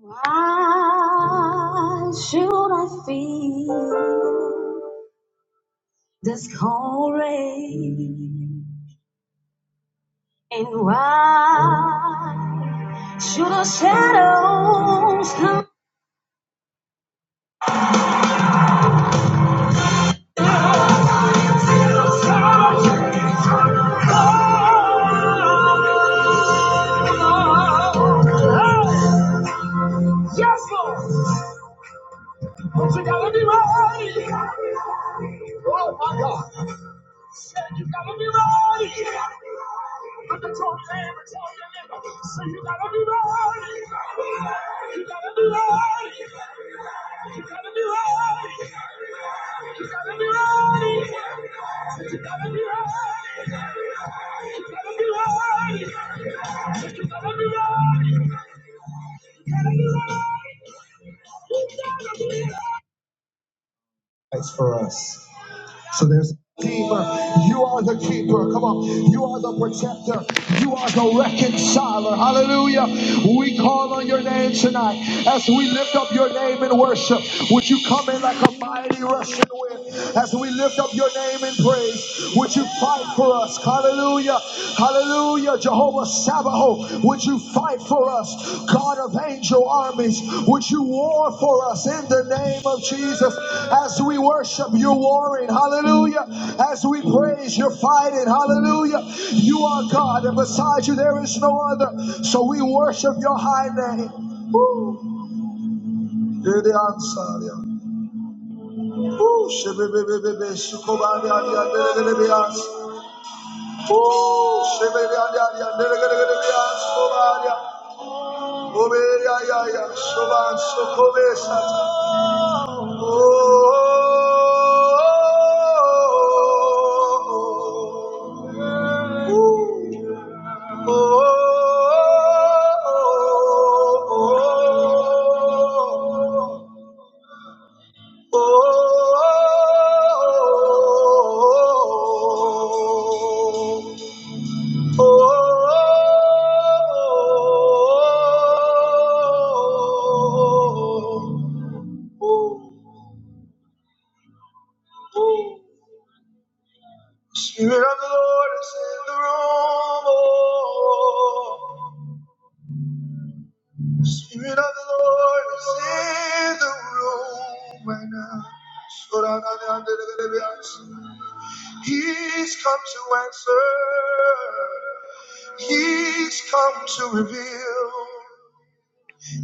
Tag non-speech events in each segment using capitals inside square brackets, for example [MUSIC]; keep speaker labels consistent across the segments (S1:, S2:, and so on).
S1: Why should I feel this cold rain? And why should the shadows come? Yes, Lord. But you gotta be ready. Oh my God. Say you gotta be ready. Look at your neighbor, tell your neighbor. Say you gotta be ready. You gotta be ready. You gotta be ready. You gotta be ready. Say you gotta be ready. You gotta be ready. Say you gotta be ready. You gotta be ready. You gotta be ready. That's for us. So there's a redeemer. You are the keeper. Come on. You are the protector. You are the reconciler. Hallelujah. We call on your name tonight. As we lift up your name in worship, would you come in like a mighty rushing wind? As we lift up your name in praise, would you fight for us? Hallelujah. Hallelujah. Jehovah Sabaoth, would you fight for us? God of angel armies, would you war for us in the name of Jesus? As we worship, you're warring. Hallelujah. As we praise, you're fighting. Hallelujah. You are God, and beside you there is no other. So we worship your high name. Woo. You're the answer. yeah. Woo. Shebebebebebe, sukobanyanyan, delegelebeas. Woo. Shebebebebebe, delegelebeas, sukobanyan. Obeyaya Shoban Sokobe Sata. Oh Spirit of the Lord is in the room. Oh, Spirit of the Lord is in the room right now. He's come to answer. He's come to reveal.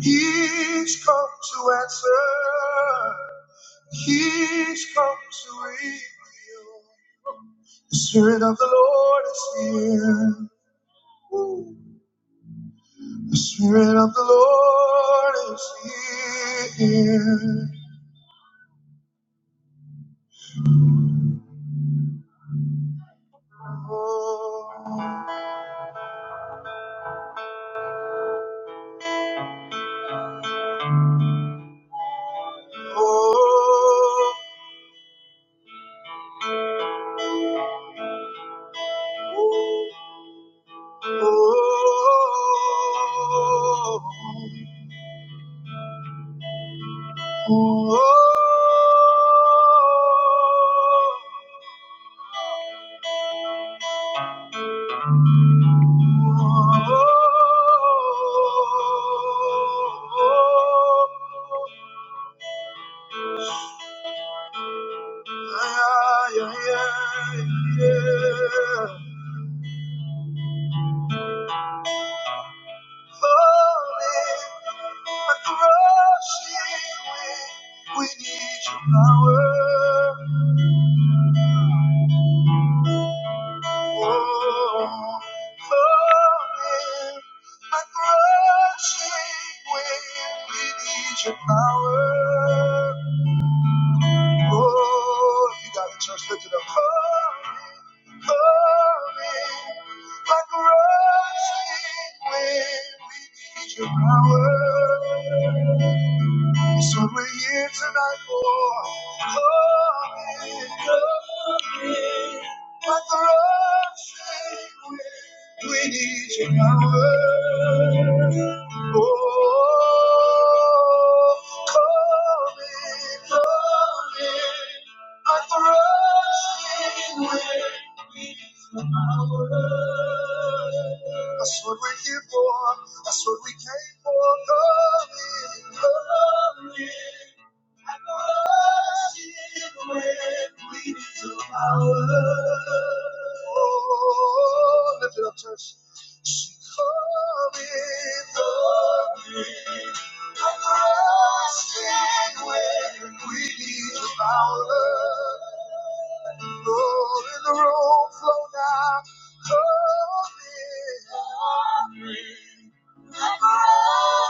S1: He's come to answer. He's come to reveal. The Spirit of the Lord is here. Ooh. The Spirit of the Lord is here. Oh, oh, oh, oh, oh. oh. Yeah, yeah, yeah, yeah. We need your power. Oh, falling like rushing wind. We need your power. Oh, you got it, church. Lift it up. Falling, falling like rushing wind. We need your power. So we're here tonight for glory, glory. Let the rock say we, we need your power. Oh, glory, glory. But the rushing wind beats our world. That's what we're here for. That's what we came for. Coming, coming. At the rushing wind beats our world. Lift it up, church. she's coming, coming. Stand when we need to power. low. in the room, flow now. Come in.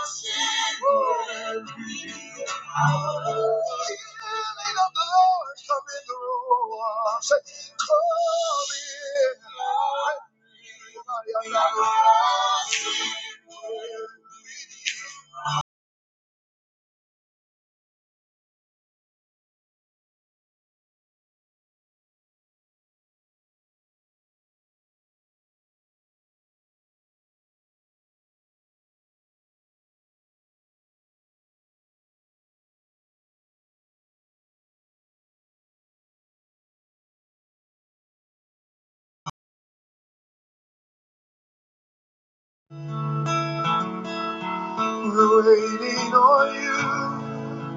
S1: Stand when we need to power. low. Healing of the Lord, come in the room. Say, come in. Everybody, I love you. We're waiting on you.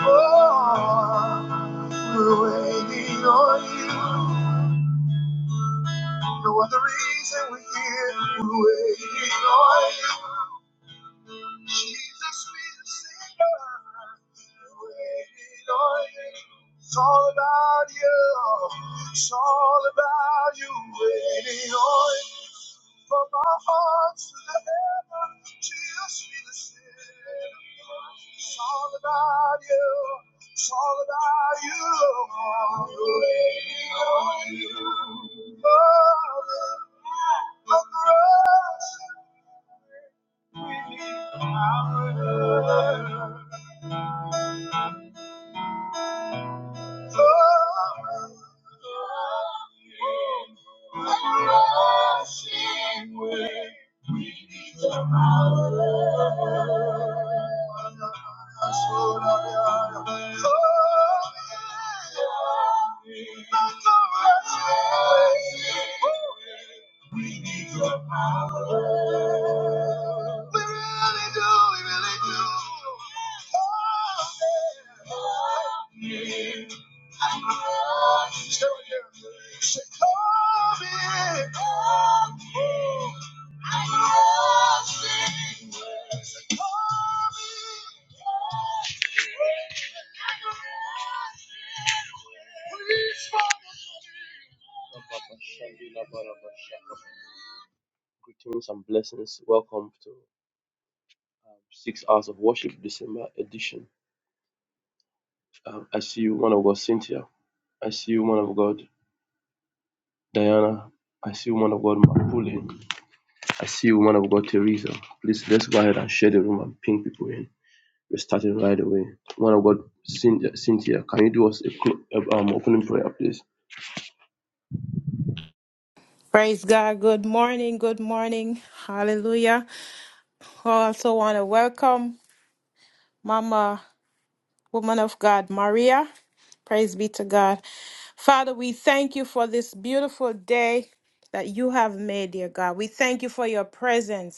S1: Oh, we're waiting on you. No other reason we're here. We're waiting on you. Jesus lives in us. You waited on you. It's all about you. It's all about you. Waiting on you. From our hearts to the heaven, Jesus be the center. It's all about you. It's all about you. Lord. Waiting on you. Mother of the rose with you, my world. We need your power. We really do, we really do. Stay right Say, come in. Oh, i Say, come in. Greetings and blessings. Welcome to Six Hours of Worship December edition. Um, I see you, man of God, Cynthia. I see you, man of God. Diana, I see woman of God Mapule. I see woman of God Teresa. Please let's go ahead and share the room and ping people in. We're starting right away. Woman of God Cynthia, Cynthia can you do us a clo- a- um, opening prayer, please?
S2: Praise God. Good morning. Good morning. Hallelujah. Oh, I also want to welcome Mama, woman of God, Maria. Praise be to God. Father, we thank you for this beautiful day that you have made, dear God. We thank you for your presence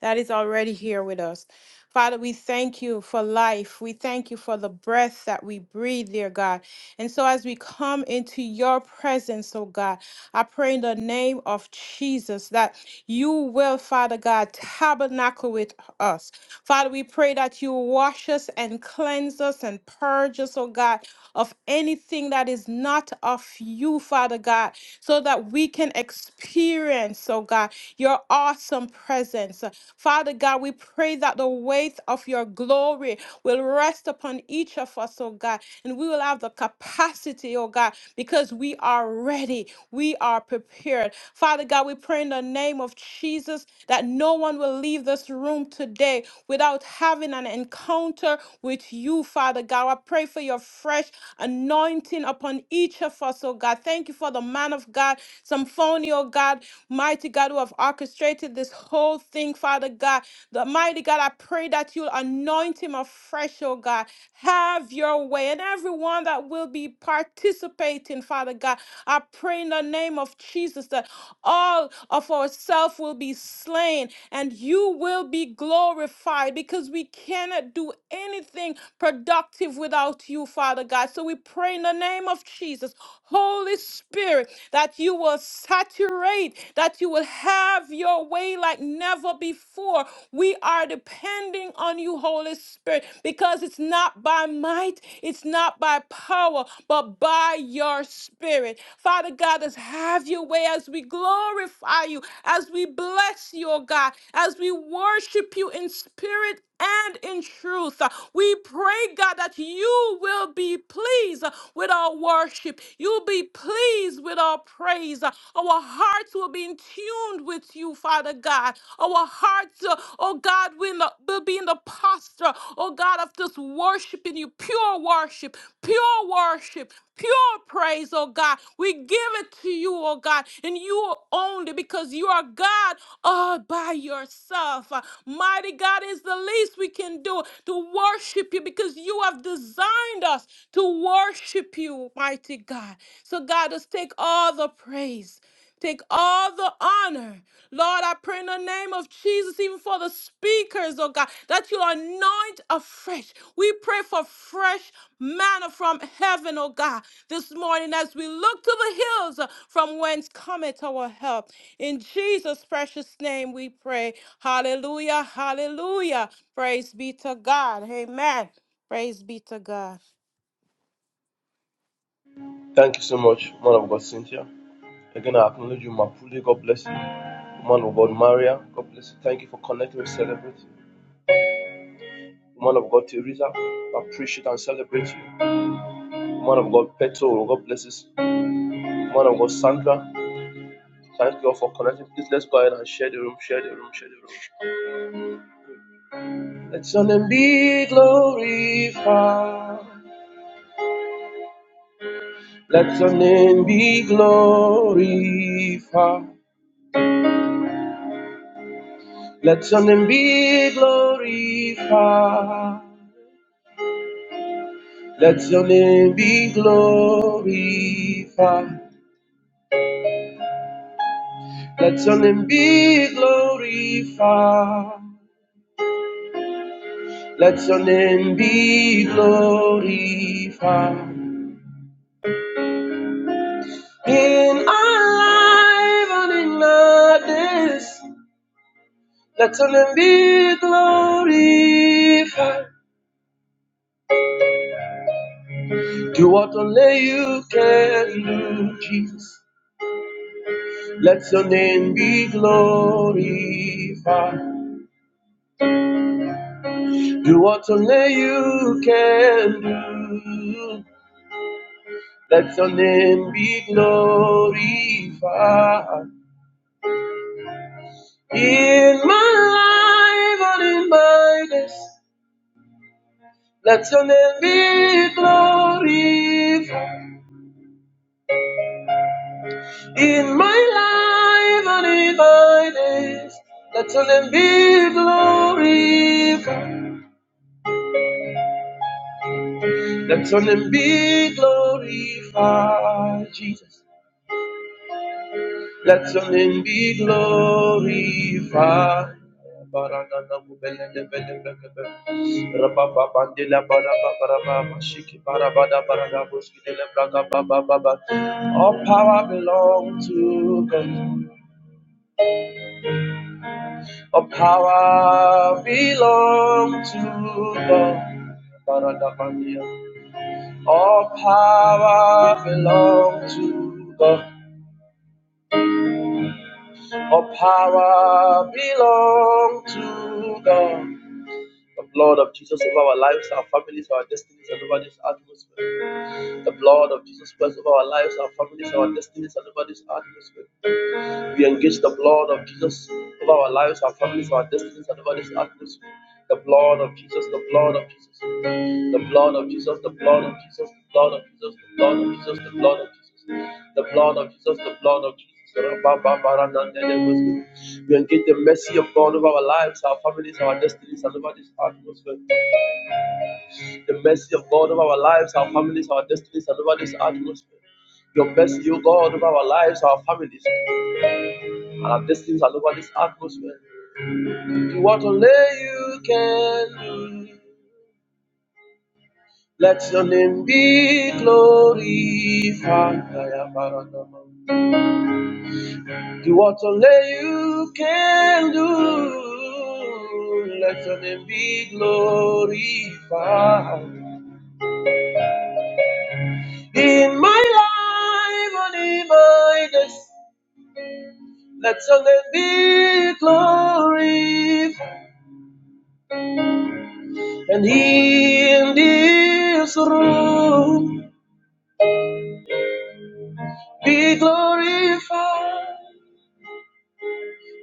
S2: that is already here with us. Father, we thank you for life. We thank you for the breath that we breathe, dear God. And so, as we come into your presence, oh God, I pray in the name of Jesus that you will, Father God, tabernacle with us. Father, we pray that you wash us and cleanse us and purge us, oh God, of anything that is not of you, Father God, so that we can experience, oh God, your awesome presence. Father God, we pray that the weight of your glory will rest upon each of us, oh God, and we will have the capacity, oh God, because we are ready, we are prepared. Father God, we pray in the name of Jesus that no one will leave this room today without having an encounter with you, Father God. I pray for your fresh anointing upon each of us, oh God. Thank you for the man of God, Symphonia, oh God. Mighty God, who have orchestrated this whole thing, Father God. The mighty God, I pray that you'll anoint him afresh, oh God. Have your way. And everyone that will be participating, Father God, I pray in the name of Jesus that all of ourselves will be slain and you will be glorified because we cannot do anything productive without you, Father God. So we pray in the name of Jesus. Holy Spirit that you will saturate, that you will have your way like never before. We are depending on you, Holy Spirit, because it's not by might, it's not by power, but by your spirit. Father God, just have your way as we glorify you, as we bless you, oh God, as we worship you in spirit and in truth. Uh, We pray, God, that you will be pleased uh, with our worship. You'll be pleased with our praise. Uh, Our hearts will be in tune with you, Father God. Our hearts, uh, oh God, will not- will be in the posture, oh God, of just worshiping you. Pure worship, pure worship, pure praise, oh God. We give it to you, oh God, and you only because you are God all by yourself. Uh, Mighty God is the least we can do to worship you because you have designed us to worship you, mighty God. So, God, just take all the praise. Take all the honor. Lord, I pray in the name of Jesus, even for the speakers, oh God, that you anoint afresh. We pray for fresh manna from heaven, oh God, this morning as we look to the hills uh, from whence cometh our help. In Jesus' precious name we pray. Hallelujah, hallelujah. Praise be to God. Amen. Praise be to God.
S1: Thank you so much, woman of God Cynthia. Again, I acknowledge you, Mapule. God bless you. Woman of God Maria, God bless you. Thank you for connecting with Celebrate. Woman of God Teresa, I appreciate and celebrate you. Woman of God Petro, God bless you. Woman of God Sandra, thank you all for connecting. Please let's go ahead and share the room, share the room, share the room. Let your name be glorified. Let your name be glorified. Let your name be glorified. Let your name be glorified. Let your name be glorified. Let your name be glorified. In our life and in others, Let your name be glorified. Do what only you can do, Jesus. Let your name be glorified. Do what only you can do. Let your name be glorified. In my life and in my days, let your name be glorified. In my life and in my days, let your name be glorified. Let your name be glorified, Jesus. Let your name be glorified. All power belongs to God. All power belongs to God. All power belongs to God. All power belongs to God. The blood of Jesus over our lives, our families, our destinies, and over this atmosphere. The blood of Jesus Christ over our lives, our families, our destinies, and over this atmosphere. We engage the blood of Jesus over our lives, our families, our destinies, and over this atmosphere. The blood of Jesus, the blood of Jesus, the blood of Jesus, the blood of Jesus, the blood of Jesus, the blood of Jesus, the blood of Jesus, the blood of Jesus, the blood of Jesus. We engage the mercy of God over our lives, our families, our destinies, and over this atmosphere. The mercy of God over our lives, our families, our destinies, and over this atmosphere. Your mercy, O God, over our lives, our families. I love these things. I love this atmosphere. Do what only you can do. Let your name be glorified. Do what only you can do. Let your name be glorified. In my life, only by this. Let your name be glorified. And in this room. Be glorified,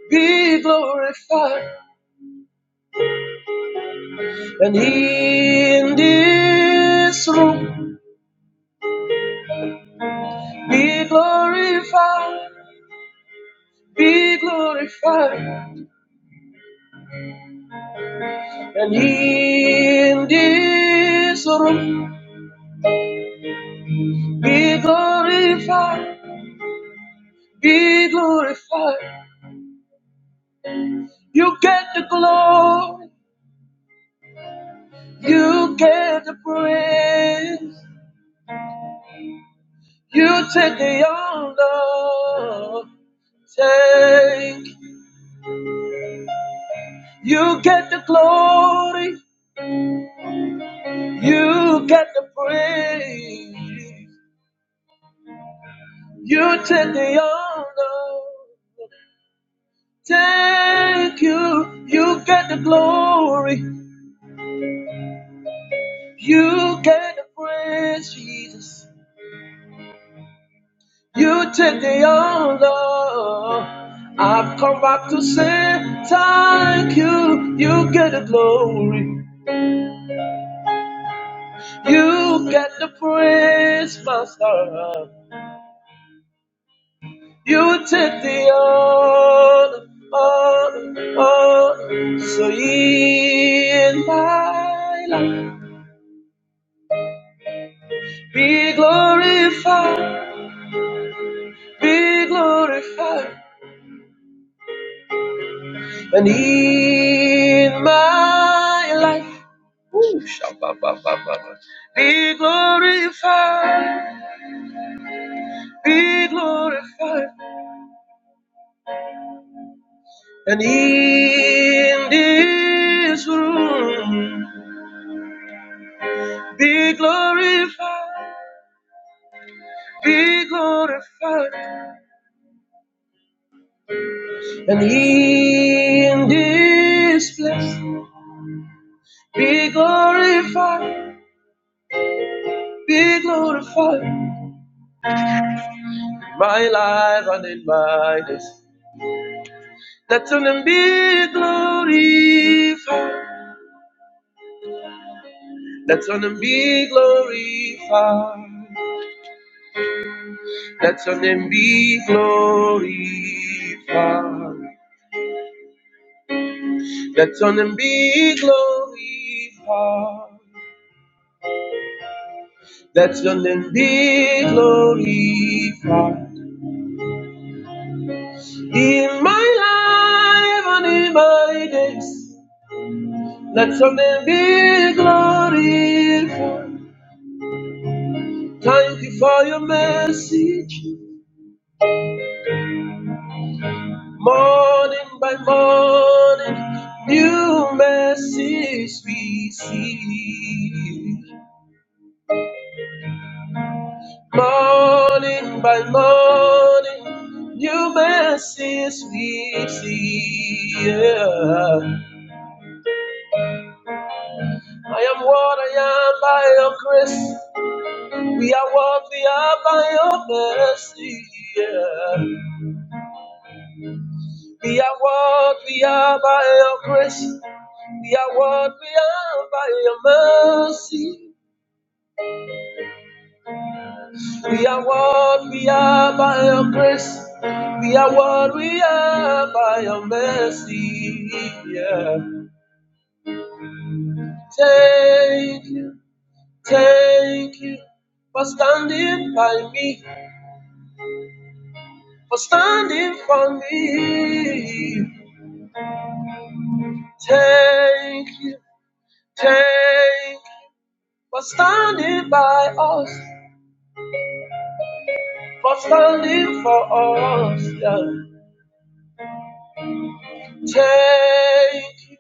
S1: be glorified, and in this room. Be glorified, be glorified, and in this room. Be glorified, be glorified. You get the glory, you get the praise, you take the honor. Take You get the glory, you get the praise, you take the honor. Thank you, you get the glory, you get the praise, Jesus. You take the honor. I've come back to say thank you. You get the glory, you get the praise, Master. You took the oath, oath, oath, so ye in my life be glorified, be glorified, and ye in my life Ooh, shabba-ba-ba-ba-ba. be glorified, be glorified, and ye in this room be glorified, be glorified. And he in this place be glorified, be glorified in my life and in my days. Let your name be glorified. Let your name be glorified. Let your name be glorified. Let your name be glorified. Let your name be glorified. In my life and in my days, let your name be glorified. Thank you for your message. Morning by morning, new message we see. Morning by morning, new message we see. Yeah. I am what I am by your grace. We are worthy of by your mercy. yeah. We are worthy of by your grace. We are worthy of by your mercy. We are worthy of by your grace. We are worthy of by your mercy. yeah. Thank you, thank you for standing by me, for standing for me. Thank you. Thank for standing by us, for standing for us. Yeah. Thank you,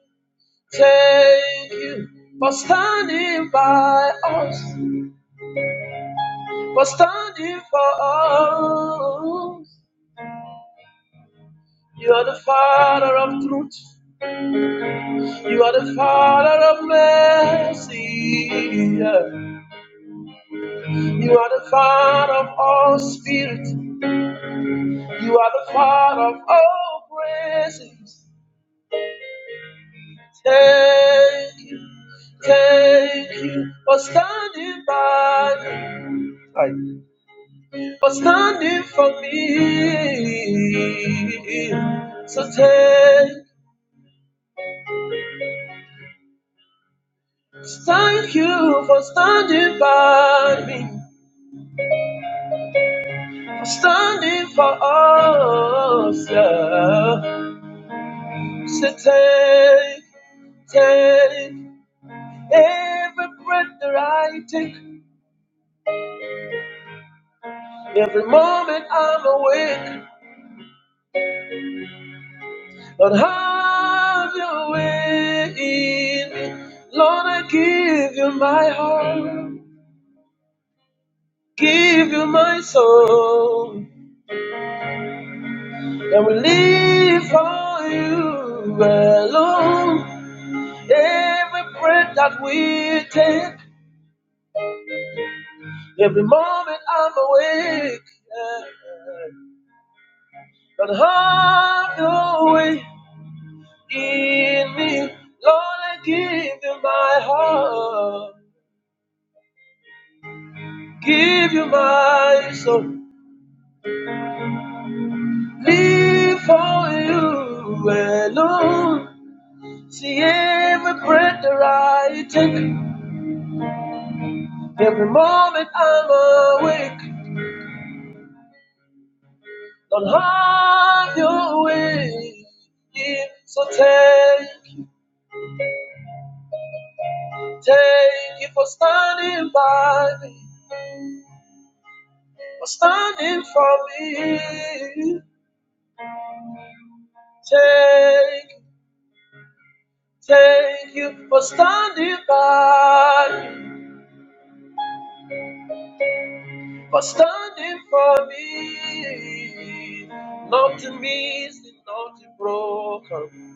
S1: thank you for standing by us, for standing for us. You are the Father of truth. You are the Father of mercy. Yeah. You are the Father of all spirit. You are the Father of all praises. Thank you. Thank you for standing by me, for standing for me. So thank, thank you for standing by me, for standing for us. Yeah. So take, take every breath that I take, every moment I'm awake. Lord, have your way in me. Lord, I give you my heart, give you my soul, and we live for you alone. Every breath that we take, every moment I'm awake. yeah. Lord, have your way in me. Lord, I give you my heart, give you my soul. Live for you alone. See every breath that I take, every moment I'm awake. Don't have your way. So take, you, take you for standing by me, for standing for me. Take, take you for standing by me. for standing for me. Not to miss not to broken.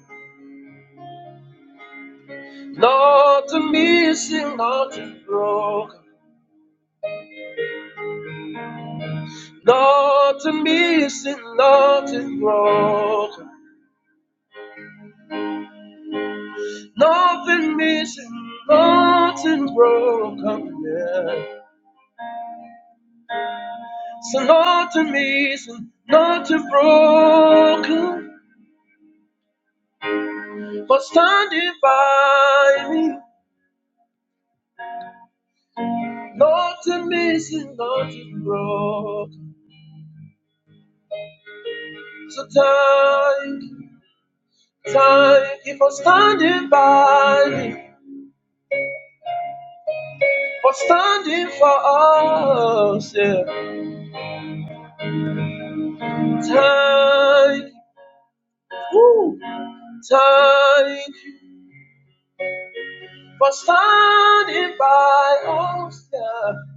S1: Not to miss not to broken. Nothing missing, nothing broken. Nothing missing, nothing broken. Yeah. So nothing missing, nothing broken. For standing by me. Nothing missing, nothing broken. So thank, thank you for standing by me, for standing for us. Yeah. Thank, thank you for standing by us, yeah.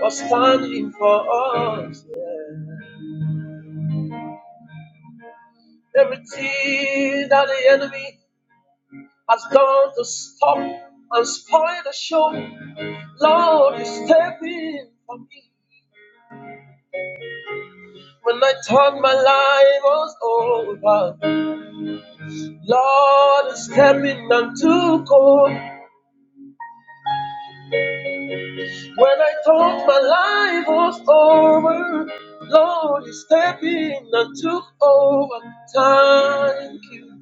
S1: for standing for us. Yeah. Everything that the enemy has done to stop and spoil the show, Lord, you step in for me. When I thought my life was over, Lord is coming unto court. When I thought my life was over, Lord is stepping and took over. Thank you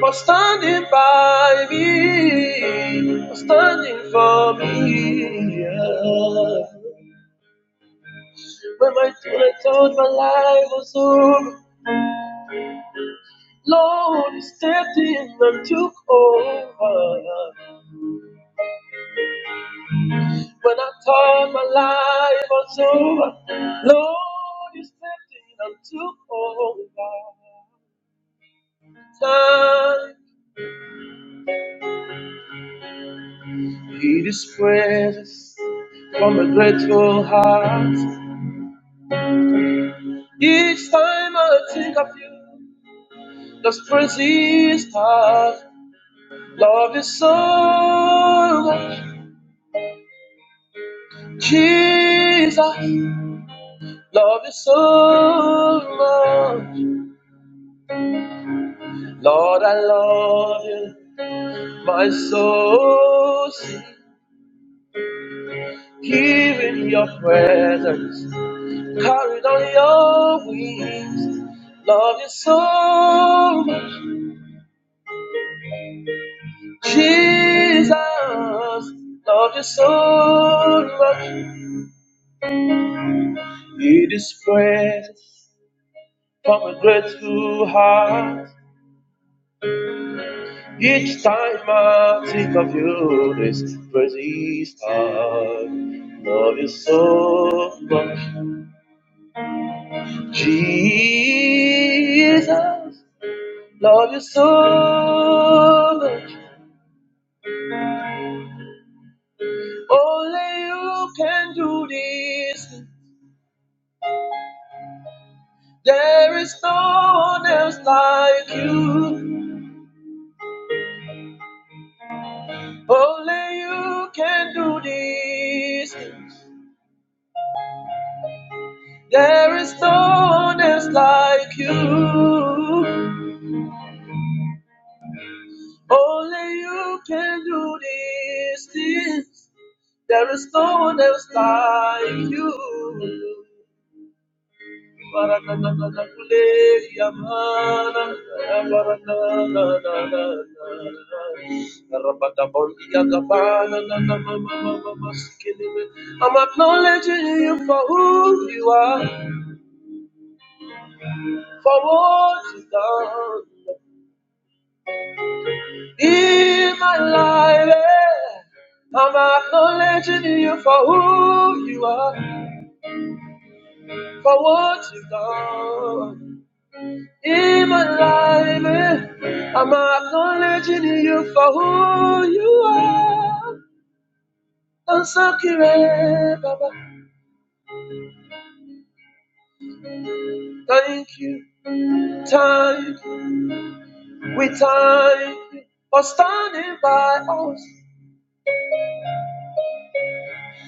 S1: for standing by me, for standing for me. yeah. When I, when I thought my life was over, Lord stepped in and took over. When I thought my life was over, Lord, you stepped in and took over time. He is precious from a grateful heart. Each time I think of you, those praises start. Love is so much, Jesus. Love you so much, Lord. I love you, my soul. Here in your presence, carried on your wings. Love you so much, Jesus. Love you so much. It is prayers from a grateful heart. Each time I think of you, this praise start. Love you so much, Jesus. Love you so much. Only you can do this. There is no one else like you. Only you can do this. There is no one else like you. Only you can do this. There is no one else like you. I'm acknowledging you for who you are, for what you've done in my life. eh. I'm acknowledging you for who you are, for what you've done. in my life. eh, I'm acknowledging you for who you are. Ansakire, Baba. Thank you, thank you, we thank you for standing by us,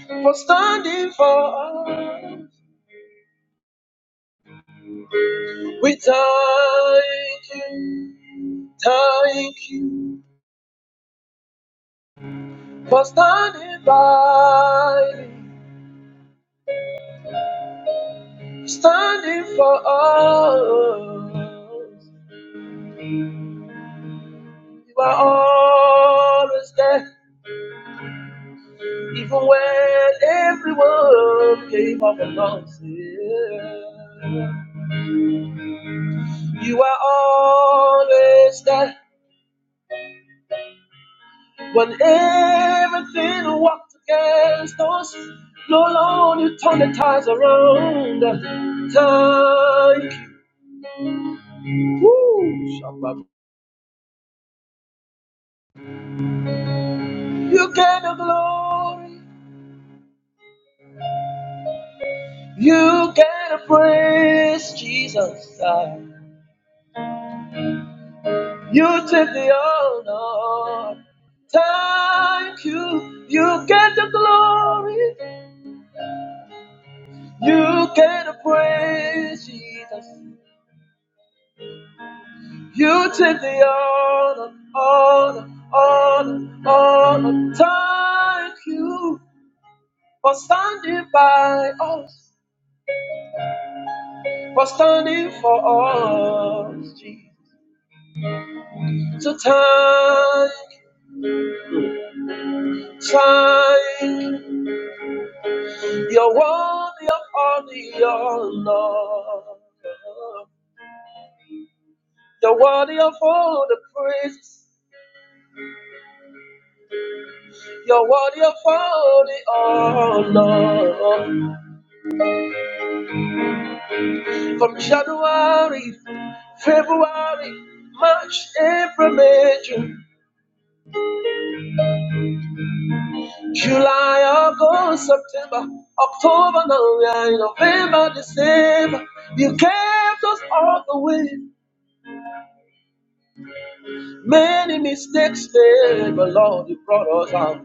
S1: for standing for us. We thank you, thank you for standing by, standing for us. You are always there, even when everyone gave up and lost it. You are always there when everything walked against us. No longer you turn the tides around. Thank you, Shabbat. You get the glory, you get the praise, Jesus. You take the honor. Thank you. You get the glory. You get the praise, Jesus. You take the honor, honor, honor, honor. Thank you for standing by us, for standing for us, Jesus. So thank, thank, you're worthy of all the honor. You're worthy of all the praise. You're worthy of all the honor. From January, February, March, April, May, June, July, August, September, October, November, November, December. You kept us all the way. Many mistakes made, but Lord, you brought us out.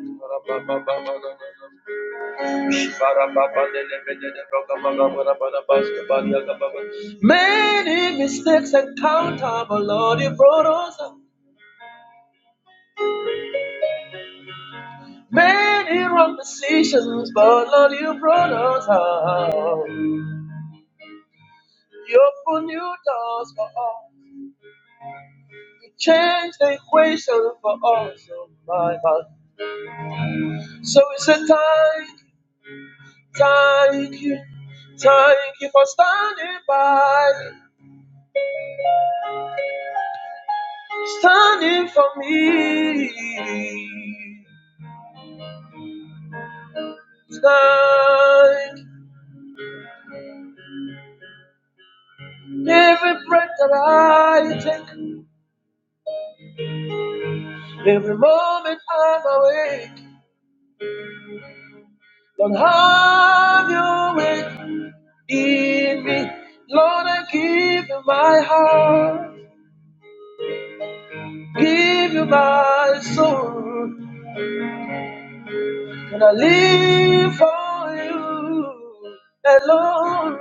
S1: Many mistakes and counter, but Lord, you brought us out. Many wrong decisions, but Lord, you brought us out. You opened new doors for us. You changed the equation for us, oh my God. So we say thank, you, thank you, thank you for standing by, standing for me. Thank every breath that I take, every moment I'm awake. Lord, have your way in me. Lord, I give you my heart, give you my soul, and I live for you alone.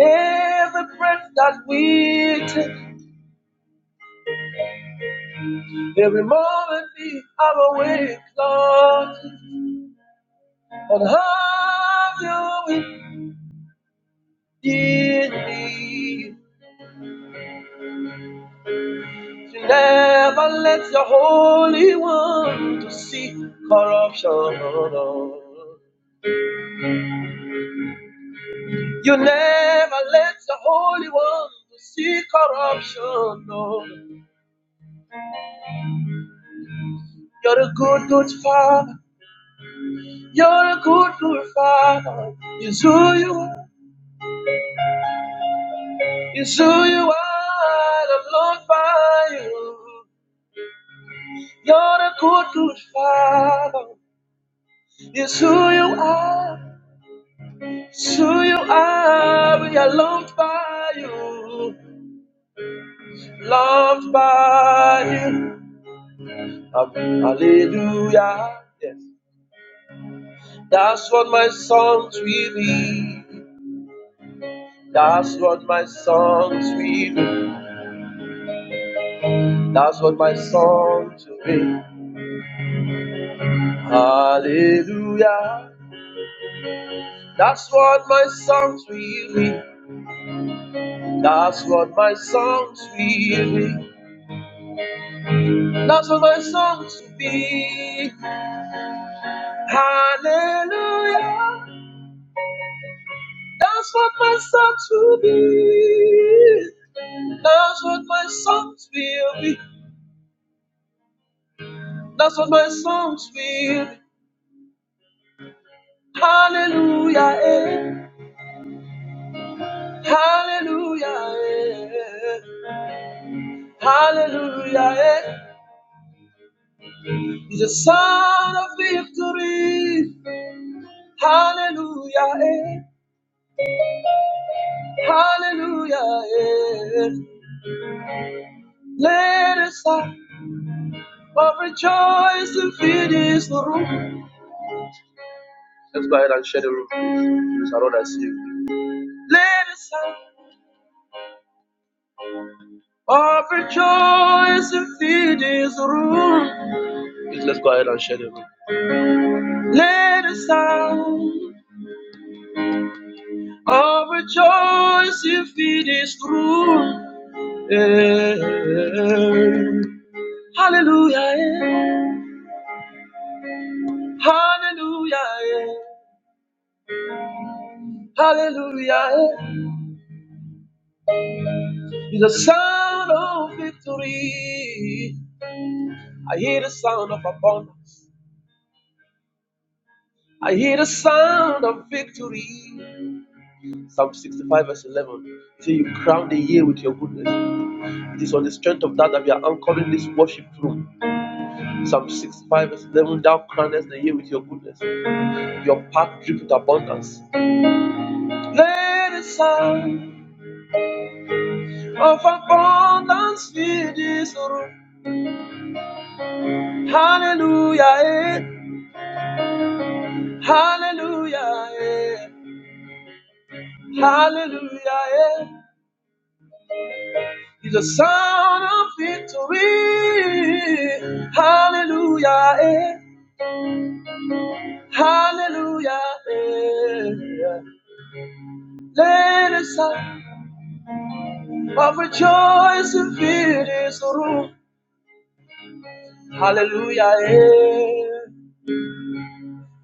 S1: Every breath that we take, every moment we are awake, Lord. But how you indeed me to never let your Holy One to see corruption. No. You never let your Holy One to see corruption. No. You're a good, good Father. You're a good, good Father. It's who you are. It's who you are. I'm loved by you. You're a good, good Father. It's who you are. It's who you are. We are loved by you, loved by you. Um, hallelujah. Yes. That's what my songs will be. That's what my songs will be. That's what my songs will be. Hallelujah. That's what my songs will be. That's what my songs will be. That's what my songs will be. Hallelujah. That's what my songs will be. That's what my songs will be. That's what my songs will be. Hallelujah, eh. Hallelujah, eh. Hallelujah, eh. He's a son of victory. Hallelujah, eh. Hallelujah, eh. Let us stop of rejoicing, feed is room. Let's go ahead and share the room. Please, I don't see you. Let us sing of rejoice and fill this room. Please let's go ahead and share the room. Let us sing of rejoice and fill this room. Eh, Hallelujah. eh. Hallelujah. eh. Hallelujah. eh. It's the sound of victory. I hear the sound of abundance. I hear the sound of victory. Psalm 65, verse 11. Till you crown the year with your goodness. It is on the strength of that that we are anchoring this worship room. Psalm 65, verse 11. Thou crownest the year with your goodness. Your path drip with abundance. Let the sound of abundance fill this room. Hallelujah, eh. hallelujah, eh. hallelujah. Eh. It's the sound of victory. Hallelujah, eh. Hallelujah. yeah. Let us song of rejoice and fear this room. Hallelujah. yeah.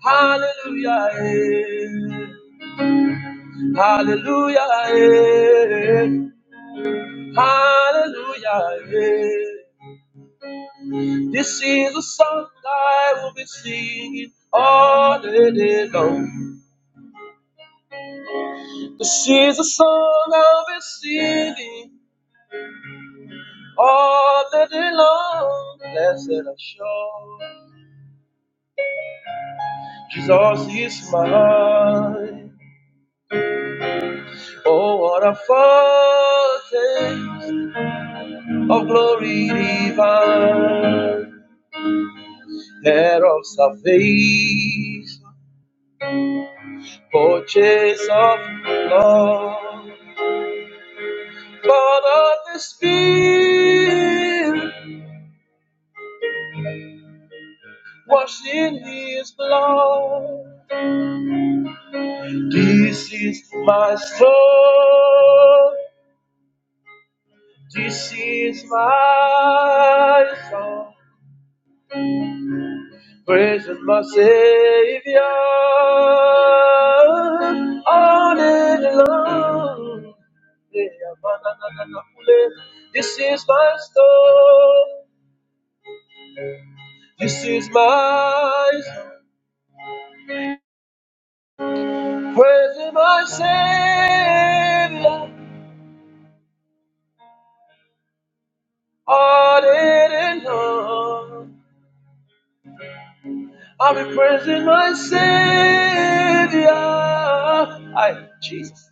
S1: Hallelujah. yeah. Hallelujah. yeah. Hallelujah. yeah. This is a song I will be singing all the day long. This is a song I'll be singing All the day long, blessed assurance, Jesus is mine. Oh, what a foretaste of glory divine, head of salvation, purchase of love, born of the Spirit, washed in His blood. This is my story. This is my song, praising my Savior all day long. Yeah, man, na, na, na, na, ule. This is my song, This is my song, praising my Savior all day long. I'll be praising my Savior. I, Jesus.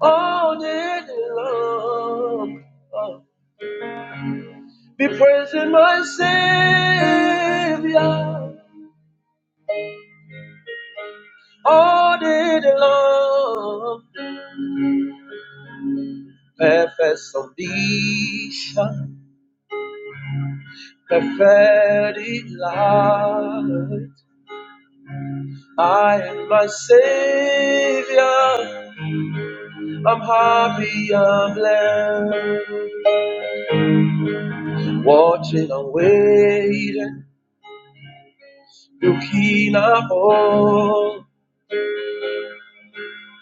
S1: All day long, oh, be praising my Savior. All day long, perfect salvation, perfected light. I am my Savior. I'm happy, I'm blessed. Watching and waiting, looking up all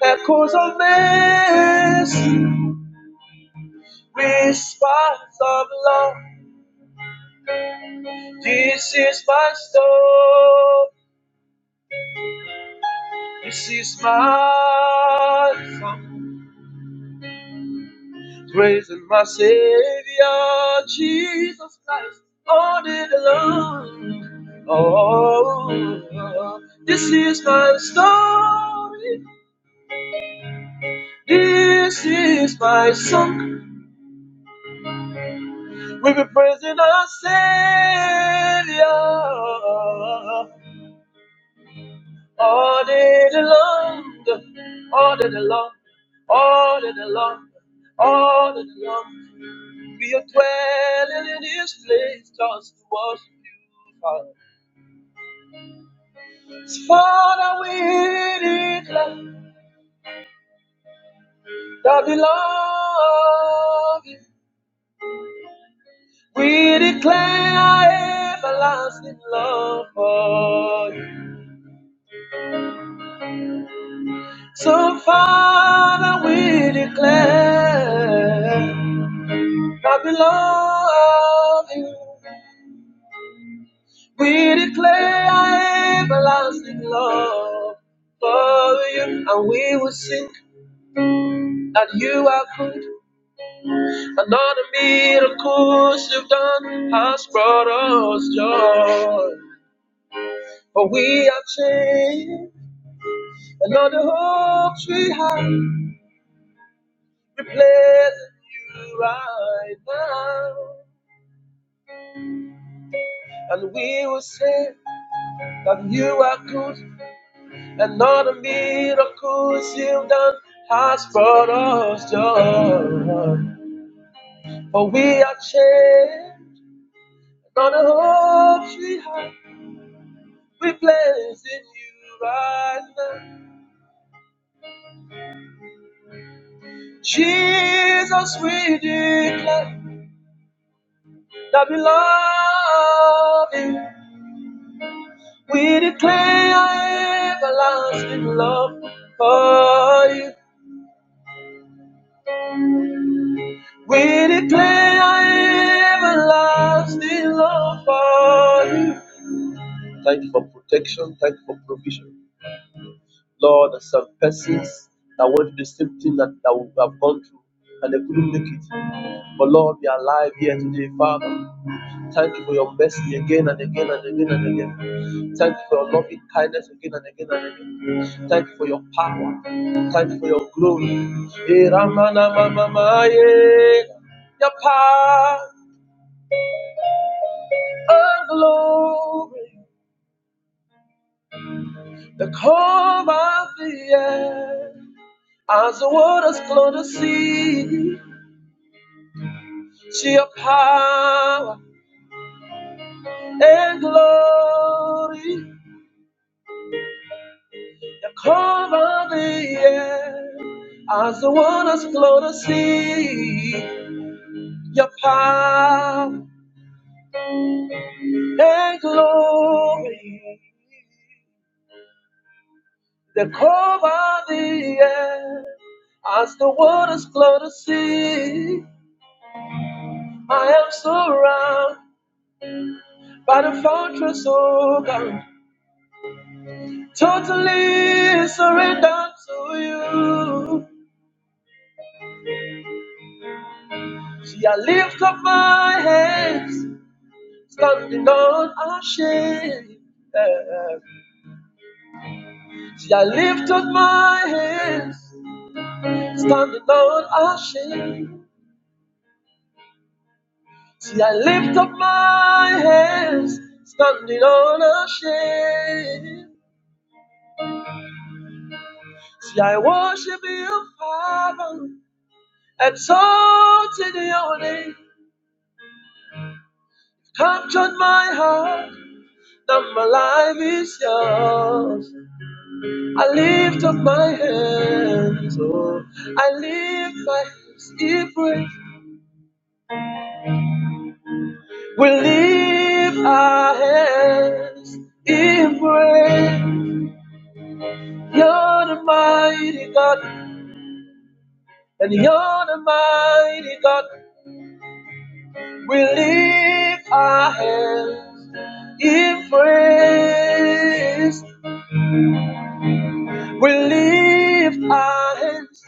S1: echoes of mercy response of love. This is my story. This is my song. Praising my Savior, Jesus Christ, all day long. Oh, this is my story. This is my song. we be praising our Savior. All day long, all day long, all day long, all day long. We are dwelling in this place just to worship you, Father. Father, we declare that we love you. We declare our everlasting love for you. So, Father, we declare that we love you. We declare our everlasting love for you, and we will sing that you are good. Another miracles you've done has brought us joy. For we are changed, another hope we have, replacing you right now. And we will say that you are good. And all the miracles you've done has brought us joy. For we are changed on the hope we have. We place in you right now. Jesus, we declare that we love you. We declare our everlasting love for you. We declare our everlasting love for you. Thank you for protection. Thank you for provision. Lord, there's some persons that went through the same thing that, that we have gone through and they couldn't make it. But Lord, we are alive here today, Father. Thank you for your mercy again and again and again and again. Thank you for your loving kindness again and again and again. Thank you for your power. Thank you for your glory. Eh, Ramana Mama Maya. Your power and glory, the calm of the air. As the waters flow to sea, see your power and glory that cover the air. As the waters flow to sea, your power and glory they cover the air. As the waters flow to sea, I am surrounded by the fortress of God. Totally surrendered to you. See, I lift up my hands, standing on ashamed. See, I lift up my hands, standing on ashamed. See, I lift up my hands, standing on ashamed. See, I worship you, Father, exalted your name, captured my heart. that my life is yours. I lift up my hands, oh, I lift my hands in praise. We lift our hands in praise. You're the mighty God, and you're the mighty God. We lift our hands in praise. We lift our hands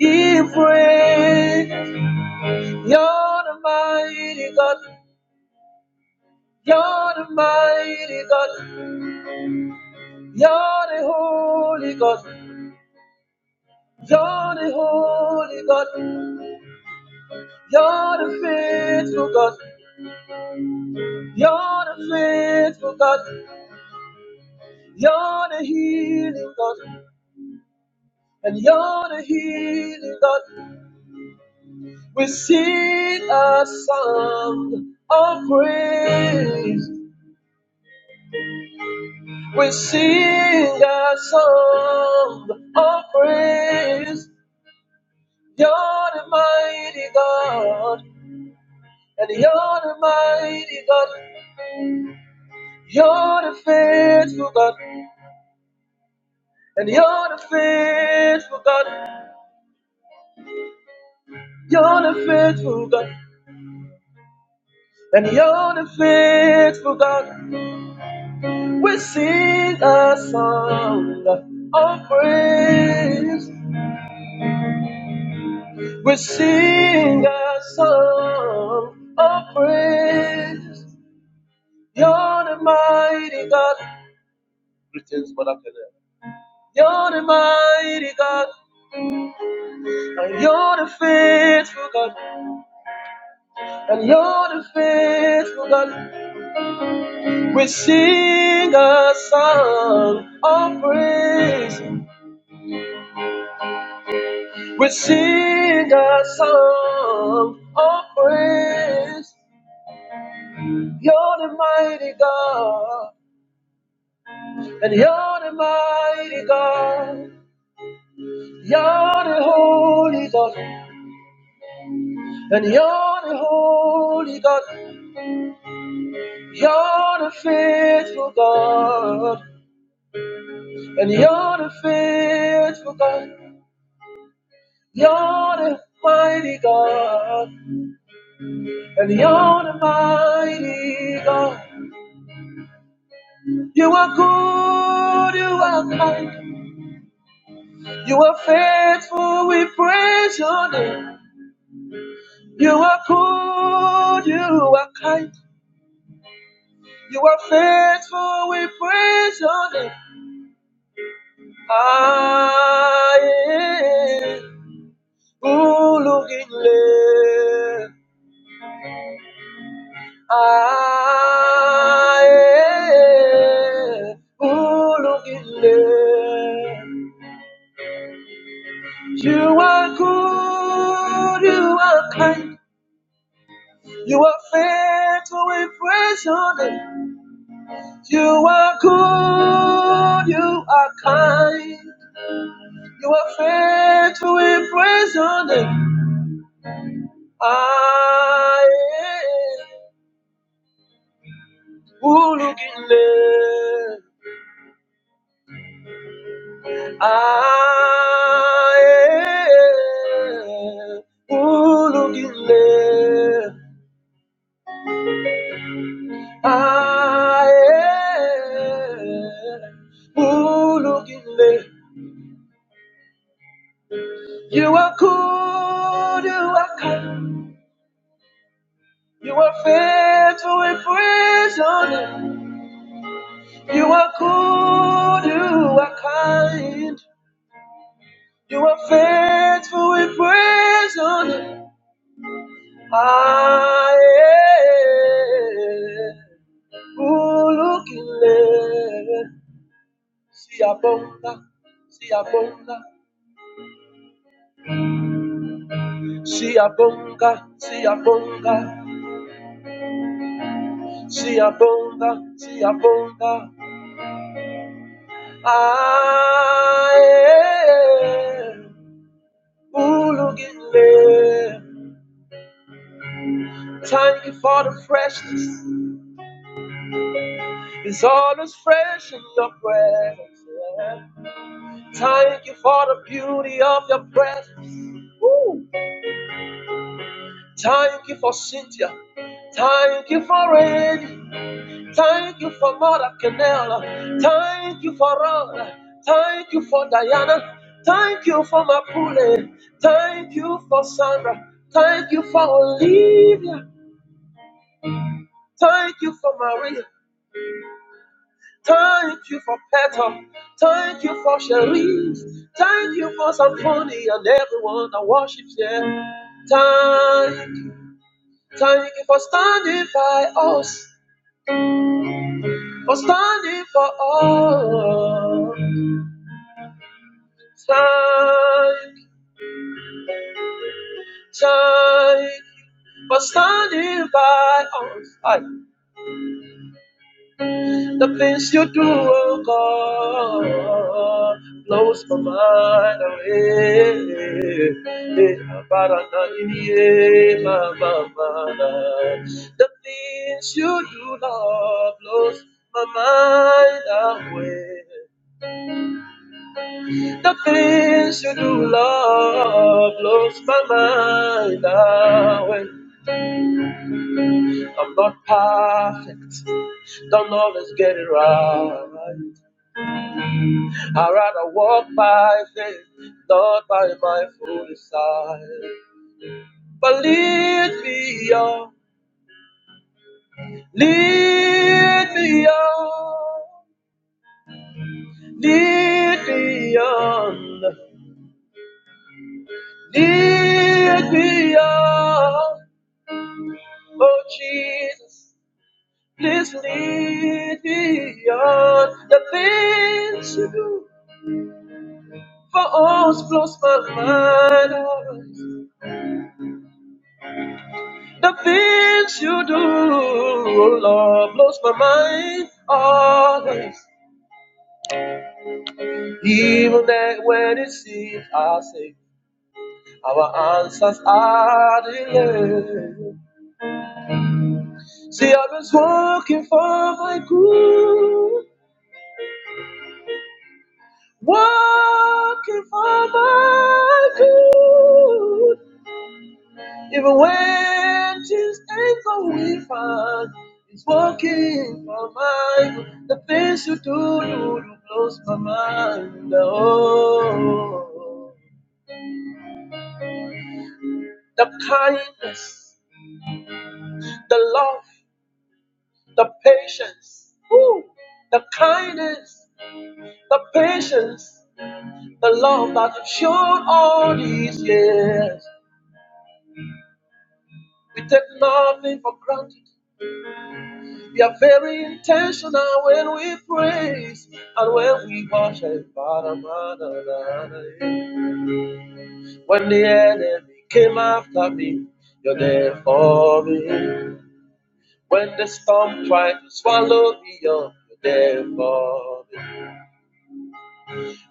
S1: in praise. You're the mighty God. You're the mighty God. You're the holy God. You're the holy God. You're the faithful God. You're the faithful God. You're the healing God. And you're the healing God. We sing a song of praise. We sing a song of praise. You're the mighty God, and you're the mighty God. You're the faithful God, and you're the faithful God. You're the faithful God, and you're the faithful God. We sing a song of praise. We sing a song of praise. You're the mighty God. Greetings, Mother Kenya. You're the mighty God, and you're the faithful God, and you're the faithful God. We sing a song of praise. We sing a song of praise. You're the mighty God, and you're the mighty God. You're the holy God, and you're the holy God. You're the faithful God. And you're the faithful God. You're the mighty God. And you're the mighty God. You are good. You are kind. You are faithful. We praise your name. You are good. You are kind. You are faithful. We praise your name. I, Ulu ae ulungile. You are good, you are kind, you are faithful, we praise your name. You are good, you are kind, you are faithful, we praise your name. Aye, ulungile. I am Ulugile. I am Ulugile. You are good, you are kind, you are faithful in prison. You are good, you are kind, you are faithful in prison. I am. Ulukile, siyabonga, siyabonga, siyabonga, siyabonga, siyabonga, siyabonga. Aye, ulukile. Thank you for the freshness. It's always fresh in your presence. Thank you for the beauty of your presence. Thank you for Cynthia. Thank you for it. Thank you for Mother Canela. Thank you for Rhoda. Thank you for Diana. Thank you for Mapule. Thank you for Sandra. Thank you for Olivia. Thank you for Maria. Thank you for Petal. Thank you for Cherise. Thank you for Symphony and everyone that worships here. Thank you. Thank you for standing by us. For standing for us. Thank, thank you for standing by us. I. The things you do, oh God, blows my mind away. Eh, ba-da-da-dee-dee, The things you do, Lord, blows my mind away. The things you do, love, blows my mind away. I'm not perfect. Don't always get it right. I rather walk by faith, not by my foolish sight. But lead me on, lead me on, lead me on, lead me on. Oh Jesus, please lead me on the things you do. For all's blows my mind. The things you do, oh Lord, blows my mind always. Even that when it seems I say our answers are delayed. See, I was working for my good, working for my good. Even when things ain't going fine, it's working for mine. The things you do, you, you blows my mind. Oh, the kindness, the love, the patience, Ooh, the kindness, the patience, the love that you've shown all these years. We take nothing for granted. We are very intentional when we praise and when we worship. When the enemy came after me, you're there for me. When the storm tried to swallow me up, you're there for me.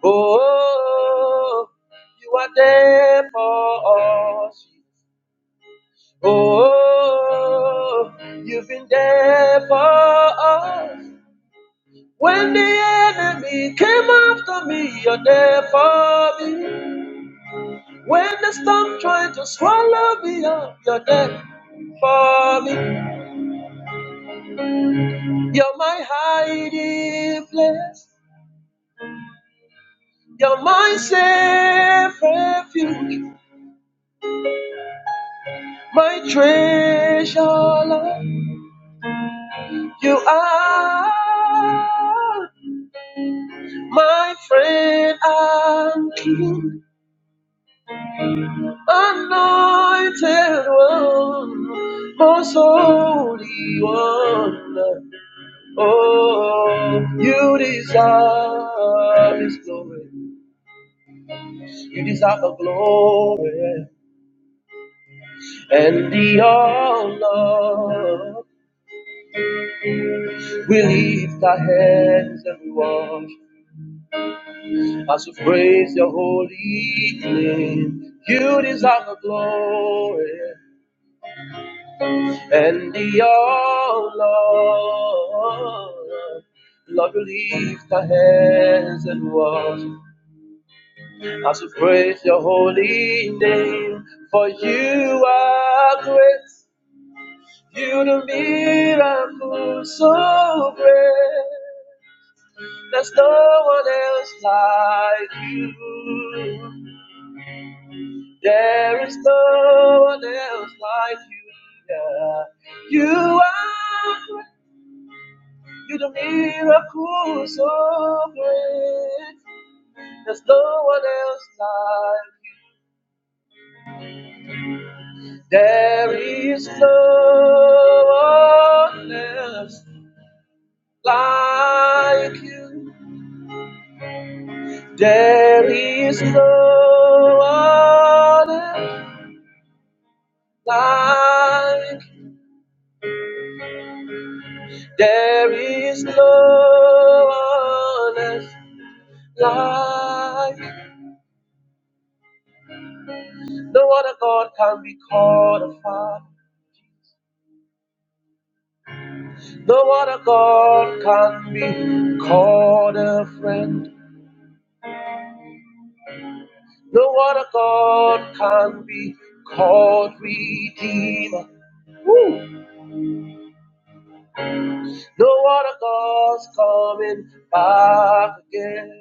S1: Oh, you are there for us. Oh, you've been there for us. When the enemy came after me, you're there for me. When the storm tried to swallow me up, you're there for me. You're my hiding place. You're my safe refuge, my treasure, Lord. You are my friend and king. Anointed one, most holy one, oh, you deserve His glory. You deserve the glory and the honor. We lift our hands and worship as we praise your holy name. You deserve the glory And the oh Lord, Lord, lift our hands and watch as we praise your holy name. For you are great, you do miracles so great. There's no one else like you. There is no one else like you. Yeah. You are. great. You do miracles so great. There's no one else like you. There is no one else like you. There is no one else like you. There is no one else like you. No other God can be called a father. No other God can be called a friend. No other God can be called redeemer. No other God's coming back again.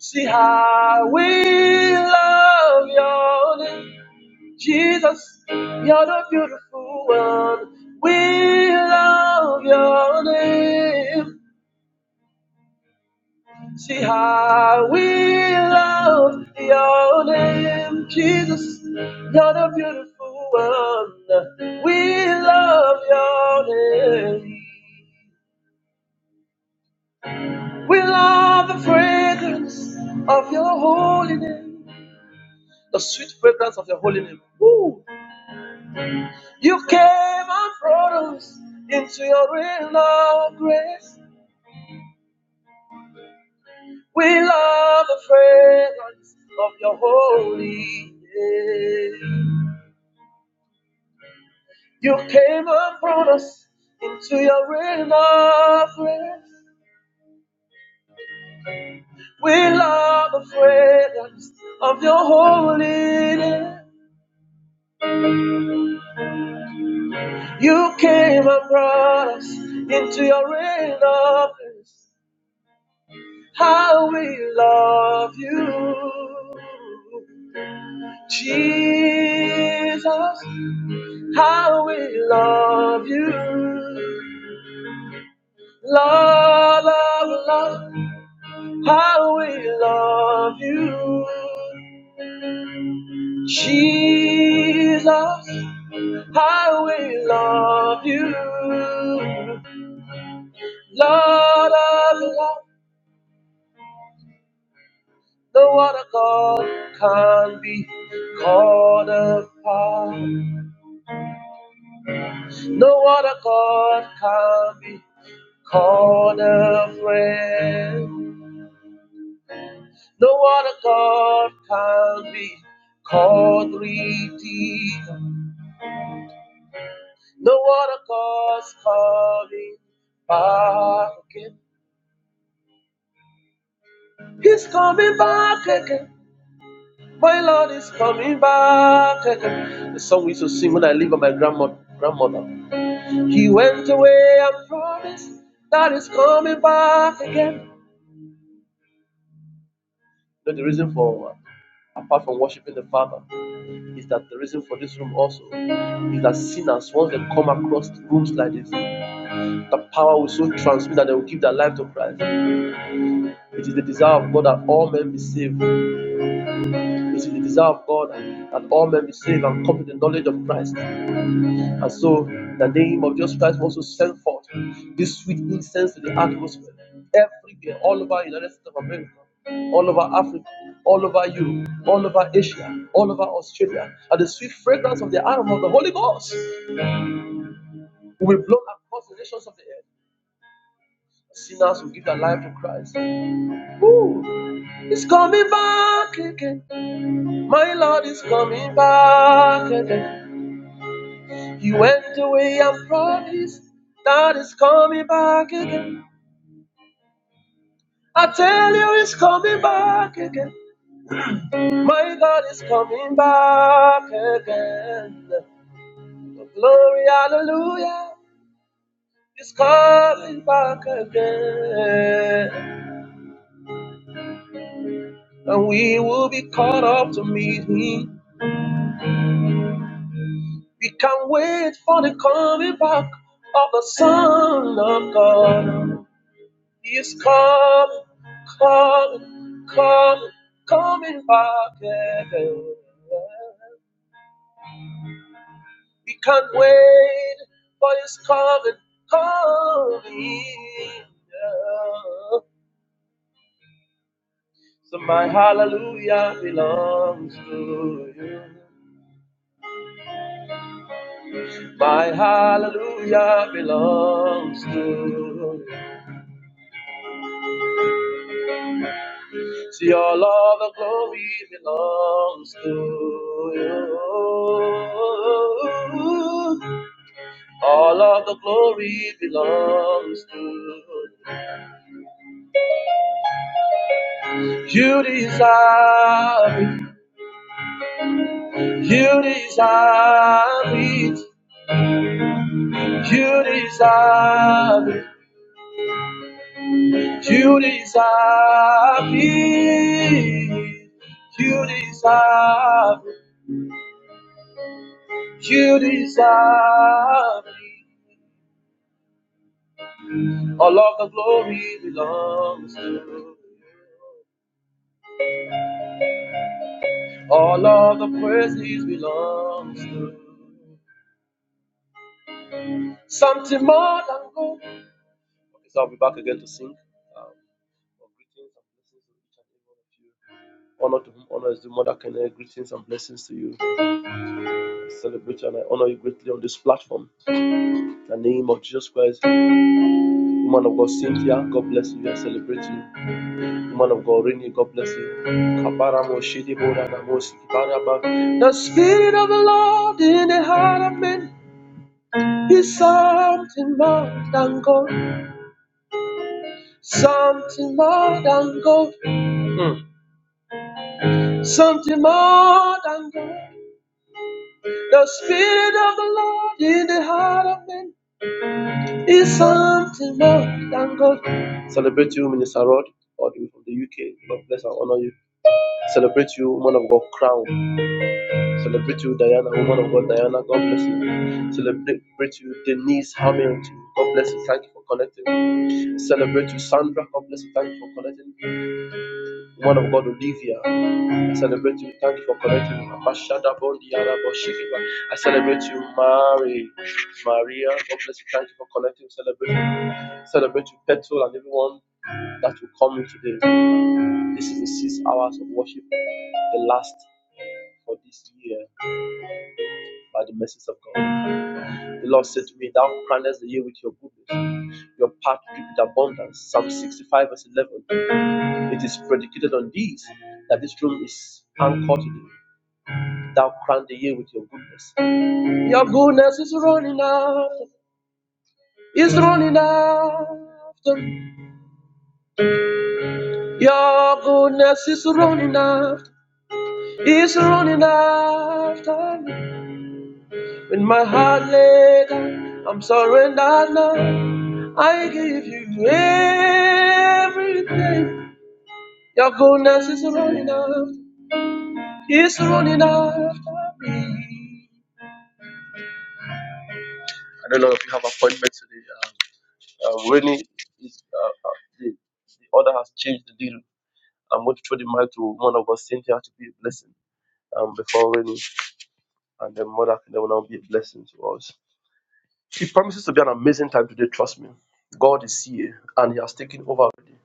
S1: See how we love your name, Jesus. You're the beautiful one. We love your name. See how we love your name, Jesus. You're the beautiful one. We love your name. We love the fragrance of your holy name, the sweet fragrance of your holy name. Woo! You came and brought us into your reign of grace. We love the fragrance of your holy name. You came and brought us into your reign of grace. We love the fragrance of your holiness. You came and brought us into your reign of grace. How we love you, Jesus. How we love you. Love, love, love, how we love you. Jesus, I will love you. Lord of love, the water God can't be called apart. No other God can be called a friend. No other God can be called redeemer. No other God's coming back again. He's coming back again. My Lord is coming back again. The song we used to sing when I lived with my grandma, grandmother. He went away and promised that he's coming back again. You know, the reason for, apart from worshiping the Father, is that the reason for this room also is that sinners, once they come across rooms like this, the power will so transmit that they will give their life to Christ. It is the desire of God that all men be saved. It is the desire of God that all men be saved and come to the knowledge of Christ. And so the name of Jesus Christ was to send forth this sweet incense to the atmosphere everywhere, all over the United States of America, all over Africa, all over Europe, all over Asia, all over Australia. And the sweet fragrance of the aroma of the Holy Ghost will be blown across the nations of the earth. Sinners will give their life to Christ. Ooh, it's coming back again. My Lord is coming back again. He went away and promised that is coming back again. I tell you, He's coming back again. My God is coming back again. Oh, glory, hallelujah. He's coming back again. And we will be caught up to meet him. We can't wait for the coming back of the Son of God. He's coming, coming, coming, coming back again. We can't wait for His coming, coming. yeah. So my hallelujah belongs to you. My hallelujah belongs to you. See all of the glory belongs to you. All of the glory belongs to you. You deserve it. You deserve it. You deserve it. You deserve it. You deserve it. You deserve it. All of the glory belongs to you. All of the praises belongs to you. Something more than gold. Okay, so I'll be back again to sing. Um, greetings and blessings to each and every one of you. Honor to whom honor is due, Mother Kenya. Greetings and blessings to you. I celebrate you and I honor you greatly on this platform. In the name of Jesus Christ, woman of God, Cynthia, God bless you. I celebrate you. Woman of God, Rini, God bless you. The Spirit of the Lord in the heart of men is something more than gold, something more than gold. Mm something more than gold. The Spirit of the Lord in the heart of men It's something more than gold. Celebrate you, Minister Rod, all the way from the UK. God bless and honor you. Celebrate you, woman of God, Crown. Celebrate you, Diana, woman of God, Diana. God bless you. Celebrate you, Denise Hamilton. God bless you. Thank you for connecting. Celebrate you, Sandra. God bless you. Thank you for connecting. Woman of God, Olivia. Celebrate you. Thank you for connecting me. Bashada Bondiara Boshikiba. I celebrate you, Mary. Maria, God bless you. Thank you for connecting. Celebrate you. Celebrate you, Petrol, and everyone that will come in today. This is the six hours of worship, the last for this year by the message of God. The Lord said to me, Thou crownest the year with your goodness. Your path drip with abundance. Psalm 65, verse 11. It is predicated on these that this room is anchored to thee. Thou crown the year with your goodness. Your goodness is running out. It's running after. me. Your goodness is running after, It's running after. me. When my heart laid down, I'm surrendered now. I give you everything. Your goodness is running after, It's running after me. I don't know if you have appointments today. Uh, uh, Winnie is, uh, uh, the, the order has changed the deal. I'm going to throw the mic to one of us, Cynthia, to be a blessing um, before Rennie and then Mother can will now be a blessing to us. It promises to be an amazing time today, trust me. God is here and He has taken over already.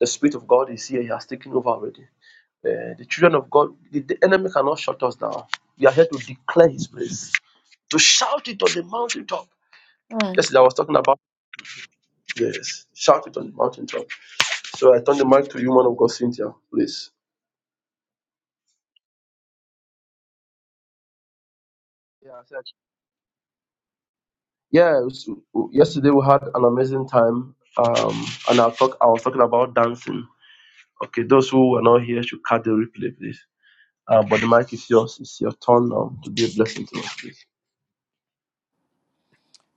S1: The Spirit of God is here, He has taken over already. Uh, the children of God, the, the enemy cannot shut us down. We are here to declare His praise, to shout it on the mountaintop. Yes, I was talking about yes, shout it on the mountaintop. So I turn the mic to you, man of God, Cynthia, please. Yeah, I said. Yeah, s- yesterday we had an amazing time. Um, and I talk, I was talking about dancing. Okay, those who were not here should cut the replay, please. Uh, but the mic is yours. It's your turn now to be a blessing to us, please.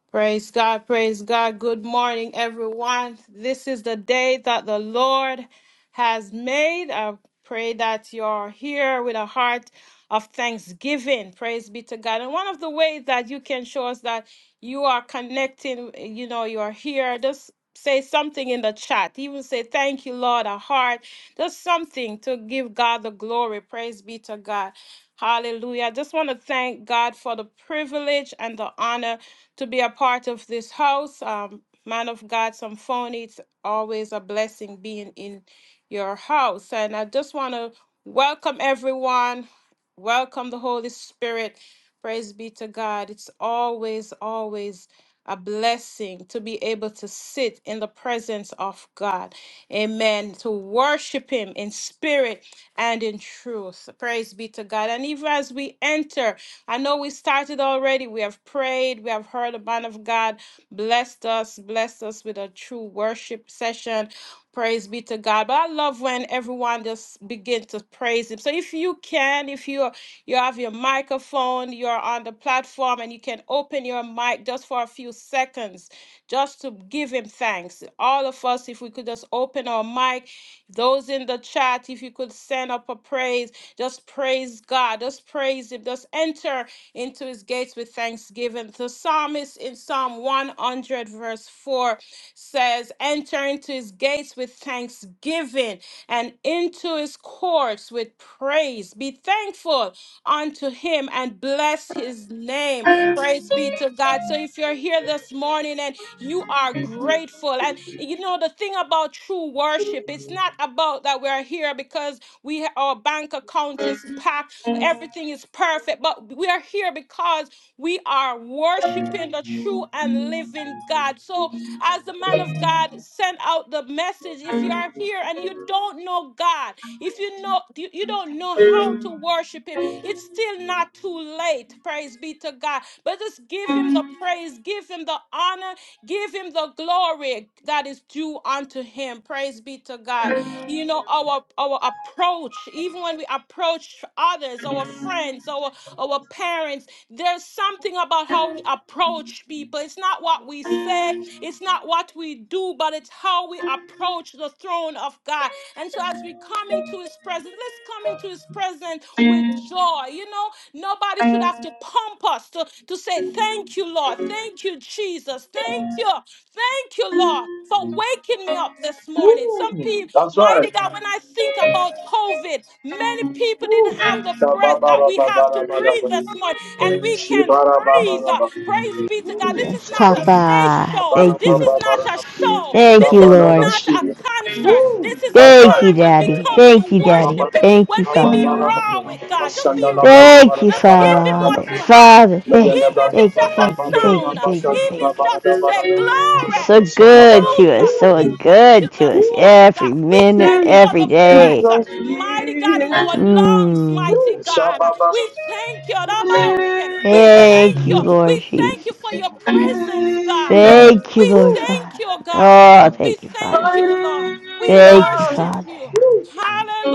S2: Praise God, praise God. Good morning, everyone. This is the day that the Lord has made. I pray that you're here with a heart of thanksgiving. Praise be to God. And one of the ways that you can show us that you are connecting, you know, you are here, just say something in the chat. Even say, Thank you, Lord, a heart. Just something to give God the glory. Praise be to God. Hallelujah. I just want to thank God for the privilege and the honor to be a part of this house. Um, man of God, some phone, it's always a blessing being in your house. And I just want to welcome everyone, welcome the Holy Spirit. Praise be to God. It's always, always a blessing to be able to sit in the presence of God. Amen. To worship Him in spirit and in truth. Praise be to God. And even as we enter, I know we started already. We have prayed. We have heard the man of God blessed us, blessed us with a true worship session. Praise be to God. But I love when everyone just begin to praise Him. So if you can, if you you have your microphone, you're on the platform, and you can open your mic just for a few seconds, just to give Him thanks. All of us, if we could just open our mic, those in the chat, if you could send up a praise. Just praise God. Just praise Him. Just enter into His gates with thanksgiving. The psalmist in Psalm 100, verse 4 says, Enter into His gates with thanksgiving and into His courts with praise. Be thankful unto Him and bless His name. Praise be to God. So if you're here this morning and you are grateful, and you know, the thing about true worship, it's not about that we're here because we our bank account is packed. Everything is perfect. But we are here because we are worshiping the true and living God. So as the man of God sent out the message, if you are here and you don't know God, if you know you, you don't know how to worship him, it's still not too late. Praise be to God. But just give him the praise, give him the honor, give him the glory that is due unto him. Praise be to God you know our our approach even when we approach others our friends our our parents there's something about how we approach people it's not what we say it's not what we do but it's how we approach the throne of god and so as we come into his presence let's come into his presence with joy you know nobody should have to pump us to, to say thank you lord thank you jesus thank you Thank you, Lord, for waking me up this morning. Some people
S1: That's
S2: Mighty
S1: right.
S2: God, when I think about COVID, many people didn't have the breath that we have to breathe
S1: Shabba-ba-ra-ba-ba-ra-ba-ra-ba.
S2: this morning, and we can breathe. Uh,
S1: Shibara-ba-ba-ra-ba.
S2: Praise be to God. This is
S3: Yes,
S2: not a stage
S3: Papa.
S2: show.
S3: Thank you,
S2: This
S3: Lord.
S2: is not a
S1: Shabba-ra-ba-ba-ra-ba.
S2: show.
S3: Thank
S2: This
S3: you,
S2: is
S3: Lord.
S2: not
S1: Shabba-na-na-shi.
S2: a concert. This is a
S1: That's
S3: Thank
S1: right.
S3: you,
S2: time when we
S3: Daddy.
S2: come
S3: Thank
S2: to
S3: you, Daddy.
S2: worship Him,
S3: Thank
S2: when
S3: you,
S2: we
S3: Father.
S2: be
S4: still
S2: raw
S4: a
S2: with God. Just be raw.
S3: Thank you,
S2: Just give Him what
S3: Father.
S2: you have.
S3: Father, thank you.
S2: Even if it's
S3: Thank you,
S2: just a
S3: thank you, thank
S2: sound,
S3: you,
S2: even
S3: thank you,
S2: if
S3: thank
S2: it's
S3: you.
S2: just to say
S3: You're
S2: glory.
S3: so good to
S2: Hallelujah.
S3: us, so
S2: We thank you
S3: good to
S2: this
S3: us
S2: morning, God.
S3: every
S2: We
S3: minute,
S2: thank you for
S3: every
S2: the
S3: day.
S2: breath, mighty God, in our lungs,
S3: Mmm.
S2: mighty God.
S4: great
S2: We thank you. Raboshe. We
S3: Thank
S2: thank you.
S3: you, Lord
S2: We
S3: Jesus.
S2: thank you for your
S4: God.
S2: presence, God.
S3: Thank you,
S2: We
S3: Lord Father.
S2: thank
S4: I
S2: you, God.
S3: Oh,
S4: God,
S2: We
S3: thank you, Father.
S2: thank you, Lord. We
S3: Thank you,
S4: I thought
S2: worship
S3: Father.
S2: you.
S4: I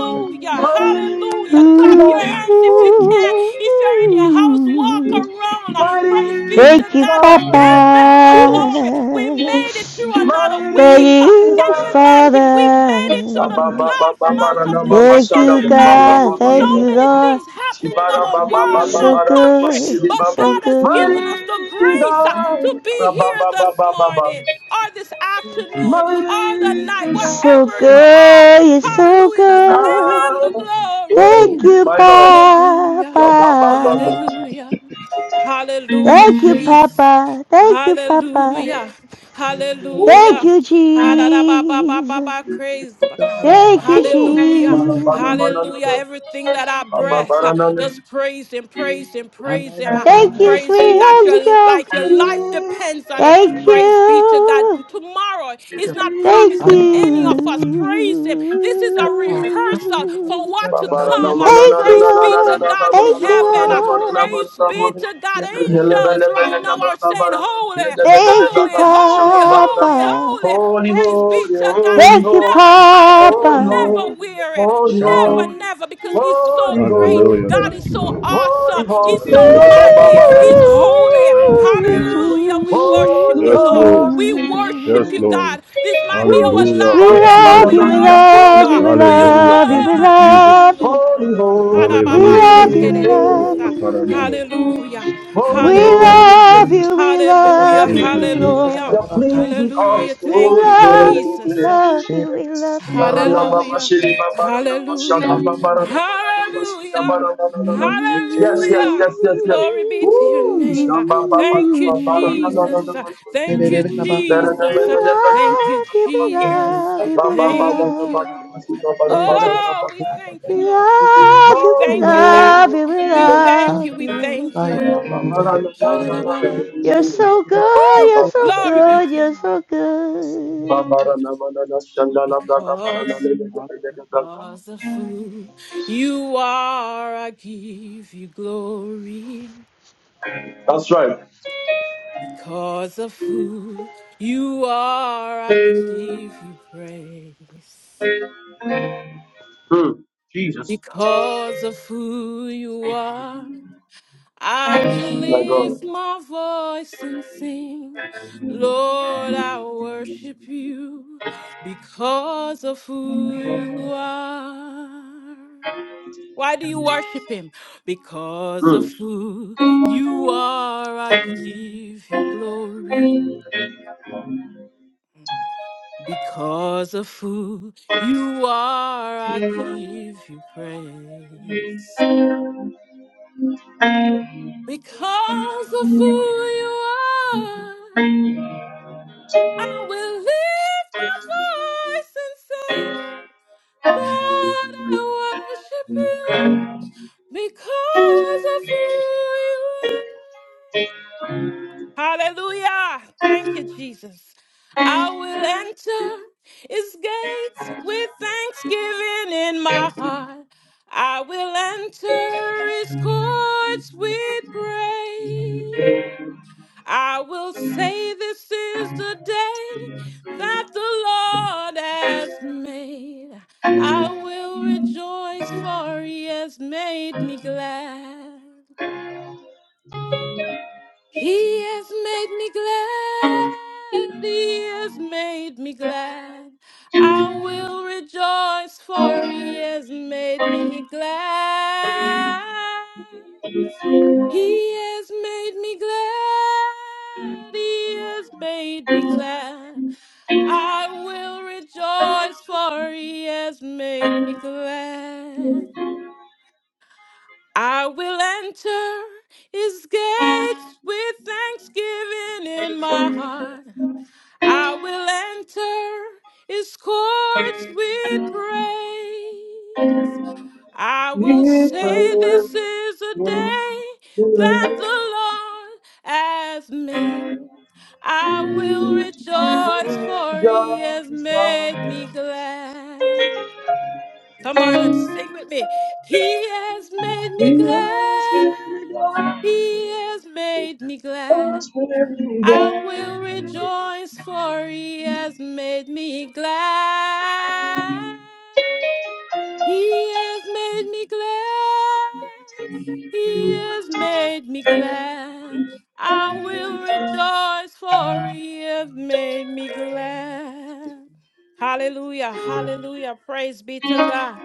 S4: wasn't unto
S2: Hallelujah. Clap
S3: Ooh,
S2: your hands if you can. If you're in your house, walk around. Praise be to
S3: thank you,
S2: God. Just give him the glory. We
S3: Papa.
S2: made it through another
S3: Thank
S2: week.
S3: you,
S2: Can you imagine? We made it to the
S3: Father.
S2: 12th month of the year.
S3: Thank
S2: Can
S3: you,
S2: you imagine?
S3: God.
S2: So
S3: Thank you,
S2: many
S3: Lord.
S2: things happening in
S1: Ibara
S2: our
S1: Baba,
S3: You're
S2: world,
S1: Baba, ba
S2: in
S1: ba
S3: so
S2: our
S1: ba ra da ba
S2: country.
S3: good. You're
S2: But
S1: Baba,
S3: so
S2: God has
S3: good.
S2: given us the
S1: di ba
S2: grace
S4: unto
S2: to be
S1: Baba,
S2: here
S1: Baba, Baba, Baba, ba ba ba
S2: this
S1: ba ba ba.
S2: morning or this
S4: you.
S2: afternoon or the night,
S3: So
S2: wherever you are.
S3: good. You're so
S2: Hallelujah. Just give
S3: good.
S2: him the glory.
S3: Thank you,
S1: My God.
S2: Hallelujah.
S3: Papa.
S2: Hallelujah. Hallelujah,
S3: Thank you,
S2: Jesus.
S3: Papa. Thank you, Papa.
S2: Hallelujah.
S4: Mm.
S3: Thank
S2: Hallelujah.
S3: you, Jesus.
S2: Ha-da-da-ba-ba-ba-ba-ba.
S4: Thank
S2: Praise
S4: you, God,
S2: God.
S4: all
S3: Thank
S4: about
S3: you,
S1: Ba
S2: Hallelujah.
S1: ra ba na
S3: Jesus.
S1: ma na
S2: Hallelujah.
S1: Baba, na.
S2: Everything that
S4: bless your
S2: I
S1: Ba ba
S4: name.
S1: ba
S2: breath,
S1: ra
S2: huh,
S1: na na.
S2: just praise Him, praise Him,
S4: I
S2: praise Him. Uh,
S4: magnify
S3: Thank you,
S4: and
S2: Praise him
S3: sweet
S2: that
S3: Holy
S2: your
S3: Ghost.
S2: like your life depends on it.
S3: Thank
S4: glorify
S2: Praise be to God.
S3: you.
S2: Tomorrow is
S4: the
S2: not
S3: Thank
S2: promised to
S4: and your
S2: any of us. Praise him. This is a
S4: forever. Come to
S2: rehearsal
S4: you,
S2: for
S4: about
S3: you.
S4: God,
S2: what
S1: Ba
S2: to
S4: and
S1: ba
S4: about
S1: ra na
S4: here.
S2: come.
S1: ma
S2: Uh,
S1: na na
S3: Thank
S1: na
S3: you,
S1: na
S2: Praise
S1: na
S2: be
S1: na na
S2: to
S3: Lord.
S1: na. Ba
S2: God
S1: ba
S2: in
S1: ra
S4: God,
S3: Thank
S1: na
S3: you,
S1: ma na
S4: and
S2: heaven.
S1: na
S4: about
S2: Uh,
S1: ma na
S4: this,
S3: Lord.
S1: na ma
S2: Praise
S1: na na ma.
S2: be
S4: and the Lord.
S2: to
S4: Come to
S2: God.
S4: you, and
S1: Holy, holy, holy,
S4: about
S2: Angels
S1: holy,
S2: right
S1: holy, holy,
S2: now are
S1: holy,
S2: saying,
S1: holy.
S4: here.
S2: Holy,
S3: Thank you,
S4: God,
S2: holy,
S4: and
S2: holy,
S4: about
S2: holy,
S3: Papa.
S2: holy.
S4: this,
S2: Praise be to God. And he's
S3: Thank you,
S2: never
S4: and about
S2: tired,
S4: here.
S3: Papa.
S2: never weary,
S4: Shabbat,
S2: never, never, because he's
S1: Holy,
S2: so great.
S5: Hallelujah.
S2: God
S1: holy,
S5: Thank
S2: is
S5: you,
S2: so
S4: and about
S5: Lord.
S1: holy,
S2: awesome.
S5: Step
S2: He's
S3: Ooh.
S2: so
S1: holy,
S5: us
S4: here.
S5: so
S2: mighty. He's
S1: rabba-ba-ba-rabba.
S2: holy.
S5: Thank you, Jesus.
S4: Thank you,
S2: Hallelujah.
S4: thank
S2: We
S4: you, and about
S2: worship
S1: holy,
S4: God,
S2: you,
S5: Yes,
S4: and
S2: Lord.
S5: Lord.
S4: about
S2: We
S4: here.
S1: holy,
S2: worship
S5: Yes,
S2: you,
S5: Lord.
S2: God. This might be our
S1: woo,
S5: Hallelujah. I
S3: We
S2: last
S5: Praise
S2: day,
S5: you,
S2: but
S3: love
S2: we
S5: Lord.
S3: you, we
S1: shabba-ba-ba-la-la-la-la-la-la.
S2: worship
S3: love
S2: you.
S3: you, we
S1: holy,
S2: We
S5: Hallelujah.
S3: love you,
S5: Thank
S3: we
S5: you,
S4: Thank
S2: worship
S4: you, and
S5: Jesus.
S2: you,
S3: love you.
S2: Lord
S4: about here.
S3: We
S2: ha
S5: Hallelujah.
S3: love you, we
S1: holy,
S4: Hallelujah.
S3: love
S5: Lebrotokoroshakaraman.
S3: you.
S2: Hallelujah.
S1: holy,
S3: We
S5: Thank you, Jesus.
S2: Hallelujah.
S3: love
S1: holy.
S3: you, we
S2: Hallelujah.
S3: love you,
S5: Thank you, Jesus.
S3: Lord.
S2: Hallelujah.
S1: You're pleasing us,
S2: Hallelujah.
S3: We
S2: Thank
S1: holy,
S2: you,
S3: love you, we
S2: Jesus.
S1: holy.
S3: love you, we love you,
S1: Yes,
S2: Hallelujah.
S3: Papa.
S2: Hallelujah. Hallelujah.
S1: yes,
S3: Mm.
S2: Hallelujah.
S1: yes, yes, yes.
S2: Glory be to your
S1: Woo!
S2: name.
S1: Shamba, ba, ba,
S2: Thank you,
S1: ba, ba, ba, ra, la, la, la,
S2: Jesus. Thank you,
S3: We
S2: Jesus. Thank you,
S3: love you, we
S2: Jesus.
S3: love you, we
S2: Thank
S3: love.
S2: you. Oh, we thank
S3: We
S2: you, Lord.
S3: love
S2: We
S3: you, we
S2: thank you,
S3: love
S2: Daddy.
S3: you, we
S2: We thank
S3: love
S2: you. We
S3: you, Lord.
S2: thank you. Ha-da-da-ba-ba.
S3: You're so good,
S2: Woo!
S3: you're so
S2: Glory be
S3: good,
S2: to
S3: you're so good.
S2: you.
S1: la, la. ba ka ba na na na.
S2: Because, because of who you are, I give you glory. Because of who you are, I give you praise.
S1: Hmm. Jesus.
S2: Because of who you are. I will lift my voice and sing, Lord, I worship you because of who you are. Why do you worship him? Because of who you are, I give you glory. Because of who you are, I give you praise. Because of who you are. I will lift my voice and say, Lord, I worship you because of who you are. Hallelujah. Thank you, Jesus. I will enter his gates with thanksgiving in my heart. I will enter his courts with praise. I will say this is the day that the Lord has made. I will rejoice, for he has made me glad. He has made me glad. He has made me glad. I will rejoice, for He has made me glad. He has made me glad. He has made me glad. I will rejoice, for He has made me glad. I will enter his gates [LAUGHS] with thanksgiving in my heart. I will enter his courts with praise. I will say this is a day that the Lord has made. I will [LAUGHS] rejoice for he has
S1: Hmm.
S2: made me glad. Come on and sing with me. He has made me glad. He has made me glad. I will rejoice, for he has made me glad. He has made me glad. He has made me glad. I will rejoice, for he has made me glad. Hallelujah, hallelujah. Praise be to God.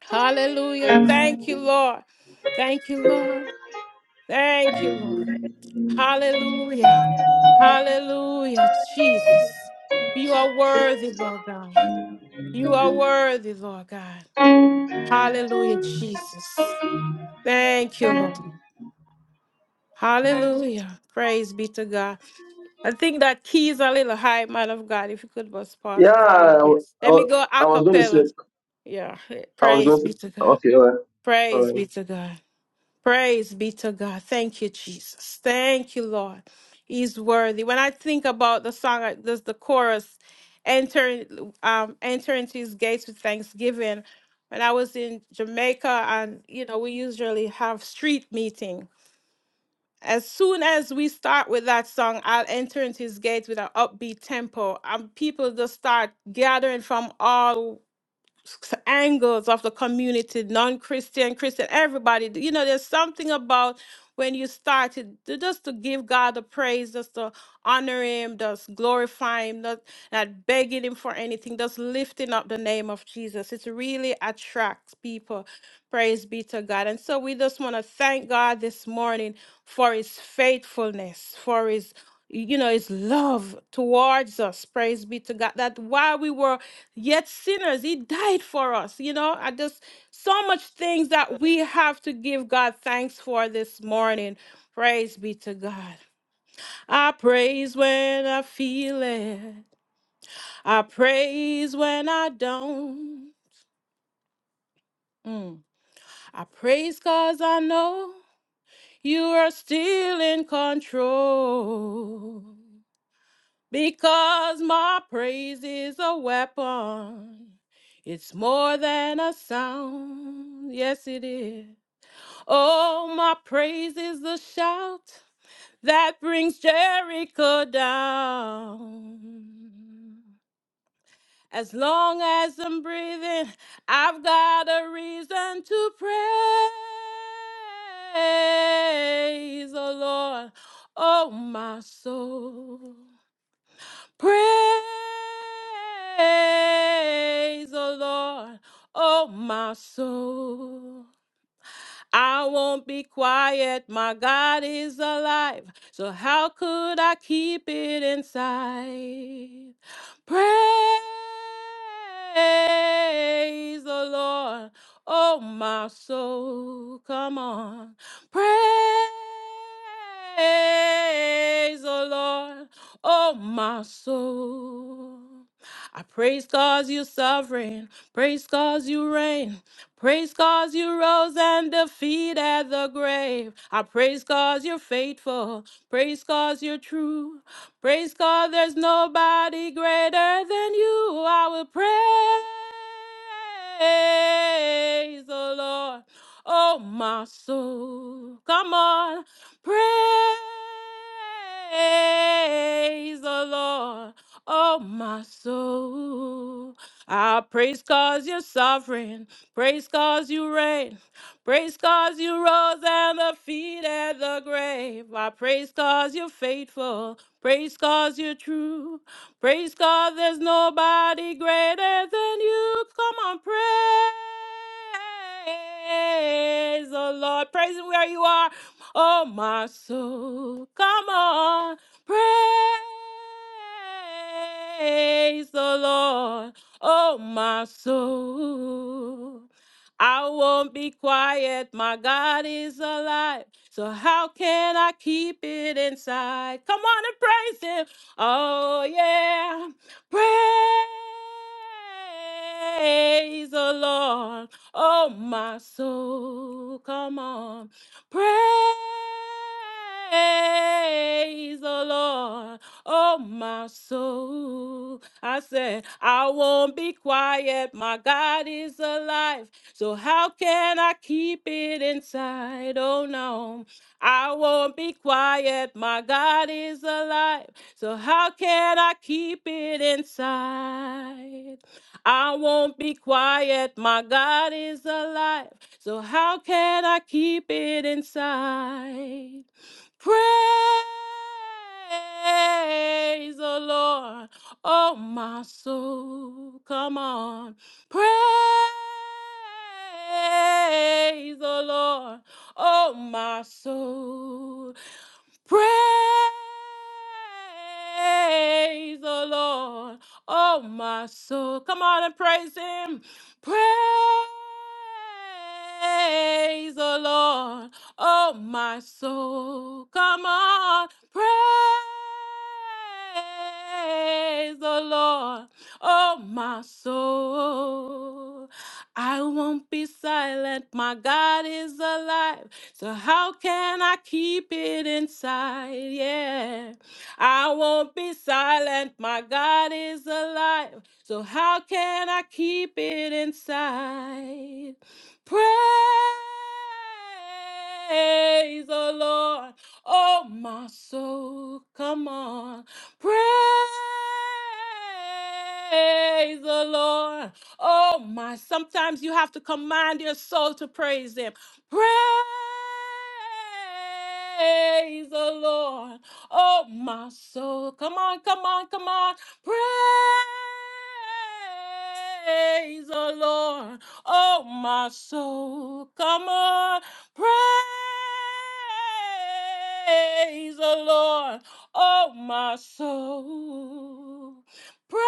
S2: Hallelujah. Thank you, Lord. Thank you, Lord. Thank you, Lord. Hallelujah. Hallelujah, Jesus. You are worthy, Lord God. You are worthy, Lord God. Hallelujah, Jesus. Thank you, Lord. Hallelujah. Praise be to God. I think that key is a little high, man of God. If you could just pause
S1: Yeah,
S2: it a little
S1: I,
S2: bit.
S1: wa- I,
S2: Let me
S1: wa-
S2: go a cappella. Yeah.
S1: I was
S2: Praise
S1: going
S2: be to God.
S1: to.
S2: Praise be
S1: Um,
S2: to God. Praise be to God. Thank you, Jesus. Thank you, Lord. He's worthy. When I think about the song, uh, this the chorus, enter, um, enter into his gates with thanksgiving. When I was in Jamaica, and you know, we usually have street meeting. As soon as we start with that song, I'll enter into his gates with an upbeat tempo, and people just start gathering from all s- angles of the community, non-Christian, Christian, everybody. You know, there's something about when you started just to give God the praise, just to honor Him, just glorify Him, not not begging Him for anything, just lifting up the name of Jesus. It really attracts people. Praise be to God. And so we just want to thank God this morning for His faithfulness, for His you know his love towards us praise be to god that while we were yet sinners he died for us you know i just so much things that we have to give god thanks for this morning praise be to god i praise when i feel it i praise when i don't Mm. i praise cause i know you are still in control Because my praise is a weapon. It's more than a sound. Yes, it is. Oh, my praise is the shout that brings Jericho down. As long as I'm breathing, I've got a reason to praise the Lord. Oh, my soul. Praise the Lord, oh my soul. I won't be quiet. My God is alive. So how could I keep it inside? Praise the Lord. Oh, my soul, come on. Praise the Lord. Oh, my soul. I praise cause you sovereign. Praise cause you reign. Praise cause you rose and defeated the grave. I praise cause you're faithful. Praise cause you're true. Praise God, there's nobody greater than you. I will praise the Lord. Oh, my soul. Come on. Praise the Lord. Oh, my soul. I praise cause you're sovereign. Praise cause you reign. Praise cause you rose and defeated the grave. I praise cause you're faithful. Praise cause you're true. Praise God, there's nobody greater than you. Come on, praise the Lord. Praise Him where you are. Oh, my soul. Come on, praise the Lord. Oh, my soul. I won't be quiet. My God is alive. So how can I keep it inside? Come on and praise him. Oh yeah. Praise the Lord. Oh my soul. Come on. Praise the Lord. Oh, my soul. I said, I won't be quiet. My God is alive. So how can I keep it inside? Oh, no. I won't be quiet. My God is alive. So how can I keep it inside? I won't be quiet. My God is alive. So how can I keep it inside? Praise the Lord, oh my soul. Come on. Praise the Lord, oh my soul. Praise the Lord, oh my soul. Come on and praise Him. Praise the Lord. Oh, my soul, come on, praise the Lord. Oh, my soul, I won't be silent. My God is alive. So, how can I keep it inside? Yeah. I won't be silent. My God is alive. So, how can I keep it inside? Praise the Lord. Oh, my soul, come on. Praise the Lord. Oh, my. Sometimes you have to command your soul to praise Him. Praise the Lord. Oh, my soul. Come on, come on, come on. Praise the Lord. Oh, my soul, come on, praise the Lord. Oh, my soul, praise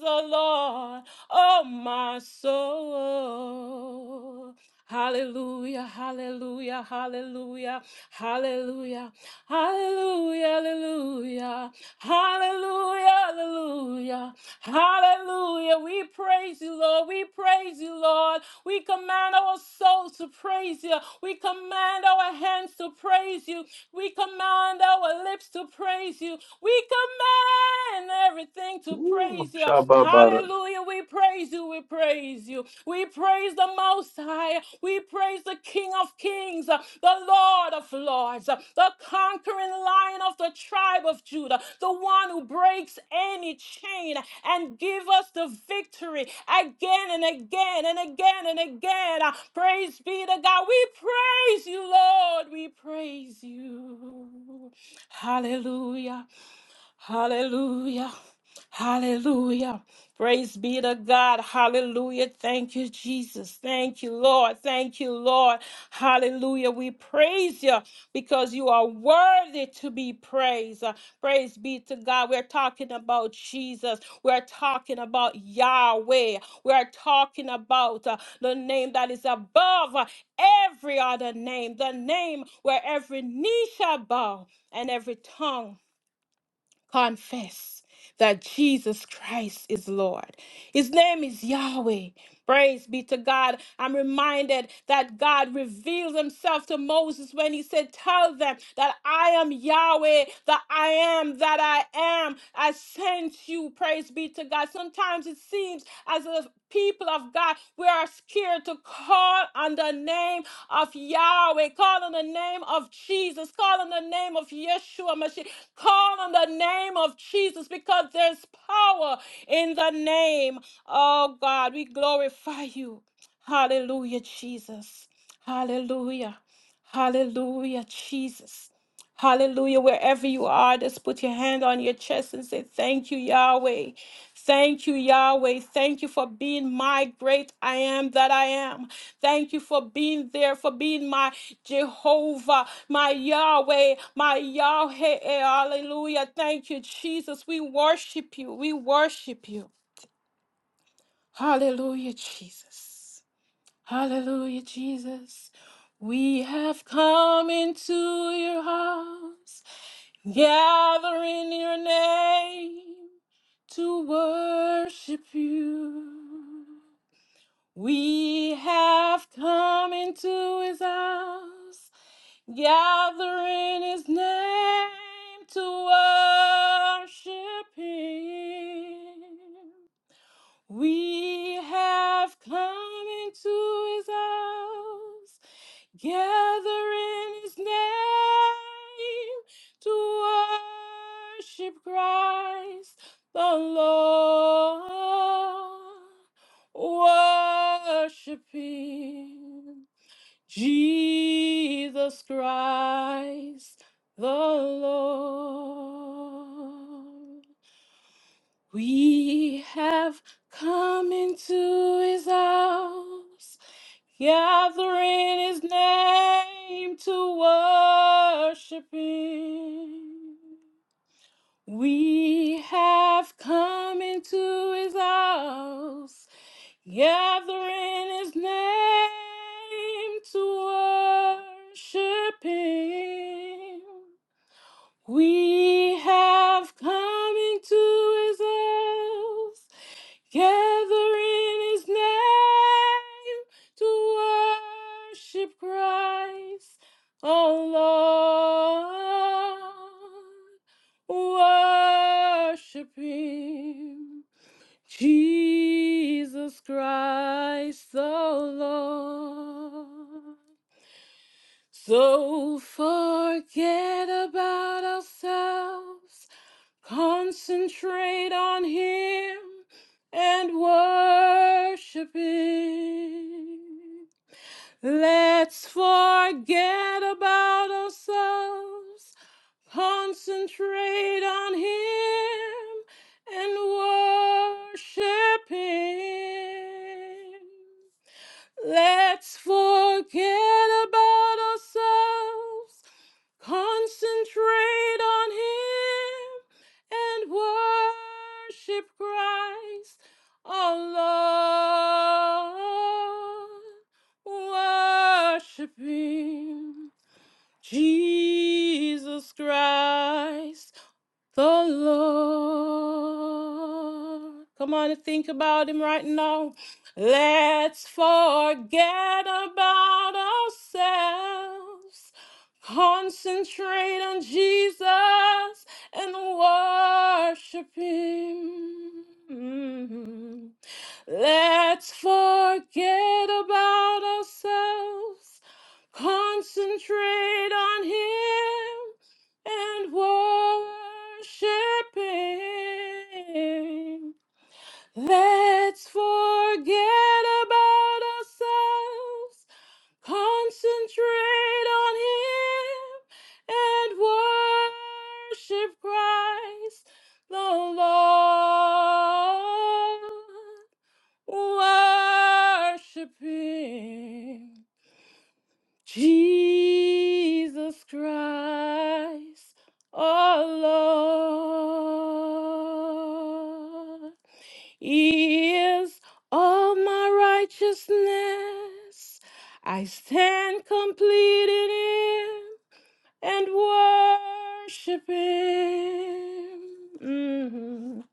S2: the Lord. Oh, my soul. Hallelujah, hallelujah, hallelujah, hallelujah, hallelujah, hallelujah, hallelujah, hallelujah. Hallelujah. We praise you, Lord. We praise you, Lord. We command our souls to praise you. We command our hands to praise you. We command our lips to praise you. We command everything to praise you.
S1: Shaba Baron,
S2: Hallelujah. We praise you. We praise you. We praise the Most High. We praise the King of Kings, the Lord of Lords, the conquering lion of the tribe of Judah, the one who breaks any chain and give us the victory again and again and again and again. Uh, Praise be to God. We praise you, Lord. We praise you. Hallelujah. Hallelujah. Hallelujah. Praise be to God. Hallelujah. Thank you, Jesus. Thank you, Lord. Thank you, Lord. Hallelujah. We praise you because you are worthy to be praised. Uh, Praise be to God. We're talking about Jesus. We're talking about Yahweh. We're talking about uh, the name that is above uh, every other name, the name where every knee shall bow and every tongue confess that Jesus Christ is Lord. His name is Yahweh. Praise be to God. I'm reminded that God revealed himself to Moses when he said, Tell them that I am Yahweh, that I am, that I am. I sent you. Praise be to God. Sometimes it seems as if people of God, we are scared to call on the name of Yahweh, call on the name of Jesus, call on the name of Yeshua Mashiach. Call on the name of Jesus because there's power in the name. Oh God, we glorify you. Hallelujah, Jesus. Hallelujah. Hallelujah, Jesus. Hallelujah. Wherever you are, just put your hand on your chest and say, Thank you, Yahweh. Thank you, Yahweh. Thank you for being my great I am that I am. Thank you for being there, for being my Jehovah my Yahweh, my Yahweh. Hallelujah. Thank you, Jesus. We worship you. We worship you. Hallelujah, Jesus. Hallelujah, Jesus. We have come into your house, gathering your name to worship you. We have come into his house Gather in his name to worship him. We have come into his house. Gather in his name to worship Christ the Lord. Worship him. Jesus Christ the Lord. We have come into his house, gathering his name to worship him. We have come into his house Gathering his name to worship him. We have come into his house, gathering his name to worship Christ, oh Lord. Worship him. Jesus Christ the Lord. So forget about ourselves, concentrate on Him and worship Him. Let's forget about ourselves, concentrate on Him, and worship Him. Let's forget about ourselves, Concentrate on Him and worship Christ, alone. Lord. Worship Him, Jesus Christ the Lord. Come on and think about him right now. Let's forget about ourselves. Concentrate on Jesus and worship him. Let's forget about ourselves, concentrate on Him and worship Him. Let's forget about ourselves, concentrate on Him and worship Christ the Lord worshiping Jesus Christ, our Lord. He is all my righteousness. I stand complete in Him and worship Him. Mhm.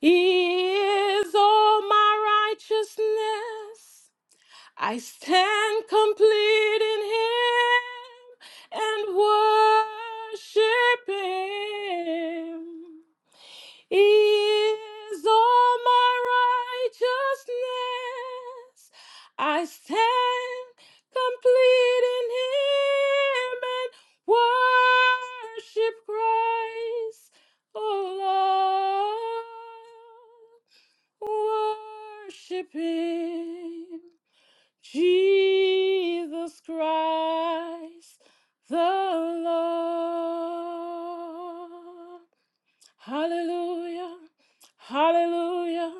S2: He is all my righteousness. I stand complete in Him and worship Him. He is all my righteousness. I stand complete in Him and worship Christ. Oh Lord, worship Him. Jesus Christ the Lord. Hallelujah, hallelujah.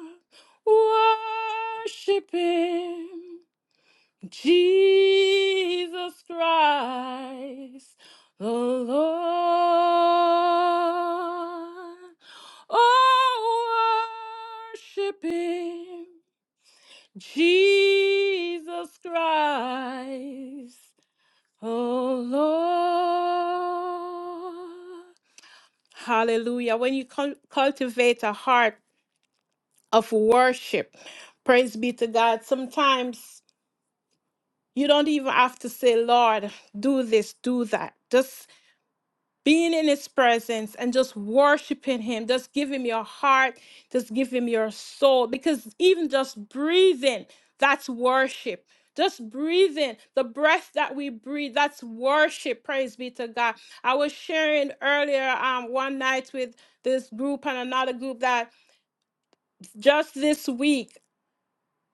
S2: Worship Him, Jesus Christ the Lord. Oh, worship Him. Jesus Christ, oh Lord. Hallelujah. When you cul- cultivate a heart of worship, praise be to God, sometimes you don't even have to say, Lord, do this, do that. being in his presence and just worshiping him just give him your heart just give him your soul because even just breathing that's worship just breathing the breath that we breathe that's worship praise be to god i was sharing earlier um one night with this group and another group that just this week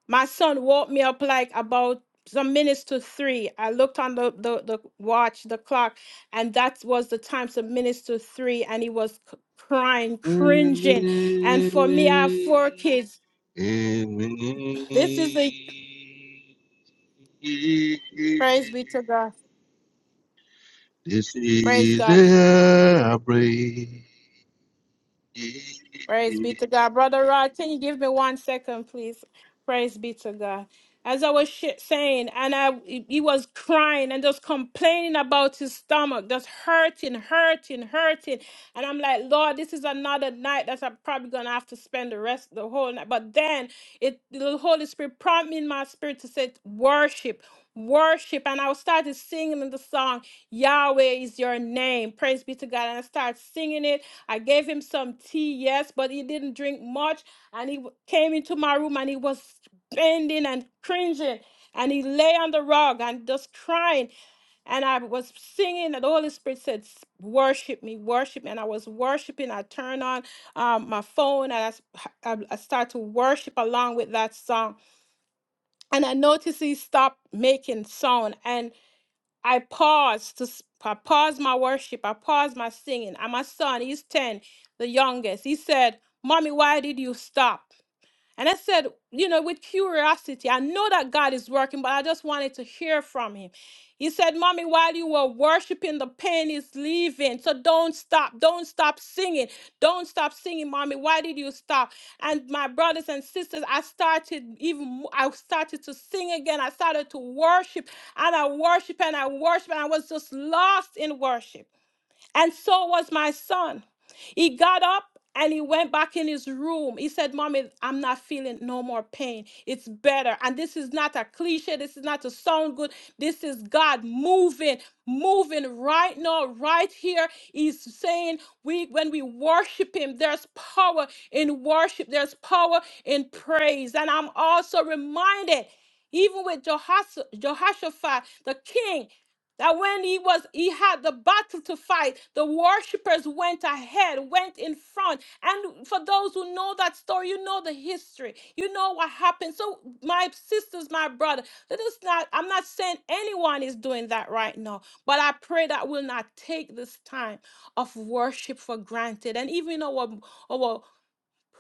S2: my son woke me up like about some minutes to three. I looked on the, the, the watch, the clock, and that was the time, some minutes to three, and he was c- crying,
S5: Amen.
S2: cringing. And for me, I have four kids. This is the praise be to
S5: Amen.
S2: God.
S5: This
S2: Praise
S5: is
S2: God.
S5: the break.
S2: Praise be to God. Brother Rod, can you give me one second, please? Praise be to God. As I was sh- saying, and I, he was crying and just complaining about his stomach, just hurting, hurting, hurting. And I'm like, Lord, this is another night that I'm probably gonna have to spend the rest of the whole night. But then it, the Holy Spirit prompted me in my spirit to say, worship, worship. And I started singing the song, Yahweh is your name. Praise be to God. And I started singing it I gave him some tea, yes, but he didn't drink much. And he w- came into my room and he was bending and cringing. And he lay on the rug and just crying. And I was singing, and the Holy Spirit said, "S- Worship me, worship me. And I was worshiping. I turned on um, my phone and I, s- I, I started to worship along with that song. And I noticed he stopped making sound. and I paused to s- I paused my worship. I paused my singing. And my son, he's 10, the youngest. He said, Mommy, why did you stop? And I said, you know, with curiosity, I know that God is working, but I just wanted to hear from him. He said, Mommy, while you were worshiping, the pain is leaving. So don't stop. Don't stop singing. Don't stop singing, Mommy. Why did you stop? And my brothers and sisters, I started even, mo- I started to sing again. I started to worship and I worship and I worship and I was just lost in worship. And so was my son. He got up and he went back in his room. He said, Mommy, I'm not feeling no more pain. It's better. And this is not a cliche. This is not to sound good. This is God moving, moving right now, right here. He's saying, we when we worship him, there's power in worship, there's power in praise. And I'm also reminded even with Jehosh- Jehoshaphat, the king. That when he was he had the battle to fight, the worshipers went ahead, went in front. And for those who know that story, you know the history. You know what happened. So my sisters, my brother, let us not I'm not saying anyone is doing that right now, but I pray that we'll not take this time of worship for granted. And even our our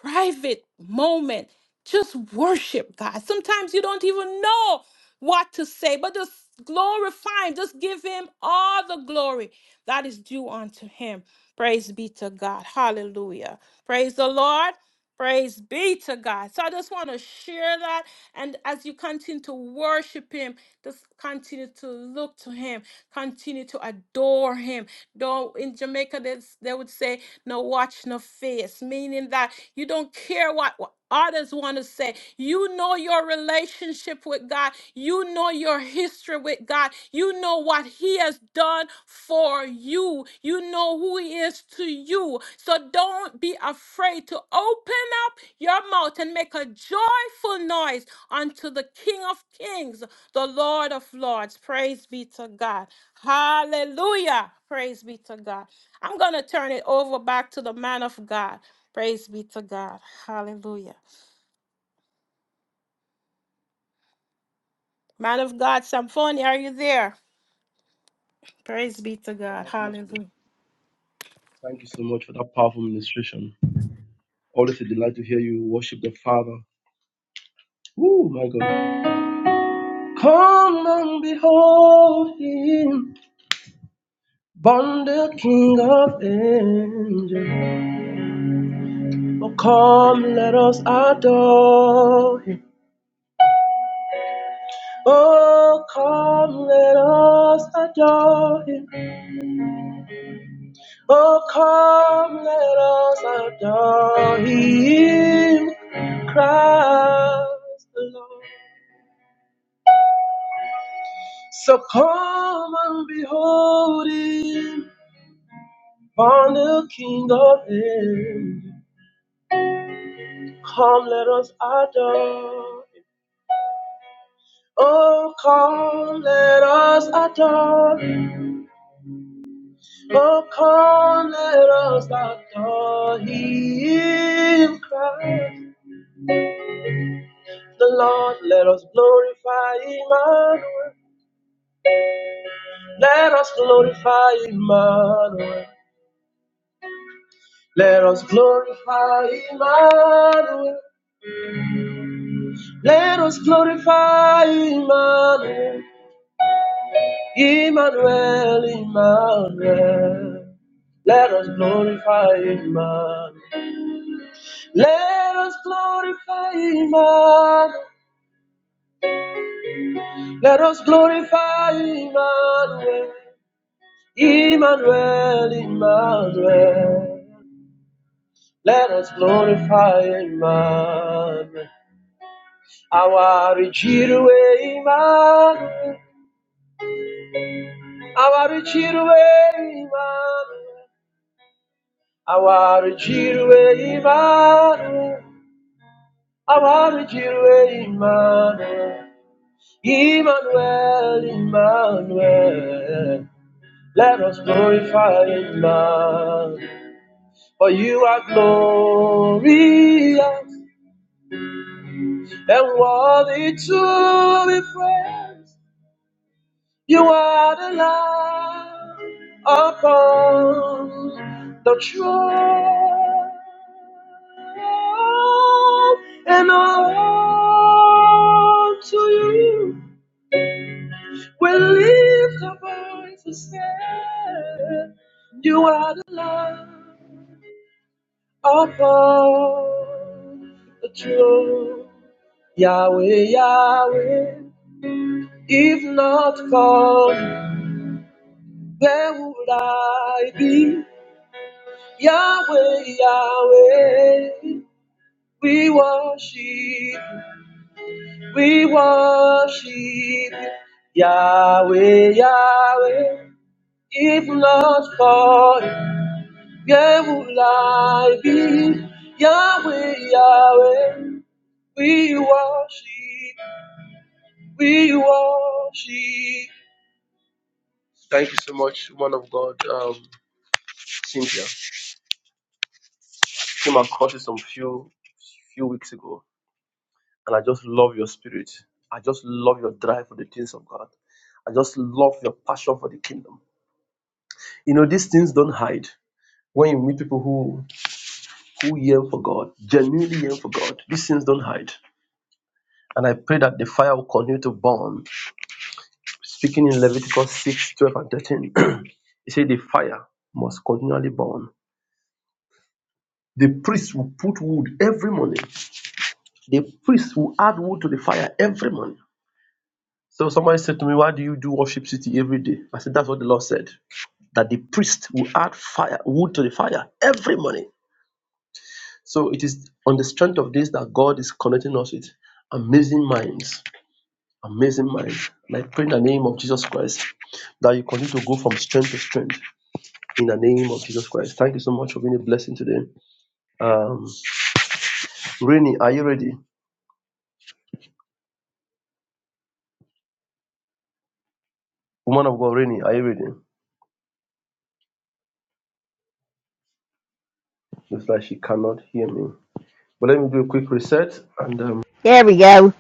S2: private moment. Just worship God. Sometimes you don't even know what to say, but just glorify Him. Just give Him all the glory that is due unto Him. Praise be to God. Hallelujah. Praise the Lord. Praise be to God. So I just want to share that. And as you continue to worship Him, just continue to look to Him, continue to adore Him. Though in Jamaica, they, they would say, no watch, no face, meaning that you don't care what, what others want to say. You know your relationship with God. You know your history with God. You know what He has done for you. You know who He is to you. So don't be afraid to open up your mouth and make a joyful noise unto the King of Kings, the Lord of Lords. Praise be to God. Hallelujah. Praise be to God. I'm going to turn it over back to the man of God. Praise be to God. Hallelujah. Man of God, Samphoni, are you there? Praise be to
S1: an
S2: God.
S1: atmosphere.
S2: Hallelujah.
S1: Thank you so much for that powerful ministration. Always a delight to hear you worship the Father. Oh my God. Come and behold Him, born the King of Angels. Oh, come, let us adore Him. Oh, come, let us adore Him. Oh, come, let us adore. Him. Let us adore Him, Christ the Lord. Let us glorify Emmanuel. Let us glorify Emmanuel. Let us glorify Emmanuel. Let us glorify Emmanuel. Emmanuel, Emmanuel. Let us glorify Emmanuel. Let us glorify Emmanuel. Let us glorify Emmanuel. Emmanuel, Emmanuel, let us glorify Emmanuel. Our Jirwe, Emmanuel, our Jirwe, Emmanuel, our Jirwe, Emmanuel, our Jirwe, Emmanuel, Emmanuel, Emmanuel. Let us glorify Emmanuel, for you are glorious. and worthy to be praised. You are the Lamb upon the throne, and all to you we lift our voices. and You are the Lamb upon the throne, Yahweh, Yahweh. If not for, You, where would I be? Yahweh, Yahweh, we worship, you, we worship, you. Yahweh, Yahweh. If not for, you, where would I be? Yahweh, Yahweh, worship. you. Thank you so much, one of God, um, Cynthia. Came across it some few few weeks ago. And I just love your spirit. I just love your drive for the things of God. I just love your passion for the kingdom. You know, these things don't hide. When you meet people who who yearn for God, genuinely yearn for God, these things don't hide. And I pray that the fire will continue to burn. Speaking in Leviticus 6, 12, and 13, [CLEARS THROAT] it said the fire must continually burn. The priests will put wood every morning. The priests will add wood to the fire every morning. So somebody said to me, Why do you do worship city every day? I said, That's what the Lord said. that the priest will add fire wood to the fire every morning. So it is on the strength of this that God is connecting us with amazing minds, amazing minds. And I pray in the name of Jesus Christ that you continue to go from strength to strength in the name of Jesus Christ. Thank you so much for being a blessing today. Um, Rainy, are you ready? Woman of God, Rainy, are you ready? Looks like she cannot hear me. But let me do a quick reset and um,
S3: There we go.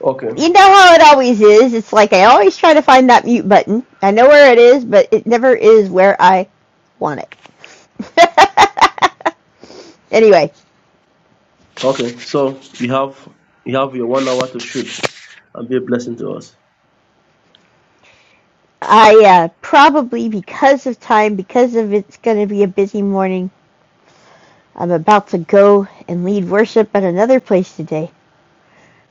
S1: okay,
S3: you know how it always is. It's like I always try to find that mute button. I know where it is, but it never is where I want it. [LAUGHS] anyway,
S1: okay. So you have you have your one hour to shoot and be a blessing to us.
S3: I uh, probably because of time, because of it's going to be a busy morning, I'm about to go and lead worship at another place today.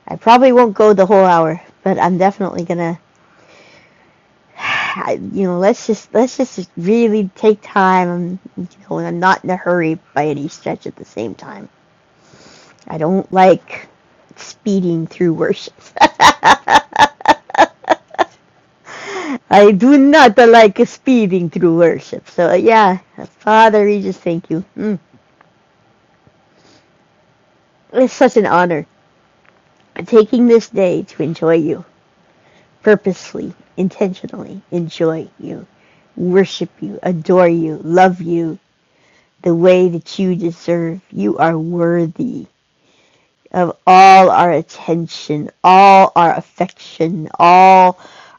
S3: I probably won't go the whole hour, but I'm definitely gonna. [SIGHS] You know, let's just let's just really take time. I'm, you know, I'm not in a hurry by any stretch at the same time. I don't like speeding through worship. [LAUGHS] I do not like speeding through worship. So yeah, Father, we just thank you. Mm. It's such an honor taking this day to enjoy you purposely, intentionally. Enjoy you, worship you, adore you, love you the way that you deserve. You are worthy. of all our attention, all our affection, all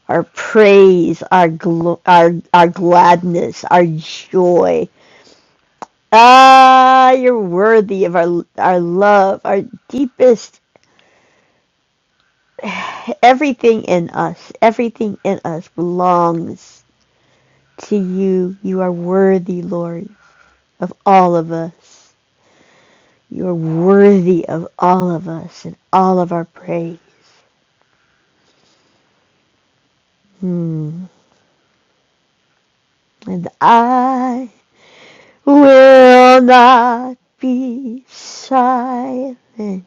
S3: our praise, our gl- our our gladness, our joy. Ah, you're worthy of our our love, our deepest everything in us, everything in us belongs to you. You are worthy, Lord, of all of us. You are worthy of all of us and all of our praise. Hmm. And I will not be silent.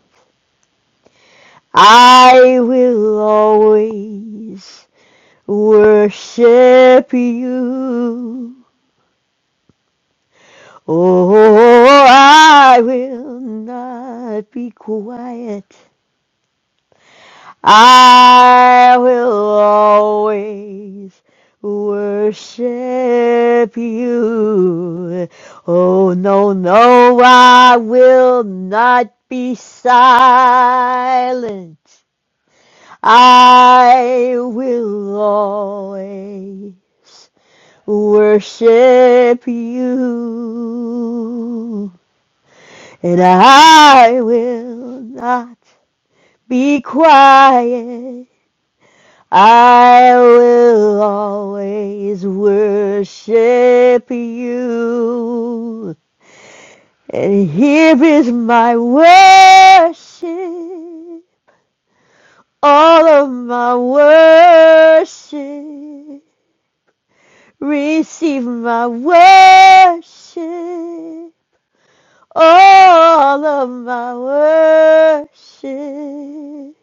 S3: I will always worship you. Oh, I will not be quiet. I will always worship you. Oh, no, no, I will not be silent. I will always worship you, and I will not be quiet. I will always worship you. And here is my worship. All of my worship. Receive my worship. All of my worship.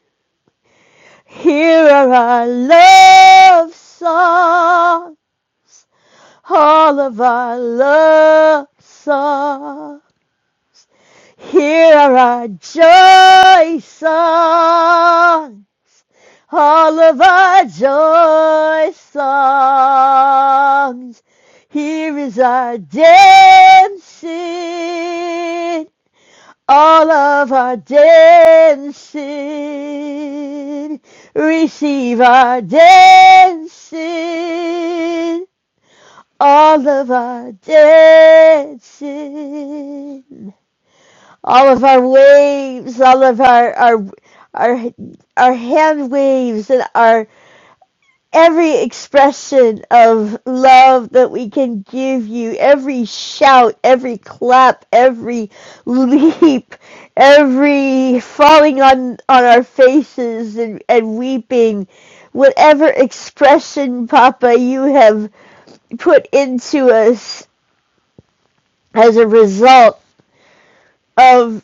S3: Here are our love songs. all of our love song. Hear our joy song, all of our joy songs. Here is our dancing, all of our dancing. Receive our dancing. all of our dancing, all of our waves, all of our our our our hand waves, and our every expression of love that we can give you, every shout, every clap, every leap, every falling on on our faces and, and weeping, whatever expression, Papa, you have put into us as a result of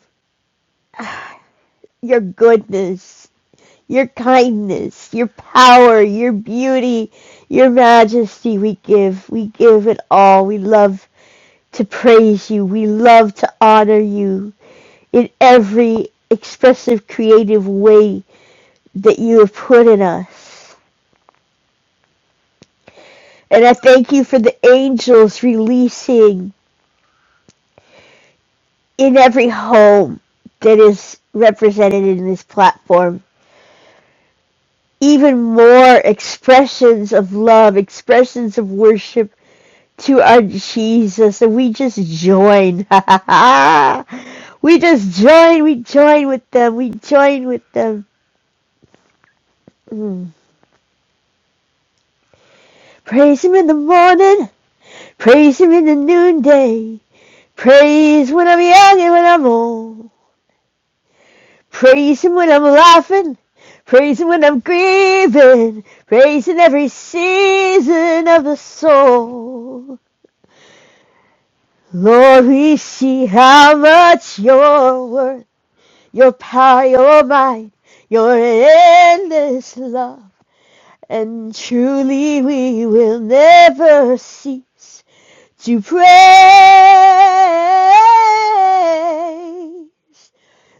S3: your goodness, your kindness, your power, your beauty, your majesty. We give, we give it all. We love to praise you. We love to honor you in every expressive, creative way that you have put in us. And I thank you for the angels releasing in every home that is represented in this platform even more expressions of love, expressions of worship to our Jesus, and we just join. [LAUGHS] we just join, we join with them, we join with them. Mm. Praise Him in the morning, praise Him in the noonday, praise when I'm young and when I'm old, praise Him when I'm laughing, praise Him when I'm grieving, praise in every season of the soul. Lord, we see how much you're worth, your power, your might, your endless love. And truly we will never cease to pray.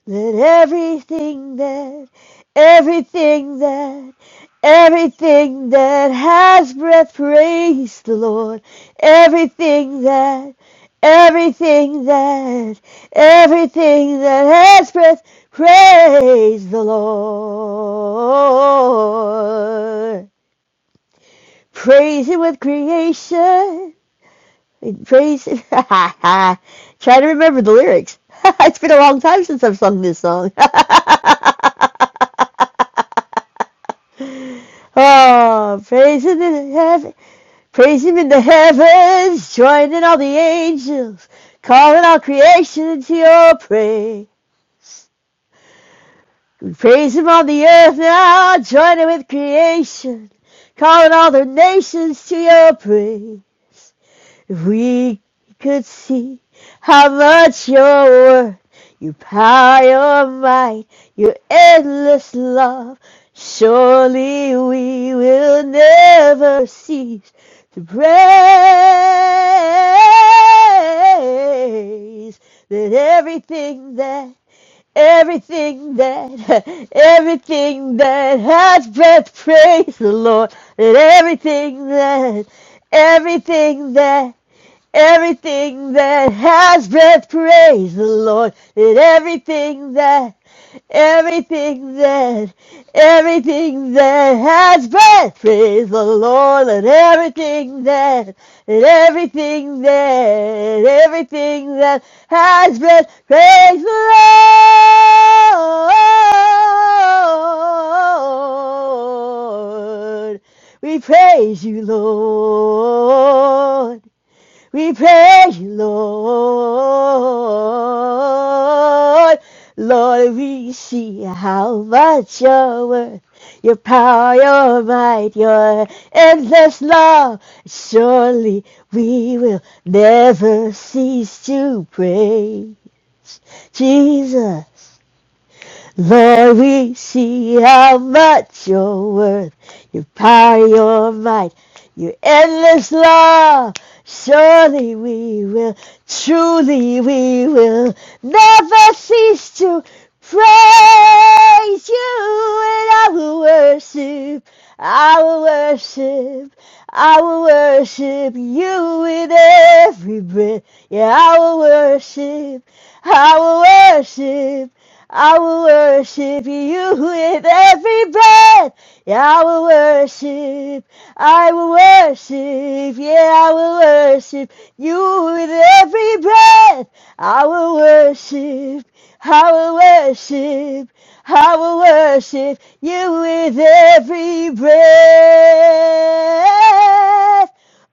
S3: Let everything that, everything that Everything that has breath, praise the Lord. Everything that, everything that, everything that has breath, praise the Lord. Praise Him with creation. Praise Him. [LAUGHS] Try to remember the lyrics. [LAUGHS] it's been a long time since I've sung this song. [LAUGHS] oh, praise Him in heaven. Praise him in the heavens, joining all the angels, calling all creation to your praise. We praise him on the earth now, joining with creation, calling all the nations to your praise. If we could see how much Your worth, your power, your might, your endless love, surely we will never cease to praise that everything that Everything that, [LAUGHS] everything that has breath, praise the Lord. That everything that, everything that Everything that has breath, praise the Lord. And everything that, everything that, everything that has breath, praise the Lord. And everything that, and everything that, everything that has breath, praise the Lord. We praise you, Lord. We praise you, Lord. Lord, we see how much You're worth, your power, your might, your endless love. Surely we will never cease to praise Jesus. Lord, we see how much you're worth. Your power, your might, your endless love. Surely we will, truly we will never cease to praise you and I will worship, I will worship, I will worship you with every breath. Yeah, I will worship, I will worship. I will worship you with every breath. Yeah, I will worship. I will worship. Yeah, I will worship you with every breath. I will worship. I will worship. I will worship you with every breath.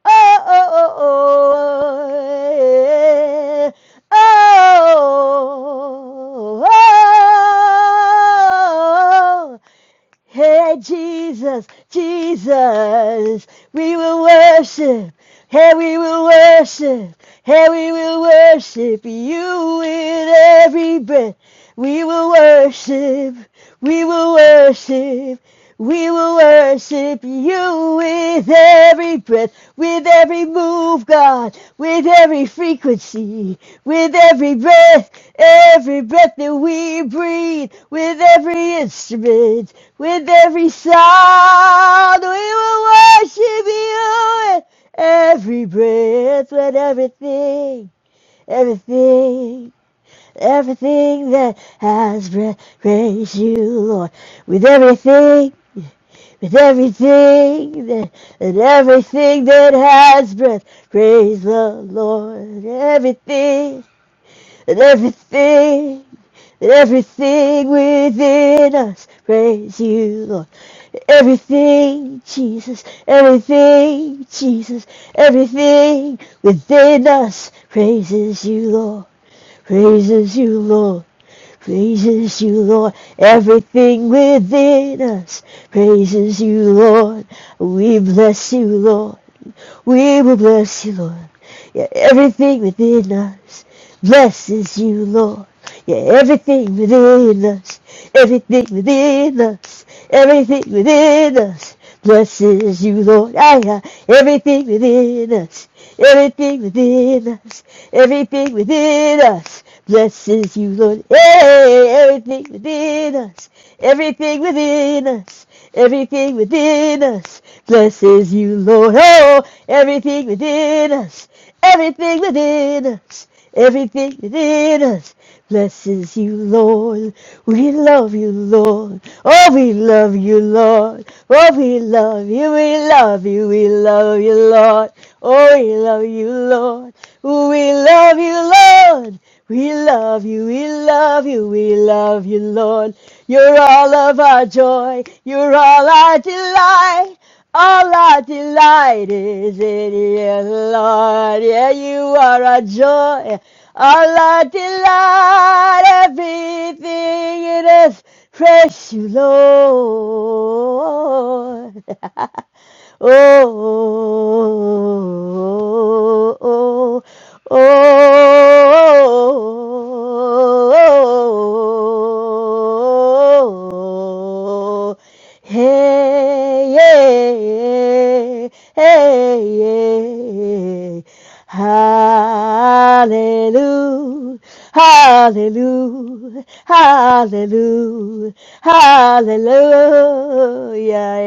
S3: Oh, oh, oh, oh. yeah oh, oh, oh, Hey, Jesus, Jesus, we will worship. Hey, we will worship. Hey, we will worship you with every breath. We will worship. We will worship. We will worship you with every breath, with every move, God, with every frequency, with every breath, every breath that we breathe, with every instrument, with every sound, we will worship you. With every breath, with everything, everything, everything that has breath, praise you, Lord. With everything, with everything that, and everything that has breath, praise the Lord. Everything, and everything. Everything within us, praise you, Lord. Everything, Jesus. Everything, Jesus. Everything within us praises you, Lord. Praises you, Lord. Praises you, Lord. Everything within us praises you, Lord. We bless you, Lord. We will bless you, Lord. Yeah, everything within us blesses you, Lord. You're everything within us, everything within us, everything within us. Blesses you, Lord. I have everything within us, everything within us, everything within us. Blesses you, Lord. Hey, everything within us, everything within us, everything within us. Blesses you, Lord. Oh, everything within us. Everything within us, everything within us blesses you, Lord. We love you, Lord. Oh, we love you, Lord. Oh, we love you, we love you, we love you, Lord. Oh, we love you, Lord. Oh, We love you, Lord. We love you, we love you, we love you, Lord. You're all of our joy, you're all our delight. All our delight is in you, Lord. Yeah, you are our joy. All our delight, everything in us. Praise you, Lord. [LAUGHS] oh, oh, oh, oh, hey, yeah, hey, yeah say, Hallelujah, Hallelujah, Hallelujah, Hallelujah, yeah,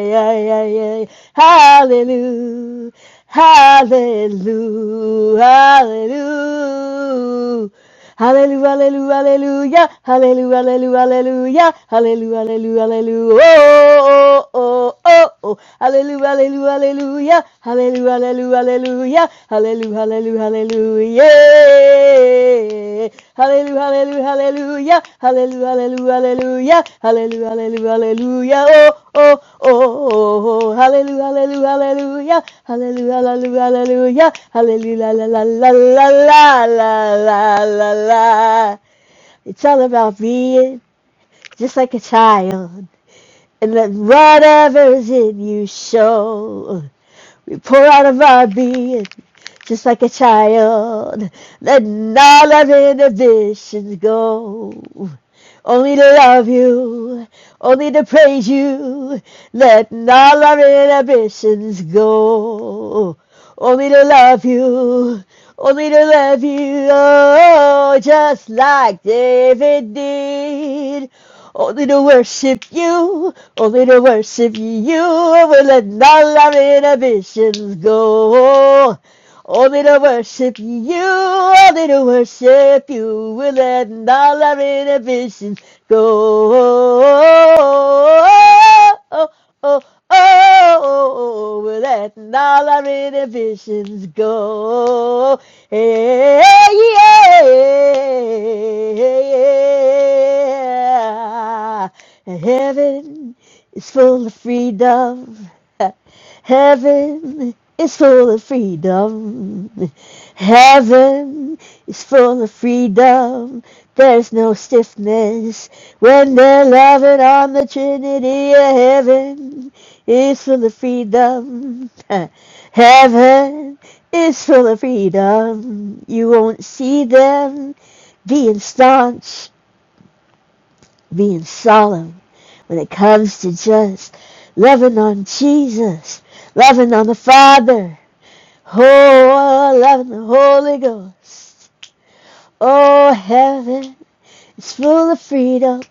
S3: yeah, yeah, Hallelujah, Hallelujah, Hallelujah. Hallelujah, hallelujah, hallelujah, hallelujah, hallelujah, hallelujah, hallelujah, hallelujah, oh, oh, oh, oh, oh. hallelujah, hallelujah, hallelujah, hallelujah, hallelujah, hallelujah, hallelujah, hallelujah, Hallelujah, hallelujah, hallelujah, hallelujah, hallelujah, hallelujah, hallelujah, oh, oh, oh, oh, oh, hallelujah, hallelujah, hallelujah, hallelujah, hallelujah, hallelujah, hallelujah, la la la la la la la la la. It's all about being just like a child and let whatever's in you show. We pour out of our being just like a child. Letting all of inhibitions go. Only to love you, only to praise you. Letting all our inhibitions go. Only to love you, only to love you. Oh, just like David did. Only to worship you, only to worship you. We let all our inhibitions go. Only to worship you, only to worship you. We let all our inhibitions go oh, oh, oh, oh, letting all our inhibitions go. Hey, yeah. And heaven is full of freedom. [LAUGHS] Heaven is full of freedom. Heaven is full of freedom. There's no stiffness when they're loving on the Trinity. Heaven is full of freedom. [LAUGHS] Heaven is full of freedom. You won't see them being staunch being solemn when it comes to just loving on Jesus, loving on the Father, oh, loving the Holy Ghost. Oh, heaven is full of freedom.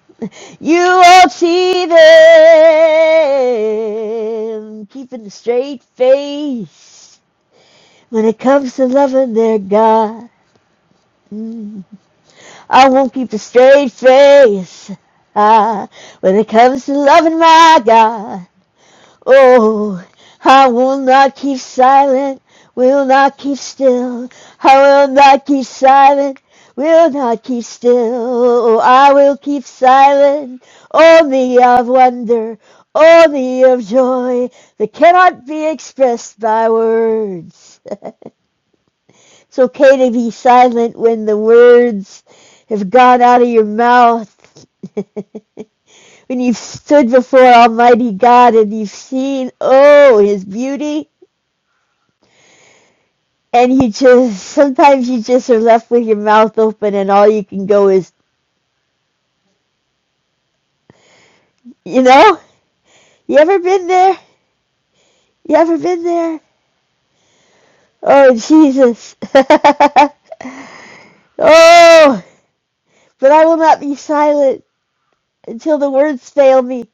S3: You won't see them keeping a straight face when it comes to loving their God. Mm. I won't keep a straight face ah, when it comes to loving my God. Oh, I will not keep silent, will not keep still. I will not keep silent, will not keep still. I will keep silent, only of wonder, only of joy that cannot be expressed by words. [LAUGHS] It's okay to be silent when the words have gone out of your mouth. [LAUGHS] when you've stood before Almighty God and you've seen, oh, His beauty, and you just, sometimes you just are left with your mouth open and all you can go is, you know, you ever been there? You ever been there? Oh, Jesus. [LAUGHS] oh, but I will not be silent until the words fail me.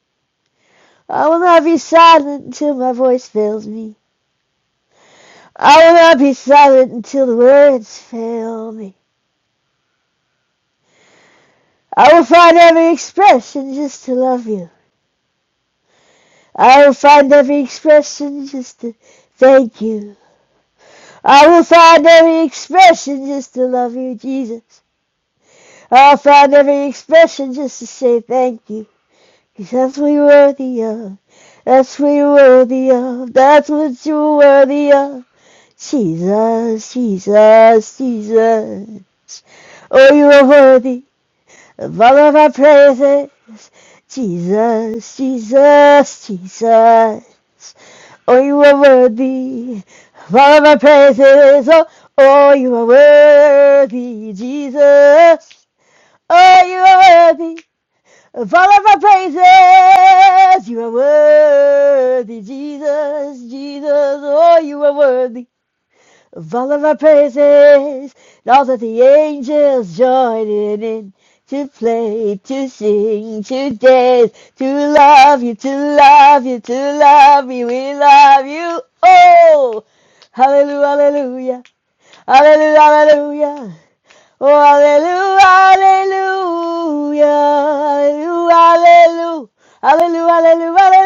S3: I will not be silent until my voice fails me. I will not be silent until the words fail me. I will find every expression just to love you. I will find every expression just to thank you. I will find every expression just to love you, Jesus. I'll find every expression just to say thank you. 'Cause that's what you're worthy of. That's what you're worthy of. That's what you're worthy of. Jesus, Jesus, Jesus. Oh, you are worthy. Above all of our praises, Jesus, Jesus, Jesus. Oh, you are worthy of all my praises. Oh, oh, you are worthy, Jesus. Oh, you are worthy of all of our praises. You are worthy, Jesus, Jesus. Oh, you are worthy. Of all of our praises, and all that the angels joining in to play, to sing, to dance, to love you, to love you, to love you, we love you. Oh, hallelujah, hallelujah, hallelujah, hallelujah. Oh, hallelujah, hallelujah, hallelujah, hallelujah, hallelujah, hallelujah.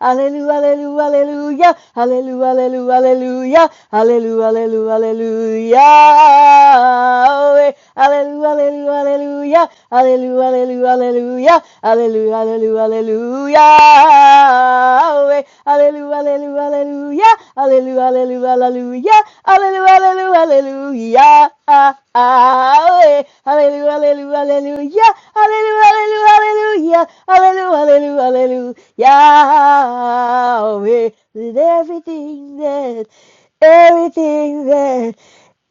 S3: Hallelujah, hallelujah, hallelujah, hallelujah, hallelujah, hallelujah, hallelujah. Hallelujah, hallelujah, hallelujah, hallelujah, hallelujah, hallelujah, hallelujah, Hallelujah, hallelujah, hallelujah. Hallelujah, hallelujah, hallelujah. Hallelujah, hallelujah, hallelujah. Hallelujah, hallelujah, hallelujah. Ah, ah, eh. Hallelujah, hallelujah, hallelujah. Hallelujah, hallelujah, hallelujah. Hallelujah, hallelujah, hallelujah. With everything that, everything that,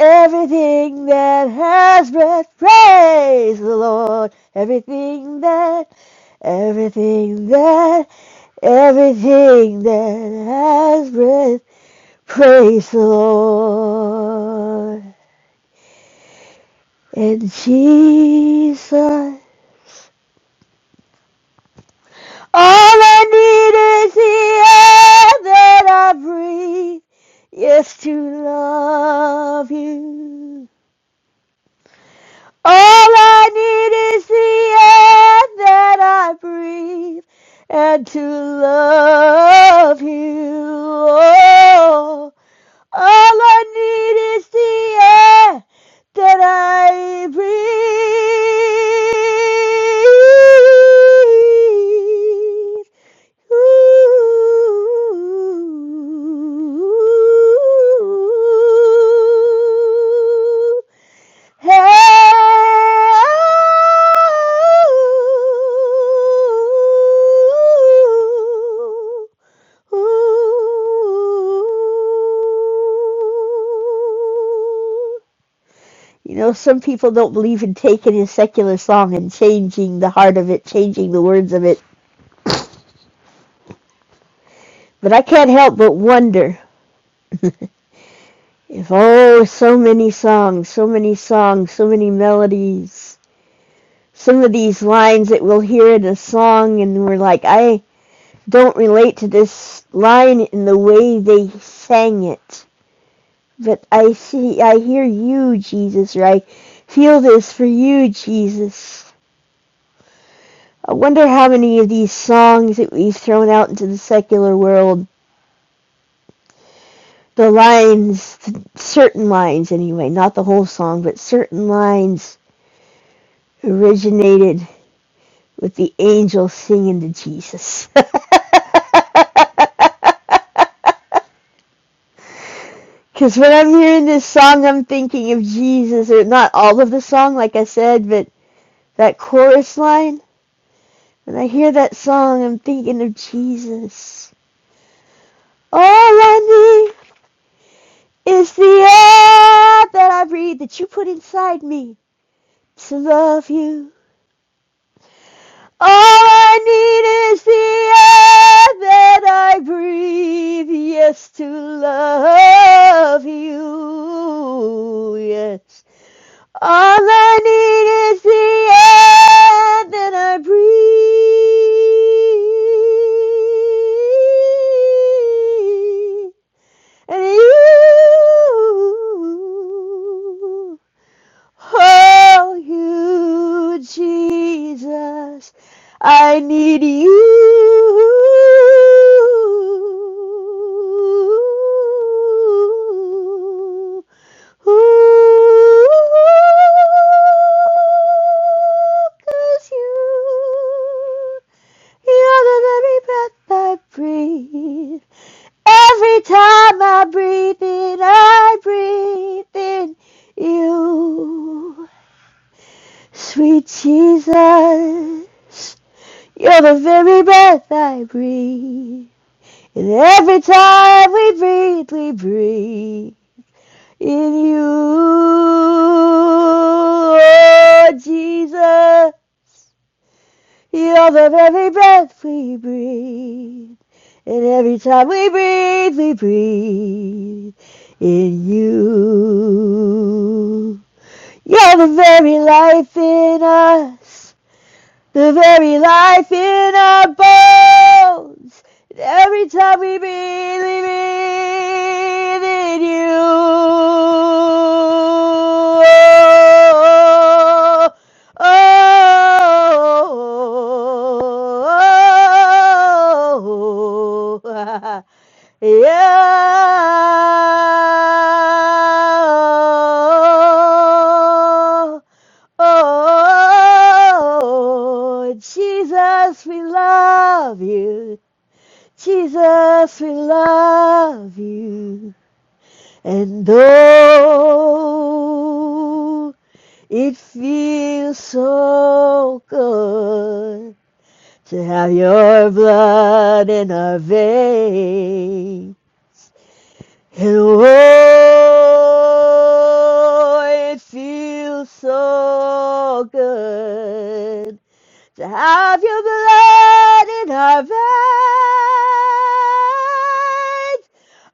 S3: everything that has breath, praise the Lord. Everything that Everything that, everything that has breath, praise the Lord. And Jesus, all I need is the air that I breathe. Yes, to love you. All I need is the air that I breathe and to love you. Oh. All I need is the air that I breathe. Ooh. Hey. ooh. Ooh. You know, some people don't believe in taking a secular song and changing the heart of it, changing the words of it. But I can't help but wonder [LAUGHS] if, oh, so many songs, so many songs, so many melodies, some of these lines that we'll hear in a song and we're like, I don't relate to this line in the way they sang it. But I see, I hear you, Jesus, or I feel this for you, Jesus. I wonder how many of these songs that we've thrown out into the secular world, the lines, certain lines anyway, not the whole song, but certain lines originated with the angel singing to Jesus. Because [LAUGHS] when I'm hearing this song, I'm thinking of Jesus, or not all of the song, like I said, but that chorus line. When I hear that song, I'm thinking of Jesus. All I need is the air that I breathe that you put inside me to love you. All I need is the air that I breathe, yes, to love you, yes. All I need is the air that I breathe. And you Oh, you, Jesus, I need you. Ooh, 'cause you, you're the very breath I breathe. Every time I breathe in, I breathe in you. Sweet Jesus, you're the very breath I breathe. And every time we breathe, we breathe in you. Oh, Jesus. You're the very breath we breathe. And every time we breathe, we breathe in you. You're the very life in us. The very life in our bones. And every time we believe in you. Oh, oh, oh, oh, [LAUGHS] yeah. Oh, Jesus, we love you. Jesus, we love you. And oh, it feels so good to have your blood in our veins. And oh, it feels so good to have your blood in our veins.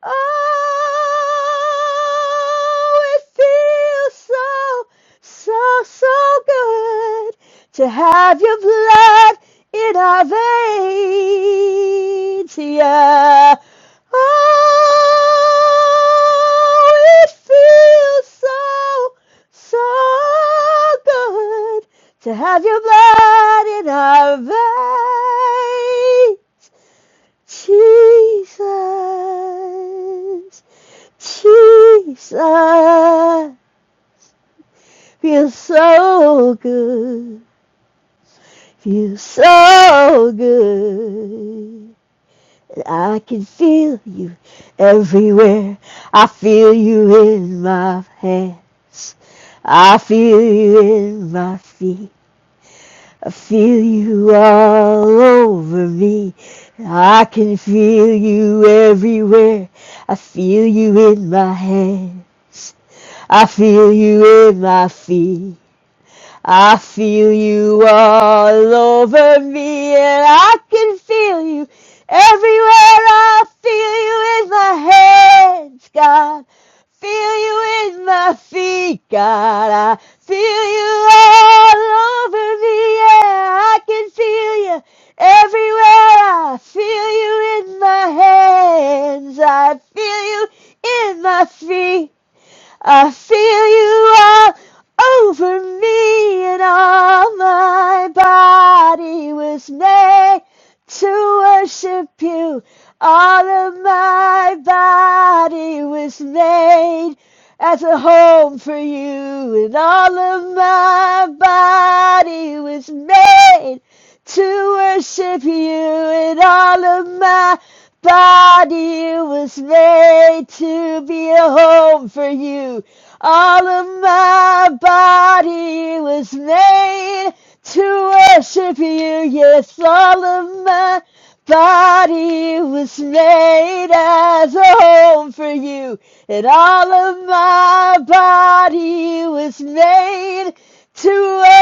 S3: Oh, it feels so, so, so good to have your blood in our veins. Yeah. Oh, it feels so, so good to have your blood in our veins. Jesus, Jesus, feels so good, feels so good. And I can feel you everywhere. I feel you in my hands. I feel you in my feet. I feel you all over me. I can feel you everywhere. I feel you in my hands. I feel you in my feet. I feel you all over me and I can feel you everywhere. I feel you in my hands, God. Feel you in my feet, God. I feel you all over me. Yeah, I can feel you everywhere. I feel you in my hands. I feel you in my feet. I feel you all over me and all my body was made to worship you. All of my body was made as a home for you, and all of my body was made to worship you, and all of my body was made to be a home for you. All of my body was made to worship you. Yes, all of my body was made as a home for you. And all of my body was made to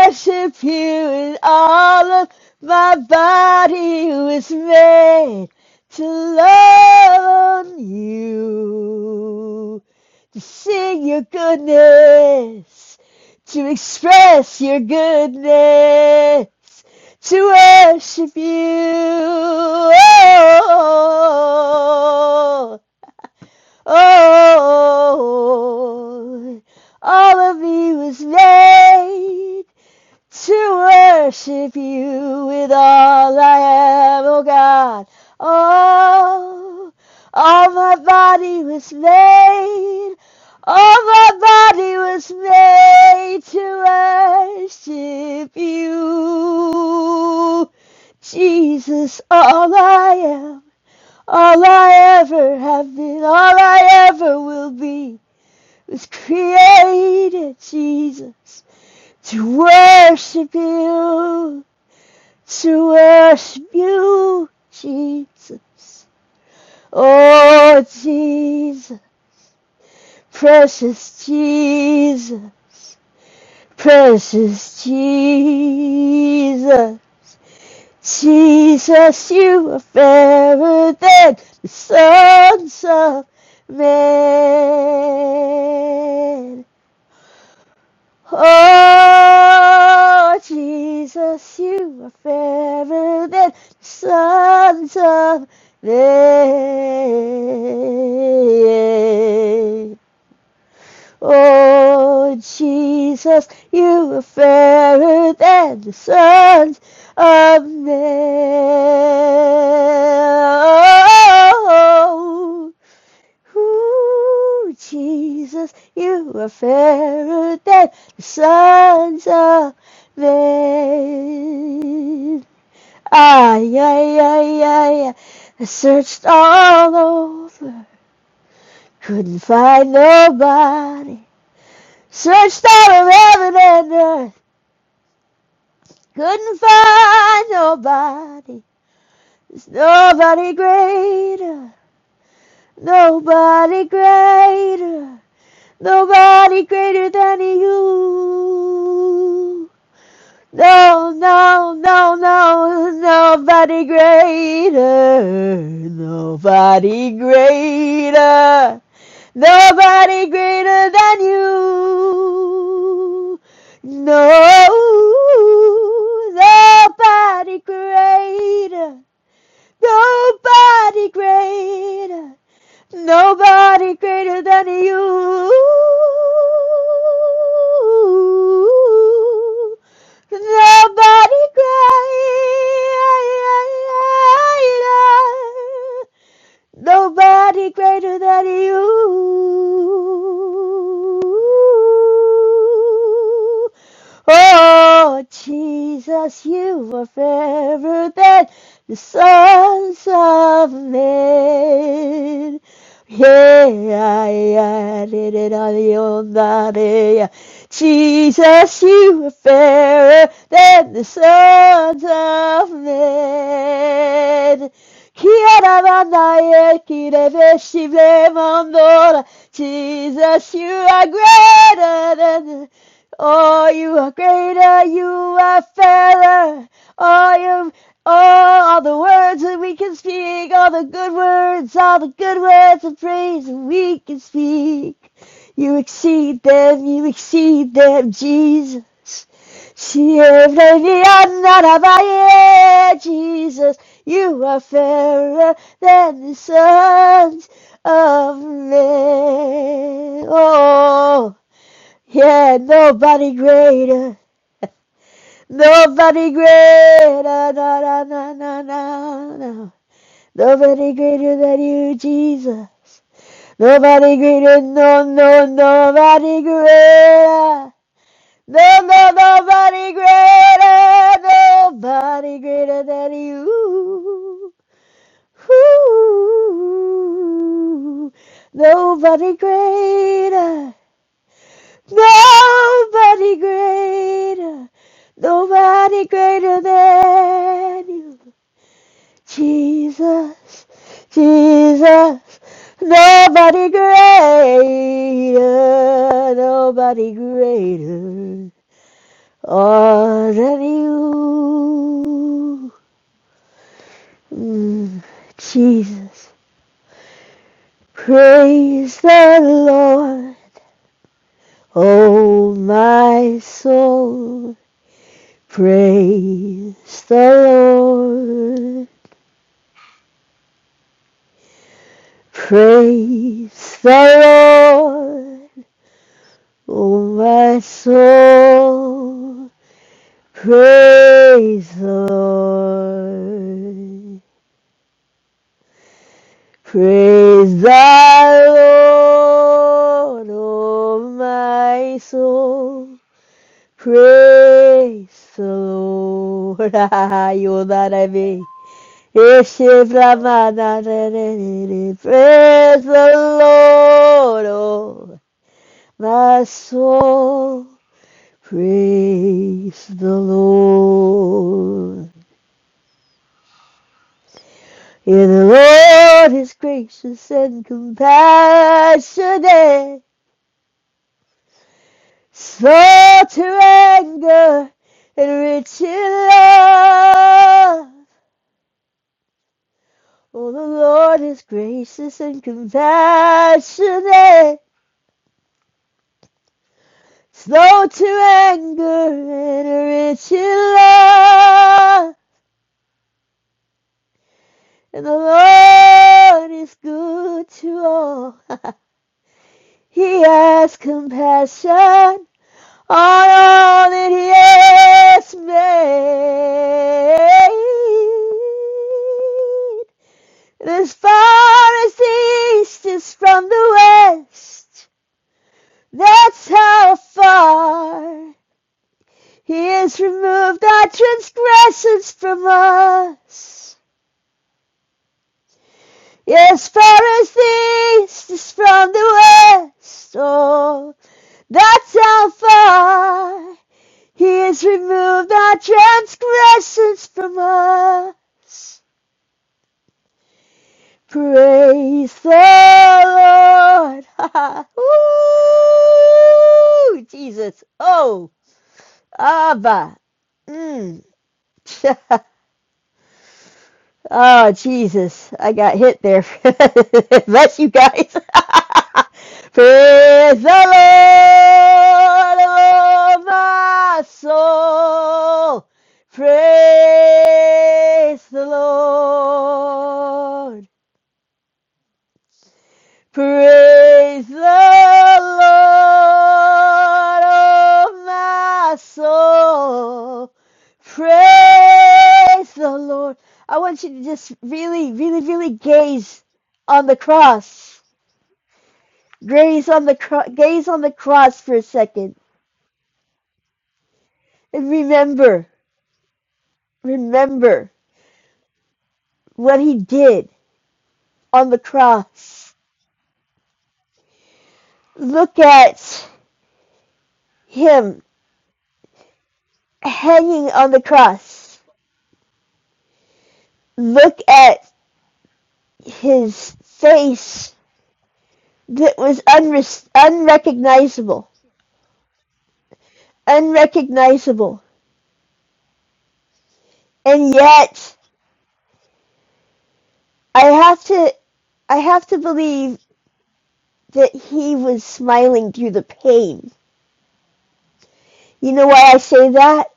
S3: worship you. And all of my body was made to love on you, to sing your goodness, to express your goodness, to worship you. Oh, oh, oh. oh, oh. all of me was made to worship you with all I am, oh God. Oh, all my body was made, all my body was made to worship you. Jesus, all I am, all I ever have been, all I ever will be was created, Jesus to worship you, to worship you, Jesus. Oh, Jesus, precious Jesus, precious Jesus. Jesus, you are fairer than the sons of men. Oh, Jesus, you are fairer than the sons of men. Oh, Jesus, you are fairer than the sons of men. Oh, Ooh, Jesus, you are fairer than the sons of men. Ay, ay, ay, ay, I searched all over, couldn't find nobody. Searched all of heaven and earth, couldn't find nobody. There's nobody greater, nobody greater. Nobody greater than you. No, no, no, no, nobody greater. Nobody greater. Nobody greater than you. No, nobody greater. Nobody greater. Nobody greater than you. Nobody greater. Nobody greater than you. Oh, Jesus, you are fairer than the sons of men. Yeah, yeah, did it on the old body. yeah. Jesus, you are fairer than the sons of men. Kiarabanaye, kirebeshible mandora. Jesus, you are greater than. Oh, you are greater, you are fairer. Oh, you, oh, all the words that we can speak, all the good words, all the good words of praise that we can speak. You exceed them, you exceed them, Jesus. Shield Lady Ananabaye, Jesus, you are fairer than the sons of men. Oh, yeah, nobody greater, nobody greater, na na na na na. na. Nobody greater than you, Jesus. Nobody greater, no, no, nobody greater. There's no- nobody greater, nobody greater than you. Ooh, nobody greater, nobody greater, nobody greater than you. Jesus, Jesus, nobody greater, nobody greater. All of you, Mm, Jesus. Praise the Lord, oh my soul. Praise the Lord. Praise the Lord, oh my soul. Praise the Lord. Praise the Lord, O my soul. Praise the Lord. [LAUGHS] you that I may. Praise the Lord, O my soul. Praise the Lord. Yeah, the Lord is gracious and compassionate. slow to anger and rich in love. Oh, the Lord is gracious and compassionate, slow to anger and rich in love. And the Lord is good to all. [LAUGHS] he has compassion on all that he has made. As far as the east is from the west, that's how far he has removed our transgressions from us. As far as the east is from the west, oh, that's how far he has removed our transgressions from us. Praise the Lord. [LAUGHS] Woo! Jesus. Oh, Abba. Mm. [LAUGHS] oh, Jesus. I got hit there. [LAUGHS] Bless you guys. [LAUGHS] Praise the Lord, oh my soul. Praise the Lord. Praise the Lord, oh my soul. Praise the Lord. I want you to just really, really, really gaze on the cross. Gaze on the cro- gaze on the cross for a second, and remember, remember what He did on the cross. Look at Him hanging on the cross. Look at his face that was unre- unrecognizable, unrecognizable, and yet I have to, I have to believe that he was smiling through the pain. You know why I say that?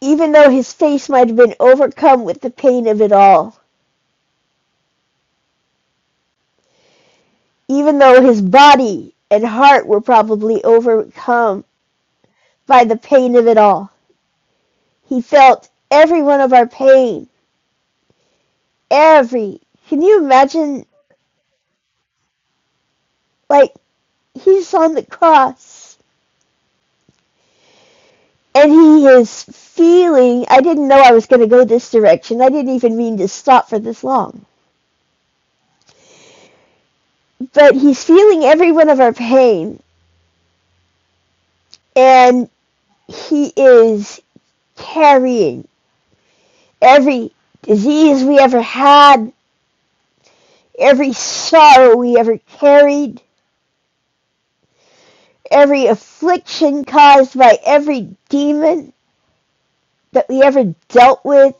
S3: Even though his face might have been overcome with the pain of it all, even though his body and heart were probably overcome by the pain of it all, he felt every one of our pain. Every. Can you imagine, like, he's on the cross and he is feeling i didn't know i was going to go this direction i didn't even mean to stop for this long but he's feeling every one of our pain and he is carrying every disease we ever had every sorrow we ever carried every affliction caused by every demon that we ever dealt with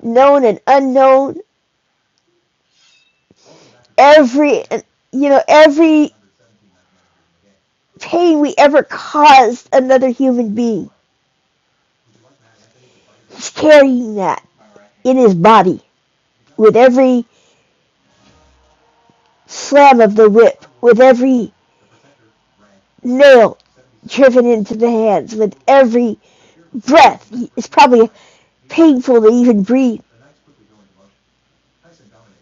S3: known and unknown every you know every pain we ever caused another human being. He's carrying that in his body with every slam of the whip, with every nail driven into the hands, with every breath. It's probably painful to even breathe,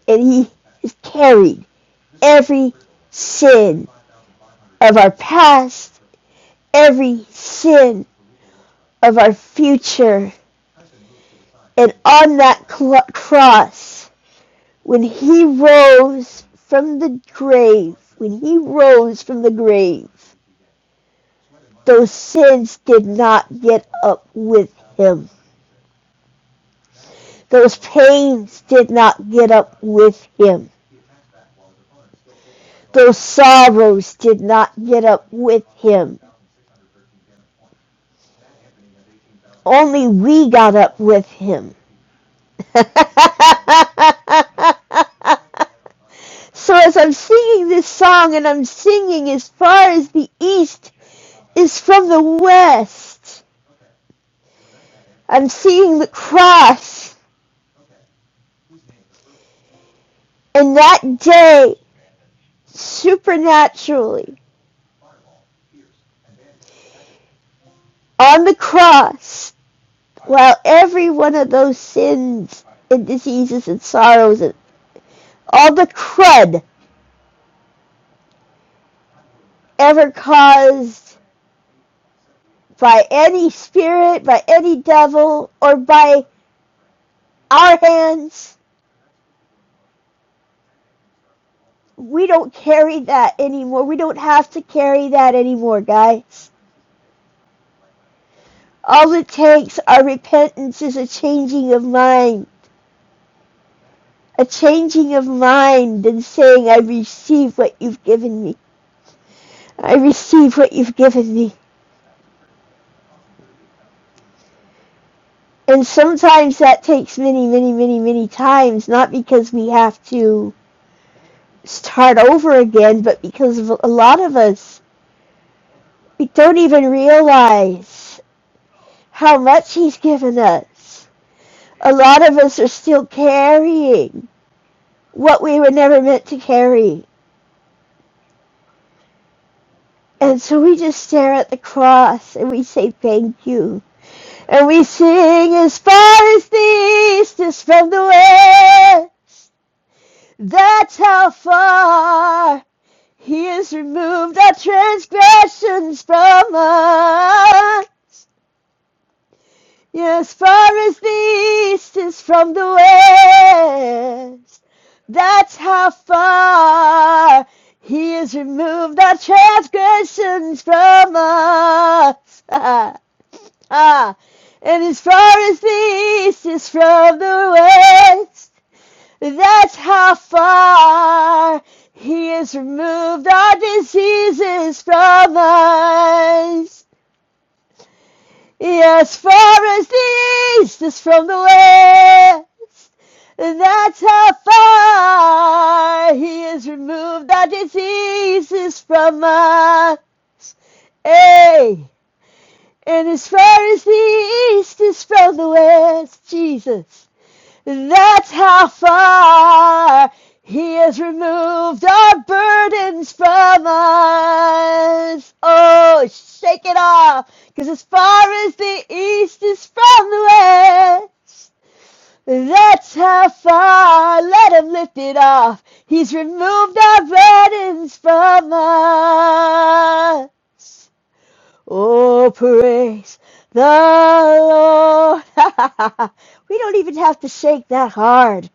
S3: and he is carrying every sin of our past, every sin of our future, and on that cl- cross, when he rose from the grave, when he rose from the grave, those sins did not get up with him. Those pains did not get up with him. Those sorrows did not get up with him. Only we got up with him. [LAUGHS] so as I'm singing this song and I'm singing as far as the east is from the west. I'm seeing the cross. And that day, supernaturally, on the cross, while every one of those sins and diseases and sorrows and all the crud ever caused by any spirit, by any devil, or by our hands, we don't carry that anymore. We don't have to carry that anymore, guys. All it takes are repentance is a changing of mind. A changing of mind and saying, I receive what you've given me. I receive what you've given me. And sometimes that takes many, many, many, many times, not because we have to start over again, but because a lot of us we don't even realize how much He's given us. A lot of us are still carrying what we were never meant to carry And so we just stare at the cross and we say thank you. And we sing as far as the east is from the west. That's how far he has removed our transgressions from us. As far as the east is from the west, that's how far he has removed our transgressions from us. [LAUGHS] Ah, ah. and as far as the east is from the west, that's how far he has removed our diseases from us. As far as the east is from the west, that's how far He has removed our diseases from us. Hey, and as far as the east is from the west, Jesus, that's how far He has removed our burdens from us. Oh, shake it off, because as far as the east is from the west, that's how far. Let Him lift it off. He's removed our burdens from us. Oh, praise the Lord. [LAUGHS] we don't even have to shake that hard.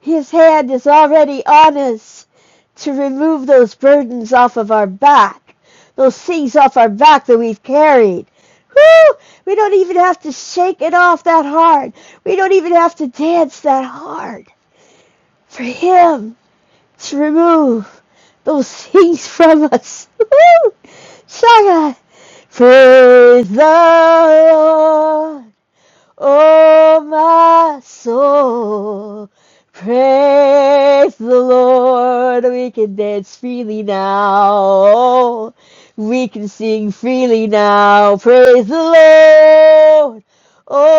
S3: His hand is already on us to remove those burdens off of our back, those things off our back that we've carried. Whew! We don't even have to shake it off that hard. We don't even have to dance that hard for Him to remove those [LAUGHS] things from us. Woo! Shaka! Praise the Lord. Oh, my soul, praise the Lord. We can dance freely now. We can sing freely now. Praise the Lord. Oh,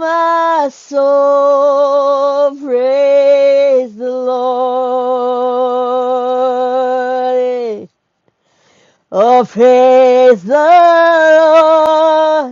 S3: my soul, praise the Lord. Oh, praise the Lord.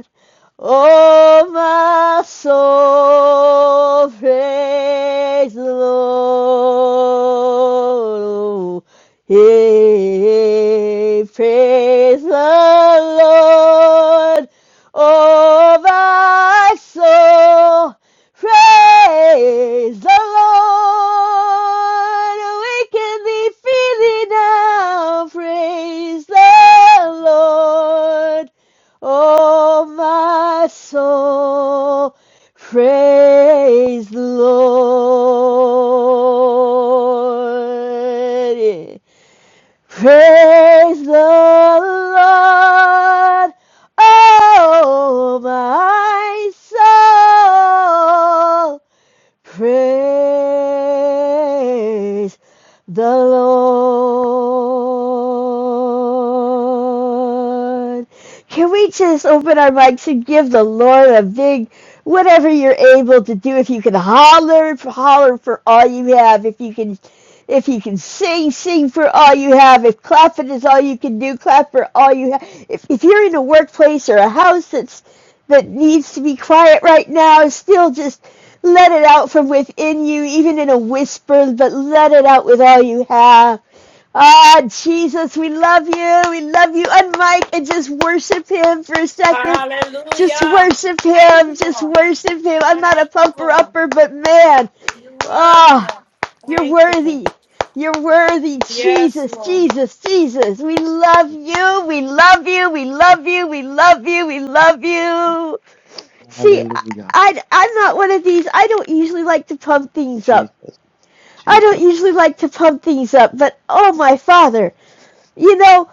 S3: Oh, my soul, praise the Lord. Hey, praise the Lord. Oh, my soul, praise the Lord. We can be freely now, praise the Lord. Oh, my soul, praise the Lord. Yeah. Praise the Lord, oh, my soul. Praise the Lord. Can we just open our mics and give the Lord a big whatever you're able to do? If you can holler, holler for all you have. If you can, if you can sing, sing for all you have. If clapping is all you can do, clap for all you have. If if you're in a workplace or a house that's that needs to be quiet right now, still just let it out from within you, even in a whisper, but let it out with all you have. Ah, Jesus, we love you. We love you. And Mike, and just worship him for a second. Just
S2: Hallelujah.
S3: worship
S2: Thank
S3: him.
S2: you,
S3: Just
S2: Lord.
S3: worship him. I'm not a
S2: Thank you,
S3: pumper
S2: Lord.
S3: upper, but man,
S2: You're worthy,
S3: ah, oh,
S2: Lord.
S3: you're
S2: Thank you, Lord.
S3: worthy. You're worthy,
S2: Yes,
S3: Jesus,
S2: Lord.
S3: Jesus, Jesus. We love you. We love you. We love you. We love you. We love you. See, I,
S4: Hallelujah.
S3: I, I'm not
S4: Thank
S3: one of these. I don't usually like to pump things
S4: you,
S3: up.
S4: Jesus.
S3: I don't
S4: Jesus.
S3: usually like to pump things up, but oh my father, you know,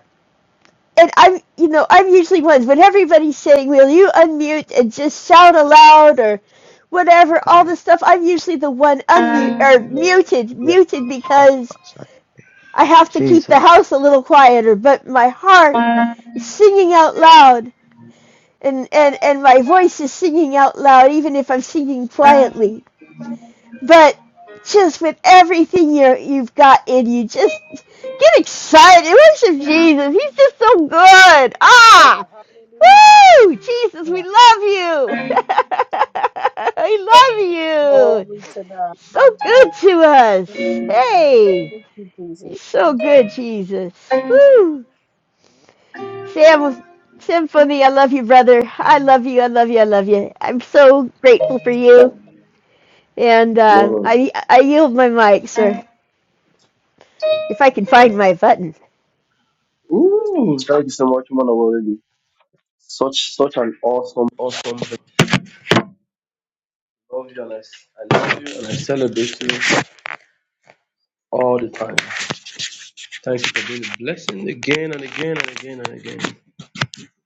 S3: and I'm, you know, I'm usually one when everybody's saying, "Will you unmute and just shout aloud or whatever?" All this stuff. I'm usually the one unmute or muted,
S4: yeah,
S3: muted because I have to keep the
S4: Jesus.
S3: house a little quieter. But my heart is singing out loud, and and and my voice is singing out loud, even if I'm singing quietly. But just with everything you you've got in you, just get excited. Worship Jesus. He's just so good.
S6: Glory to
S3: Ah,
S6: God. Hallelujah.
S3: woo! Jesus, we love you. [LAUGHS] we love you.
S6: Glory to God.
S3: So
S6: Hallelujah.
S3: good to
S6: Thank
S3: us.
S6: you, Lord.
S3: Hey,
S6: Thank you, Jesus.
S3: you're so good, Jesus. Woo! Sam, Symphony, I love you, brother. I love you. I love you. I love you. I'm so grateful for you. And uh,
S1: Man.
S3: I I yield my mic, sir. If I can find my button.
S1: Ooh, thank you so much, man. Already. Such such an awesome, awesome. I love you and I, I love you and I celebrate you all the time. Thank you for being a blessing again and again and again and again.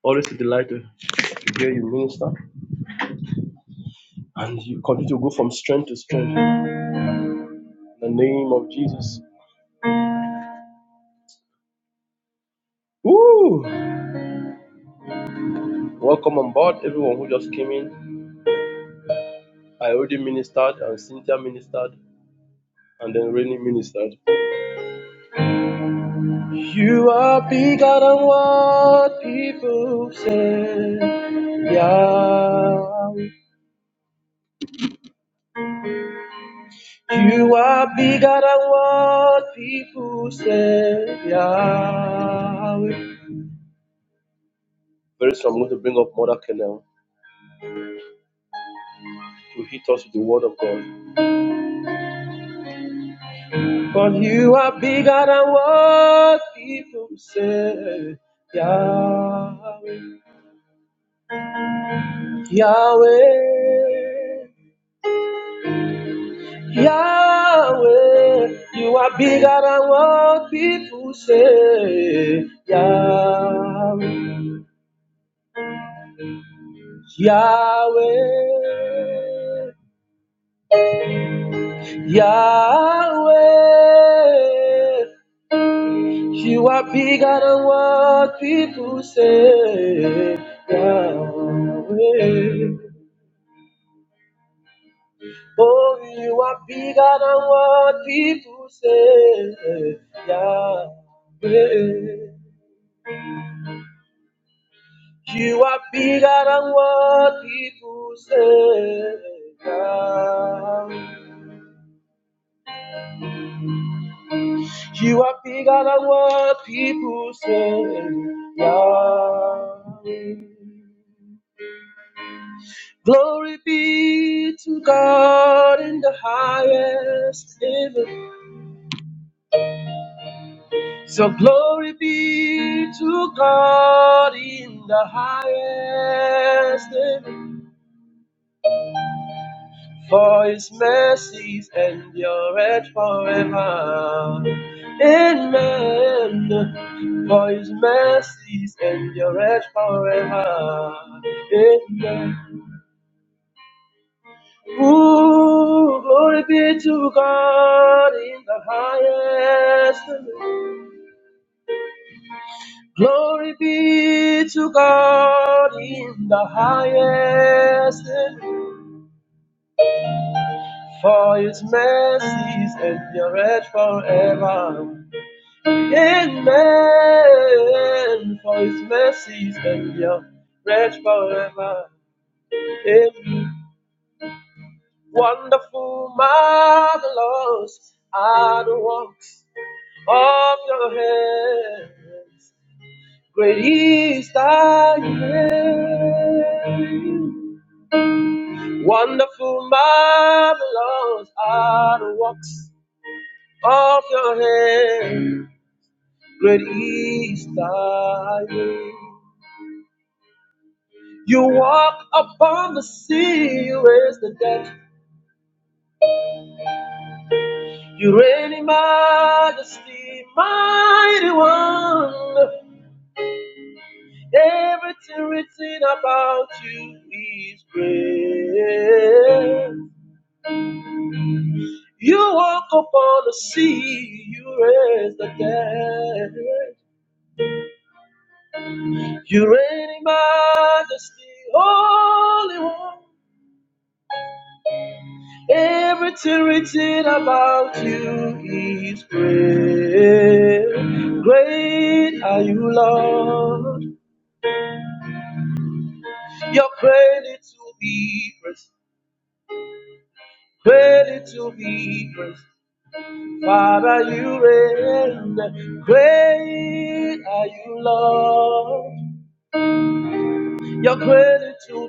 S1: Always a delight to to hear you minister and you continue to go from strength to strength in the name of Jesus. Woo! Welcome on board, everyone who just came in. I already ministered and Cynthia ministered and then Rainy ministered. You are bigger than what people say. Yahweh. You are bigger than what people say. Yahweh. Very soon I'm going to bring up Mother Kennel to hit us with the word of God. But you are bigger than what people say. Yah- Yahweh. Yahweh, you are bigger than what people say. Yahweh, Yahweh, Yahweh, you are bigger than what people say. Yahweh, oh, you are bigger than what people say. Yahweh. You are bigger than what people say. Yeah. You are bigger than what people say. Yeah. Glory be to God in the highest heaven. So glory be to God in the highest. heaven. For his mercies endureth forever. Amen. For his mercies endureth forever. Amen. Ooh, glory be to God in the highest. Glory be to God in the highest. For his mercies endureth forever. Amen. For his mercies endure forever. Amen. Wonderful, marvelous are the works of your hands. Great is thy name. Wonderful, marvelous are the works of your hands. Great is thy name. You walk upon the sea, you raise the dead. You reign in majesty, mighty one. Everything written about you, you reign it about you. Yeah. Great are you, Lord? Your creepers, creepers. Great are you, your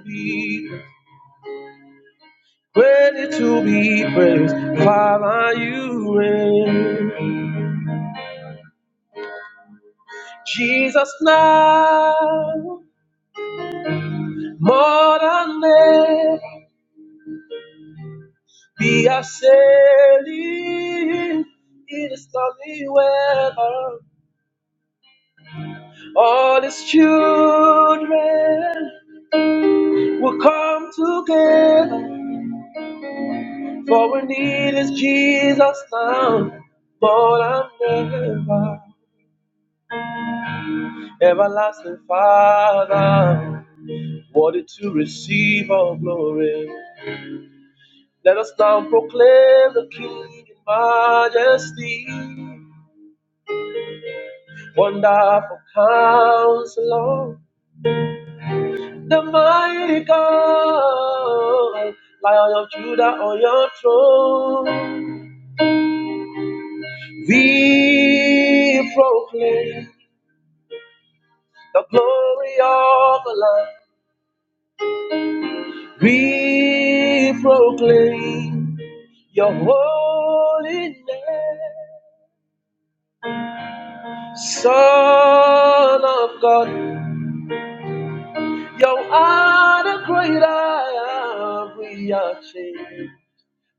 S1: creep are you? In this chair, we are for we need just now, more than ever. Everlasting Father, worthy to receive all glory. Let us now proclaim the King in majesty. Wonderful counselor, the mighty God, Lion of Judah on your throne. We proclaim the glory of the Lamb. We proclaim your holy name. Son of God, you are the great I am. We are changed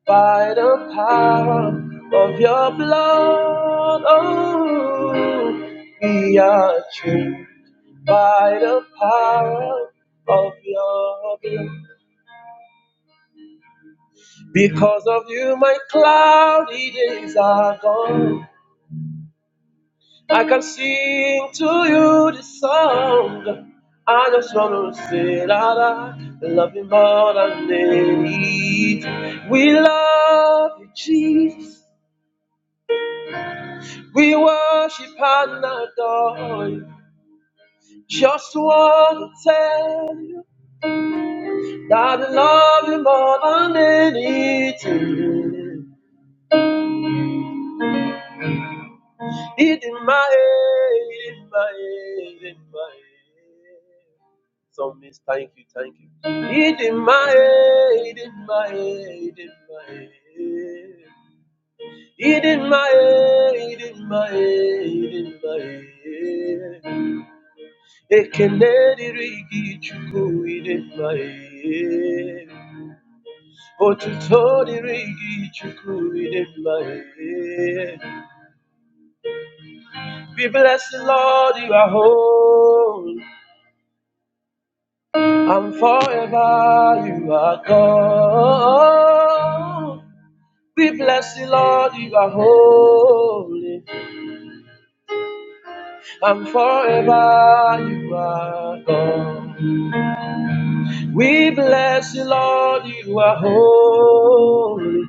S1: by the power of your blood. Oh, we are changed by the power of your blood. Because of you, my cloudy days are gone. I can sing to you this song. I just wanna say that I love you more than anything. We love you, Jesus. We worship and adore you. Just wanna tell you that I love you more than anything. It in my head, in my head, in my head. So miss, thank you, thank you. It in my head, it in my head, it in my head. It in my head, it in my head, it in my head. Ekenedi rigi chuku, it in my head. Otutodi rigi chuku, it in my head. We bless the Lord, you are holy, and forever you are God. We bless you, Lord, you are holy, and forever you are God. We bless you, Lord, you are holy,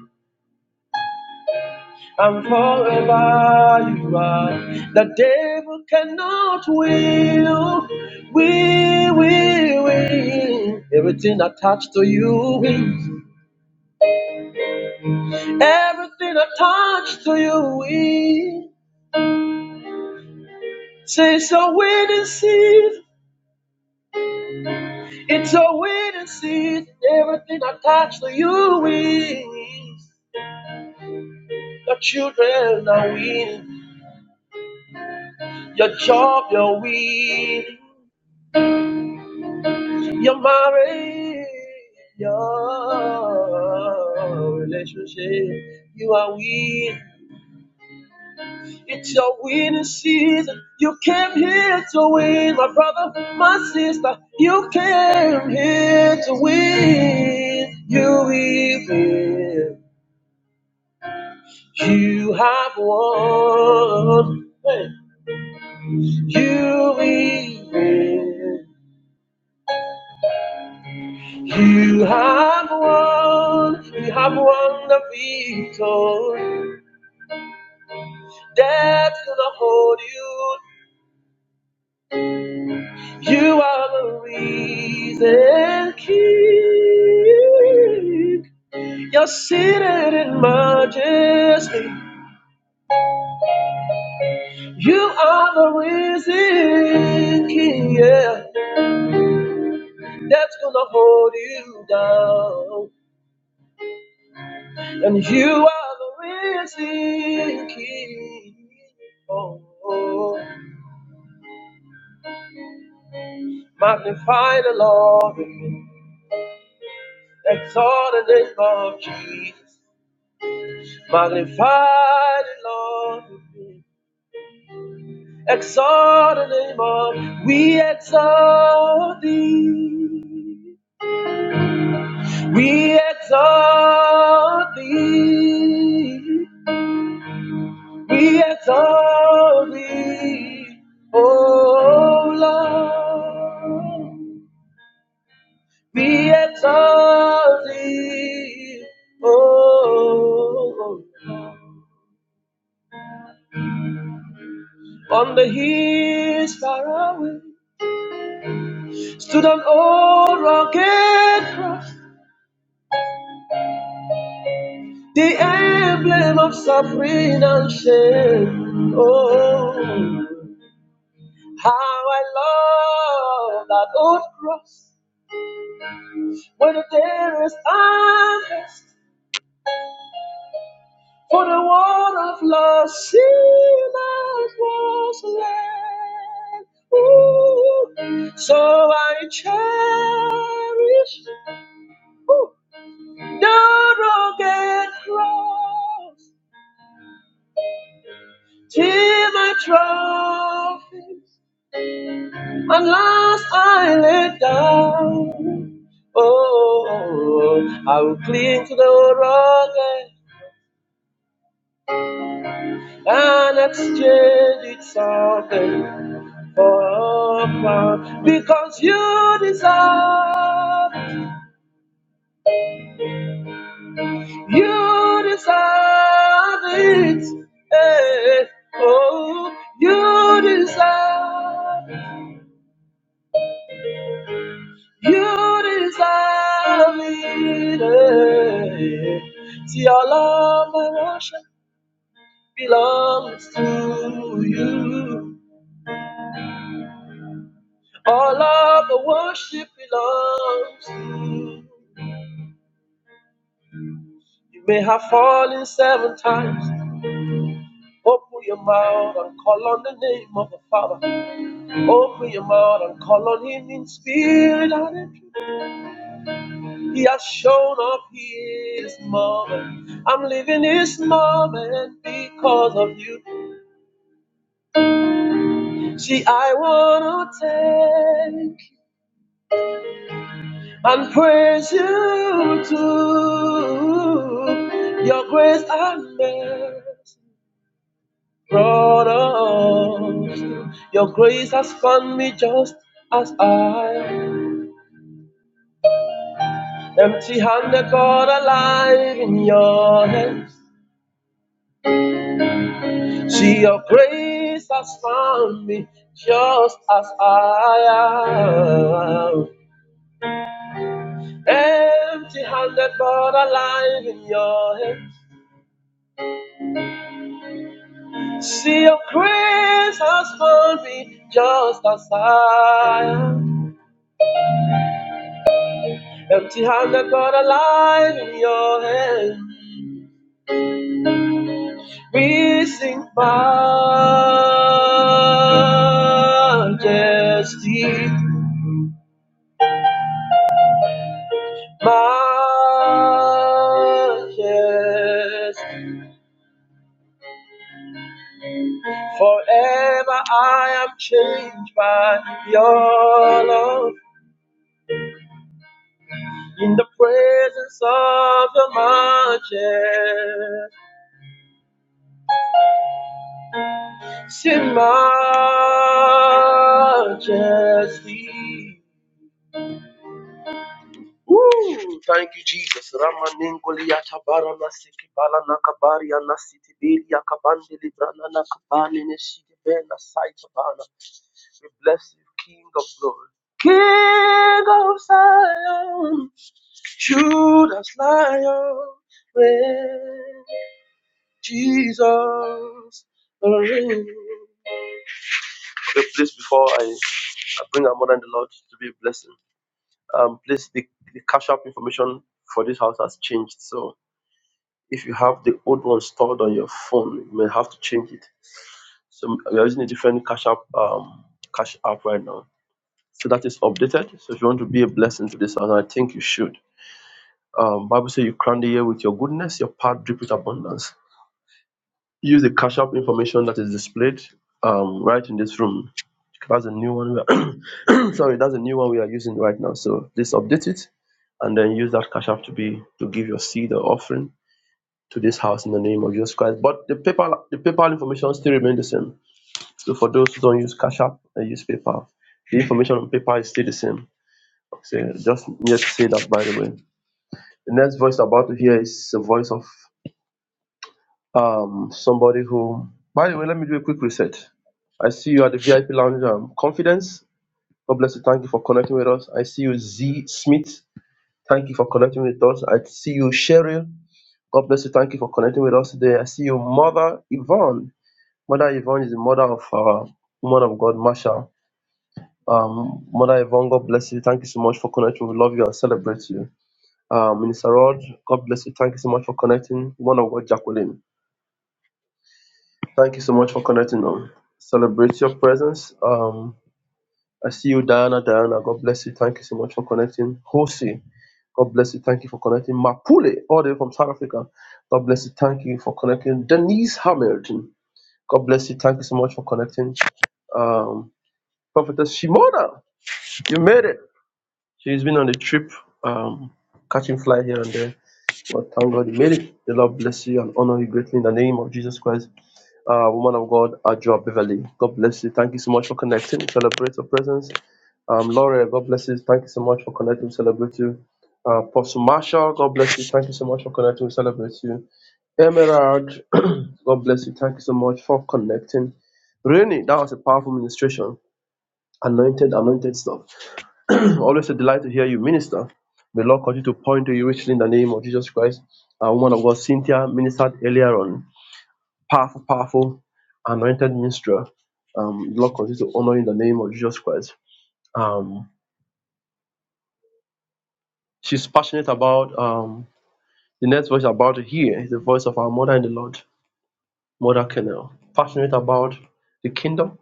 S1: and forever you are. The devil cannot will, we will win. Everything attached to you win. Everything attached to you win. Say so win and see It's a winning season. everything I touch for you wins. Your children are winning, your job you're winning, your marriage, your relationship you are winning. It's your winning season. You came here to win, my brother, my sister. You came here to win. You will win. You have won. Hey. You win. You have won. You have won the victory. Death cannot hold you. down. You are the risen King. Yeah. death's gonna hold you down. And you are the risen King. Oh, oh. magnify the Lord. Exalt the name of Jesus. Magnify the Lord. with me. Exalt the name of. We exalt thee. We exalt thee. Shame. I love that old cross where the day is honest for the one of love. She was lost. So I chant, and last I laid down. Oh, I will cling to the rock and exchange it something upon without it. You say you deserve it. See, all of my worship belongs to you. All of the worship belongs to you. You may have fallen seven times. Open your mouth and call on the name of the Father. Open your mouth and call on Him in spirit and in truth. He has shown up here this moment. I'm living this moment because of you. See, I wanna take and praise you too. Your grace and mercy brought us. through. Your grace has found me just as I am. Empty handed, God alive in your hands. See your grace has found me just as I am. Empty handed, God alive in your hands. See your grace has found me just as I am. Empty handed, God alive in your hands. We sing majesty. Yes, forever I am changed by your love. In the presence of the majesty, majesty. Woo! Thank you, Jesus. Ramanengoli atabara na siki bala na kabari ya bili akabandi kabandi librana na kabani ne shidi be na saita bana. We bless you, King of glory. Good as lion raised Okay, please, before I, I bring our mother in the Lord to be a blessing, um, please, the, the cash app information for this house has changed. So if you have the old one stored on your phone, you may have to change it. So we are using a different cash app, um, cash app right now. So that is updated. So if you want to be a blessing to this house, and I think you should. Um, Bible says you crown the year with your goodness, your path drip with abundance. use the cash app information that is displayed um, right in this room. That's a new one. We are [COUGHS] [CLEARS THROAT] sorry, that's a new one we are using right now. So just update it, and then use that cash app to be to give your seed or offering to this house in the name of Jesus Christ. But the PayPal the PayPal information still remains the same. So for those who don't use cash app and use PayPal, the information on PayPal is still the same. So just need to say that by the way. The next voice about to hear is the voice of Um, somebody who, by the way, let me do a quick reset. I see you at the VIP lounge. Um, confidence. God bless you. Thank you for connecting with us. I see you, Z Smith. Thank you for connecting with us. I see you, Cheryl. God bless you. Thank you for connecting with us today. I see you, Mother Yvonne. Mother Yvonne is the mother of uh, woman of God, Marsha. Um, Mother Yvonne, God bless you. Thank you so much for connecting. We love you and celebrate you. Uh, Minister Rod, God bless you. Thank you so much for connecting. Woman of God, Jacqueline. Thank you so much for connecting on. Celebrate your presence. Um, I see you, Diana. Diana, God bless you. Thank you so much for connecting. Jose, God bless you. Thank you for connecting. Mapule, all the way from South Africa. God bless you. Thank you for connecting. Denise Hamilton. God bless you. Thank you so much for connecting. Um, Prophetess Shimona, you made it. She's been on a trip, um, catching fly here and there. But thank God you made it. The Lord bless you and honor you greatly in the name of Jesus Christ. Uh, woman of God, Ajua Beverly, God bless you. Thank you so much for connecting. We Celebrate your presence. Um, Laura, God bless you. Thank you so much for connecting. We Celebrate you. Uh, Apostle Marshall, God bless you. Thank you so much for connecting. We Celebrate you. Emerald, [CLEARS THROAT] God bless you. Thank you so much for connecting. Really, that was a powerful ministration. Anointed, anointed stuff. [CLEARS THROAT] Always a delight to hear you minister. May Lord continue to point to you richly in the name of Jesus Christ. Our woman of God, Cynthia, ministered earlier on. Powerful, powerful, anointed minister. Um, Lord continue to honor you in the name of Jesus Christ. Um, she's passionate about um, the next voice you're about to hear is the voice of our mother in the Lord, Mother Kennel. Passionate about the kingdom.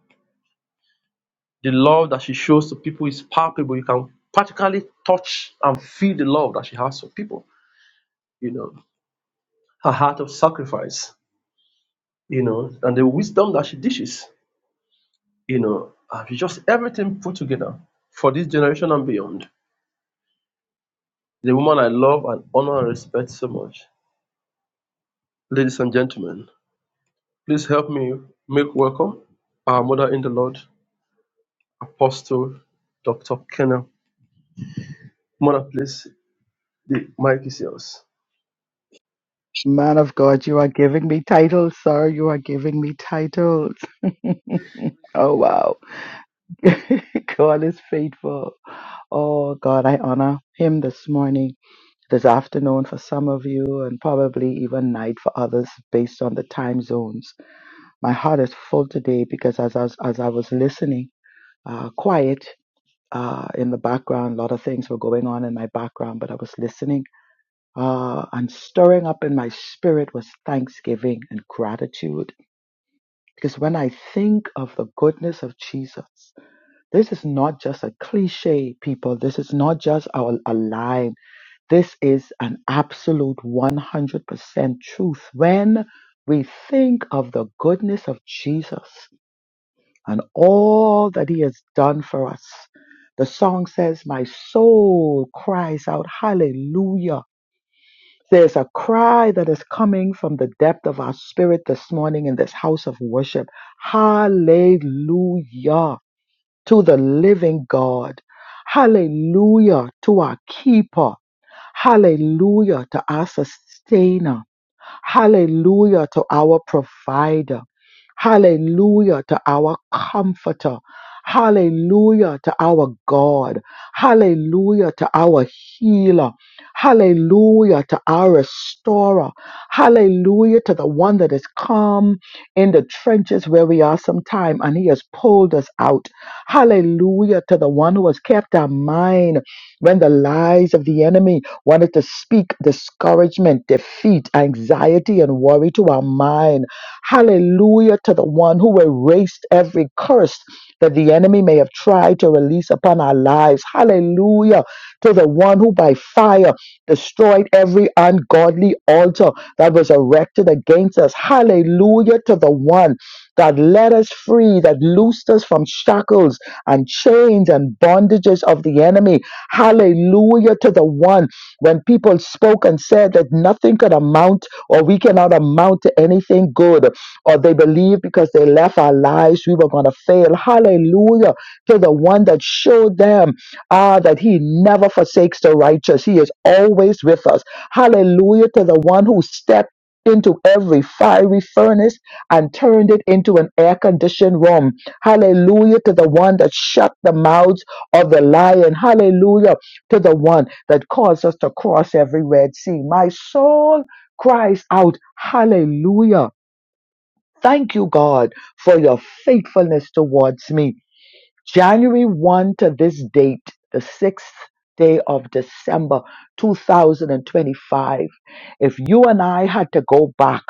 S1: The love that she shows to people is palpable. You can practically touch and feel the love that she has for people. You know, her heart of sacrifice you know, and the wisdom that she dishes, you know, and it's just everything put together for this generation and beyond. The woman I love and honor and respect so much. Ladies and gentlemen, please help me make welcome our mother in the Lord, Apostle Dr. Kenna. Mother, please, the mic is yours.
S4: Man of God, you are giving me titles, sir. You are giving me titles. [LAUGHS] oh, wow. [LAUGHS] God is faithful. Oh, God, I honor him this morning, this afternoon for some of you, and probably even night for others based on the time zones. My heart is full today because as I was, as I was listening, uh, quiet uh, in the background, a lot of things were going on in my background, but I was listening Uh, and stirring up in my spirit was thanksgiving and gratitude. Because when I think of the goodness of Jesus, this is not just a cliche, people. This is not just our, a line. This is an absolute 100% truth. When we think of the goodness of Jesus and all that he has done for us, the song says, My soul cries out, Hallelujah There's a cry that is coming from the depth of our spirit this morning in this house of worship. Hallelujah to the living God. Hallelujah to our keeper. Hallelujah to our sustainer. Hallelujah to our provider. Hallelujah to our comforter. Hallelujah to our God. Hallelujah to our healer. Hallelujah to our restorer. Hallelujah to the one that has come in the trenches where we are sometime and he has pulled us out. Hallelujah to the one who has kept our mind. When the lies of the enemy wanted to speak discouragement, defeat, anxiety, and worry to our mind. Hallelujah to the one who erased every curse that the enemy may have tried to release upon our lives. Hallelujah to the one who by fire destroyed every ungodly altar that was erected against us. Hallelujah to the one that led us free, that loosed us from shackles and chains and bondages of the enemy. Hallelujah to the one. When people spoke and said that nothing could amount or we cannot amount to anything good, or they believed because they left our lives, we were going to fail. Hallelujah to the one that showed them Ah, that he never forsakes the righteous. He is always with us. Hallelujah to the one who stepped into every fiery furnace and turned it into an air conditioned room. Hallelujah to the one that shut the mouths of the lion. Hallelujah to the one that caused us to cross every Red Sea. My soul cries out, Hallelujah. Thank you, God, for your faithfulness towards me. January 1 to this date, the sixth day of December 2025, if you and I had to go back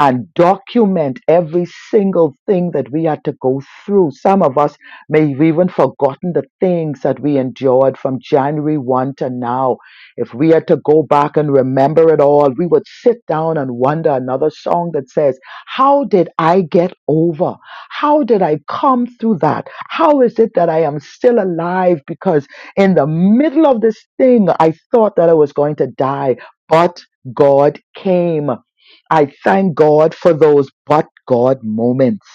S4: and document every single thing that we had to go through, some of us may have even forgotten the things that we endured from January 1 to now. If we had to go back and remember it all, we would sit down and wonder another song that says, How did I get over? How did I come through that? How is it that I am still alive? Because in the middle of this thing, I thought that I was going to die, but God came. I thank God for those but God moments.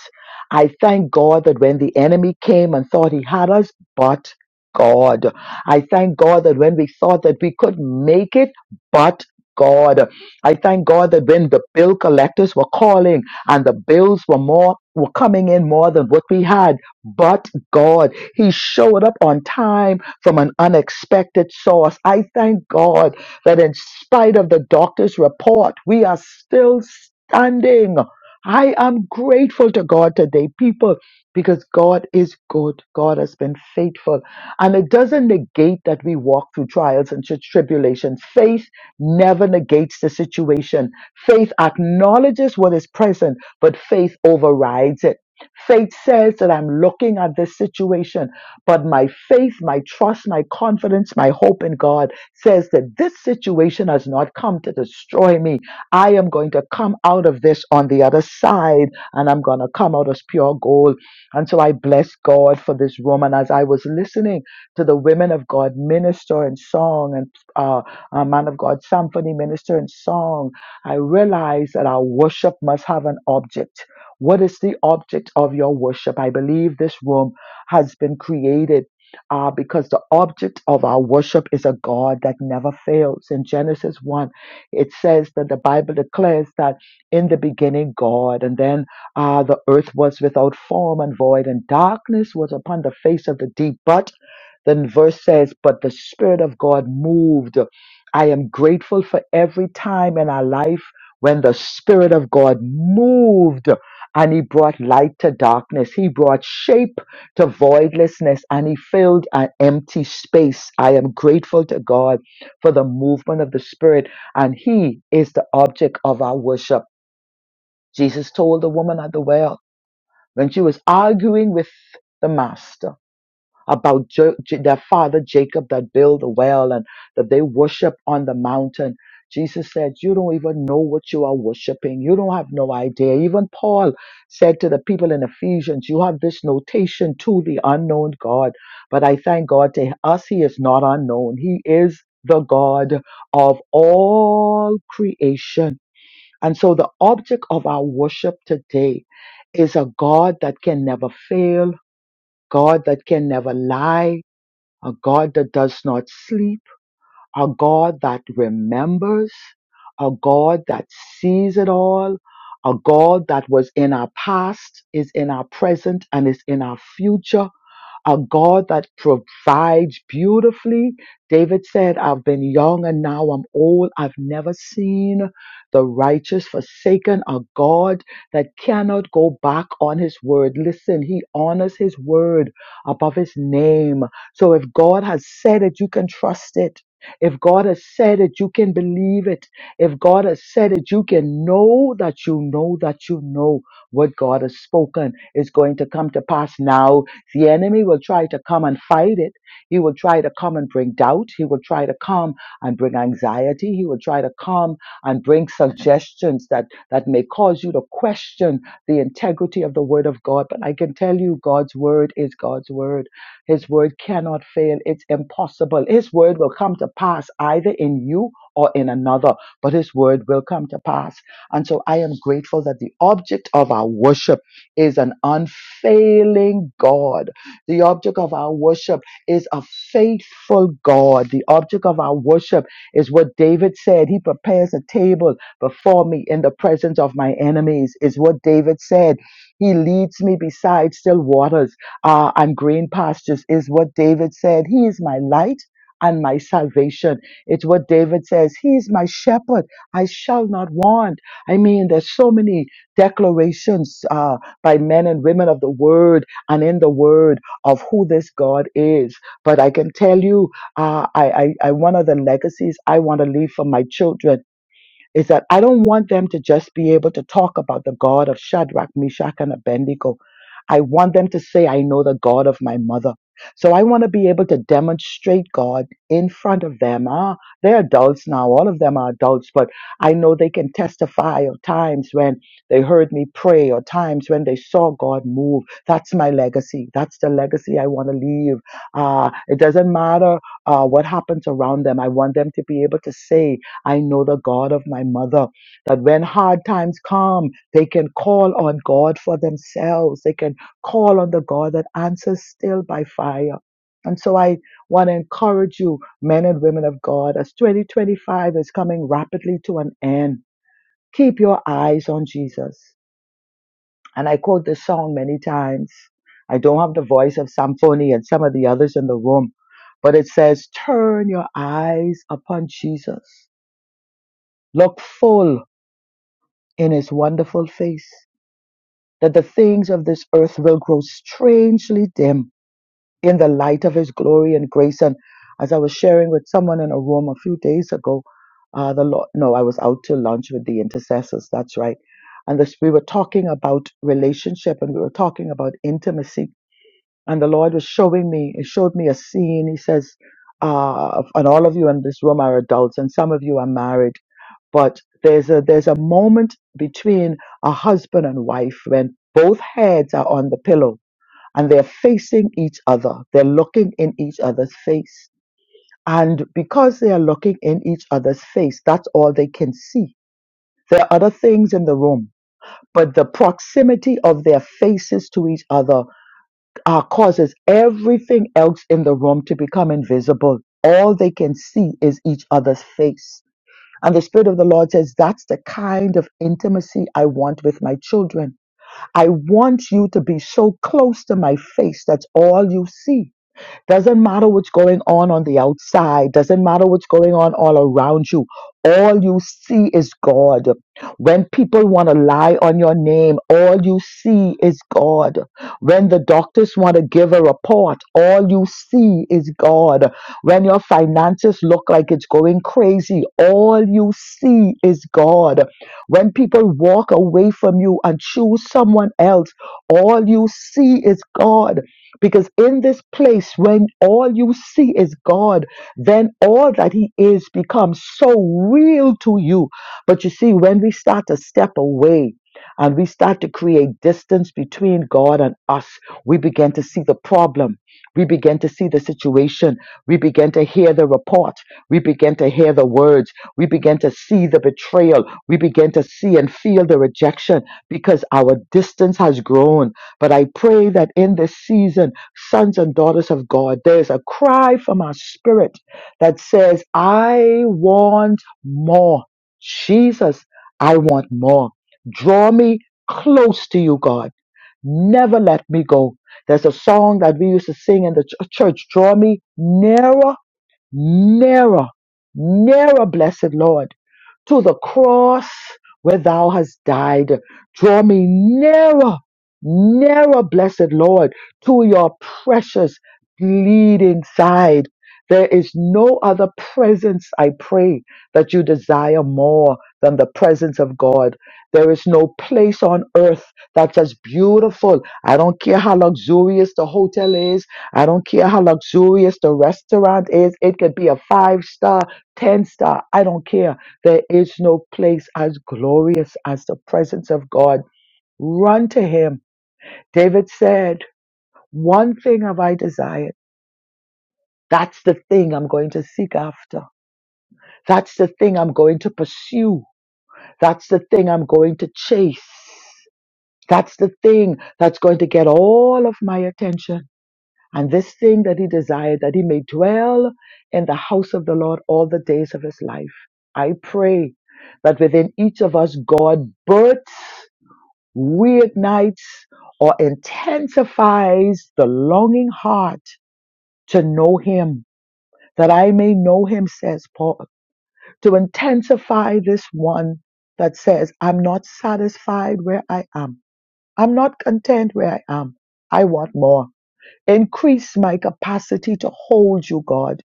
S4: I thank God that when the enemy came and thought he had us, but God. I thank God that when we thought that we could make it, but God. I thank God that when the bill collectors were calling and the bills were more were coming in more than what we had, but God. He showed up on time from an unexpected source. I thank God that in spite of the doctor's report, we are still standing. I am grateful to God today, people, because God is good. God has been faithful. And it doesn't negate that we walk through trials and tri- tribulations. Faith never negates the situation. Faith acknowledges what is present, but faith overrides it. Faith says that I'm looking at this situation, but my faith, my trust, my confidence, my hope in God says that this situation has not come to destroy me. I am going to come out of this on the other side and I'm going to come out as pure gold. And so I bless God for this room. And as I was listening to the women of God minister in song and uh, a man of God symphony minister in song, I realized that our worship must have an object. What is the object of your worship? I believe this room has been created uh, because the object of our worship is a God that never fails. In Genesis 1, it says that the Bible declares that in the beginning, God, and then uh, the earth was without form and void, and darkness was upon the face of the deep. But then verse says, But the Spirit of God moved. I am grateful for every time in our life when the Spirit of God moved and He brought light to darkness. He brought shape to voidlessness and he filled an empty space. I am grateful to God for the movement of the Spirit, and he is the object of our worship. Jesus told the woman at the well when she was arguing with the master about jo- J- their father Jacob that built a well and that they worship on the mountain. Jesus said, You don't even know what you are worshiping. You don't have no idea. Even Paul said to the people in Ephesians, You have this notation to the unknown God. But I thank God to us, He is not unknown. He is the God of all creation. And so the object of our worship today is a God that can never fail, God that can never lie, a God that does not sleep, a God that remembers, a God that sees it all, a God that was in our past, is in our present, and is in our future a God that provides beautifully. David said, I've been young and now I'm old. I've never seen the righteous forsaken, a God that cannot go back on his word. Listen, he honors his word above his name. So if God has said it, you can trust it. If God has said it, you can believe it. If God has said it, you can know that you know that you know what God has spoken is going to come to pass now the enemy will try to come and fight it. He will try to come and bring doubt. He will try to come and bring anxiety. He will try to come and bring suggestions that, that may cause you to question the integrity of the word of God. But I can tell you, God's word is God's word. His word cannot fail. It's impossible. His word will come to pass either in you or in another, but his word will come to pass. And so I am grateful that the object of our worship is an unfailing God. The object of our worship is a faithful God. The object of our worship is what David said. He prepares a table before me in the presence of my enemies, is what David said. He leads me beside still waters uh, and green pastures, is what David said. He is my light. And my salvation. It's what David says. He is my shepherd. I shall not want. I mean, there's so many declarations. uh, by men and women of the word and in the word of who this God is. But I can tell you, uh, I, I, I, one of the legacies I want to leave for my children is that I don't want them to just be able to talk about the God of Shadrach, Meshach, and Abednego. I want them to say, I know the God of my mother. So I want to be able to demonstrate God in front of them. Ah, they're adults now. All of them are adults, but I know they can testify of times when they heard me pray or times when they saw God move. That's my legacy. That's the legacy I want to leave. Ah, it doesn't matter uh, what happens around them. I want them to be able to say I know the God of my mother. That when hard times come, they can call on God for themselves. They can call on the God that answers still by fire. And so I want to encourage you, men and women of God, as 2025 is coming rapidly to an end, keep your eyes on Jesus. And I quote this song many times. I don't have the voice of Samphony and some of the others in the room, but it says, Turn your eyes upon Jesus. Look full in his wonderful face, that the things of this earth will grow strangely dim in the light of his glory and grace. And as I was sharing with someone in a room a few days ago, uh, the Lord, no, I was out to lunch with the intercessors. That's right. And this, we were talking about relationship and we were talking about intimacy. And the Lord was showing me, he showed me a scene. He says, uh, and all of you in this room are adults and some of you are married but there's a there's a moment between a husband and wife when both heads are on the pillow and they're facing each other they're looking in each other's face and because they are looking in each other's face that's all they can see there are other things in the room but the proximity of their faces to each other uh, causes everything else in the room to become invisible all they can see is each other's face and the Spirit of the Lord says, That's the kind of intimacy I want with my children. I want you to be so close to my face that's all you see. Doesn't matter what's going on on the outside, doesn't matter what's going on all around you. All you see is God. When people want to lie on your name, all you see is God. When the doctors want to give a report, all you see is God. When your finances look like it's going crazy, all you see is God. When people walk away from you and choose someone else, all you see is God. Because in this place, when all you see is God, then all that He is becomes so real to you. But you see, when we start to step away and we start to create distance between God and us, we begin to see the problem. We begin to see the situation. We begin to hear the report. We begin to hear the words. We begin to see the betrayal. We begin to see and feel the rejection because our distance has grown but I pray that in this season, sons and daughters of God, there's a cry from our spirit that says, I want more. Jesus, I want more. Draw me close to you, God. Never let me go. There's a song that we used to sing in the ch- church. Draw me nearer, nearer, nearer, blessed Lord to the cross where thou hast died. Draw me nearer, nearer, blessed Lord, to your precious bleeding side. There is no other presence, I pray, that you desire more than the presence of God. There is no place on earth that's as beautiful. I don't care how luxurious the hotel is. I don't care how luxurious the restaurant is. It could be a five star, ten star. I don't care there is no place as glorious as the presence of God. Run to Him. David said, One thing have I desired. That's the thing I'm going to seek after. That's the thing I'm going to pursue. That's the thing I'm going to chase. That's the thing that's going to get all of my attention. And this thing that he desired, that he may dwell in the house of the Lord all the days of his life. I pray that within each of us, God births reignites or intensifies the longing heart to know him, that I may know him, says Paul, to intensify this one that says, I'm not satisfied where I am. I'm not content where I am. I want more. Increase my capacity to hold you, God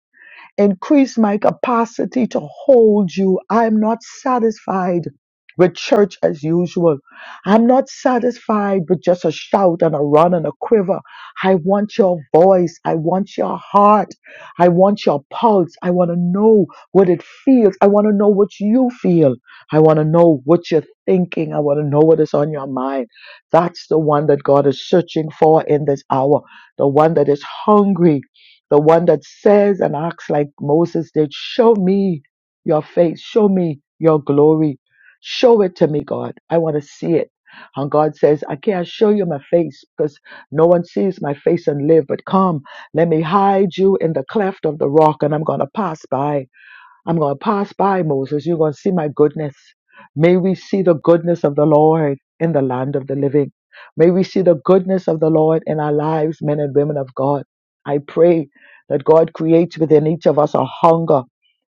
S4: Increase my capacity to hold you. I'm not satisfied with church as usual. I'm not satisfied with just a shout and a run and a quiver. I want your voice. I want your heart. I want your pulse. I want to know what it feels. I want to know what you feel. I want to know what you're thinking. I want to know what is on your mind. That's the one that God is searching for in this hour. The one that is hungry the one that says and acts like Moses did, show me your face, show me your glory, show it to me, God. I want to see it. And God says, I can't show you my face because no one sees my face and live, but come, let me hide you in the cleft of the rock and I'm going to pass by. I'm going to pass by Moses. You're going to see my goodness. May we see the goodness of the Lord in the land of the living. May we see the goodness of the Lord in our lives, men and women of God. I pray that God creates within each of us a hunger.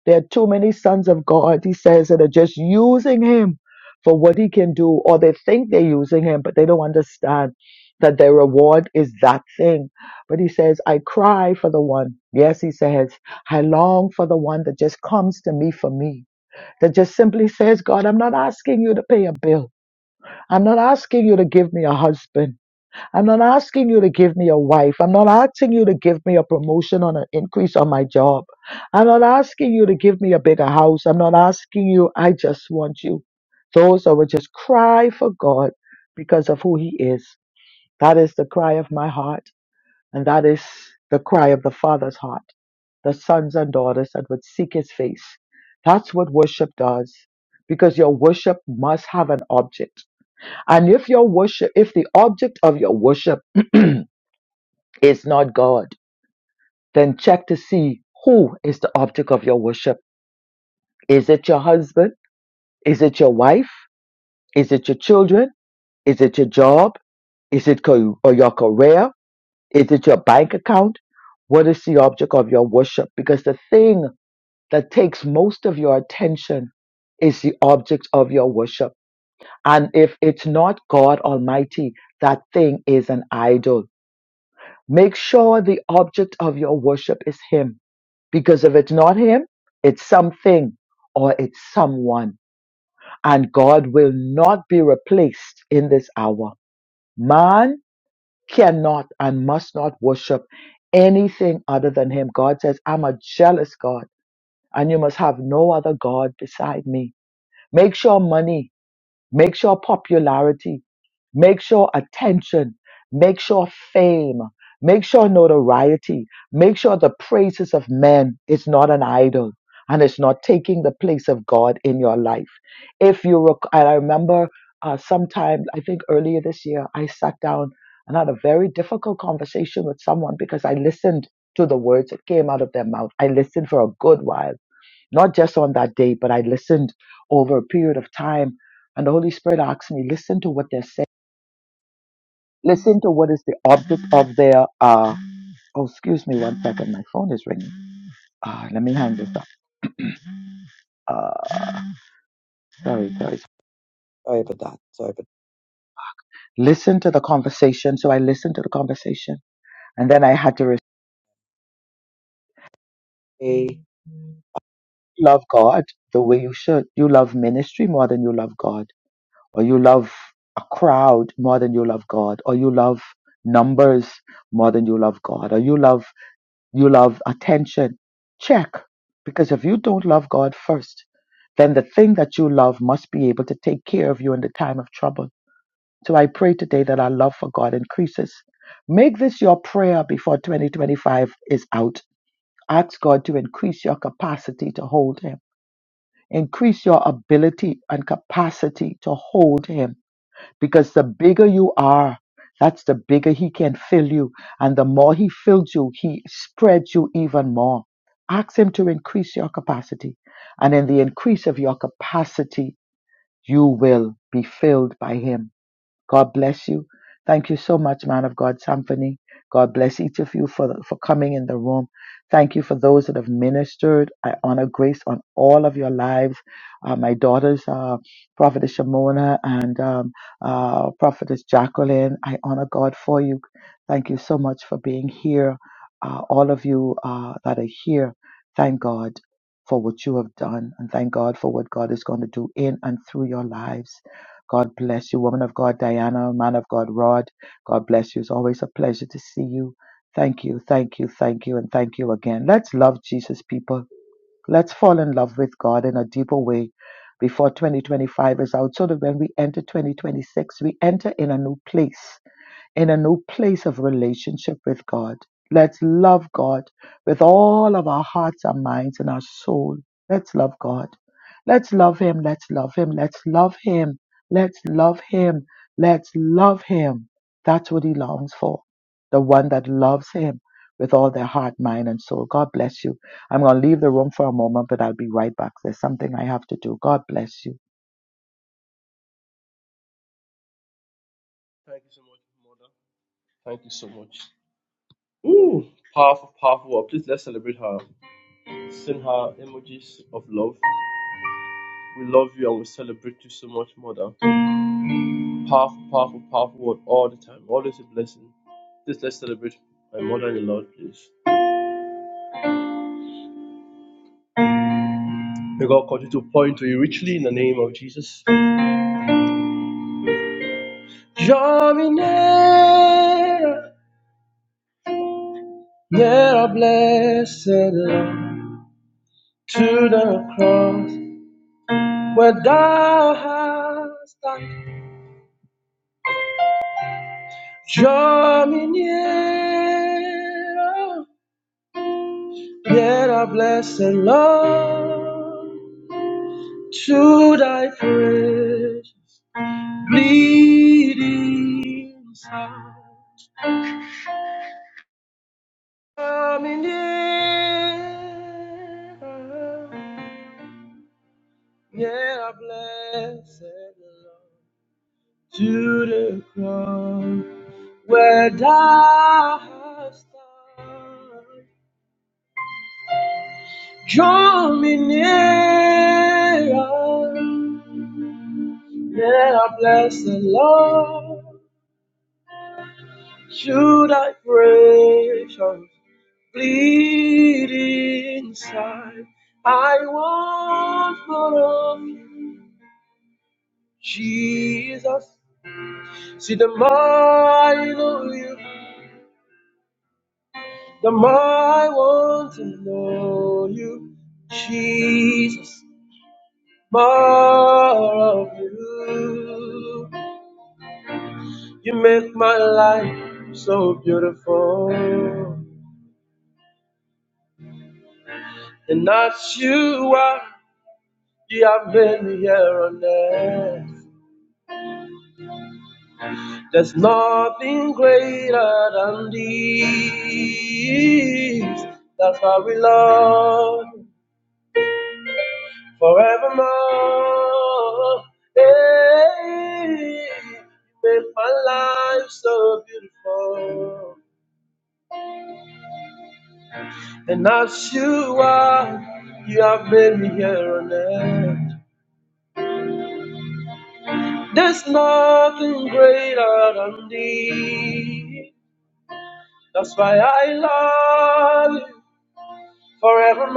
S4: There are too many sons of God, he says, that are just using him for what he can do, or they think they're using him, but they don't understand that their reward is that thing. But he says, I cry for the one. Yes, he says. I long for the one that just comes to me for me, that just simply says, God, I'm not asking you to pay a bill. I'm not asking you to give me a husband. I'm not asking you to give me a wife. I'm not asking you to give me a promotion or an increase on my job. I'm not asking you to give me a bigger house. I'm not asking you. I just want you. Those that would just cry for God because of who he is. That is the cry of my heart. And that is the cry of the Father's heart the sons and daughters that would seek his face. That's what worship does because your worship must have an object. And if your worship, if the object of your worship [CLEARS THROAT] is not God, then check to see who is the object of your worship. Is it your husband? Is it your wife? Is it your children? Is it your job? Is it co- or your career? Is it your bank account? What is the object of your worship? Because the thing that takes most of your attention is the object of your worship. And if it's not God Almighty, that thing is an idol. Make sure the object of your worship is Him, because if it's not Him, it's something or it's someone. And God will not be replaced in this hour. Man cannot and must not worship anything other than Him. God says, I'm a jealous God, and you must have no other God beside me. Make sure money, make sure popularity, make sure attention, make sure fame, make sure notoriety, make sure the praises of men is not an idol and it's not taking the place of God in your life. If you rec- and I remember uh, sometime, I think earlier this year, I sat down and had a very difficult conversation with someone because I listened to the words that came out of their mouth. I listened for a good while not just on that day, but I listened over a period of time. And the Holy Spirit asked me, listen to what they're saying. Listen to what is the object of their, uh, oh, excuse me one second. My phone is ringing. Uh, let me hang this up. Uh, sorry, sorry. Sorry about that. Sorry about that. Listen to the conversation. So I listened to the conversation and then I had to re- say, love God the way you should. You love ministry more than you love God or you love a crowd more than you love God, or you love numbers more than you love God, or you love you love attention. Check, because if you don't love God first, then the thing that you love must be able to take care of you in the time of trouble. So I pray today that our love for God increases. Make this your prayer before 2025 is out. Ask God to increase your capacity to hold Him, increase your ability and capacity to hold Him because the bigger you are, that's the bigger he can fill you. And the more he fills you, he spreads you even more. Ask him to increase your capacity. And in the increase of your capacity, you will be filled by him God bless you. Thank you so much, man of God, Symphony. God bless each of you for, for coming in the room. Thank you for those that have ministered. I honor grace on all of your lives. Uh, my daughters, uh, Prophetess Shimona and um, uh, Prophetess Jacqueline, I honor God for you. Thank you so much for being here. Uh, all of you uh, that are here, thank God for what you have done and thank God for what God is going to do in and through your lives. God bless you, woman of God, Diana, man of God, Rod. God bless you. It's always a pleasure to see you. Thank you, thank you, thank you, and thank you again. Let's love Jesus, people. Let's fall in love with God in a deeper way before 2025 is out, so that when we enter 2026, we enter in a new place in a new place of relationship with God. Let's love God with all of our hearts, our minds, and our soul. Let's love God. Let's love Him. Let's love Him. Let's love Him. Let's love Him. Let's love Him. That's what He longs for. The one that loves Him with all their heart, mind, and soul. God bless you. I'm going to leave the room for a moment, but I'll be right back. There's something I have to do. God bless you.
S1: Thank you so much, mother. Thank you so much. Ooh, powerful, powerful word. Please let's celebrate her. Send her emojis of love. We love you and we celebrate you so much, mother. Powerful, powerful, powerful word all the time. Always a blessing. Just let's celebrate my mother in the Lord, please. May God continue to point to you richly in the name of Jesus. Draw me near, near, blessed Lord, to the cross where thou hast died. Draw me near, near, blessed Lord, to thy praise. bleeding sound. Coming nearer, nearer, to thy precious bleeding inside. I want more of you, Jesus. See, the more I know you, the more I want to know you, Jesus. More of you. You make my life so beautiful. And that's you are, you have made me here on earth. There's nothing greater than these. That's why we love forevermore. Hey, you make my life so beautiful. And as you are, you have made me here on earth. There's nothing greater than thee. That's why I love you forevermore.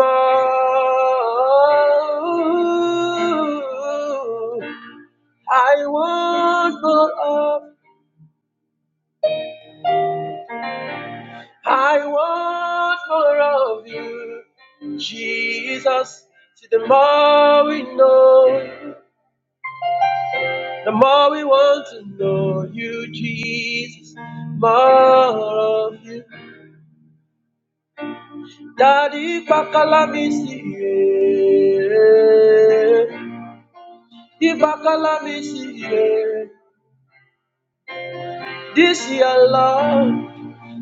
S1: I want more of, I want more of you, Jesus. See, the more we know, the more we want to know you, Jesus. More of you. Daddy Bakalamisi, yeah. the Bakalamisi, yeah. this your love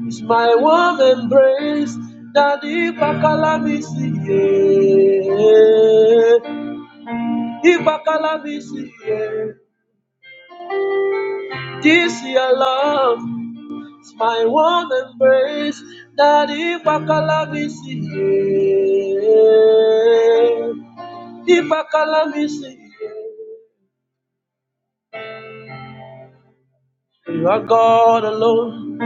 S1: is my warm embrace. Daddy Bakalamisi, yeah. the Bakalamisi, yeah. this your love is my warm embrace. Daddy Bakalamisi, yeah. the Bakalamisi. yeah. You are God alone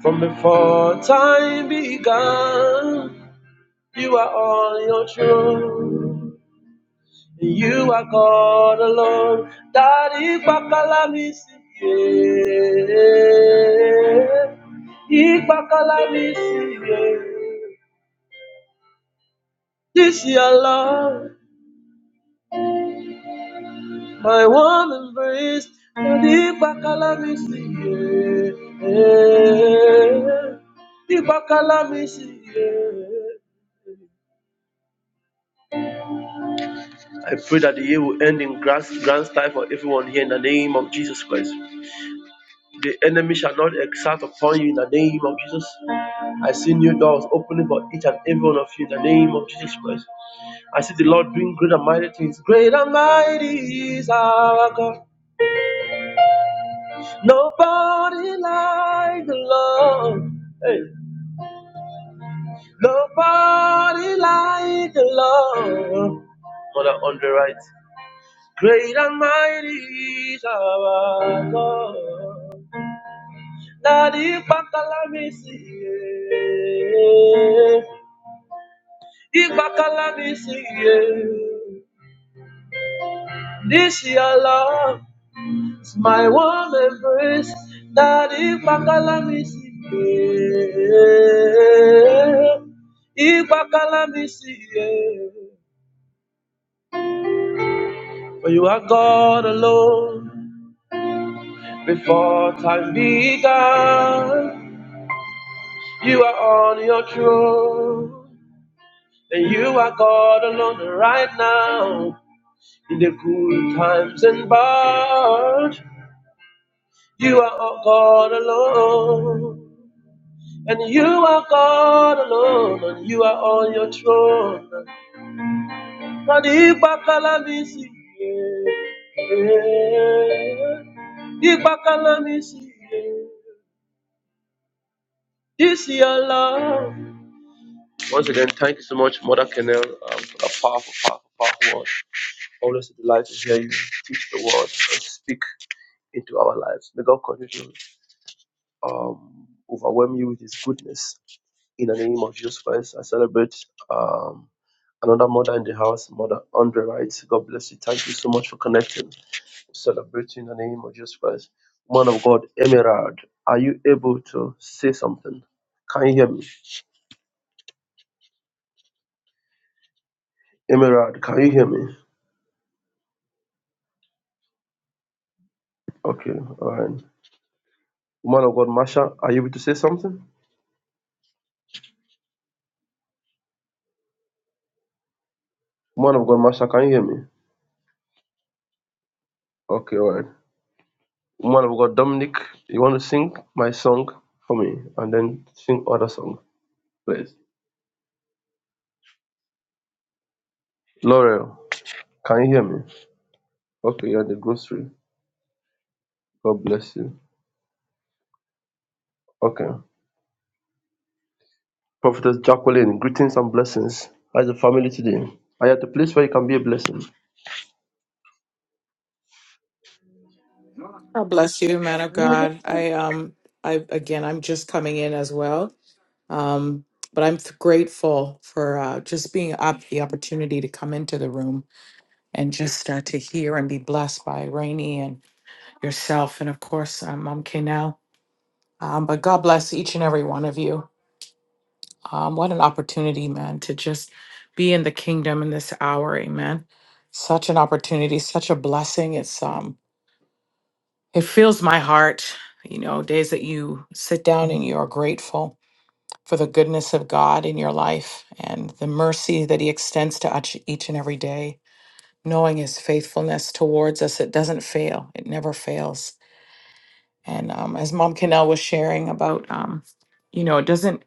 S1: from before time began. You are on your throne. You are God alone. Daddy Bakala misi ye. Ibakala misi ye. This your love, my warm embrace. Daddy Bakala misi ye. Ibakala misi ye. I pray that the year will end in grand, grand style for everyone here in the name of Jesus Christ. The enemy shall not exalt upon you in the name of Jesus. I see new doors opening for each and every one of you in the name of Jesus Christ. I see the Lord doing great and mighty things. Great and mighty is our God. Nobody like the Lord. Hey. Nobody like the Lord. Mother on the right. Great and mighty is our God. Daddy, Ibakala mi si ye. Ibakala mi si ye. This your love is my warm embrace. Daddy, Ibakala mi si ye. Ibakala mi si ye. For you are God alone before time began. You are on your throne. And you are God alone right now. In the good times and bad, you are God alone. And you are God alone, and you are on your throne. And Ipa Kalamisi, yeah. Ipa Kalamisi, yeah. this is your love. Once again, thank you so much, Mother Kennel, um, for that powerful, powerful, powerful word. Always a delight to hear you teach the word and speak into our lives. May God continue. um, overwhelm you with His goodness. In the name of Jesus Christ, I celebrate um, another mother in the house, Mother Andre Wright. God bless you. Thank you so much for connecting. Celebrate you in the name of Jesus Christ. Man of God, Emerald, are you able to say something? Can you hear me? Emerald, can you hear me? Okay, all right. Man of God, Masha, are you able to say something? Man of God, Masha, can you hear me? Okay, all right. Man of God, Dominic, you want to sing my song for me and then sing other song, please. Laurel, can you hear me? Okay, you're at the grocery. God bless you. Okay. Prophetess Jacqueline, greetings and blessings. How's the family today? Are you at the place where you can be a blessing?
S7: God bless you, man of God. I um I again I'm just coming in as well. Um but I'm th- grateful for uh, just being up the opportunity to come into the room and just uh, to hear and be blessed by Rainey and yourself and of course um, Mom K now. Um, but God bless each and every one of you. Um, what an opportunity, man, to just be in the kingdom in this hour, amen. Such an opportunity, such a blessing. It's um It fills my heart, you know, days that you sit down and you are grateful for the goodness of God in your life and the mercy that He extends to each each and every day, knowing His faithfulness towards us. It doesn't fail, it never fails. And um, as Mom Cannell was sharing about, um, you know, it doesn't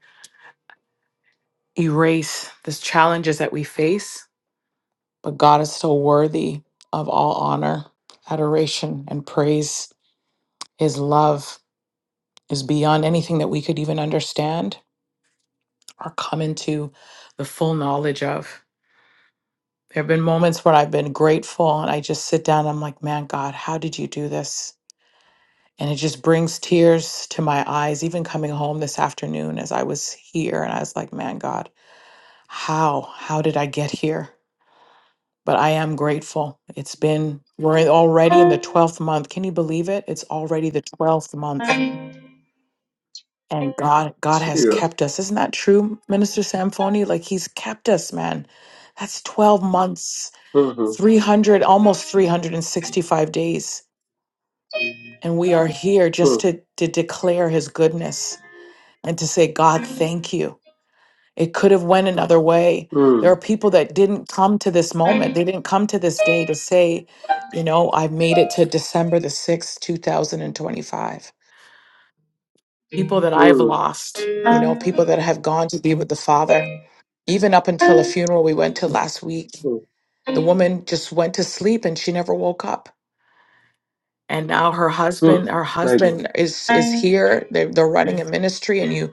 S7: erase the challenges that we face, but God is still worthy of all honor, adoration, and praise. His love is beyond anything that we could even understand or come into the full knowledge of. There have been moments where I've been grateful and I just sit down and I'm like, man, God, how did you do this? And it just brings tears to my eyes, even coming home this afternoon as I was here. And I was like, man, God, how? How did I get here? But I am grateful. It's been, we're in- already in the 12th month. Can you believe it? It's already the 12th month. And God, God has
S1: Serious.
S7: kept us. Isn't that true, Minister Samphoni? Like He's kept us, man. That's 12 months
S1: Mm-hmm.
S7: 300 almost 365 days and we are here just
S1: Mm,
S7: to to declare his goodness and to say god thank you it could have went another way there are
S1: mm,
S7: people that didn't come to this moment they didn't come to this day to say you know i've made it to december the 6th 2025 people that i've lost you know people that have gone to be with the father even up until a funeral we went to last week
S1: mm,
S7: the woman just went to sleep and she never woke up and now her
S1: mm.
S7: husband her
S1: My God.
S7: husband is is here they're, they're running a ministry and you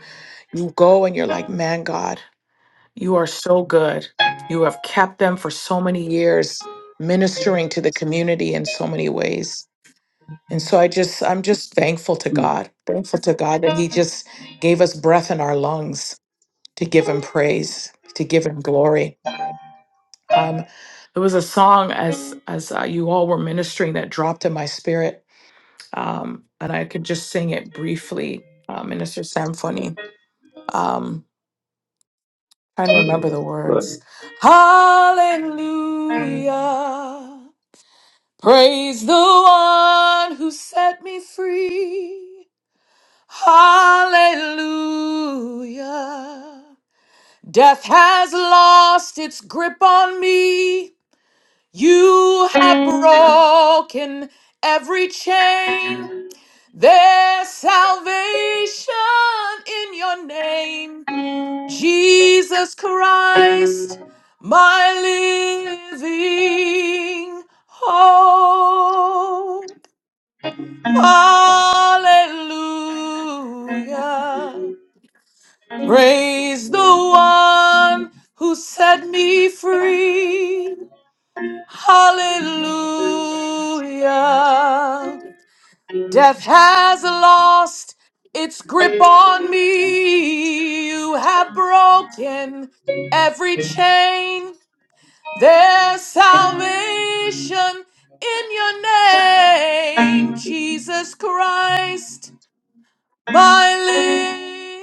S7: you go and you're like man god you are so good you have kept them for so many years ministering to the community in so many ways and so i just i'm just thankful to god thankful to god that he just gave us breath in our lungs to give him praise to give him glory um there was a song as as uh, you all were ministering that dropped in my spirit um, and I could just sing it briefly, uh, Minister Symphony. Um, trying to remember the words.
S1: Right.
S7: Hallelujah. Praise the one who set me free. Hallelujah. Death has lost its grip on me. You have broken every chain. There's salvation in your name, Jesus Christ, my living hope. Hallelujah. Praise the one who set me free. Hallelujah. Death has lost its grip on me. You have broken every chain. There's salvation in your name, Jesus Christ, my living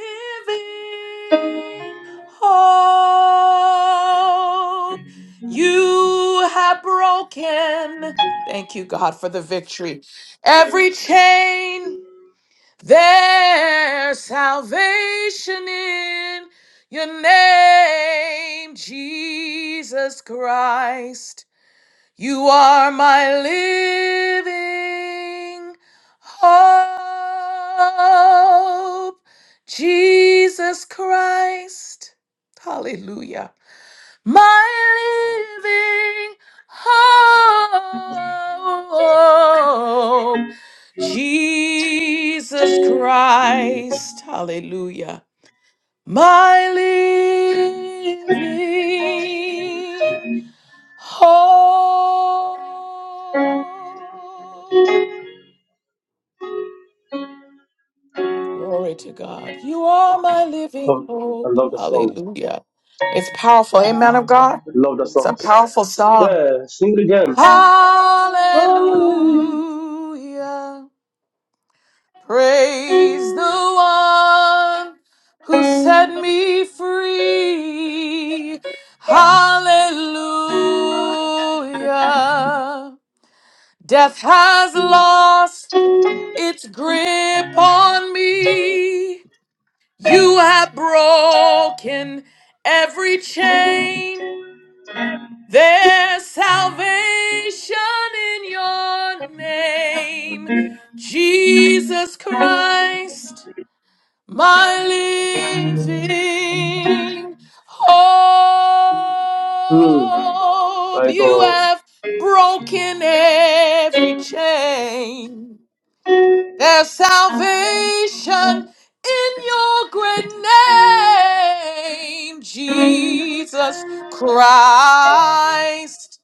S7: hope. You have broken. Thank you, God, for the victory. Every chain. There's salvation in your name, Jesus Christ. You are my living hope, Jesus Christ. Hallelujah. My living hope. Jesus Christ, hallelujah, my living hope. Glory to God. You are my living
S1: Oh, I
S7: hope.
S1: love the song.
S7: Hallelujah. It's powerful. Amen of God.
S1: I love the
S7: It's a
S1: songs.
S7: powerful song.
S1: Yeah, sing it again.
S7: Hallelujah. Praise the one who set me free. Hallelujah. Death has lost its grip on me. You have broken every chain. There's salvation in your name, Jesus Christ my living
S1: Mm,
S7: hope. You have broken every chain. There's salvation in your great name, Jesus Christ,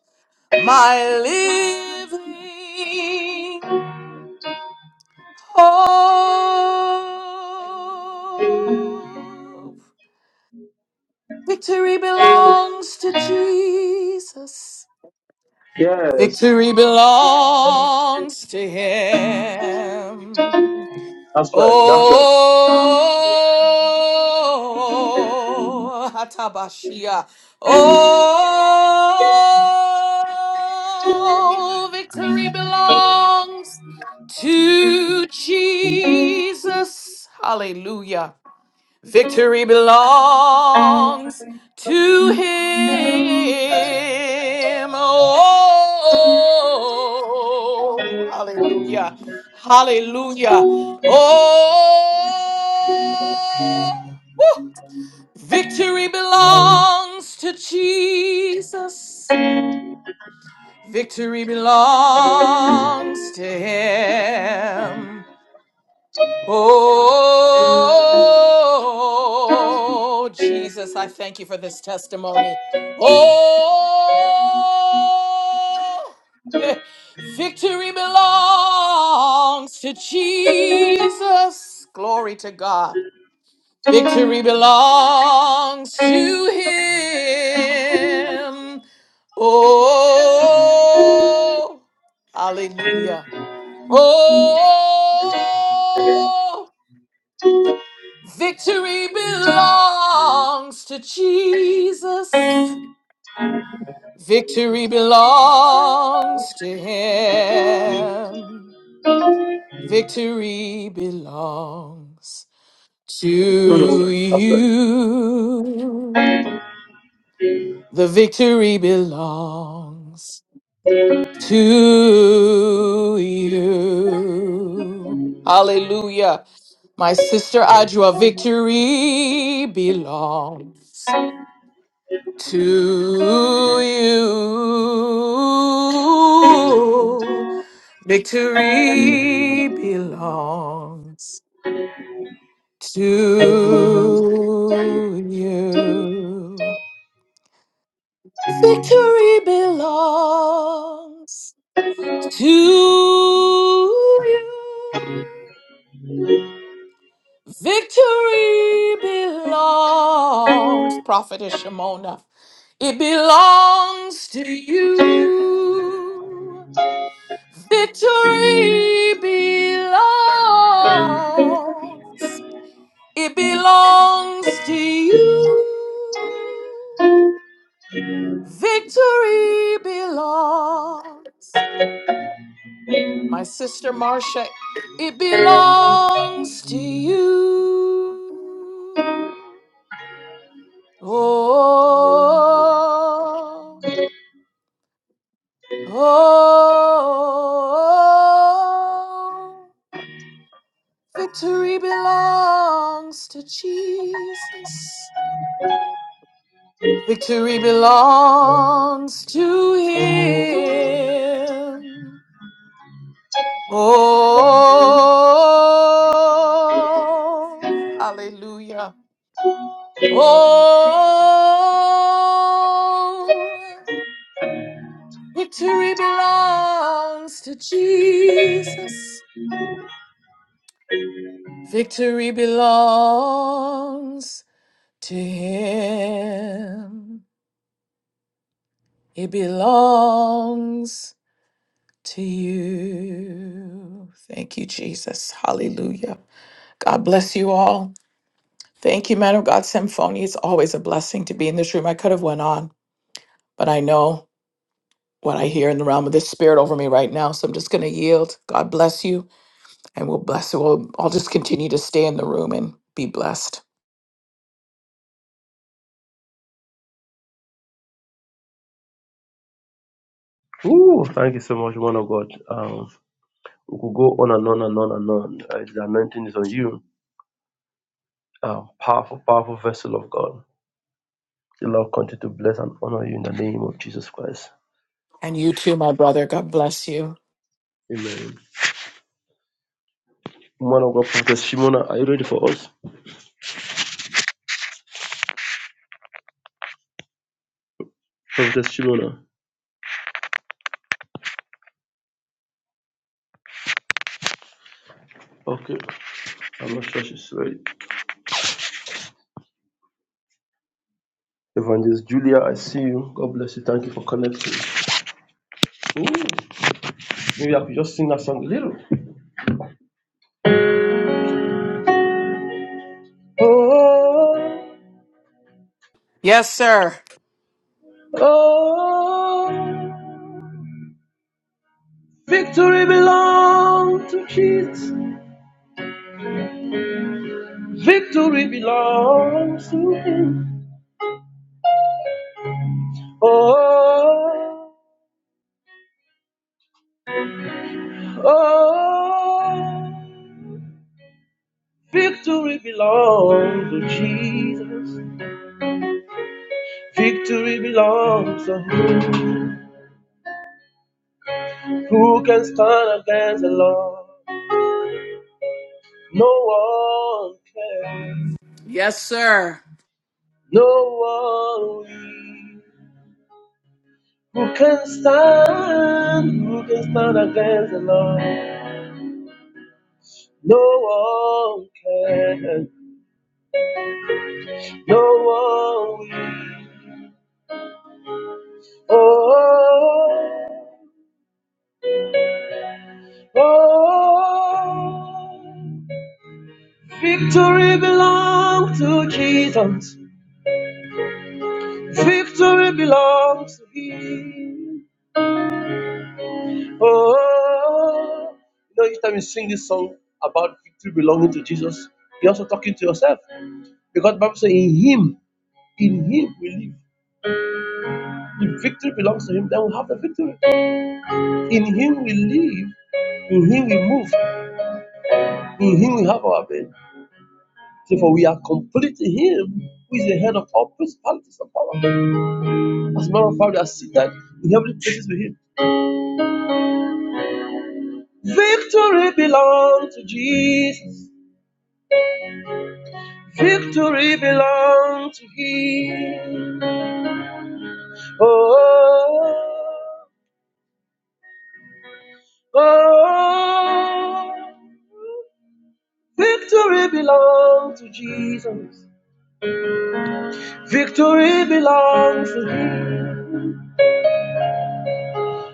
S7: my living hope. Victory belongs to Jesus.
S1: yes.
S7: Victory belongs to him.
S1: That's right. That's right.
S7: Oh, Hatabashia. Oh, victory belongs to Jesus. Hallelujah. Victory belongs to him. Oh, hallelujah. Hallelujah. Oh, woo. victory belongs to Jesus. Victory belongs to him. Oh, Jesus, I thank you for this testimony. Oh, [LAUGHS] victory belongs to Jesus. Glory to God. Victory belongs to him. Oh, hallelujah. Oh, Victory belongs to Jesus. Victory belongs to him. Victory belongs to you. The victory belongs to you. Hallelujah. My sister Adjua, victory belongs. To you, victory belongs. To you, victory belongs. To you, victory belongs. Prophetess Shimona, it belongs to you. Victory belongs. It belongs to you. Victory belongs. My sister Marcia, it belongs to you. Oh, oh, oh, Victory belongs to Jesus. Victory belongs to him. Oh, hallelujah. Oh, victory belongs to Jesus. Victory belongs to him. It belongs to you. Thank you, Jesus. Hallelujah. God bless you all. Thank you, man of God, Symphony. It's always a blessing to be in this room. I could have went on, but I know what I hear in the realm of the spirit over me right now. So I'm just going to yield. God bless you, and we'll bless you. We'll, I'll just continue to stay in the room and be blessed.
S1: Ooh, thank you so much, man of God. Um, We could go on and on and on and on. Uh, the anointing is on you. Uh, powerful, powerful vessel of God. The Lord continue to bless and honor you in the name of Jesus Christ.
S7: And you too, my brother. God bless you.
S1: Amen. Woman of God, Prophetess Shimona, are you ready for us? Prophetess Shimona. Okay, I'm not sure she's ready. Evangelist Julia, I see you. God bless you. Thank you for connecting. Ooh, maybe I could just sing that song a little. Oh,
S7: Yes, sir.
S1: oh, victory belongs to Jesus. Victory belongs to him. Oh, oh, victory belongs to Jesus. Victory belongs to him. Who can stand against the Lord? No one can.
S7: Yes, sir.
S1: No one will. Who can stand? Who can stand against the Lord? No one can. No one will. Oh. oh, oh. Oh, victory belongs to Jesus. Victory belongs to Him. Oh, you know, each time you sing this song about victory belonging to Jesus, you're also talking to yourself because the Bible says, "In Him, in Him we live." If victory belongs to Him, then we have the victory. In Him we live. In Him we move. In Him we have our being. Therefore, we are complete in Him, who is the head of all principalities and powers. As a of fact, we are seated in heavenly places with Him. Victory belongs to Jesus. Victory belongs to Him. Oh, oh, victory belongs to Jesus. Victory belongs to Him.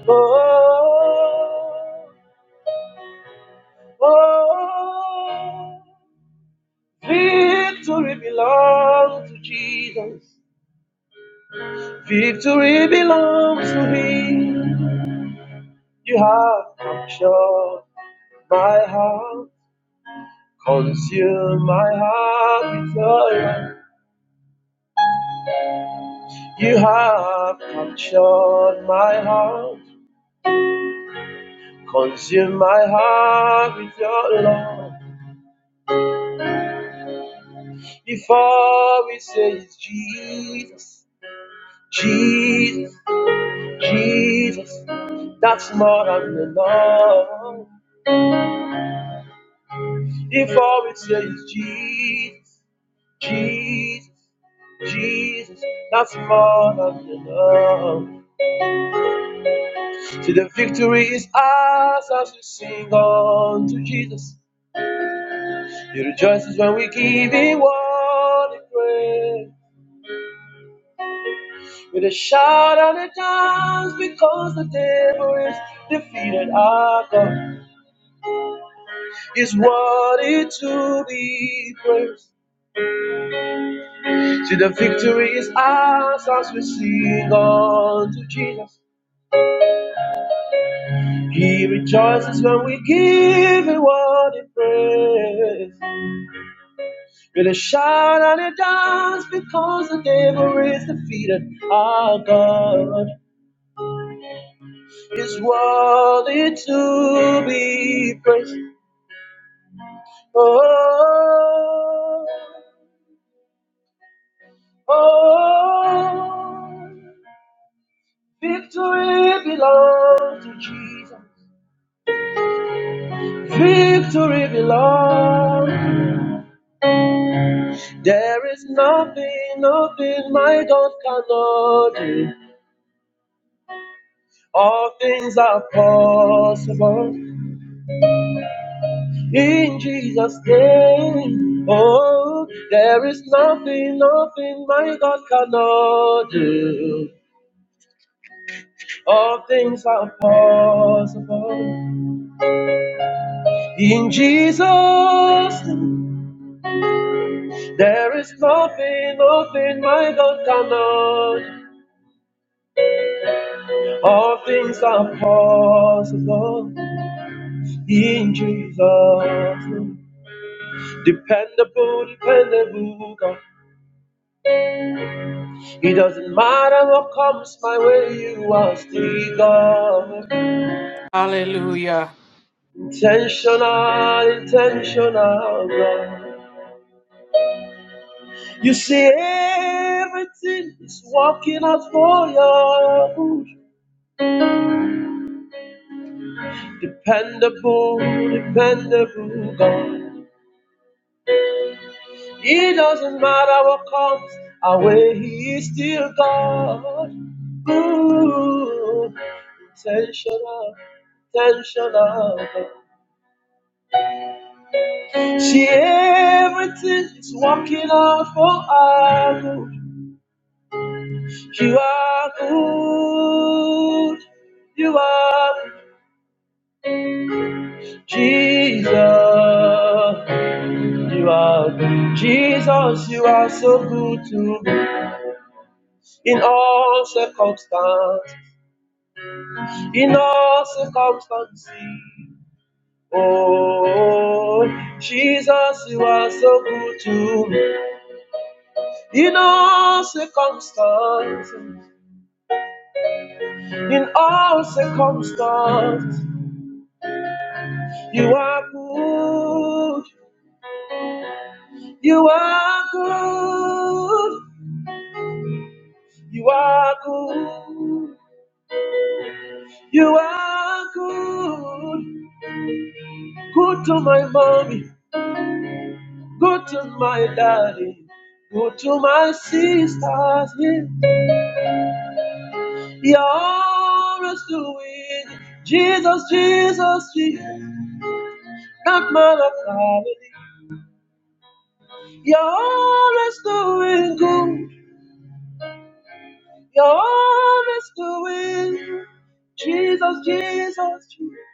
S1: Oh, oh, victory belongs to Jesus. Victory belongs to me. You have captured my heart. Consume my life. Consume my love. If all it is is love. If all it says is Jesus, Jesus, Jesus, that's more than enough. See, the victory is ours as we sing unto Jesus. He rejoices when we give him all the praise. With a shout out at times because the devil is defeated. Our God is worthy to be praised. See, the victory is ours as we sing unto Jesus. He rejoices when we give him what he prays. With a shout and a dance because the devil is defeated. Our God is worthy to be praised. Oh, oh, victory belongs to Jesus. Victory belongs. There is nothing, nothing my God cannot do. All things are possible in Jesus' name. Oh, there is nothing, nothing my God cannot do. All things are possible In Jesus, there is nothing, nothing my God cannot. All things are possible in Jesus. Dependable, dependable God. It doesn't matter what comes my way, you are still God.
S7: Hallelujah.
S1: Intentional, intentional God. You see, everything is working out for you. Dependable, dependable God. It doesn't matter what comes our way, He is still God. Ooh, intentional, intentional God. See, everything is working out for our good. You are good. You are Jesus. You are Jesus. You are so good to in all circumstances, in all circumstances. Oh, Jesus, you are so good to me. In all circumstances, in all circumstances, you are good. You are good. You are good. You are good. Good to my mommy. Go to my daddy. Go to my sisters. Yeah. You're always doing Jesus, Jesus, Jesus. Not man of family. You're always doing good. You're always doing Jesus, Jesus, Jesus.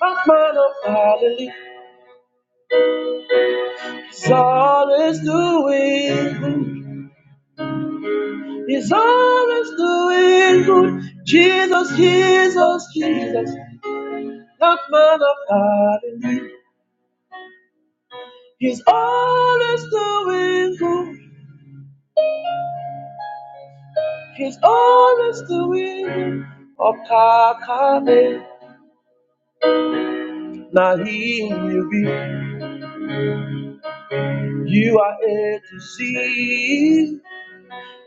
S1: Not man of family. He's always doing good. He's always doing good. Jesus, Jesus, Jesus. The man of God in me. He's always doing good. He's always doing good. Okakame. Now he will be. You are A to Z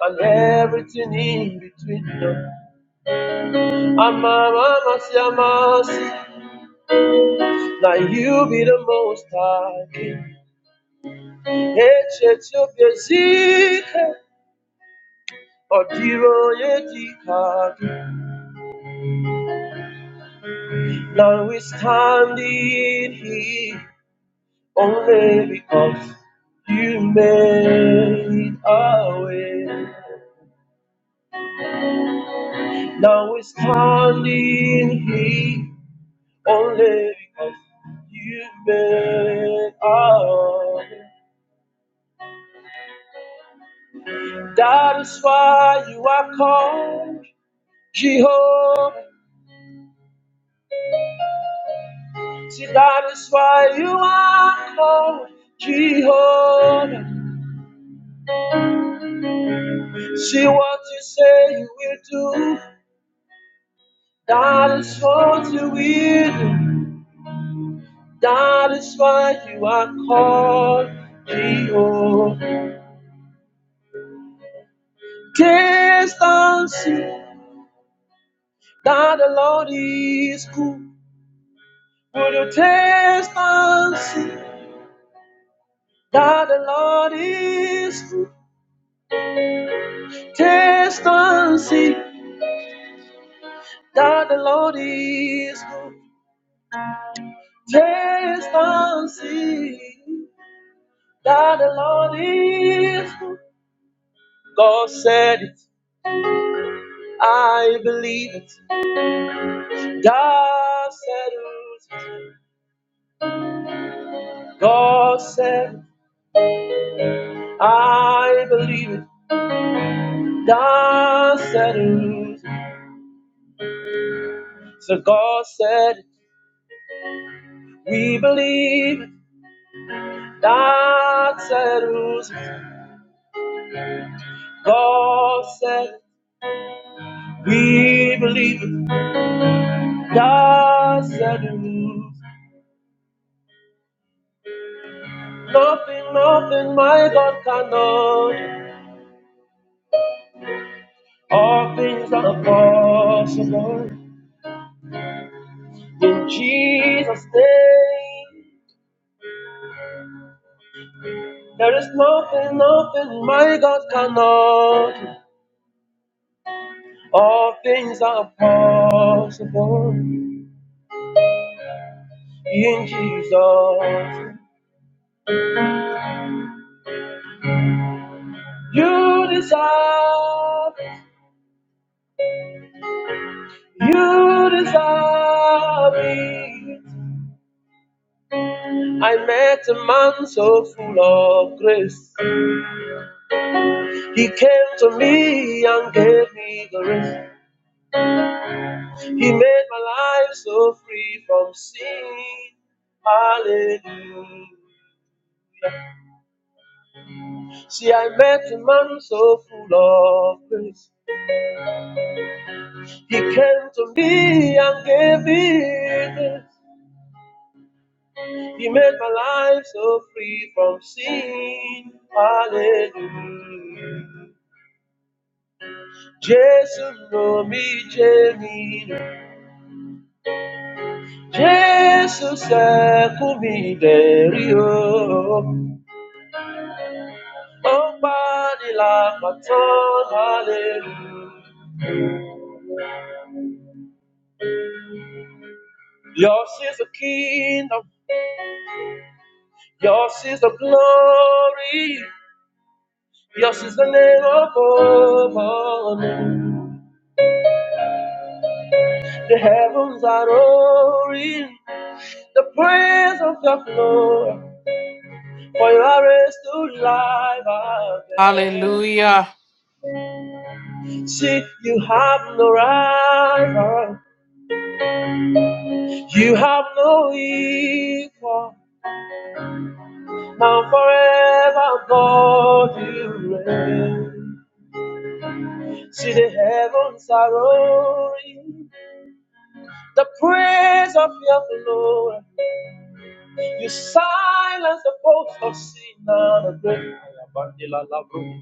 S1: and everything in between. Ama mama si ama si. Now you be the most high. King. Eche chop yezike. Odiro yedika. Now we stand in here. only because you made a way. Now we're standing here only because you made a way. That is why you are called Jehovah. See, that is why you are called Jehovah. That is what is why you are called Jehovah. Tell see that is cool. Taste God said, I believe it. God said it. So God said, it. we believe it. God said it. God said, it. we believe it. God said it. Nothing, nothing my God cannot. do. All things are possible. In Jesus' name, there is nothing, nothing my God cannot. do. All things are possible in Jesus. You deserve, you deserve it. I met a man so full of grace. He came to me and gave me grace. He made my life so free from sin. Hallelujah. See, I met a man so full of grace. He came to me and gave me. He made my life so free from sin. Hallelujah. Jesus no mi jemi. Jesus se kumi deri o. Ọba ni la patan. Hallelujah. Yours is the kingdom. Yours is the glory. Yours is the name above all names. The heavens are roaring. the praise of your glory, for you are raised to life again.
S7: Hallelujah.
S1: See, you have no rival, you have no equal. Now forever, God, you reign. See, the heavens are roaring, the praise of your glory. You silence the voice of sin and the great.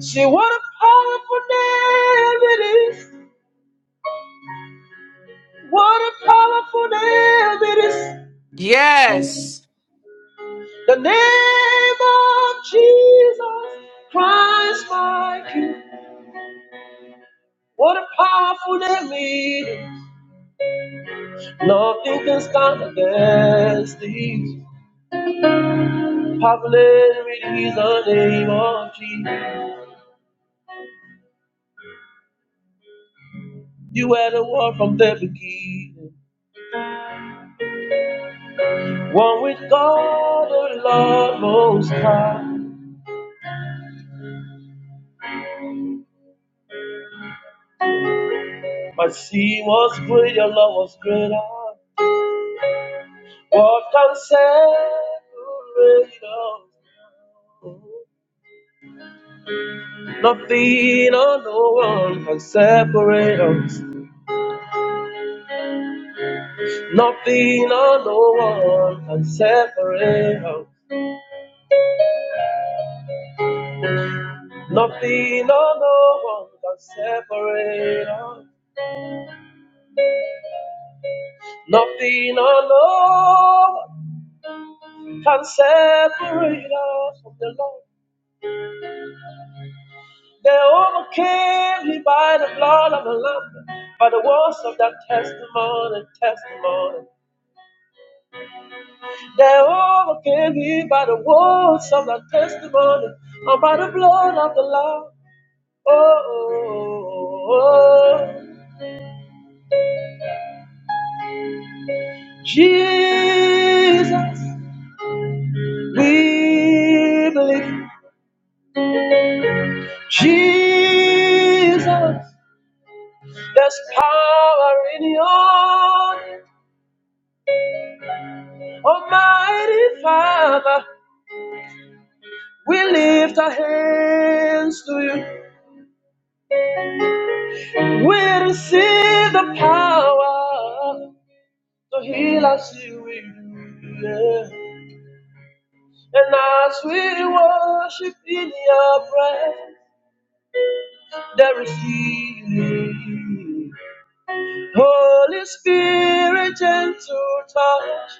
S1: See what a powerful name it is. What a powerful name it is.
S7: Yes.
S1: The name of Jesus Christ my King. What a powerful name it is. Nothing can stand against thee. Powerful name it is the name of Jesus. You were the one from the beginning. One with God, the Lord most high. My sin was great, your love was greater. What can separate us? Nothing or no one can separate us. Nothing or no one can separate us. Nothing or no one can separate us. Nothing or no one can separate us from the Lord. They overcame me by the blood of the Lamb, by the words of that testimony, testimony. They're overcame here by the words of the testimony and by the blood of the Lamb. Oh, oh, oh, oh. Jesus, we believe. Jesus, there's power in your name. Almighty Father. We lift our hands to you. We receive the power to heal us. You. Yeah. And as we worship in your presence, there is healing. Holy Spirit, gentle touch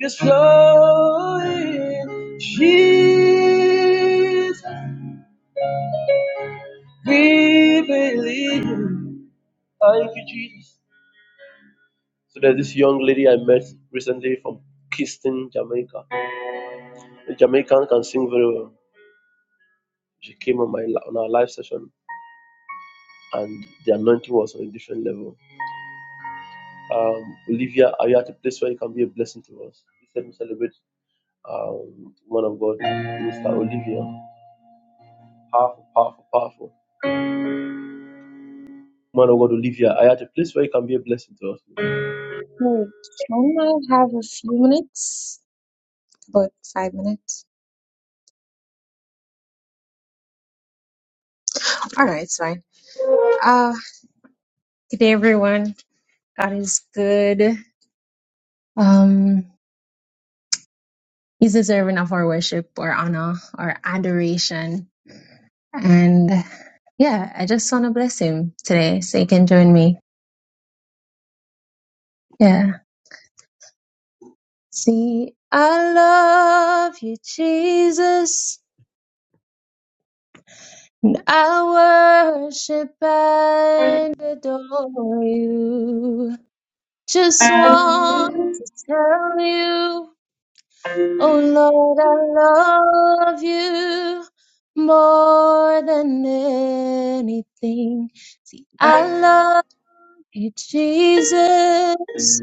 S1: is flowing. Jesus. Thank you, Jesus. So there's this young lady I met recently from Kingston, Jamaica. The Jamaican can sing very well. She came on my on our live session, and the anointing was on a different level. um, Olivia, are you at a place where you can be a blessing to us? Please let me celebrate um, woman of God, Mr. Olivia. Powerful, powerful, powerful. Man of God, Olivia, are you at a place where you can be a blessing to us?
S8: Hey, Don't I have a few minutes? About five minutes. All right, it's fine. Uh, good day, everyone. God is good. Um, He's deserving of our worship, our honor, our adoration, and yeah, I just want to bless Him today, so you can join me. Yeah. See, I love you, Jesus. And I worship and adore you. Just want to tell you, oh Lord, I love you more than anything. See, I love you, Jesus.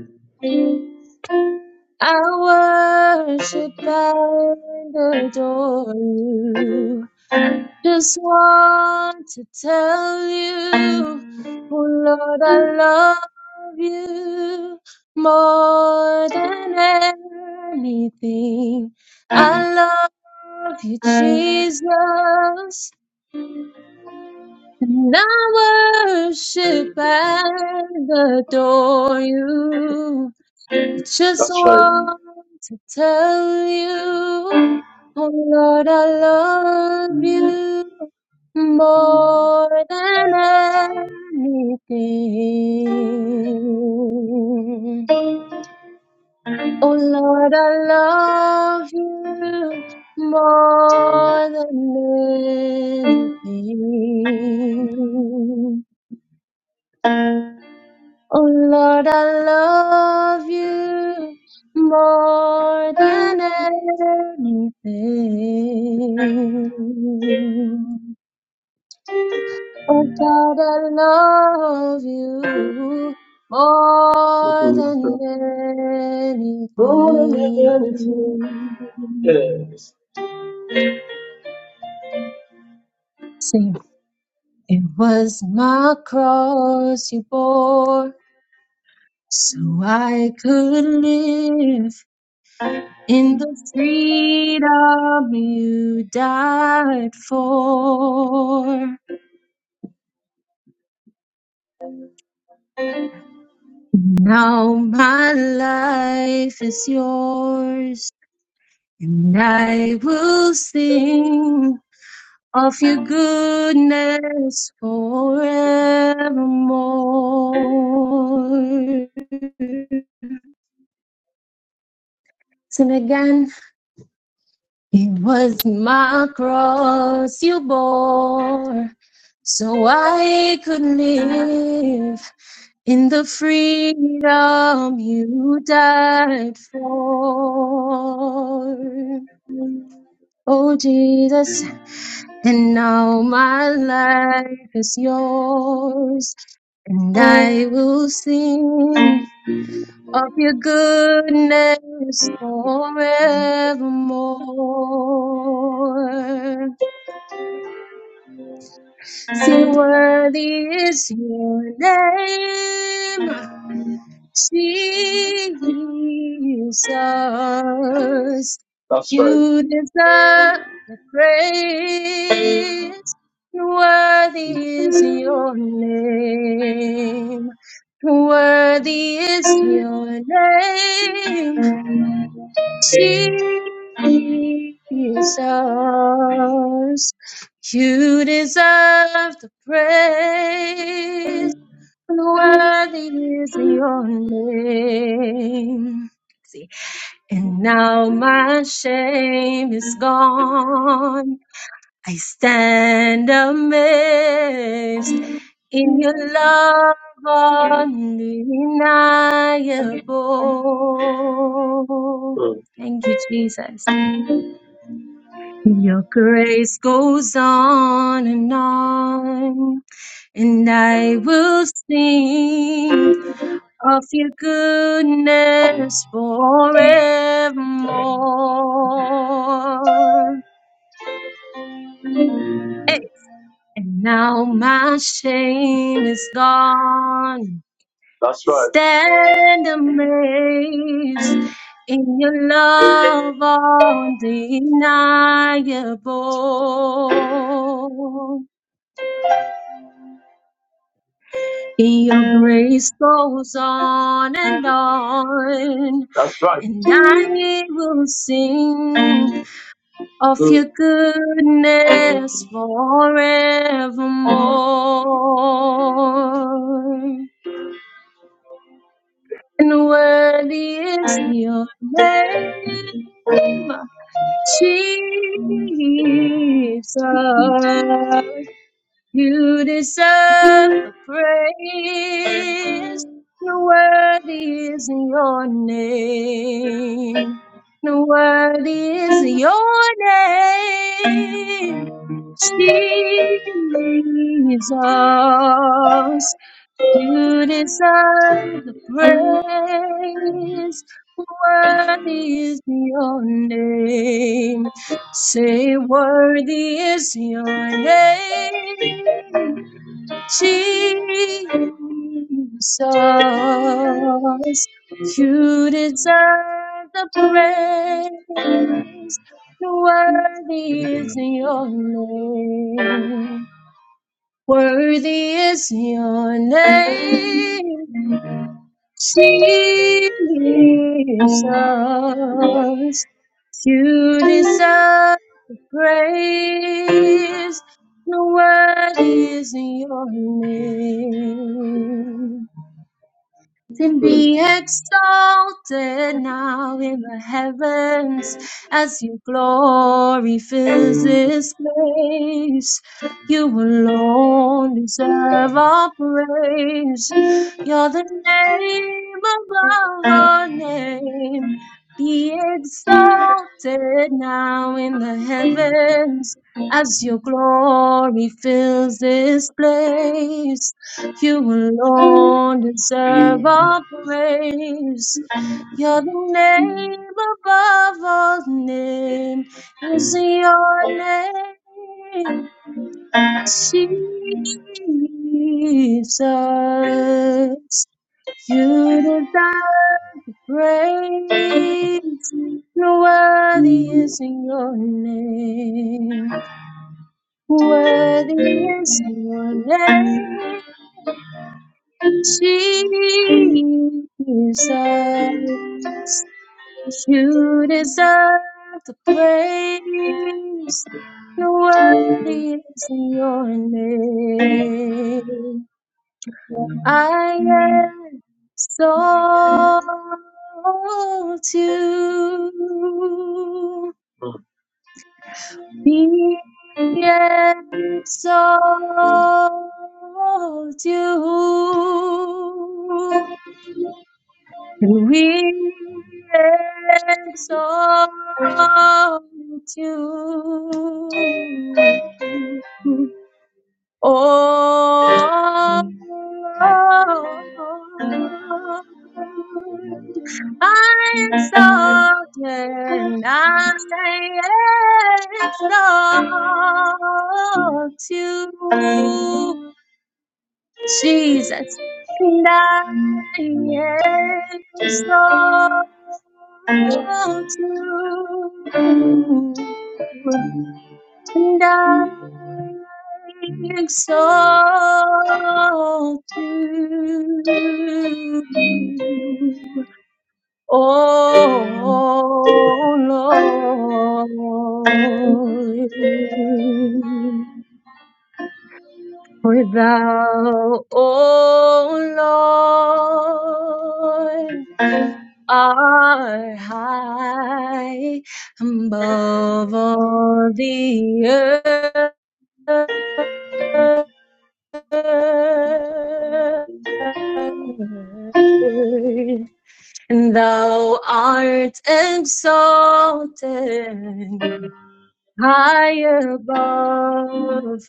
S8: I worship and adore you. Just want to tell you, oh Lord, I love you more than anything. I love you, Jesus, and I worship and adore you. Just
S1: That's right. Mhm.
S8: want to tell you, oh Lord, I love you more than anything. Oh Lord, I love you more than anything. Oh Lord, I love you more than anything. Oh God, I love you more
S1: That's
S8: than
S1: right. More
S8: anything. Sing. It was my cross you bore so I could live In the freedom you died for, now my life is yours, and I will sing of your goodness forevermore. Sing again. It was my cross you bore, so I could live in the freedom you died for. Oh, Jesus, and now my life is yours, and I will sing of your goodness forevermore. See, worthy is your name, Jesus.
S1: Right.
S8: You deserve the praise. Worthy is your name. Worthy is your name. Jesus, you deserve the praise. Worthy is your name. See, and now my shame is gone. I stand amazed in your love undeniable.
S1: Mm.
S8: Thank you, Jesus. Your grace goes on and on, and I will sing of your goodness forevermore. Hey, And now my shame is gone.
S1: That's right.
S8: Stand amazed in your love undeniable. In your grace goes on and on,
S1: That's right.
S8: and I will sing of your
S1: Mm,
S8: goodness forevermore. And worthy is your name, Jesus. You deserve the praise. And worthy is your name. And worthy is your name, Jesus. You deserve the praise. Worthy is your name. Say, worthy is your name, Jesus. You deserve the praise. Worthy is your name. Worthy is your name. Jesus, you deserve the praise. No worthy is your name and be
S1: mm,
S8: exalted now in the heavens as your glory fills this place. You alone deserve our praise. You're the name above our name. Be exalted now in the heavens as your glory fills this place. You alone deserve our praise. Your name above all name is your name, Jesus. You deserve the praise. No Worthy is in your name. Worthy is your name. Jesus, you deserve the praise. The Worthy is your name. I exalt you.
S1: mm.
S8: Be exalt you. And we exalt you, Oh, Lord. I exalt and I exalt you. Jesus, and I exalt you, and I exalt you, oh Lord. For thou, O Lord, art high above all the earth, and thou art exalted high above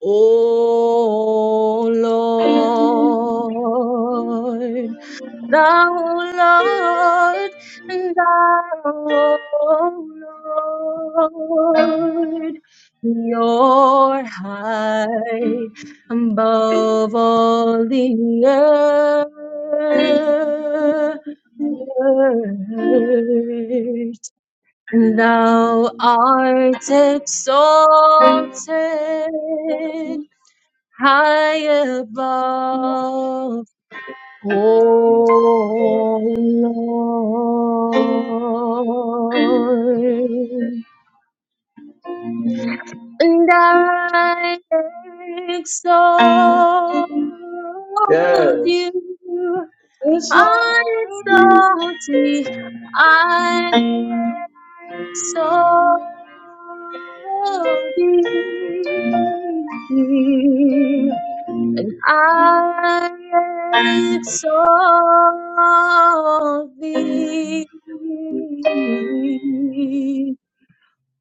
S8: O Lord, thou Lord, and thou Lord, you're high above all the earth, and thou art exalted high above, oh Lord. And I exalt
S1: Yes.
S8: you, I exalt thee, I exalt thee. I exalt thee,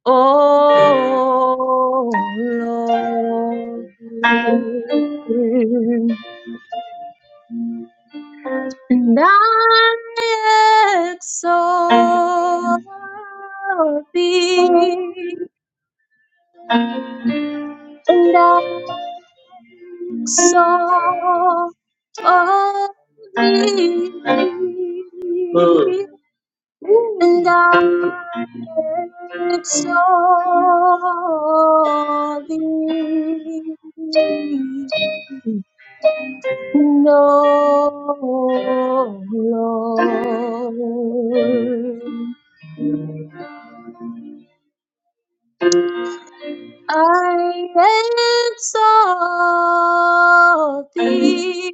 S8: O Lord, and I exalt thee, and I exalt thee.
S1: Mm,
S8: And I exalt thee, O Lord. I exalt thee,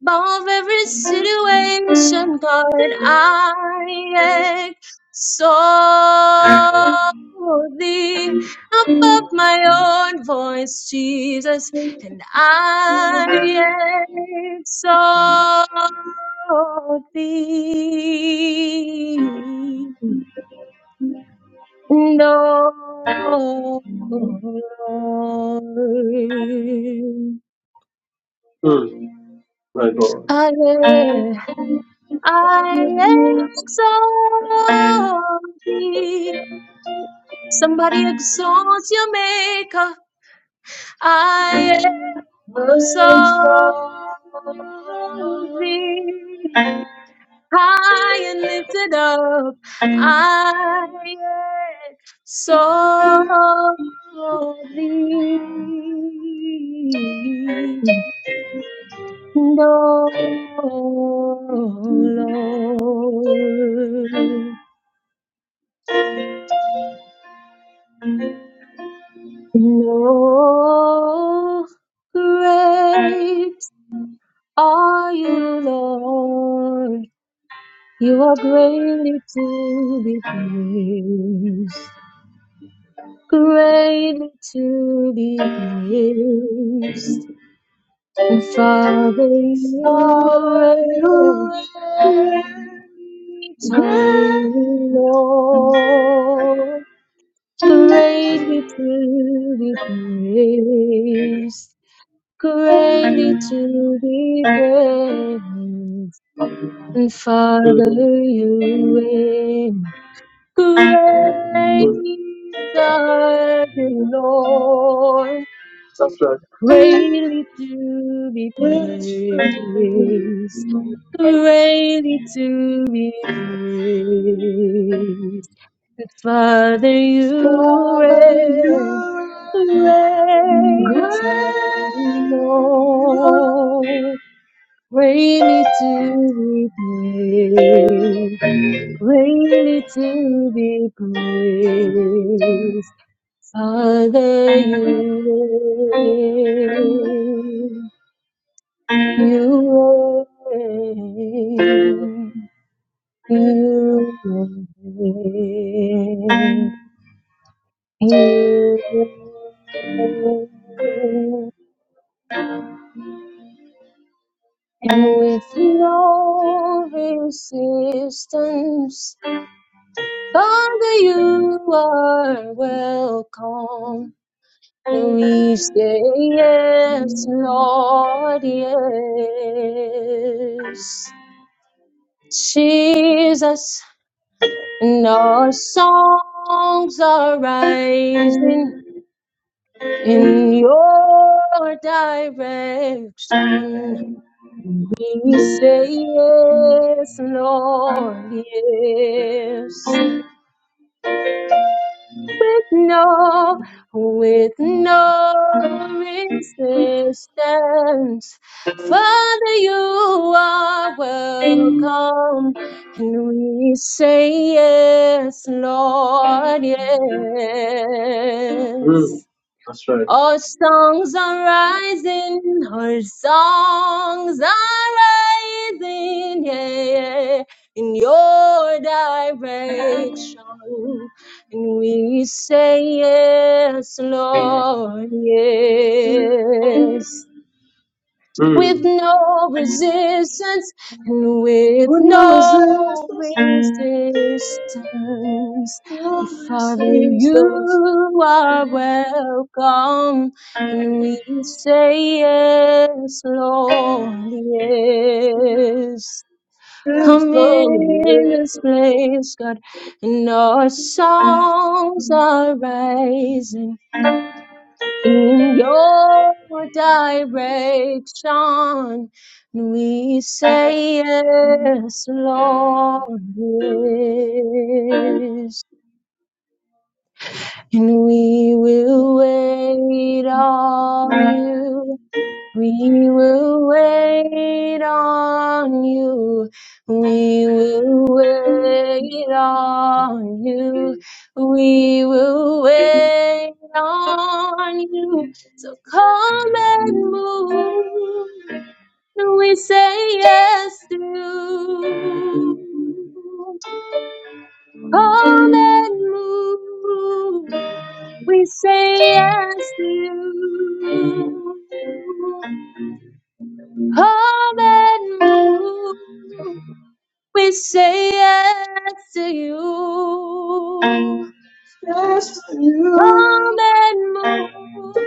S8: Above every situation, God, I exalt thee. Above my own voice, Jesus, and I exalt thee. And oh, Lord,
S1: mm. My God.
S8: I I exalt thee. Somebody exalt your maker. I exalt thee. High and lifted up. I exalt thee. No, Lord. No, great are you, Lord. You are greatly to be praised. Greatly to be praised. And Father, you reign. Great are you, Lord. Greatly to be praised. greatly to be praised. And
S1: Mm,
S8: Father, you reign. Great
S1: mm.
S8: are you, Lord,
S1: That's right.
S8: greatly to be praised. Greatly to be praised. And Father, you reign great are You, Lord. Greatly to be praised, greatly to be praised. Father, you reign, you reign, you reign, you reign. And with no resistance, Father, you are welcome. We say yes, Lord, yes. Jesus, and our songs are rising in your direction. We say yes, Lord, yes. with no, with no resistance. Father, you are welcome. And we say yes, Lord, yes.
S1: Mm. That's right.
S8: Our songs are rising, our songs are rising, yeah, yeah, in your direction. And we say, Yes, Lord, yes with
S1: Mm.
S8: no resistance and with no resistance. And Father, you are welcome, and we say yes, Lord, yes. Come in this place, God, and our songs are rising. In your direction, we say yes, Lord, yes. And we will wait on you we will wait on you. We will wait on you. We will wait on you. So come and move. We say yes to you. Come and move. We say yes to you. Come and move. We say yes to you. Come
S1: You.
S8: and move.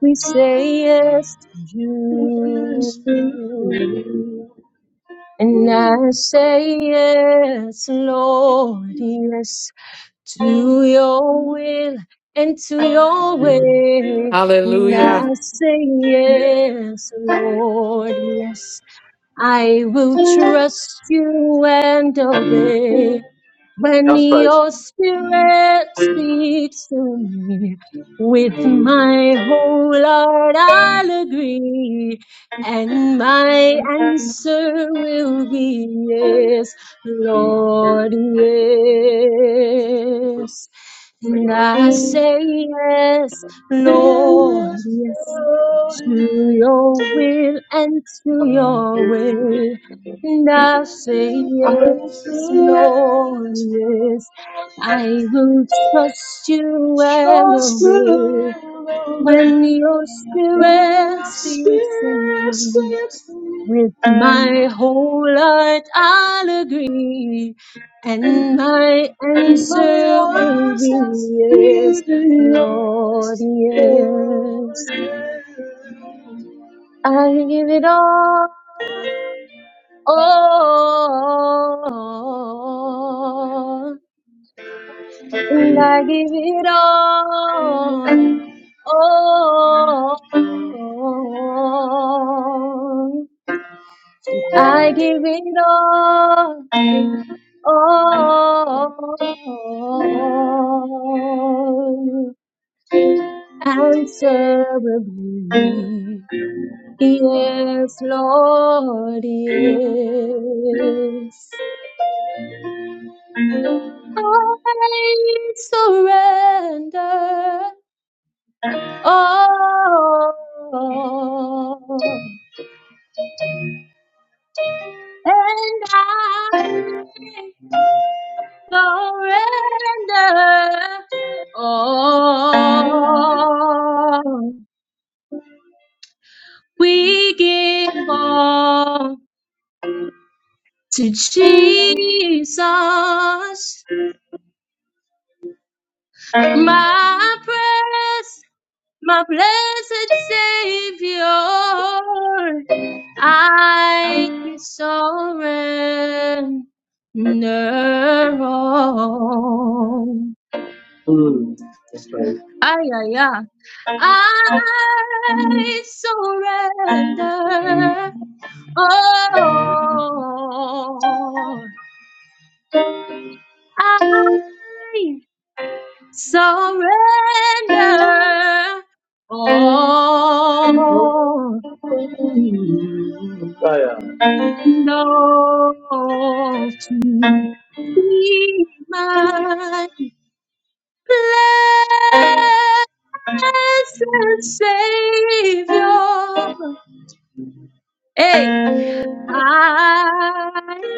S8: We say yes to you. And I
S1: Mm,
S8: say yes, Lord, yes to your will and to your way. And I
S7: Hallelujah.
S8: say yes, Lord, yes I will trust you and obey. When your spirit speaks to me, with my whole heart I'll agree, and my answer will be yes, Lord, yes. And I say yes, Lord, yes, to your will and to your way. And I say, Yes, Lord, yes, I will trust you and obey when your spirit speaks to me. With my whole heart, I'll agree, and my answer will be yes, Lord, yes. I give it all all, and I give it all, all, and I give it all, all, answerably. Yes, Lord, yes. I surrender all, and I surrender all. We give all to Jesus, my precious my blessed Savior, I surrender all.
S1: that's right.
S8: Ay, ay, ay. I surrender all. I surrender all.
S1: Oh, yeah.
S8: Lord, to be my blessed Savior. Hey, I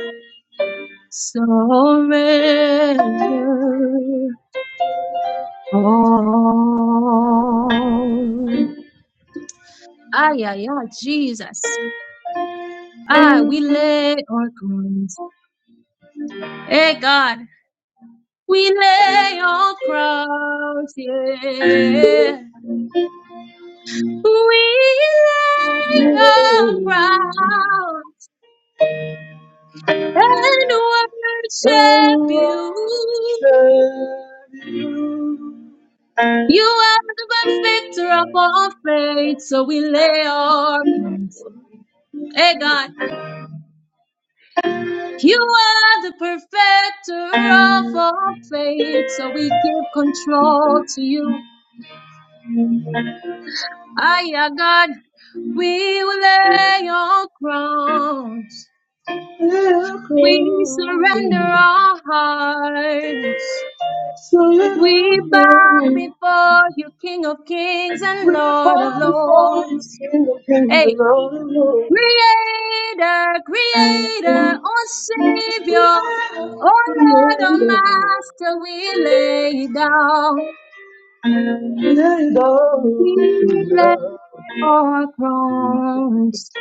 S8: surrender all. Ah, yeah, yeah, Jesus. Ah, we lay our crowns. Hey, God. We lay our crowns, yeah. We lay our crowns and worship you. You are the perfecter of our faith, so we lay our crowns. Hey God, you are the perfecter of our faith, so we give control to you. Aye, yeah, God, we will lay our crowns. We surrender our hearts. We bow before you, King of kings and Lord of lords. Hey, Creator, Creator, oh Savior, oh Lord, oh Master, we lay down. We lay our crowns.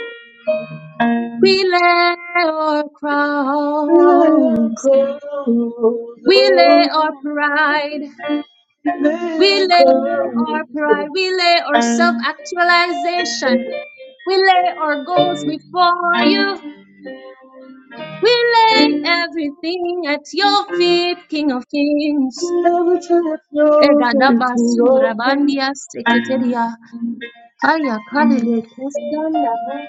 S8: We lay our crowns. We lay our pride. We lay our pride, we lay our self actualization, we lay our goals before you, we lay everything at your feet, King of Kings. Egadabasura bandia seketeria, haya kalile kestanda ho,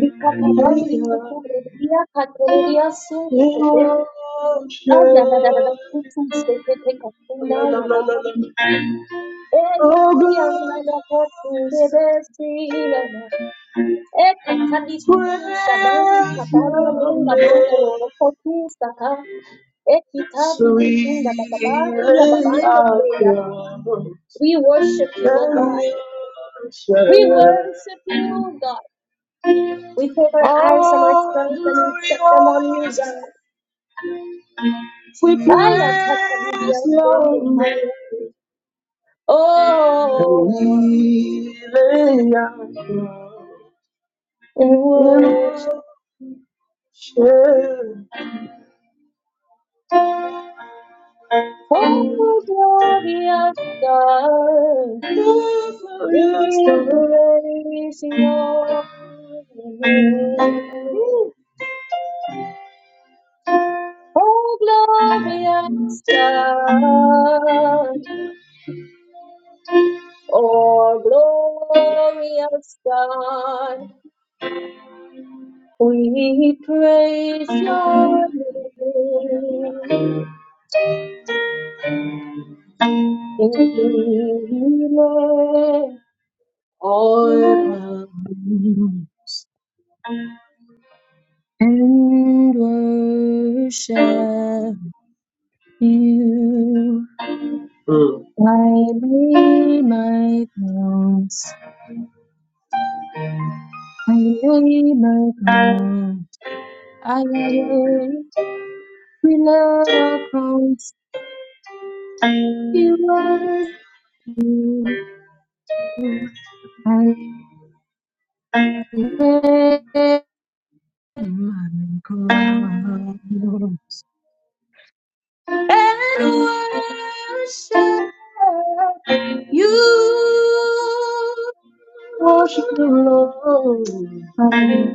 S8: bikatabangi kukuredia kateleria sule agadadadada kutu sekete katunda yabaha, eyandia nagakatundebesi yana. Eka tadi kutu sabandi kapana dunga mango loloko tu saka. Eki tadi kutunda bababa kia babande peya. We worship you, O God. We worship you, O God. We take our eyes from ourselves and we set them on you, God. Aya kata bibia sonde kaya. Oh, and worship, oh, glorious God. We praise your name, O glorious God, O glorious God. We praise your name, and we lay our crowns and worship you.
S1: Mm.
S8: I lay my crowns. I lay my crowns. I lay, we lay our crowns. You worship you. I lay my crowns and worship you.
S1: Worship the Lord.
S8: Hallelujah.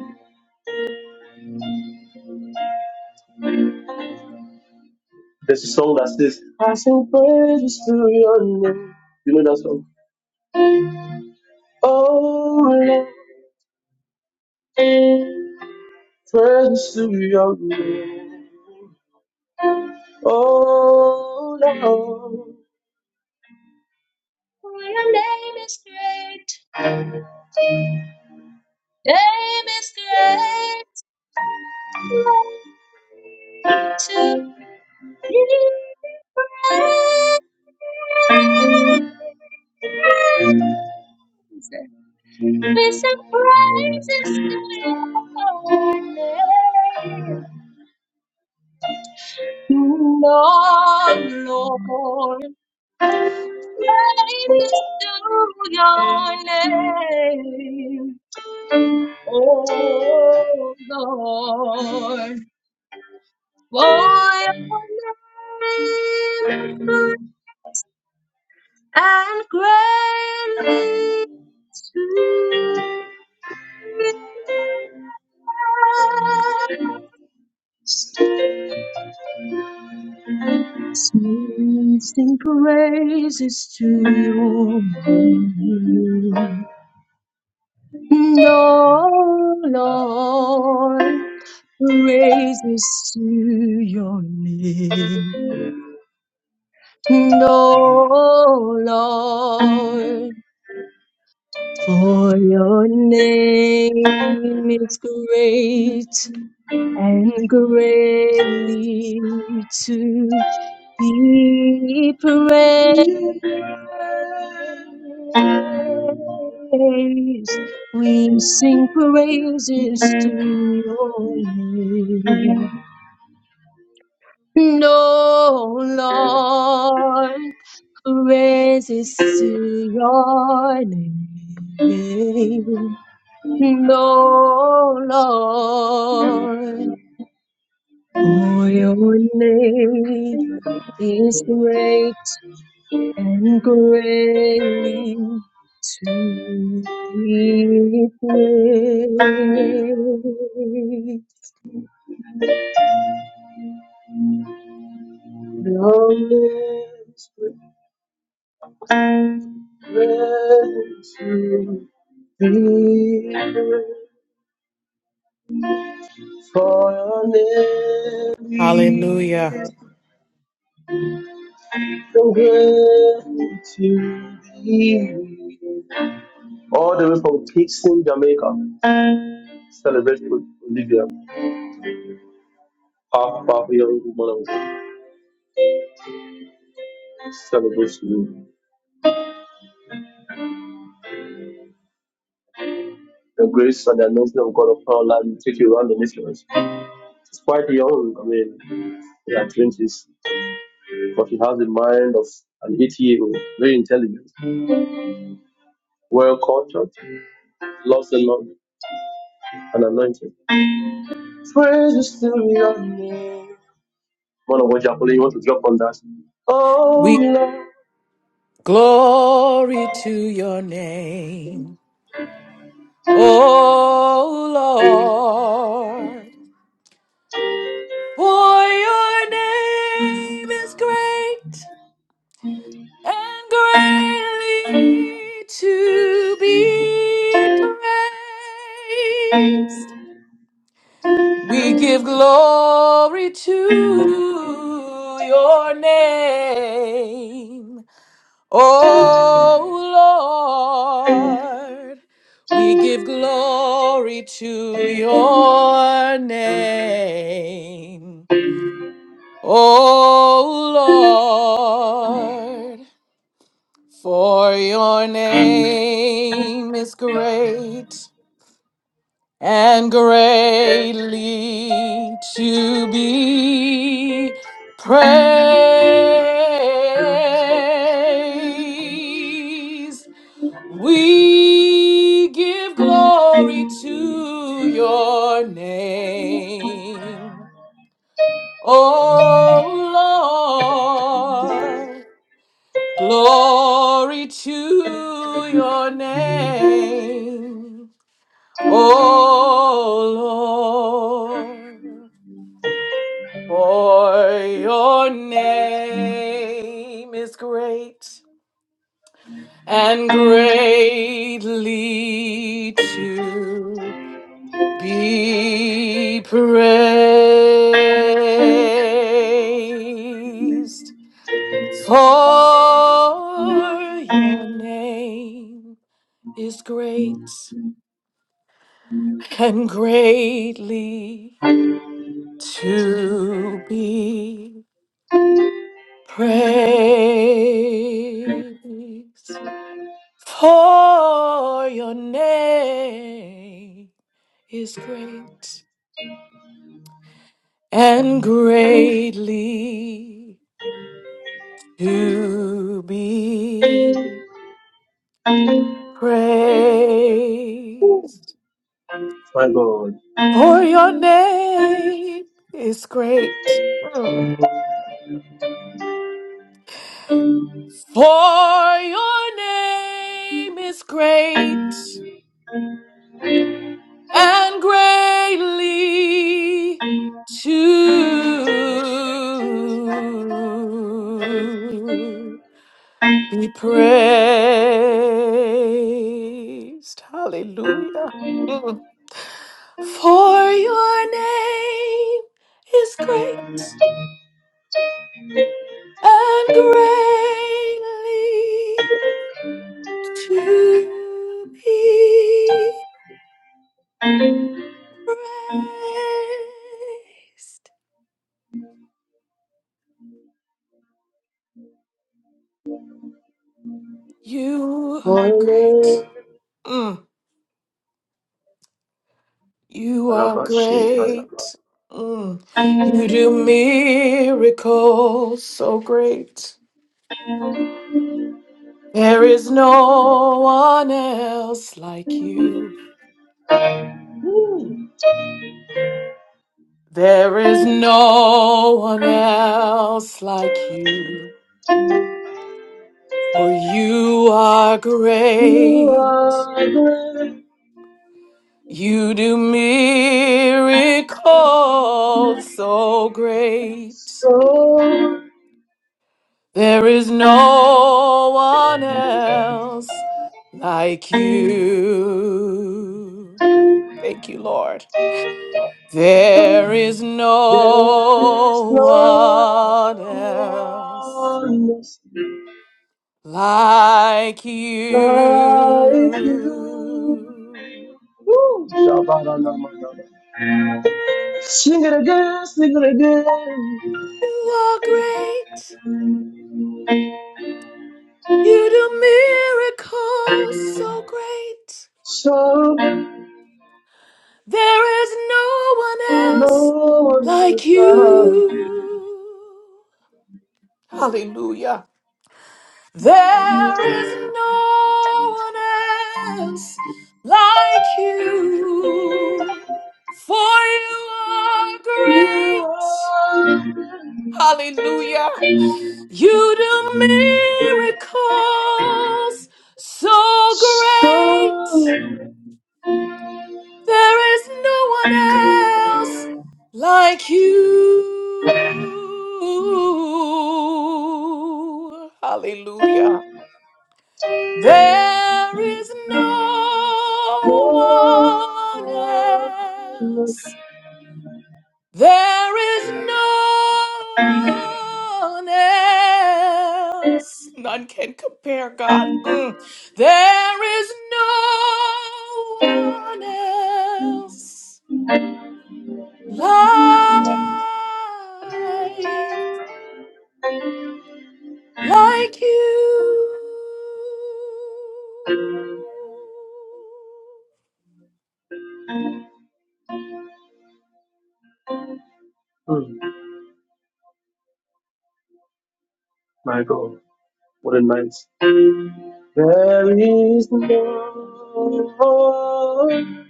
S1: There's a song that says, I sing praises to your name. You know that song? Oh, Lord. Turns to your name. Oh Lord,
S8: For your name is great. Name is great. Glory to be praised. We sing praises to your name. Oh, Lord, praises to your name. Oh, Lord, for your name is good and greatly to be praised. Sing praises to your name. No, Lord, praises to your name. No, Lord For your name is great and greatly to be praised. We sing praises to your name. No, Lord, praises to your name. No, Lord, for your name is great and greatly to be praised.
S1: and
S7: Hallelujah.
S1: is so worthy to be. All the way from Kingston, Jamaica. Celebrate with Olivia, half half young woman of celebrate you. The grace and the anointing of God upon her life will take you around the nations. She's quite young, I mean, in her twenties, but she has the mind of an eighty year old, very intelligent, well cultured, loves the Lord and anointed. Mana Wajakola, you want to jump on that?
S7: We glory to your name. Oh Lord. For your name is great and greatly to be praised. We give glory to your name. Oh Lord, we give glory to your name. Oh Lord, for your name is great and greatly to be praised. We give glory to your name, O Lord. Glory to your name, O Lord. For your name is great and greatly to be praised for your name is great and greatly to be praised for your name is great and greatly to be praised.
S1: My God.
S7: For your name is great. Mm. For your name is great and greatly to be praised. Hallelujah. Mm. For your name is great and greatly to be praised. You are great. Mm. You are
S1: Rabba shit, Rabba.
S7: great. Mm. You do miracles so great. There is no one else like you. There is no one else like you, for you are great. You do miracles so great. There is no one else like you. Thank you, Lord. There is
S1: There is
S7: no
S1: no
S7: one else.
S1: one
S7: like you.
S1: like you. Sing it again, sing it again.
S7: You are great. You do miracles so great.
S1: So
S7: There is no one else like you. Hallelujah. There is no one else like you. For you are great. Hallelujah. You do miracles so great. There is no one else like you. Hallelujah. There is no one else There is no one else. None can compare, God. Mm. There is no one else like, like you.
S1: Hmm, my God, what a night. There is no one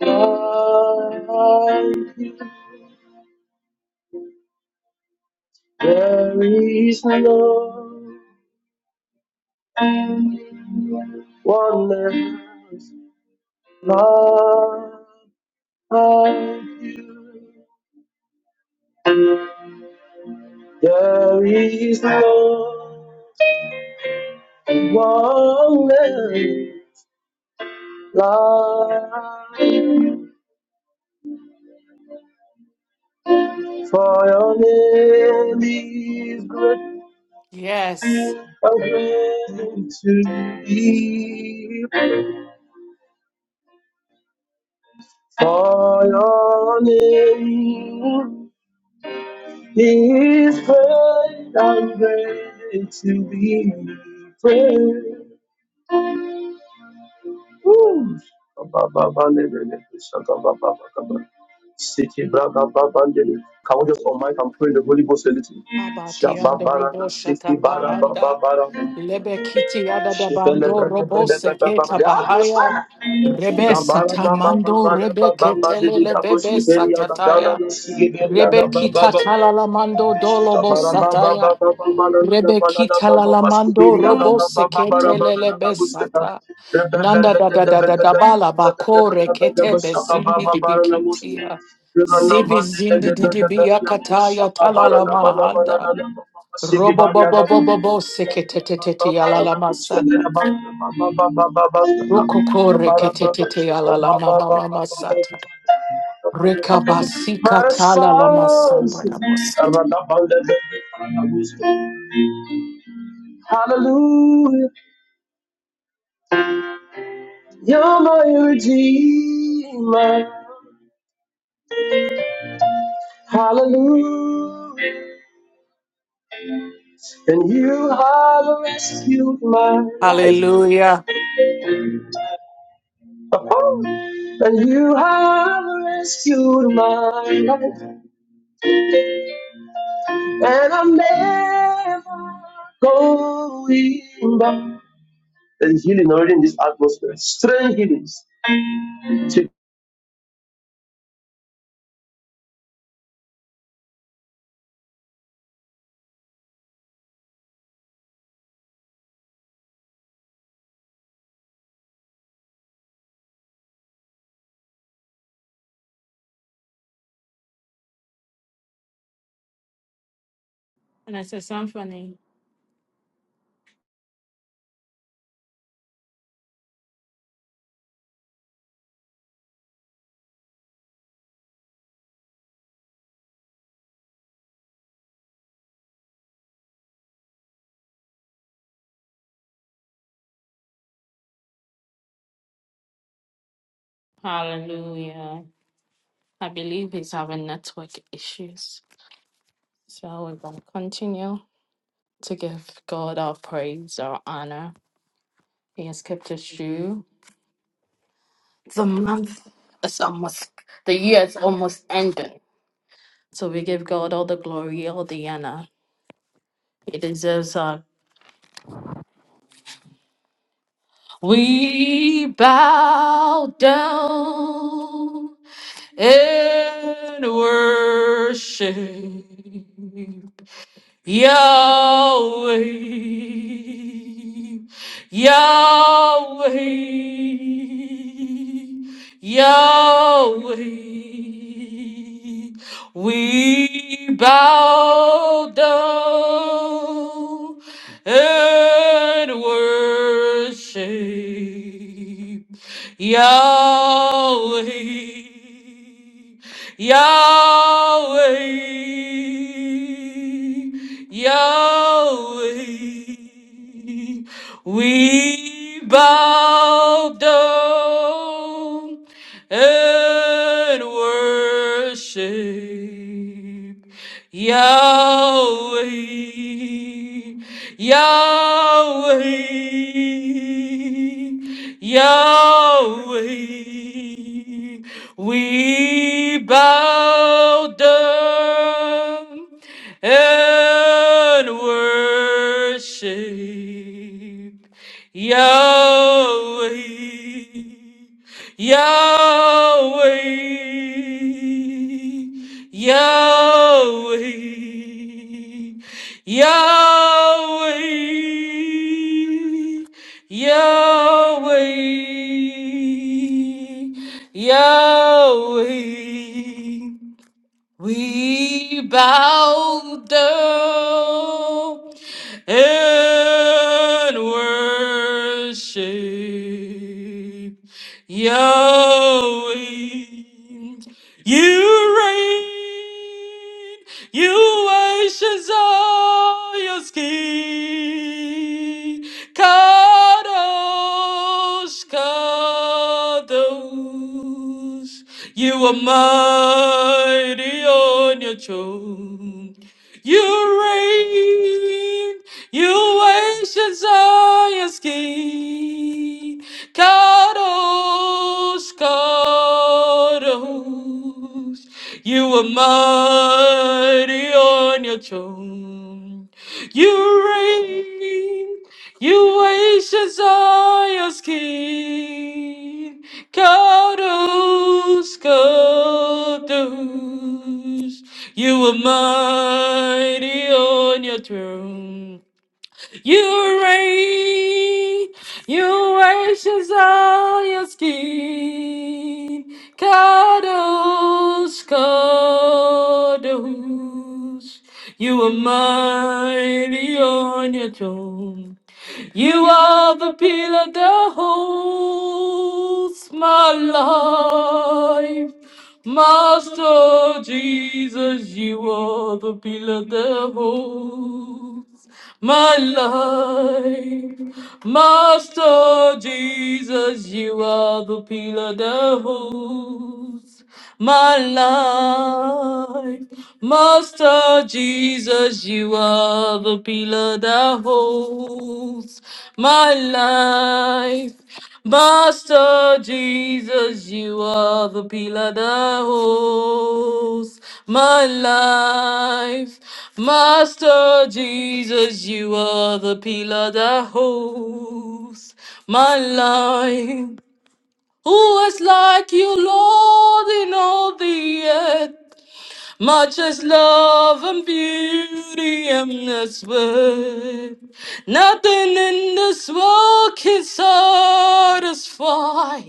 S1: like. There is no one like. Lord, i there is no for your name is great,
S7: Yes.
S1: for your name is great and great to be praised. Woo. Ba-ba-ba-ba-le-le-le. Siki braga babandele. Can we just on mic and pray in the Holy Ghost a little?
S7: Abadiando robo
S1: Shababarana siki
S7: shata
S1: bara
S7: bahanda.
S1: bababara.
S7: Lebe kiti yada da bando robo
S1: Shaka
S7: seketa bahaya. Rebe satamando rebe ketele lebebe satataya. Rebe kita talalamando dolobo sataya. Rebe kita lalamando robo sekete lelebe sata. Nanda da da da da da bala bakore kete bezimbi dibikitia. Zibi zindi didibi yakataya talala mahanda. Robo bo bo bo bo bo seketetete yalala masata. Rokoko reketete yalala mama mama sata. Rekabasika tala la masanda ramos.
S1: And you have rescued my life.
S7: Hallelujah.
S1: Oh, and you have rescued my life. And I'm never going back. There's healing already in this atmosphere. Strange healings. See,
S9: And I said something. Hallelujah. I believe he's having network issues. So we're going to continue to give God our praise, our honor. He has kept us true. The month is almost, the year is almost ending. So we give God all the glory, all the honor. He deserves our. We bow down and worship. Yahweh, Yahweh, Yahweh, we bow down and worship Yahweh. Yahweh, Yahweh, we bow down and worship. Yahweh, Yahweh, Yahweh, we bow down and worship. Yahweh, Yahweh, Yahweh, Yahweh, Yahweh, Yahweh. We bow down and worship Yahweh. You reign, you worship Zion's King. Kadosh, Kadosh, you are mighty on your throne. You reign, you ancient Zion's king. Kadosh, Kadosh, you are mighty on your throne. You reign, you wages are your skin. Kodos, Kodos, you are mighty on your throne. You reign, you reign, Shazayas King, Kadosh, Kadosh. You are mighty on your throne. You are the pillar that holds my life. Master Jesus, you are the pillar that holds my life. Master Jesus, you are the pillar that holds my life. Master Jesus, you are the pillar that holds my life. Master Jesus, you are the pillar that holds my life. Master Jesus, you are the pillar that holds my life. Who is like you, Lord, in all the earth? Much as love and beauty endless worth. Nothing in this world can satisfy.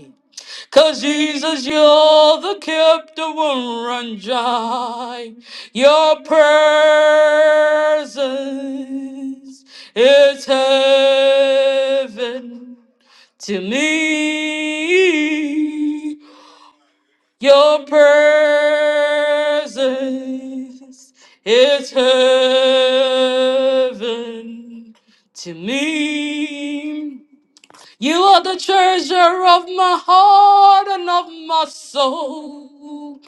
S9: Cause Jesus, you're the cup that won't run dry. Your presence is heaven to me. Your presence is heaven to me. You are the treasure of my heart and of my soul.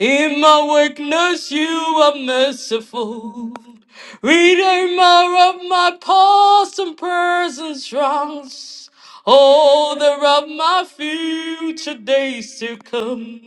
S9: In my weakness, you are merciful. Redeemer of my past and present wrongs holder of my future days to come.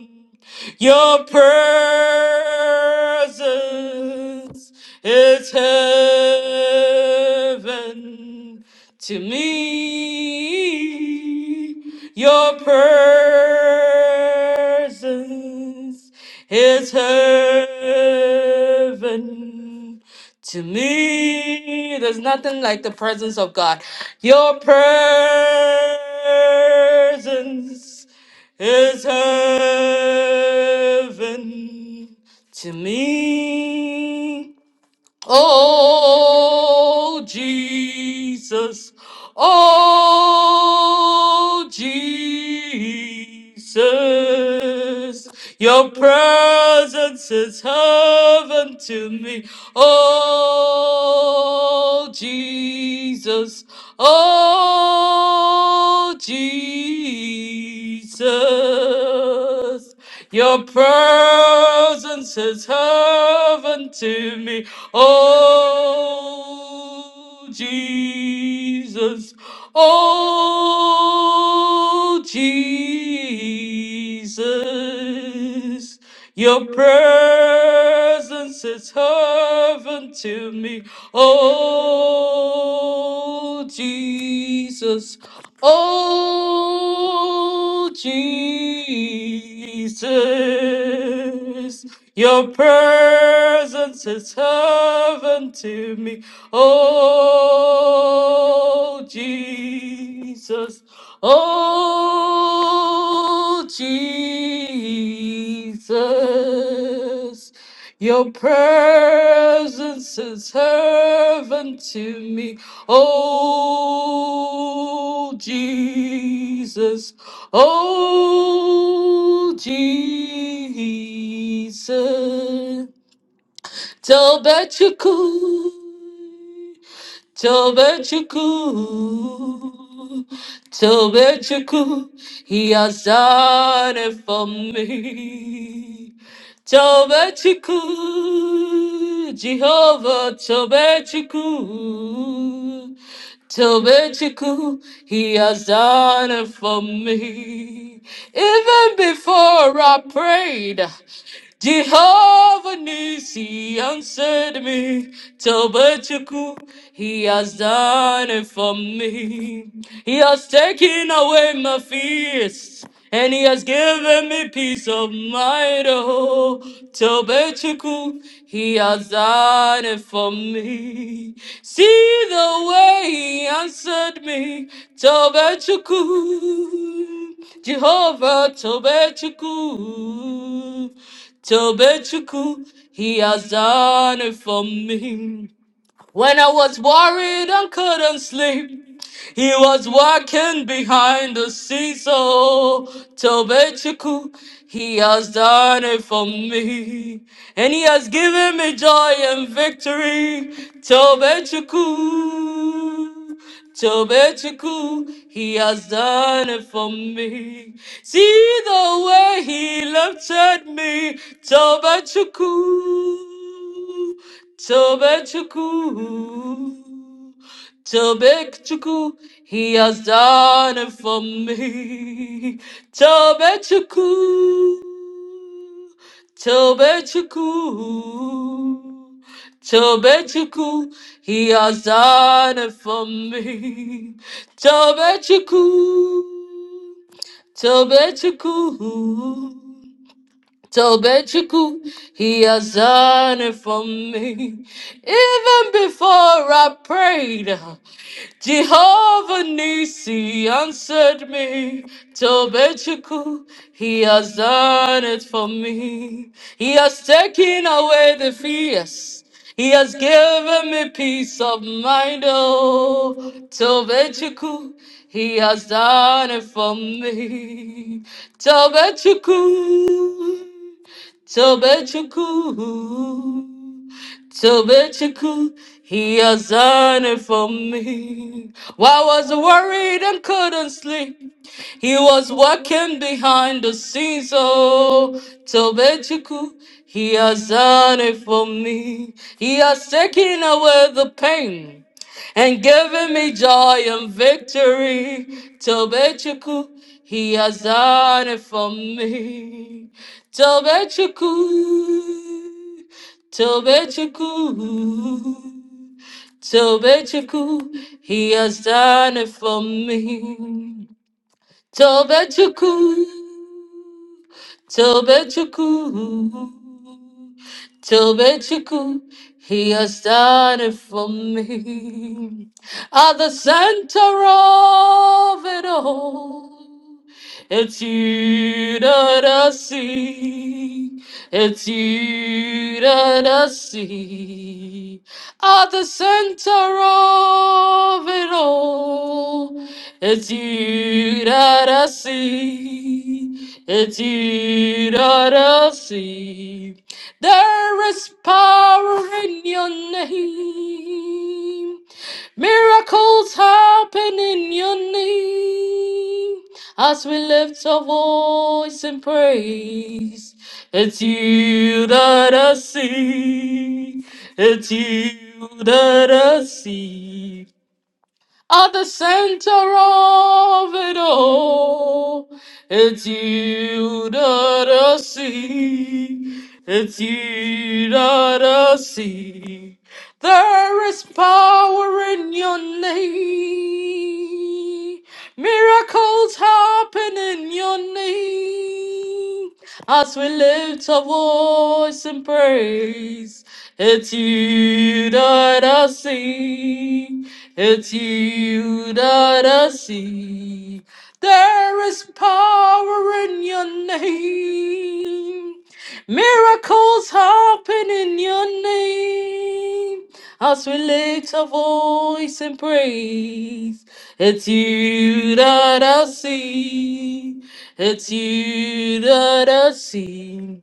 S9: Your presence is heaven to me. Your presence is heaven to me, there's nothing like the presence of God. Your presence is heaven to me. Oh, Jesus. Oh, Jesus. Your presence is heaven to me. Oh, Jesus. Oh, Jesus. Jesus, your presence is heaven to me. Oh, Jesus, oh, Jesus. Your presence is heaven to me. Oh, Jesus. Oh, Jesus promises. Your presence is heaven to me. Oh, Jesus. Oh, Jesus. Your presence is heaven to me, oh Jesus, oh Jesus. Tövbe çıkıyor. Tövbe çıkıyor. Tövbe çıkıyor. He has done it for me. Tövbe çıkıyor. Jehovah tövbe çıkıyor. Tövbe çıkıyor. He has done it for me. Even before I prayed. Jehovah Nissi answered me, Tobetchuku, He has done it for me. He has taken away my fears, and He has given me peace of mind. Oh, Tobetchuku, He has done it for me. See the way He answered me, Tobetchuku, Jehovah Tobetchuku. Tobechuku, he has done it for me. When I was worried and couldn't sleep, he was working behind the scenes. So, Tobechiku, he has done it for me, and he has given me joy and victory. Tobechiku, Tobechiku, he has done it for me. See the way he lifted me, Tobechiku. Tobetchuku, Tobetchuku, he has done it for me. Tobetchuku, Tobetchuku, Tobetchuku, he has done it for me. Tobetchuku, Tobetchuku. Tobechiku, he has done it for me. Even before I prayed, Jehovah Nisi answered me. Tobechiku, he has done it for me. He has taken away the fears. He has given me peace of mind, oh, Tovechuku. He has done it for me, Tovechuku. Tobechuku, Tobechuku, he has done it for me. Why was worried and couldn't sleep? He was working behind the scenes, oh, Tobechiku. He has done it for me. He has taken away the pain and given me joy and victory. Tobechiku, he has done it for me. Tobechiku, Tobechiku, Tobechiku, he has done it for me. Tövbe çukur, tövbe çukur, tövbe çukur. He has done it for me. At the center of it all, it's you that I see. It's you that I see. At the center of it all know it's you that I see. It's you that I see. There is power in your name. Miracles happen in your name. As we lift our voice in praise, it's you that I see. It's you that I see. At the center of it all, it's you that I see. It's you that I see. There is power in your name. Miracles happen in your name. As we lift our voice in praise, it's you that I see. It's you that I see. There is power in your name. Miracles happen in your name. As we lift our voice and praise, it's you that I see. It's you that I see.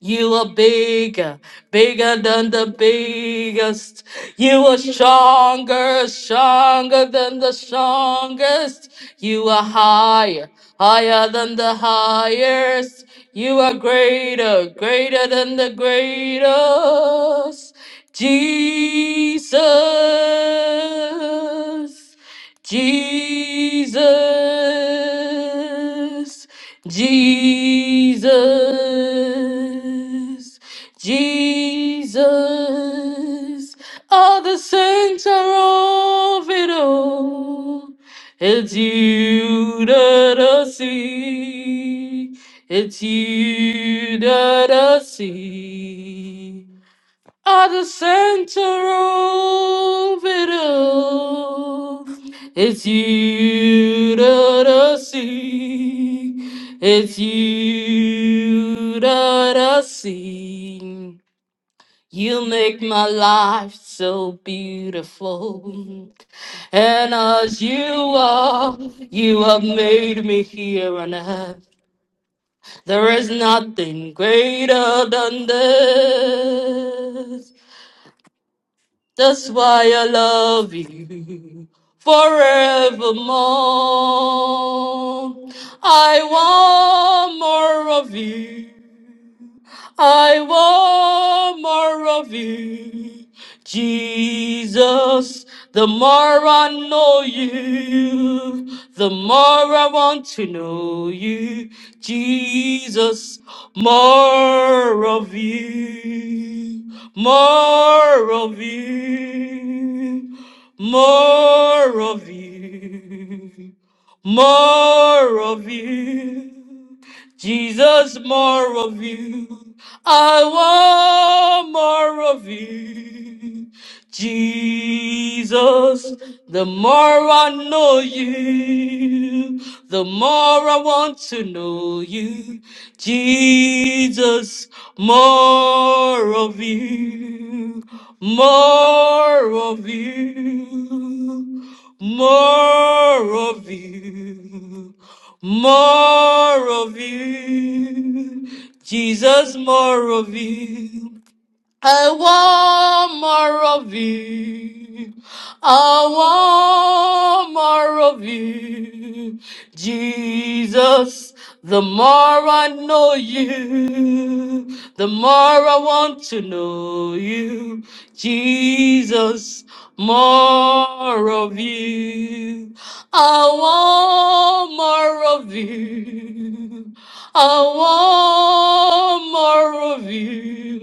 S9: You are bigger, bigger than the biggest. You are stronger, stronger than the strongest. You are higher, higher than the highest. You are greater, greater than the greatest. Jesus. Jesus, Jesus, Jesus. All the saints are of it all. It's you that I see. It's you that I see. At the center of it all, it's you that I see. It's you that I see. You make my life so beautiful. And as you are, you have made me here on earth. There is nothing greater than this. That's why I love you forevermore. I want more of you. I want more of you, Jesus. Jesus, the more I know you, the more I want to know you, Jesus, more of you, more of you, more of you, more of you. Jesus, more of you. I want more of you. Jesus, the more I know you, the more I want to know you. Jesus, more of you, more of you, more of you. More of you, Jesus, more of you. I want more of you. I want more of you, Jesus. The more I know you, the more I want to know you, Jesus more of you. I want more of you. I want more of you.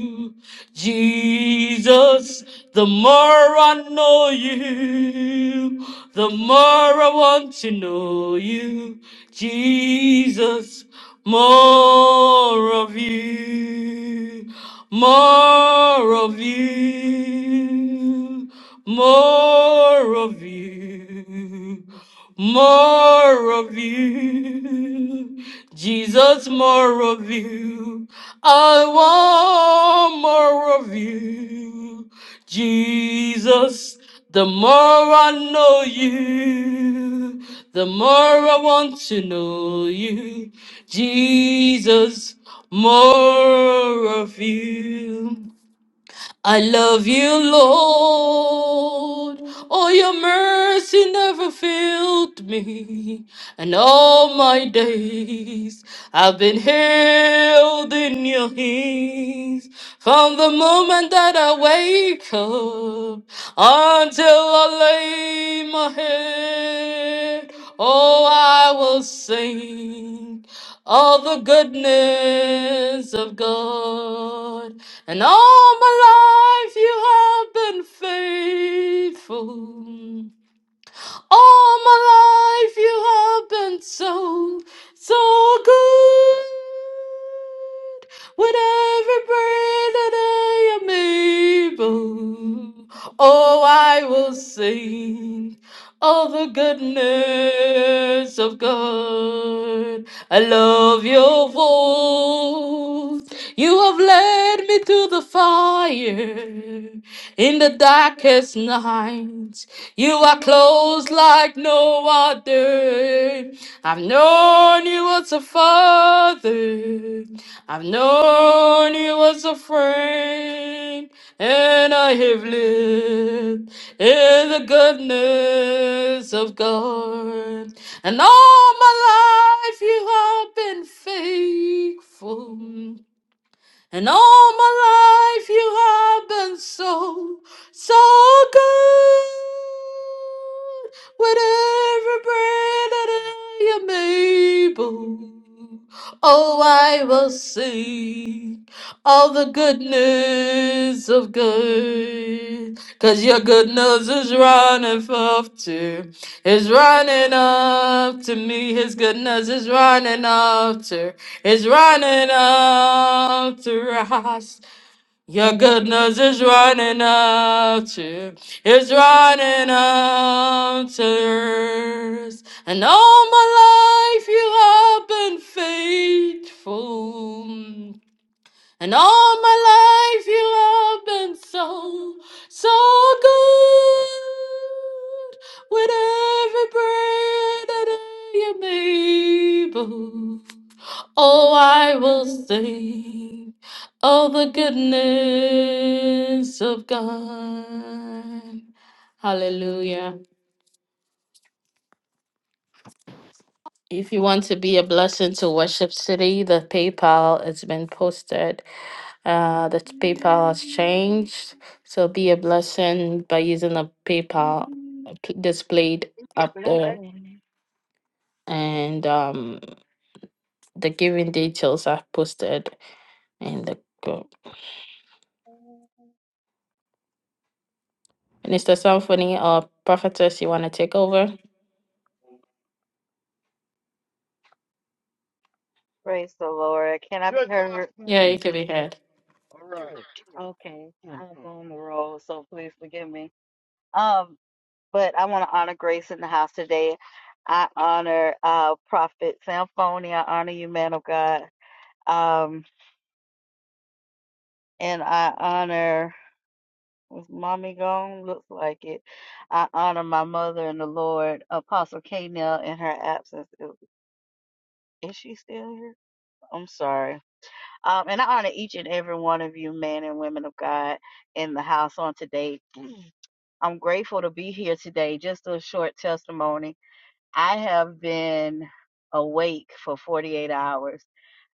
S9: Jesus, the more I know you, the more I want to know you. Jesus, more of you, more of you more of you, more of you, Jesus, more of you. I want more of you, Jesus. The more I know you, the more I want to know you, Jesus. More of you. I love you, Lord. Oh, your mercy never failed me. And all my days I've been held in your hands. From the moment that I wake up until I lay my head, oh, I will sing all the goodness of God. And all my life you have been faithful. All my life you have been so, so good. With every breath that I am able, oh, I will sing of the goodness of God. I love your voice. You have led me to the fire in the darkest night. You are close flows like no other. I've known you as a father. I've known you as a friend. And I have lived in the goodness of God. And all my life you have been faithful. And all my life you have been so, so good. With every breath that I am able, oh, I will sing all the goodness of good. Cause your goodness is running up to, is running up to me. His goodness is running up to, is running up to us. Your goodness is running up to, is running up to us. And all my life you have been faithful. And all my life you have been so, so good. With every breath that I am able, oh, I will sing of the goodness of God. Hallelujah. If you want to be a blessing to Worship City, the PayPal has been posted. Uh, the PayPal has
S10: Mm-hmm.
S9: changed. So be a blessing by using the PayPal p- displayed
S10: Be a
S9: up there.
S10: blessing.
S9: And um, the giving details are posted in the group. Minister Symphony or Prophetess, you want to take over?
S10: Praise the Lord. Can I be Good heard?
S9: Yeah, you
S10: afternoon.
S9: can be heard.
S10: Okay, Mm. I was on the roll, so please forgive me. Um, but I want to honor Grace in the house today. I honor uh Prophet Samphony. I honor you, man of God. Um, and I honor was mommy gone? Looks like it. I honor my mother in the Lord, Apostle K. Nell, in her absence. Is is she still here? I'm sorry. Um, and I honor each and every one of you, men and women of God, in the house on today. I'm grateful to be here today. Just a short testimony. I have been awake for 48 hours.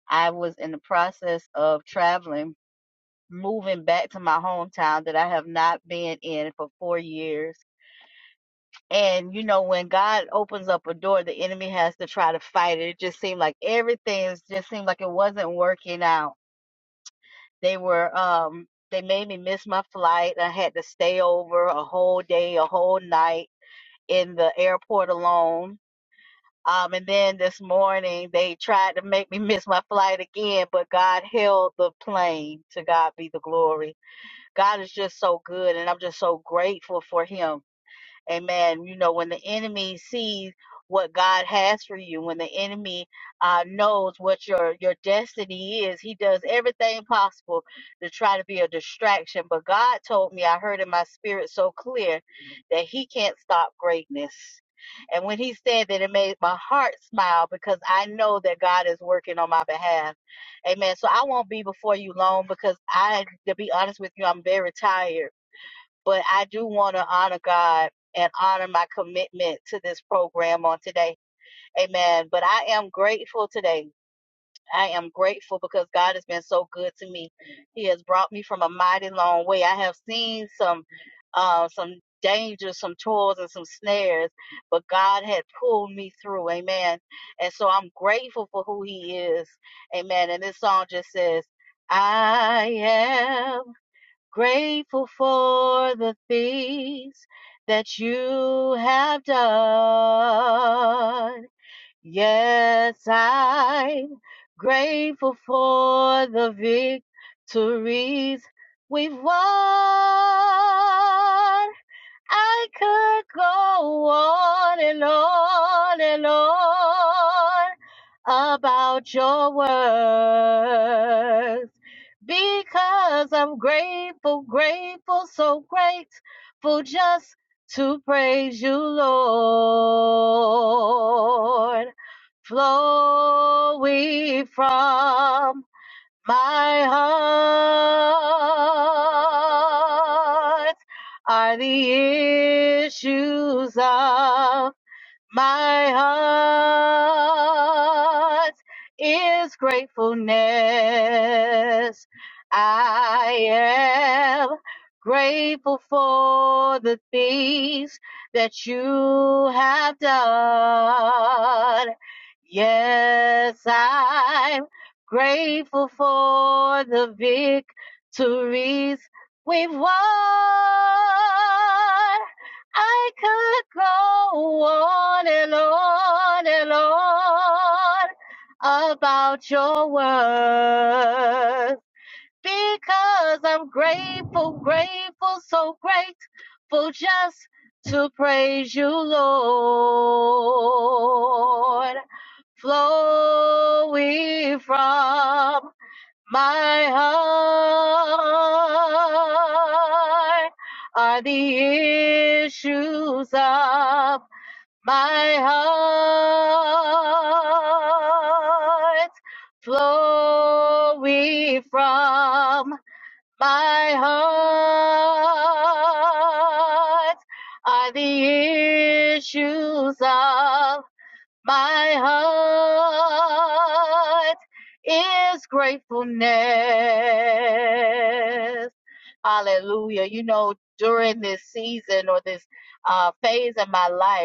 S10: I was in the process of traveling, moving back to my hometown that I have not been in for four years. And you know, when God opens up a door, the enemy has to try to fight it. It just seemed like everything just seemed like it wasn't working out They were um they made me miss my flight. I had to stay over a whole day, a whole night in the airport alone. Um, and then this morning they tried to make me [LAUGHS] miss my flight again, but God held the plane. To God be the glory. God is just so good, and I'm just so grateful for Him Amen. You know, when the enemy sees what God has for you, when the enemy uh, knows what your your destiny is, he does everything possible to try to be a distraction. But God told me, I heard in my spirit so clear that He can't stop greatness. And when He said that, it made my heart smile because I know that God is working on my behalf. Amen. So I won't be before you long because I, to be honest with you, I'm very tired but I do want to honor God and honor my commitment to this program on today. Amen. But I am grateful today. I am grateful because God has been so good to me. He has brought me from a mighty long way. I have seen some uh, some dangers, some toils, and some snares, but God had pulled me through. Amen. And so I'm grateful for who He is. Amen. And this song just says, I am." grateful for the things that you have done. Yes, I'm grateful for the victories we've won. I could go on and on and on about your work because I'm grateful, grateful, so grateful just to praise you, Lord. Flowing from my heart are the issues of my heart is gratefulness. I am grateful for the things that you have done. Yes, I'm grateful for the victories we've won. I could go on and on and on about your worth because I'm grateful, grateful, so grateful just to praise you, Lord. Flowing from my heart are the issues of my heart flowing from my heart are the issues of my heart is gratefulness. Hallelujah. You know, during this season or this uh, phase of my life,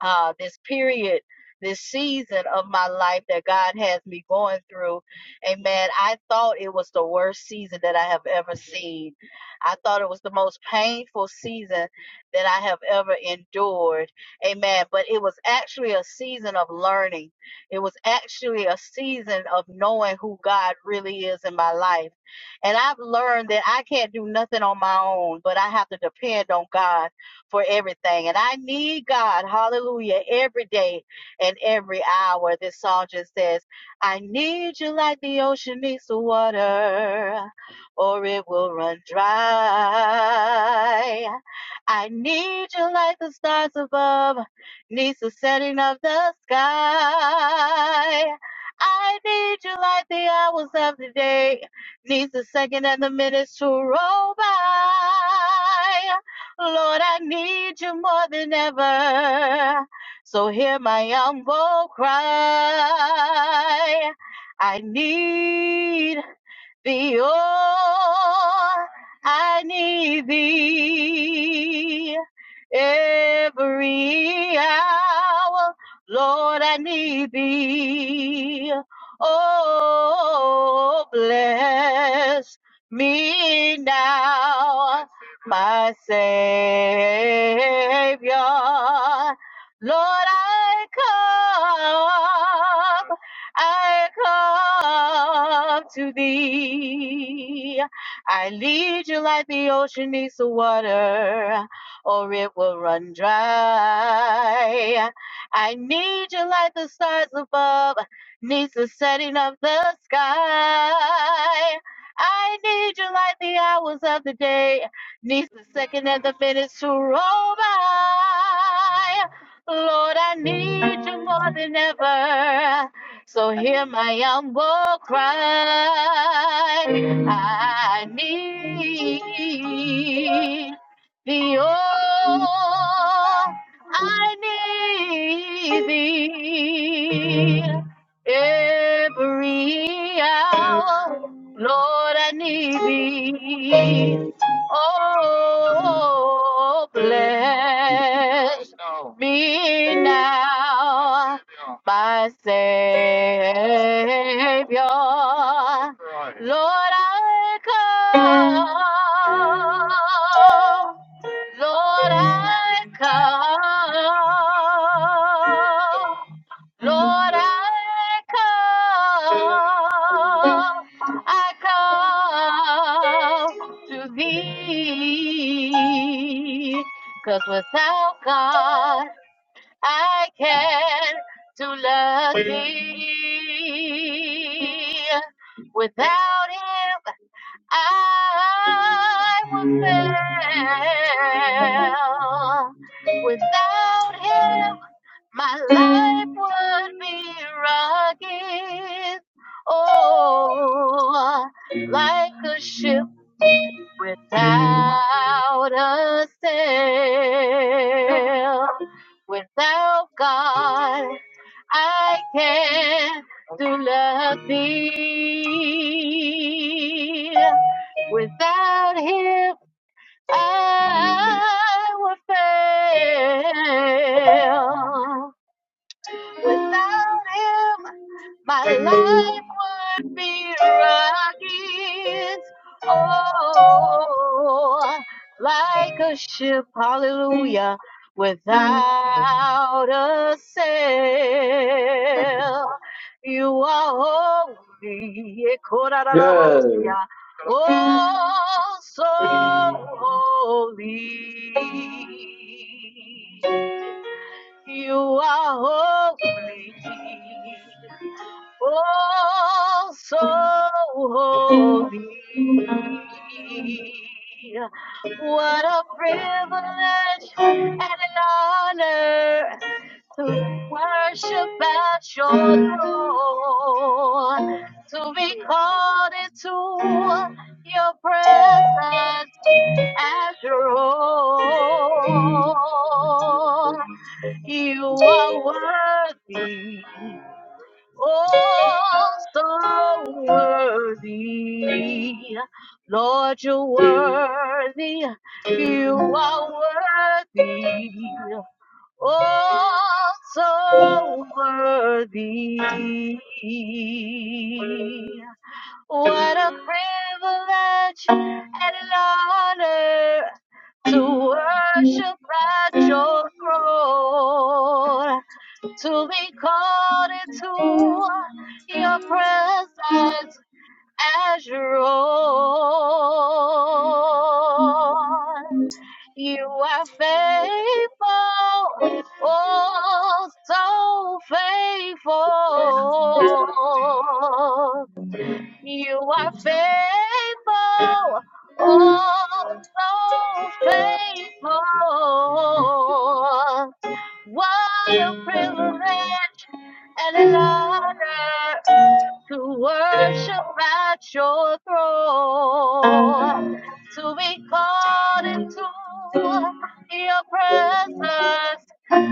S10: uh, this period, this season of my life that God has me going through. Amen. I thought it was the worst season that I have ever seen. I thought it was the most painful season that I have ever endured. Amen. But it was actually a season of learning, it was actually a season of knowing who God really is in my life. And I've learned that I can't do nothing on my own, but I have to depend on God for everything. And I need God, hallelujah, every day and every hour. This song just says, I need you like the ocean needs the water, or it will run dry. I need you like the stars above needs the setting of the sky. I need you like the hours of the day needs the second and the minutes to roll by. Lord, I need you more than ever. So hear my humble cry. I need thee, oh, I need thee every hour. Lord, I need thee. Oh, bless me now, my Savior. Lord, I come I come to thee. I need you like the ocean needs the water, or it will run dry. I need you like the stars above needs the setting of the sky. I need you like the hours of the day needs the second and the minutes to roll by. Lord, I need you more than ever. So hear my humble cry. I need thee, oh, I need thee every hour. Lord, I need thee. Oh, bless me now my Savior. Right. Lord, I come. Lord, I come. Lord, I come. I come to Thee, 'cause without God, I can do nothing without him. I will fail. Without him, my life would be rugged. Oh, like a ship without a sail. Without God, I can do nothing. Without Him, I will fail. Without him, my life would be rockets. Oh, like a ship, hallelujah, without a sail. You are holy,
S1: Yeah.
S10: Ekorararabosia. oh, so holy. You are holy, oh so holy. What a privilege and an honor to worship at your throne, to be called into your presence as your own. You are worthy, oh so worthy. Lord, you're worthy, you are worthy, oh so worthy. What a privilege and an honor to worship at your throne to be called into your presence as your own. You are faithful, oh, so faithful. You are faithful, oh, so faithful. What a privilege and an honor to worship at your throne, to be called into your presence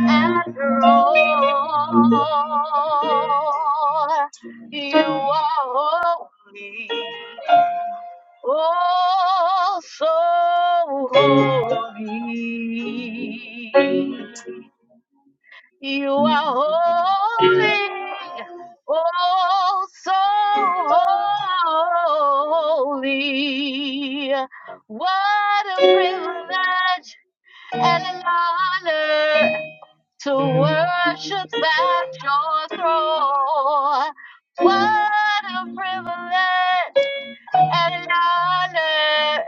S10: after all. You are holy, oh so holy. You are holy, oh so holy. What a privilege and an honor to worship at your throne. What a privilege and an honor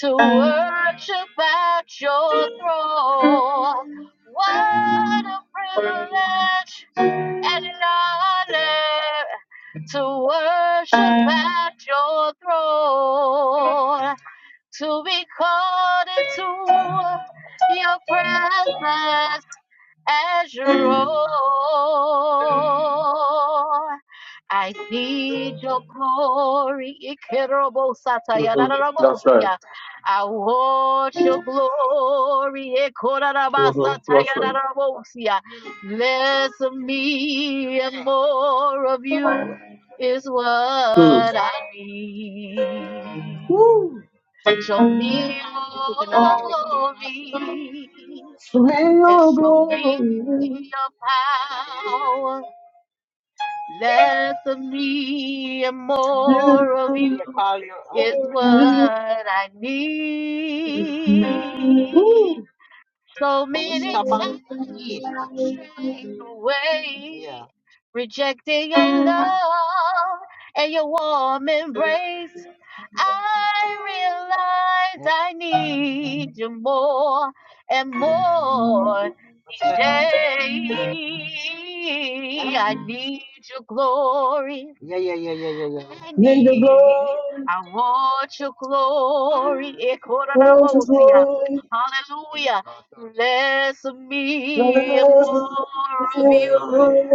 S10: to worship at your throne. What a privilege and honor to worship at your throne, to be called into your presence as your own. I need your glory. Ikerobosataya,
S1: hmm That's right.
S10: dadadabosia. I want your glory.
S1: hmm That's
S10: Ikorabasataya,
S1: right.
S10: dadadabosia. Less of me and more of you is what
S1: Hmm.
S10: I need. Show me your glory
S1: May
S10: and
S1: your
S10: show me
S1: glory,
S10: your power. Less of me and more of you is what I need. So But we many stop and eat. times I strayed away, Yeah. rejecting your love and your warm embrace. I realize I need you more and more each day. I need your glory. I
S1: may your
S10: need,
S1: glory,
S10: I want your glory. Ekorarabosia. Hallelujah. Less of me and more of you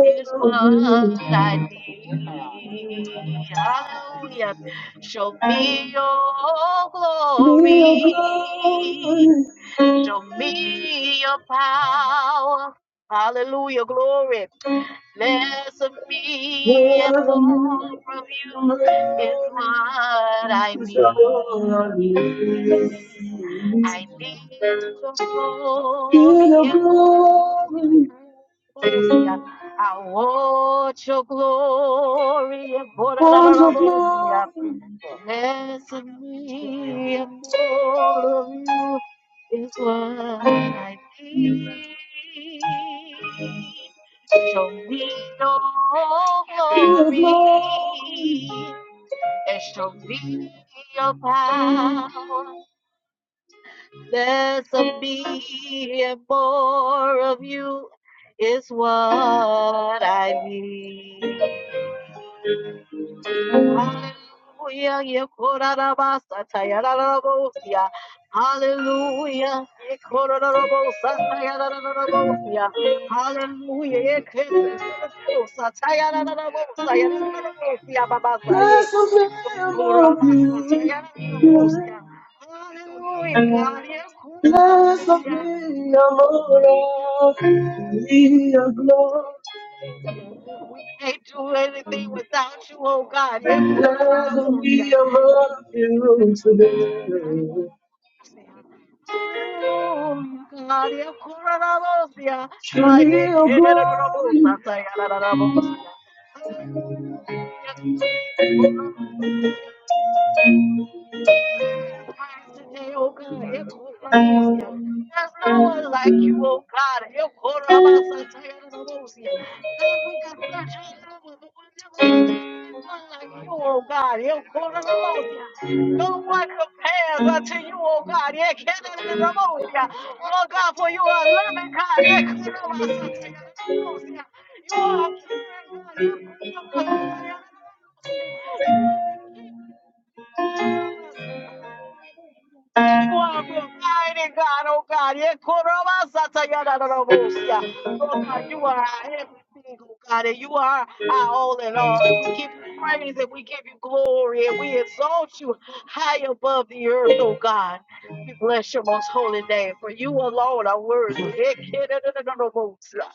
S10: is what I need. Hallelujah. Show me your glory. Show me your power. Hallelujah, glory. Less of me and more
S1: glory,
S10: of you is what I
S1: glory,
S10: need.
S1: glory, glory.
S10: I need your
S1: Get the
S10: glory.
S1: glory,
S10: I want your glory.
S1: want your glory. once of love,
S10: Less of me and more of you is what I need. Show me your glory and show me your power. Less of me and more of you is what I need. Hallelujah. Yekorarabasa tayararabosia. Hallelujah. Yekorarabosa tayararabosia. Hallelujah. Yekorarabosa tayararabosa. Yararabosia babasaye. Yokoramasa tayararabosia. Hallelujah, God. Yekorarabosia. We can't do anything without you, oh God.
S1: Let them
S10: Hallelujah,
S1: be above you today.
S10: God. Hallelujah, God. Christ today, oh God. Ekorabosia. There's no one like you, oh God. Ekorabasatarabosea. God, we can search all over, but we'll never find anyone like you, oh God. Ekorabosia. No one compares unto you, oh God. Ekereremosia. Oh God, for you are a loving God. Ekorabasatarabosea. You are a caring God. Ekorabasatarabosea. You are a king. You are providing, God, oh God. Yeah, Koroba Satayana Robosia. Lord God, you are our everything, oh God, and you are our all in all. And we give you praise and we give you glory and we exalt you high above the earth, oh God. We bless your most holy name, for you alone are worthy. Eh, Kidadadadadabosia.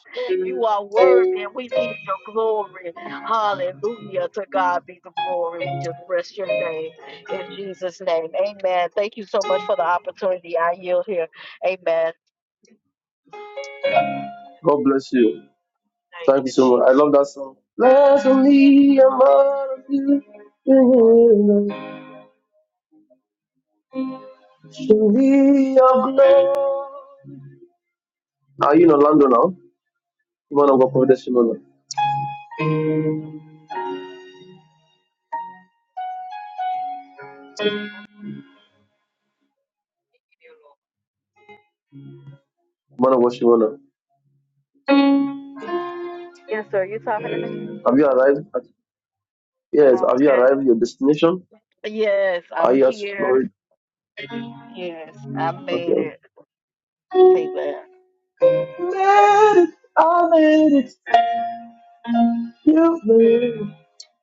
S10: You are worthy, and we need your glory. Hallelujah. To God be the glory. We just bless your name. In Jesus' name, amen. Thank you so much for the opportunity. I yield here. Amen. Thank
S1: God bless you. Thank you
S10: you,
S1: so much. I
S10: Jesus.
S1: love that song. Let them be above you today. Show me your glory. Are you in Orlando now? Man of God, Prophet Shimona.
S10: Thank you, Lord.
S1: Man of God, Shimona.
S10: Yes, sir. You talking to me?
S1: Have you arrived? At,
S10: Am
S1: yes,
S10: I
S1: have you
S10: okay?
S1: arrived at your destination?
S10: Yes,
S1: Are
S10: I'm
S1: you at
S10: here.
S1: Florida?
S10: Yes, I made
S1: Okay.
S10: it. Amen.
S1: I made it. You made it.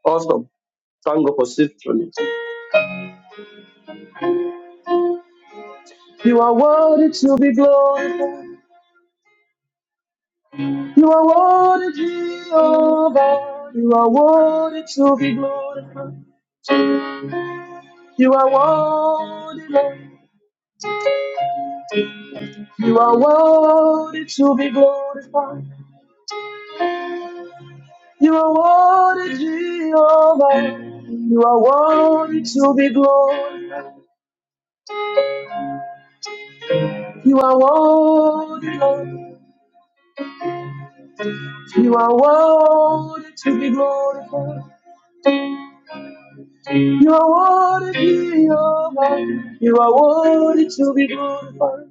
S1: Awesome. Thank God for symphony. To be glorified, you are worthy, Lord. You are worthy to be glorified. You are worthy, your Lord. You are worthy to be glorified.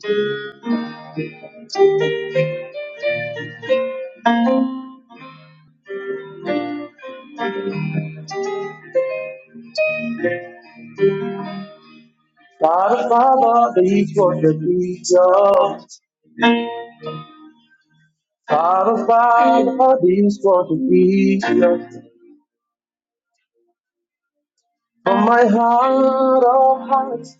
S1: Father, Father, these what the Jesus. Father, Father, these what the Jesus. From my heart, oh hearts,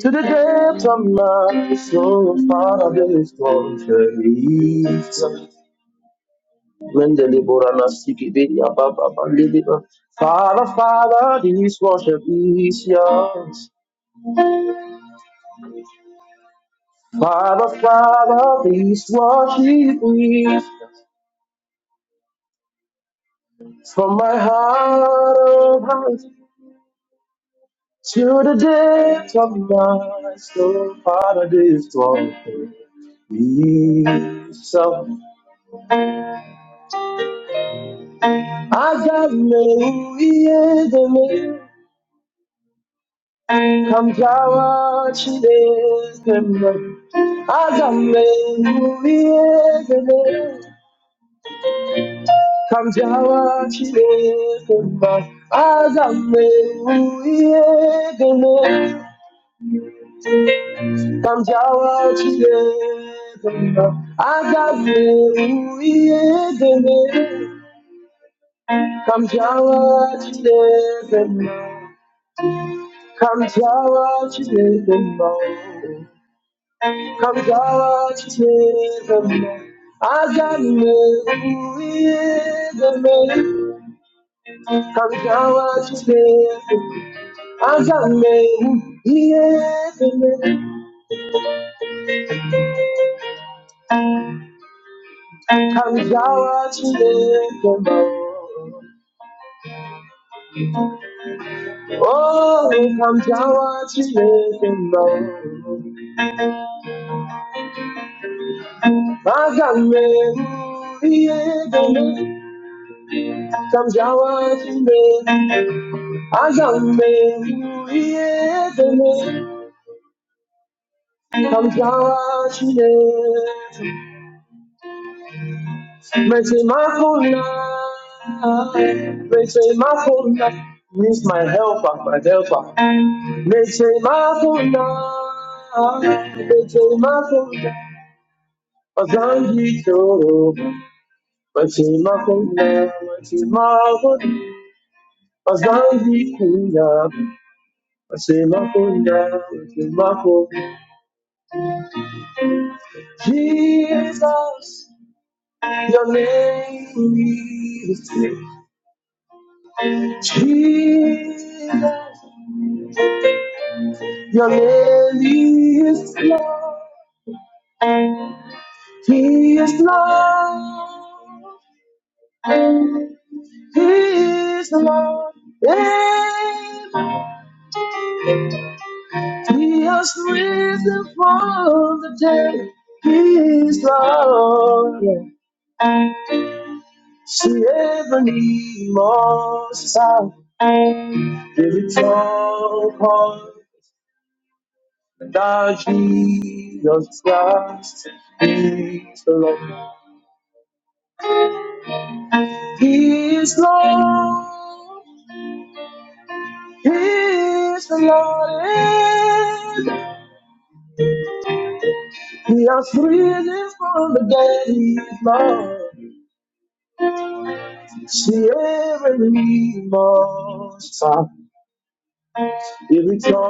S1: to the depths of my soul, Father, this what the Jesus. Father, Father, the ashes from my heart. So I got no enemy. Come down to I got no enemy. Come down to I got no enemy. Down to I got no enemy. Power today, answer me. Yes, come Jawa today, come Oh, come Jawa today, come Answer me. Yes, come Jawa. My sister, rejoice,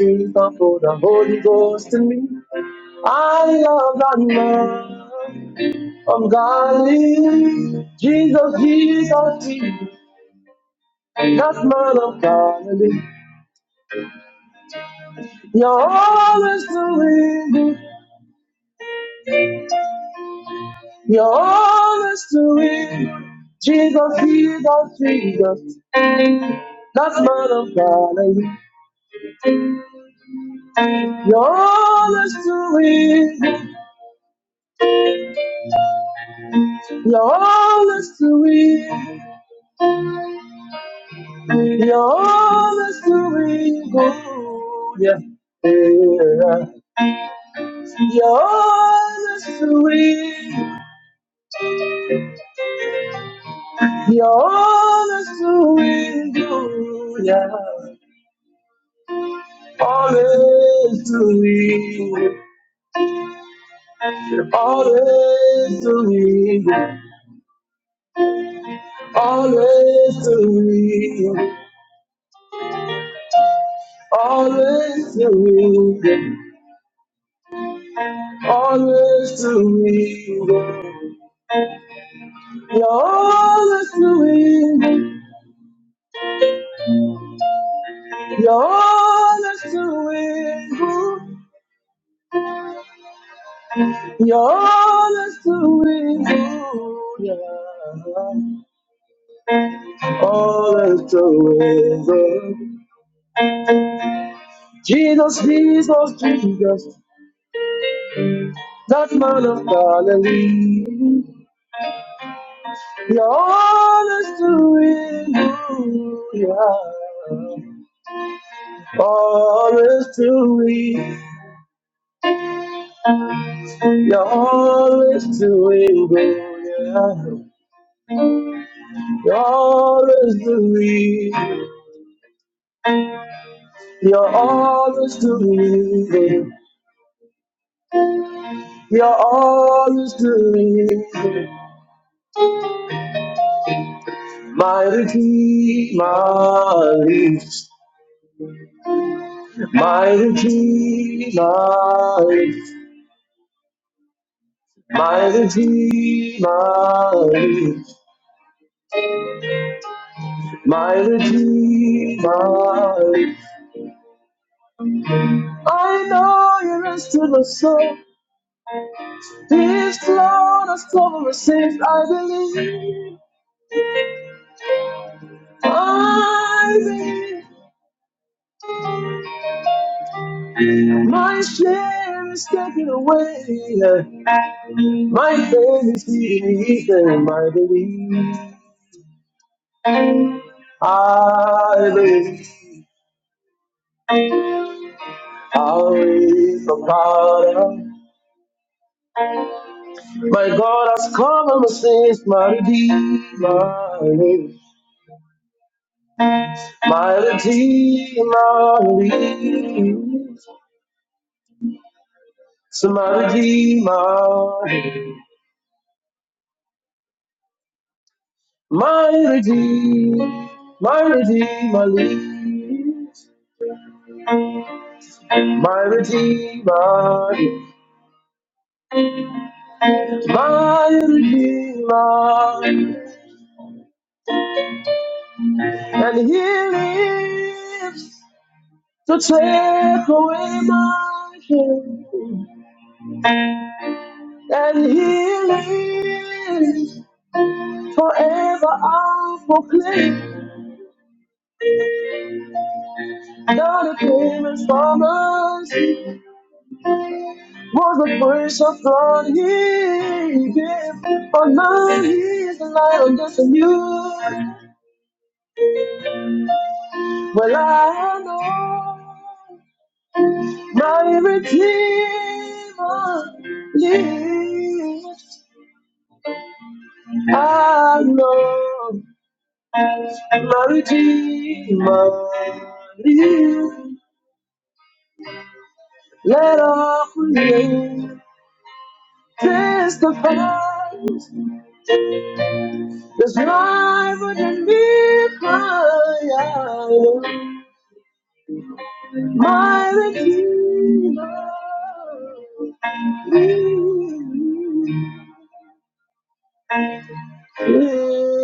S1: we come for the Holy Ghost in me. I love that man of Galilee. Jesus, Jesus, Jesus, that man of God. You're always doing. to You're always doing. to Jesus, Jesus, Jesus. That's my love, darling. You're always doing. to You're always doing. to You're always doing. to You're always doing. to You're always doing. all You're always doing. to You're always doing. to Yeah. all of the river. Jesus, Jesus, Jesus, that man of Galilee. You're always doing good. Always doing, you're always doing good. You're always doing, you're always doing my life. I know you rest to the soul. This Lord has covered my sins, I believe. rising. My share is taken away. My faith is weak and my belief. I believe, I will believe for power. My God has come and saves my redeemer. My redeemer lives. So my redeemer, my, my redeemer my Redeemer, and He lives to take away my shame. As I cry, I know my Redeemer,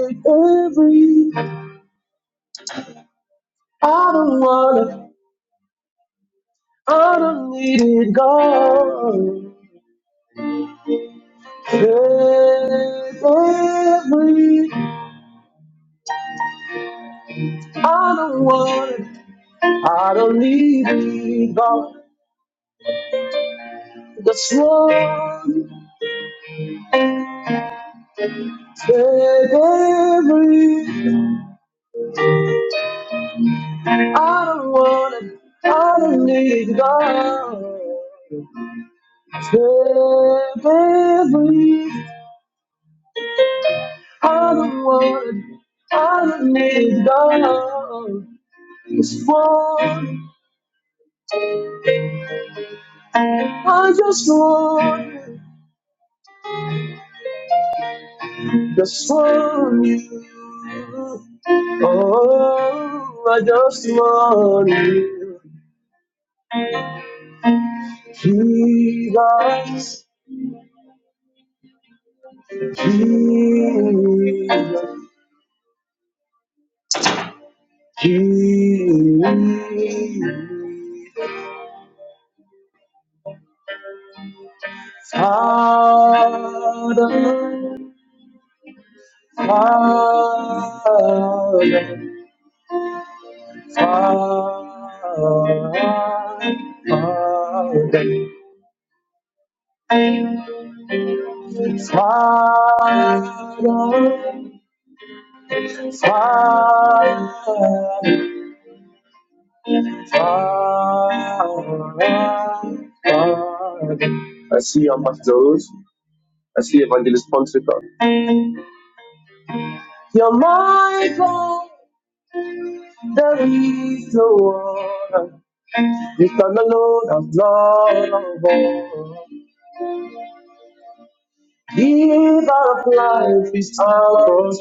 S1: every I don't wanna, I don't need it, God. Take every, take it, I don't wanna. I don't need God. Take every I see our Pastor Rose. I see Evangelist Ponsica. It's a lot of life is out of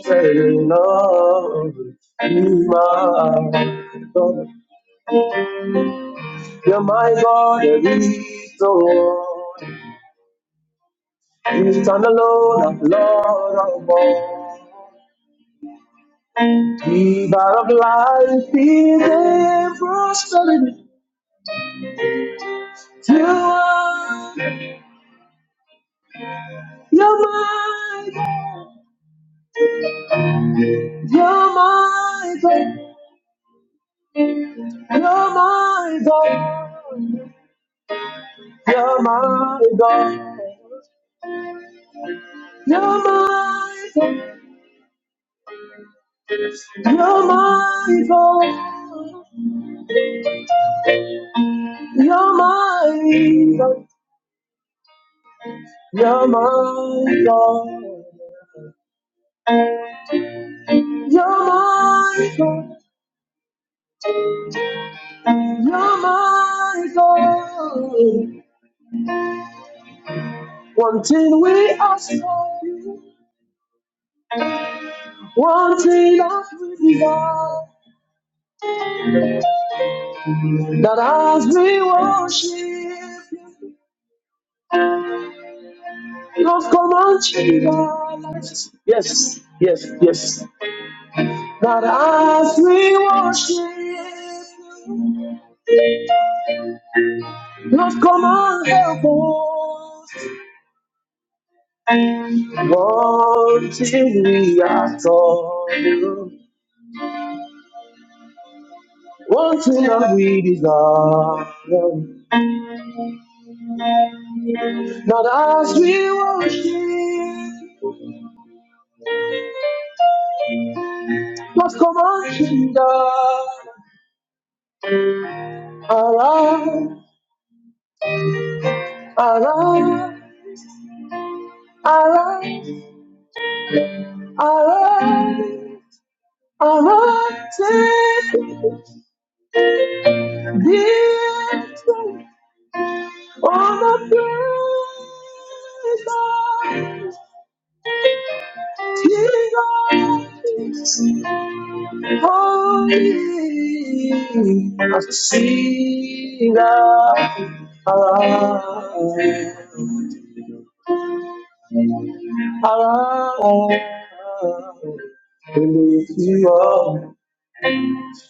S1: wanting we are torn. One that we desire, not as we worship, but come on, kingdom. Arise, arise.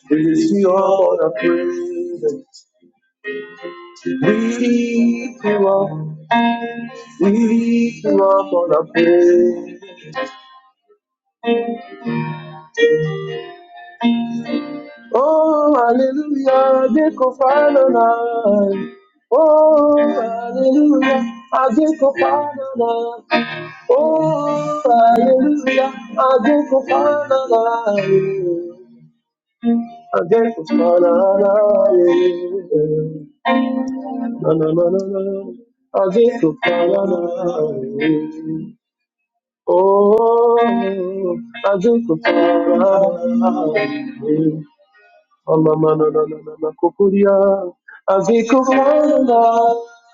S1: This is your na na na na na. I think of power. I think of power. Amamananananamakokuria, azikufana,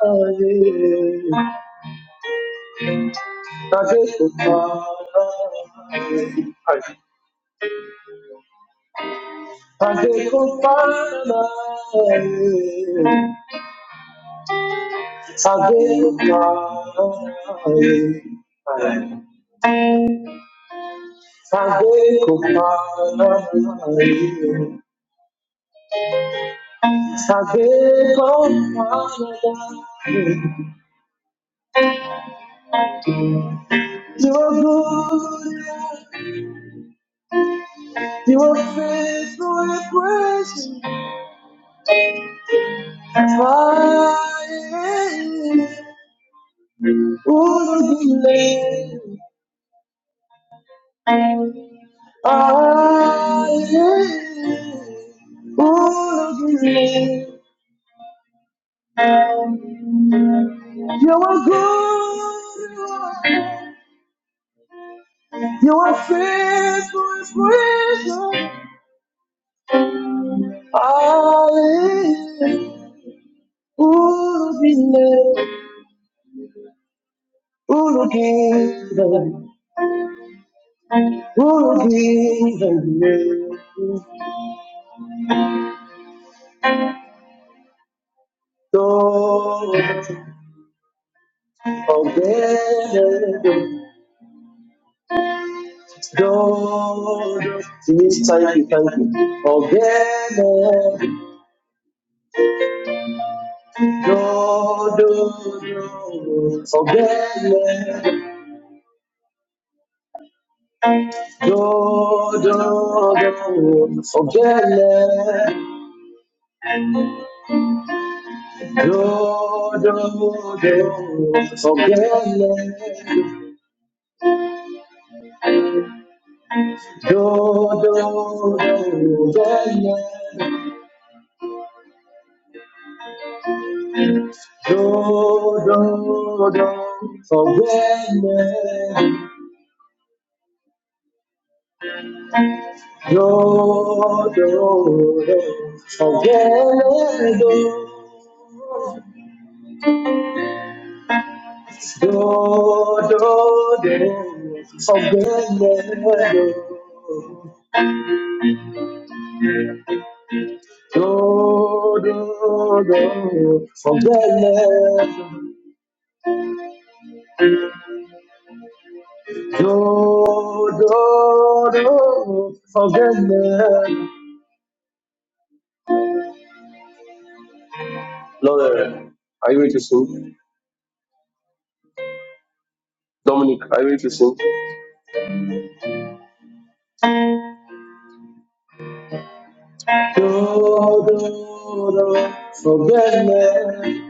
S1: aye. Azikufa, azikufa, azikufa, yene, do, do, do, ogene, do, do, do, ogene, do, do, do, ogene, do, do, do Forget never. Do, do, do. Forget never. Do, do, do. Forget never. Lord, are you ready to sing? Dominic, are you ready to sing? Do, do, do. Forget never.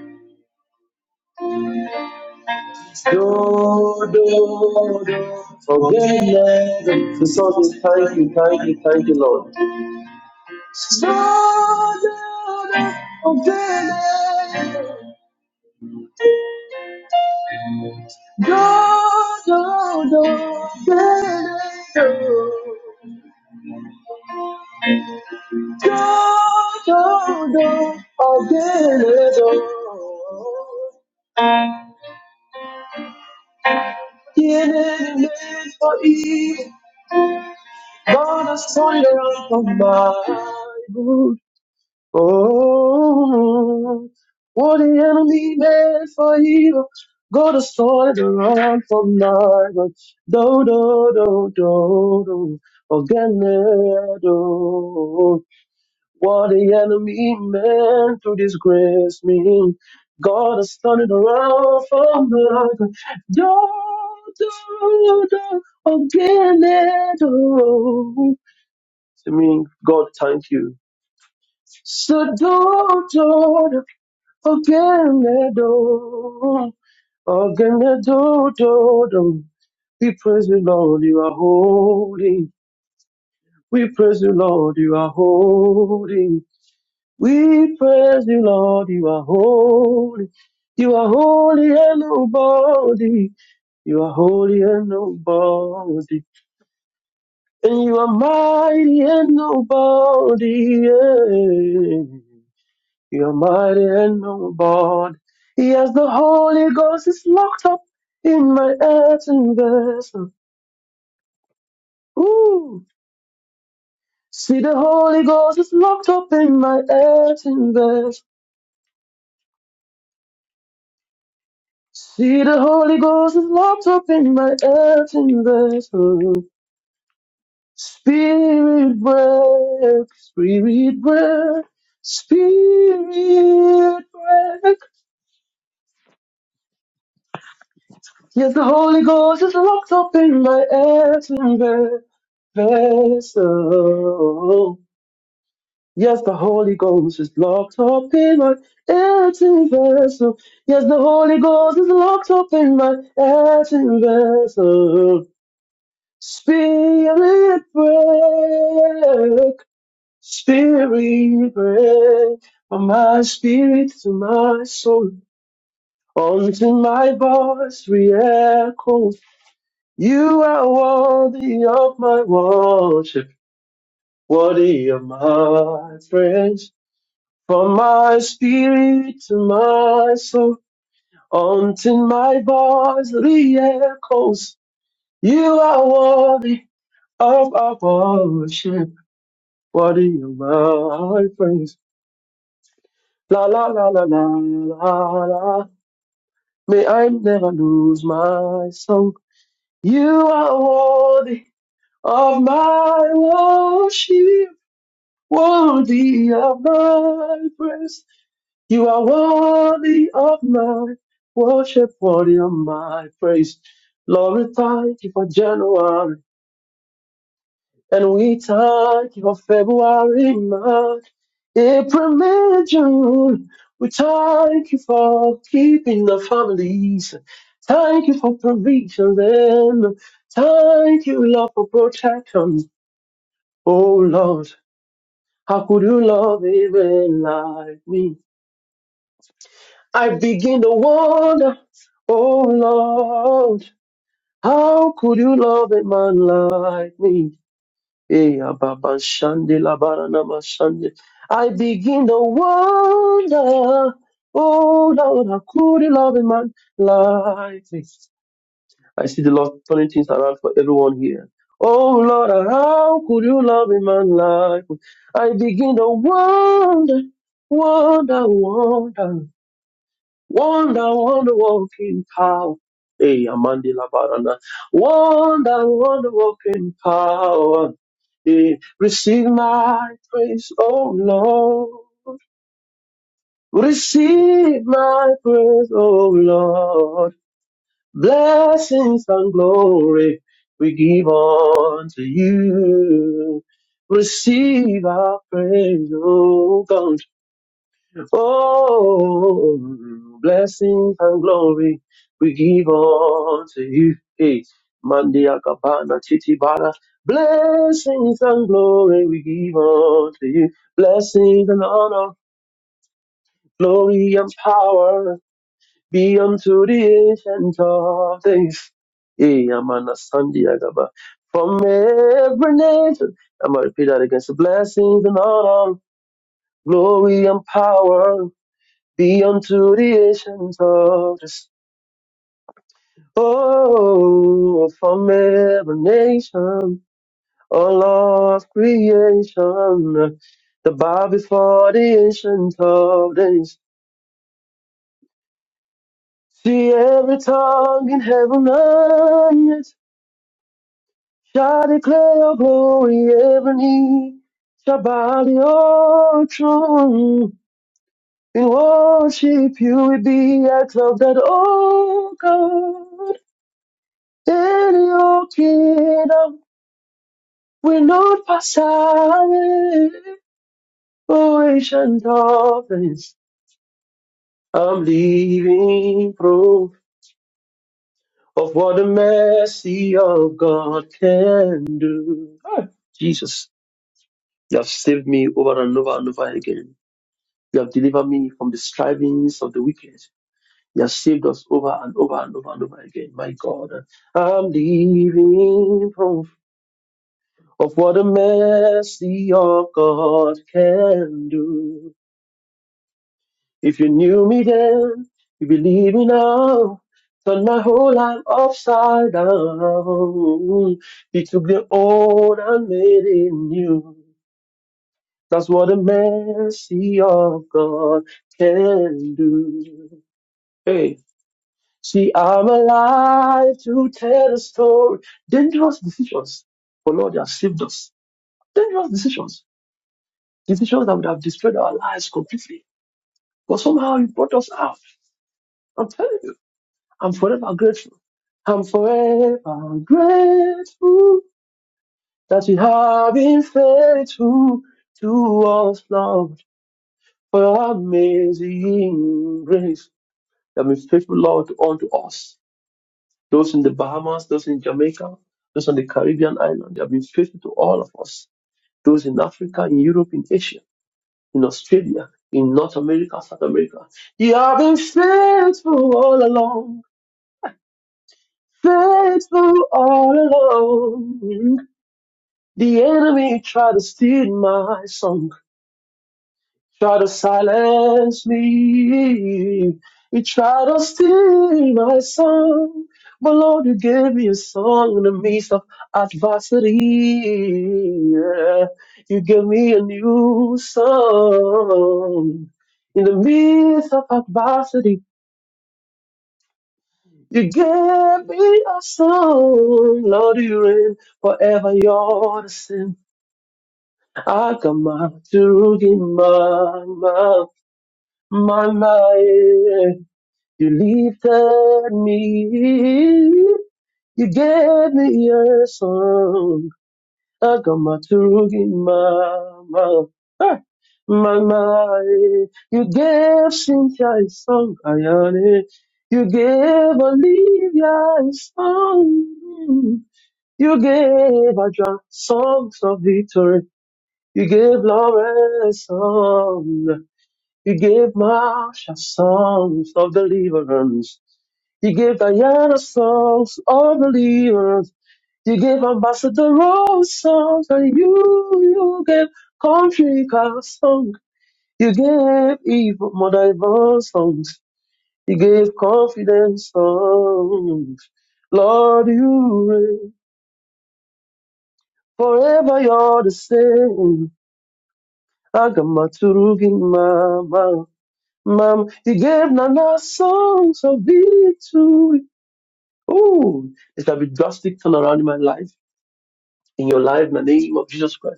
S1: Do, do, do. Forget never. So, so, thank you, thank you, thank you, Lord. Forget never. Oh, what the enemy meant for evil, God destroyed the wrong for my good. Do, do, do, do, do, again, eh, do. What the enemy meant to disgrace me, God has turned it around for my good. Do, do, do, again, eh, do. To me, God, thank you. So do, do, do. Ogenedo, Ogenedo, do, do. We praise you, Lord, you are holy. We praise you, Lord, you are holy. We praise you, Lord, you are holy. You are holy and nobody. You are holy and nobody. And you are mighty and nobody. yeah. You're mighty and noble. Yes, the Holy Ghost is locked up in my earthen vessel. Ooh, see the Holy Ghost is locked up in my earthen vessel. See the Holy Ghost is locked up in my earthen vessel. Spirit break, spirit break, spirit break. Yes, the Holy Ghost is locked up in my earthen ve- vessel. Yes, the Holy Ghost is locked up in my earthen vessel. Yes, the Holy Ghost is locked up in my earthen vessel. Spirit break, spirit break, from my spirit to my soul, until my voice re You are worthy of my worship, worthy of my praise. From my spirit to my soul, until my voice re-echoes. You are worthy of our worship, worthy of my praise. La, la, la, la, la. May I never lose my song. You are worthy of my worship, worthy of my praise. You are worthy of my worship, worthy of my praise. Lord, we thank you for January, and we thank you for February, March, April, May, June. We thank you for keeping the families. Thank you for provision, then. Thank you, Lord, for protection. Oh, Lord, how could you love even like me? I begin to wonder, oh Lord, how could you love a man like me? Eh, ababa shande la bara shande. I begin to wonder, oh Lord, how could you love a man like me? I see the Lord turning things around for everyone here. Oh Lord, how could you love a man like me? I begin to wonder, wonder, wonder. Wonder, wonder walking power. Hey, Amandila Barana. Wonder, wonder walking power. Hey, receive my praise, oh Lord. Receive my praise, oh Lord. Blessings and glory we give unto you. Receive our praise, oh God. Oh, blessings and glory we give unto you. Hey, Mandia Kabana Titibara. Blessings and glory we give unto you. Blessings and honor, glory and power be unto the ancient of days. Hey, Amana Sandia Gaba. From every nation, I'm going to repeat that again. So blessings and honor, glory and power beyond to the ancients of this. Oh, from every nation, all of creation, the bow before the ancient of days. See every tongue in heaven and earth shall declare your glory, every knee shall bow to your throne. In worship you will be exalted, oh God. your kingdom, Del yo quiero will pasar of dolphins. I'm leaving proof of what the mercy of God can do. Jesus, you have saved me over and over and over again. You have delivered me from the strivings of the wicked. You have saved us over and over and over and over again. My God, I'm leaving proof. of what a mercy of God can do. If you knew me then, you believe me now. Turn my whole life upside down. He took the old and made it new. That's what a mercy of God can do. Hey, see, I'm alive to tell the story. Dangerous decisions, but Lord, you have saved us. Dangerous decisions. Decisions that would have destroyed our lives completely. But somehow you brought us out. I'm telling you, I'm forever grateful. I'm forever grateful that you have been faithful to us, Lord, for your amazing grace. You have been faithful, Lord, unto us. Those in the Bahamas, those in Jamaica, those on the Caribbean island, you have been faithful to all of us. Those in Africa, in Europe, in Asia. in Australia, in North America, South America. You have been faithful all along, faithful all along. The enemy tried to steal my song Try to silence me. You try to steal my song. But Lord, you gave me a song in the midst of adversity. Yeah. You gave me a new song. In the midst of adversity, you gave me a song. Lord, you reign forever. You're the same. My, my, my, yeah. You gave me a song. aga m atụrụ gị mma ma mma mma e cynthia is song ayane eva Olivia is song eva ja songs of victory you gave Lawrence song you gave Marsha songs of deliverance you gave Diana songs of deliverance you gave Ambassador Rose songs and you you gave country Car song. You gave evil more diverse songs. You gave confidence songs. Lord, you reign forever. You're the same. Agamaturugin mama, mam. You gave Nana songs of victory. Ooh, it shall be drastic turnaround in my life, in your life, in the name of Jesus Christ.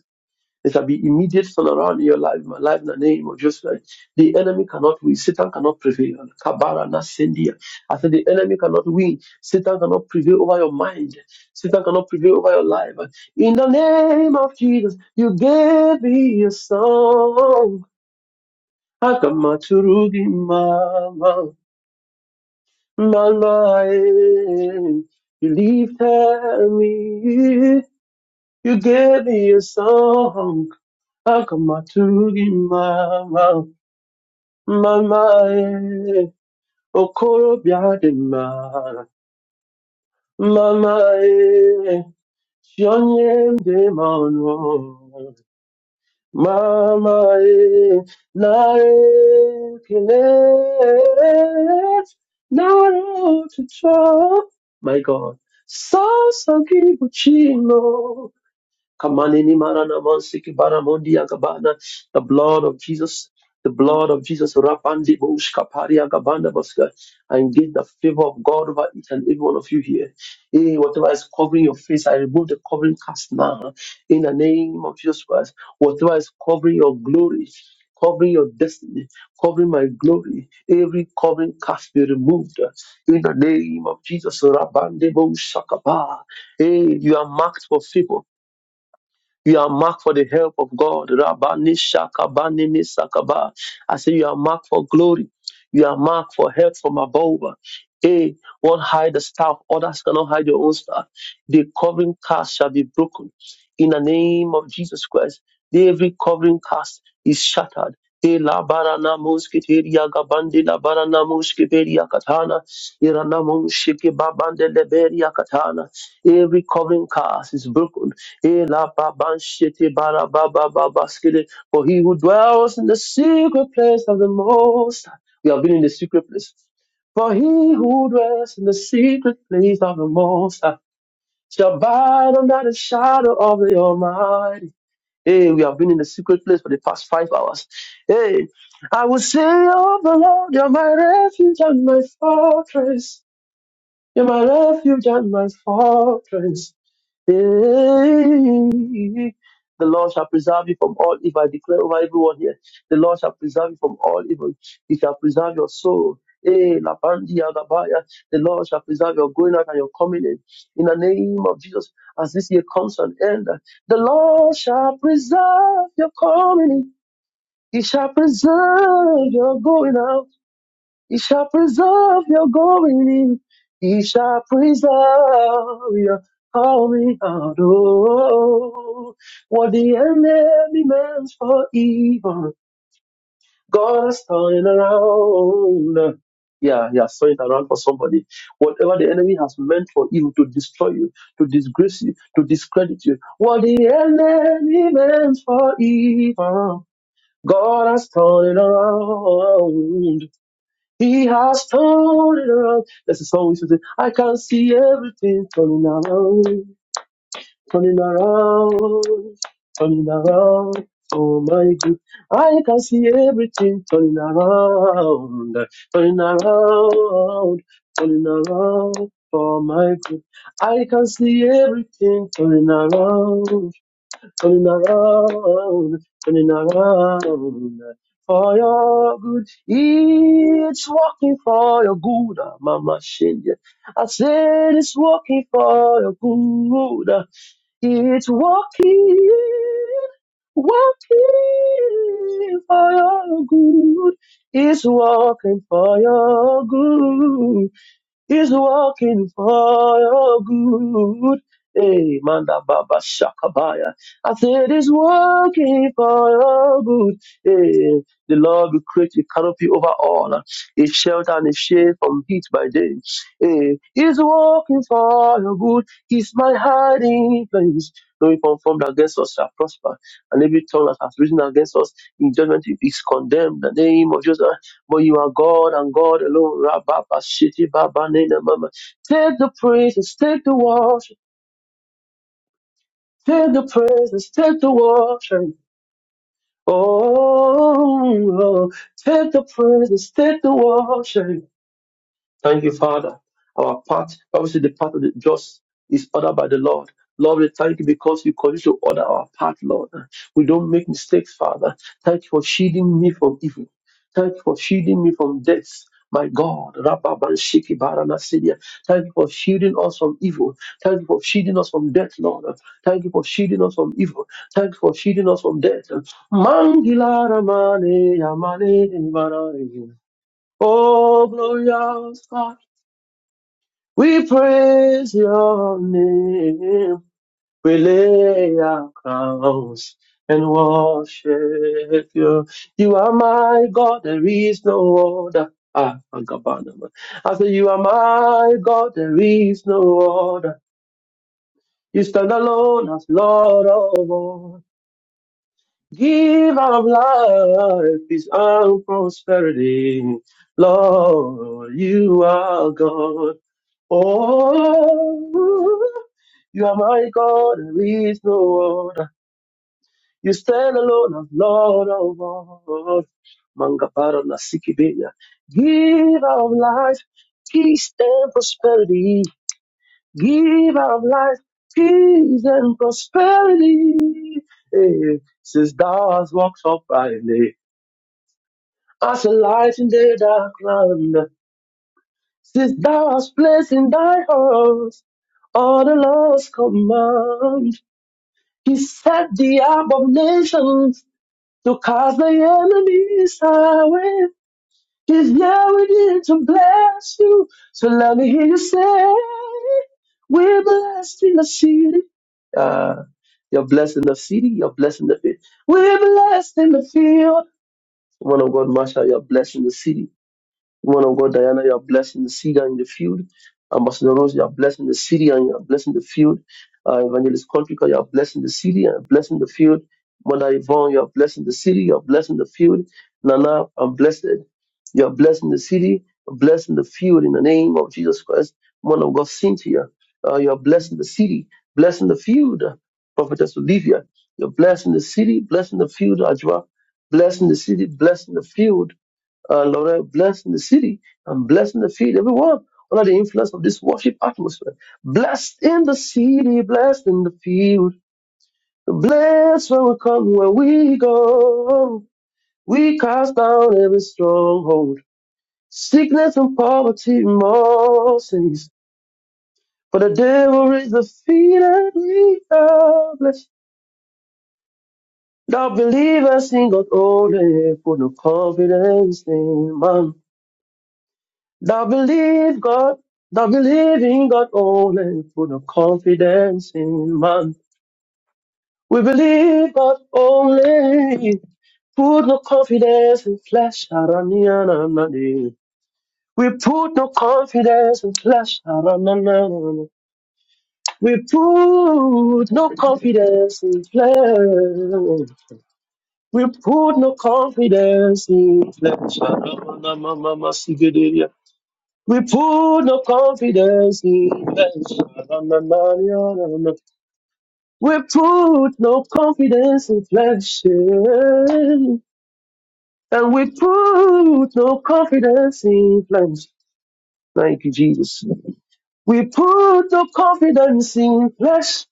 S1: There shall be immediate turnaround in your life, my life in the name of Jesus Christ. The enemy cannot win. Satan cannot prevail. Kabara na sendia. I said the enemy cannot win. Satan cannot prevail over your mind. Satan cannot prevail over your life. In the name of Jesus, you gave me your song. Akamaturugi mama, mama, eh. you lifted me. You gave me a song. akamaturi mama mama e okorobịa dị mma mama e si onye ma ọnụ mama e narị ekele narị otuto my god sọsọ gị bụ chino Kamanini marana mansiki baramundi agabana. The blood of Jesus. The blood of Jesus, Rapandi Bush Kapari Agabanda Baska, and get the favor of God over each and every one of you here. Hey, whatever is covering your face, I remove the covering cast now in the name of Jesus Christ. Whatever is covering your glory, covering your destiny, covering my glory, every covering cast be removed in the name of Jesus. Rabandebo Shakaba. Hey, you are marked for favor. You are marked for the help of God. Rabani shakabani nisakaba. I say you are marked for glory. You are marked for help from above. A not hide the staff, others cannot hide your own staff. The covering cast shall be broken. In the name of Jesus Christ, every covering cast is shattered. E la barana muskiteria gabande la barana muskiperia katana. Irana muskike babande leberia katana. Every covering cast is broken. Elababanshete barababababaskede. For he who dwells in the secret place of the Most High. We have been in the secret place. For he who dwells in the secret place of the Most High shall abide under the shadow of the Almighty. Hey, we have been in the secret place for the past five hours. Hey, I will say of the Lord, you're my refuge and my fortress. You're my refuge and my fortress. Hey, The Lord shall preserve you from all evil. I declare over everyone here. The Lord shall preserve you from all evil. He shall preserve your soul. Eh, Lapandi Agabaya. The Lord shall preserve your going out and your coming in. In the name of Jesus, as this year comes to an end, the Lord shall preserve your coming in. He shall preserve your going out he shall preserve your going in. He shall preserve your coming out. Oh, what the enemy meant for evil, God has turned around. Yeah, yeah, turn it around for somebody. Whatever the enemy has meant for evil to destroy you, to disgrace you, to discredit you, what the enemy meant for evil, God has turned it around. He has turned it around. That's the song we should sing. I can see everything turning around, turning around, turning around. Oh my good. I can see everything turning around, turning around, turning around. Oh my good. I can see everything turning around, turning around, turning around for your good. It's working for your good, ah, Mama Shinja. I said it's working for your good. ah. It's working, working for your good. It's working for your good. He's working for your good. Hey, Manda Baba Shakabaya. I said he's working for your good. Hey, the Lord will create a canopy over all, a shelter and a shade from heat by day. Hey, he's working for your good. He's my hiding place. No weapon formed against us shall prosper, and every tongue that has risen against us in judgment is condemned. the name of Jesus. But you are God and God alone. Rababa shiti baba nina mama. Take the praises, take the worship, take the praises, take the worship. Oh, oh, oh. take the praises, take the worship. Thank you, Father. Our path, Bible says the path of the just is ordered by the Lord. Lord, we thank you because you continue to order our path, Lord. We don't make mistakes, Father. Thank you for shielding me from evil. Thank you for shielding me from death. My God, Rabba Banshiki Baranasidia. Thank you for shielding us from evil. Thank you for shielding us from death, Lord. Thank you for shielding us from evil. Thank you for shielding us from death. Mangila Ramane Yamane Marane. Oh, glorious God. We praise your name. We lay our crowns and worship you. You are my God. There is no other. Ah, Agabana. I say you are my God. There is no other. You stand alone as Lord of all. Give our life peace and prosperity. Lord, you are God. Oh, you are my God, there is no other. You stand alone as Lord of all. Mangabara Nasikibenya. Give our life, peace and prosperity. Give of life, peace and prosperity. Hey, since thou hast walked uprightly, as a light in the dark land, since thou hast placed in thy heart all the Lord's command, he set the abominations to cast the enemies away. Cause now it is to bless you. So let me hear you say, We're blessed in the city. Uh, you're blessed in the city, you're blessed in the field. We're blessed in the field. Woman of God, Marshall, you're blessed in the city. Woman of God, Diana, you are blessing the seed and the field. Ambassador Rose, you are blessing the city and you are blessing the field. Uh, Evangelist Contrica, you are blessing the city and blessing the field. Mother Yvonne, you are blessing the city, you are blessing the field. Nana, I'm blessed. You are blessing the city, blessing the field in the name of Jesus Christ. Woman of God, Cynthia, uh, you are blessing the city, blessing the field. Prophetess Olivia, you're blessing the city, blessing the field, Ajwa, blessing the city, blessing the field. Uh, Lord, I'm blessing the city I'm blessing the field, everyone under the influence of this worship atmosphere. Blessed in the city, blessed in the field. Blessed when we come, when we go. We cast down every stronghold. Sickness and poverty, more sins. For the devil is defeated. we are blessed. Thou believest in God only, put no confidence in man. Thou believe God, thou believe in God only, put no confidence in man. We believe God only, put no confidence in flesh. Aranyananani. We put no confidence in flesh. Aranyananani. We put no confidence in flesh. We put no confidence in flesh. Aranyananamama, We put no confidence in flesh. Na, na, na, na, na, na. We put no confidence in flesh. eh. And we put no confidence in flesh. Thank you, Jesus. We put no confidence in flesh.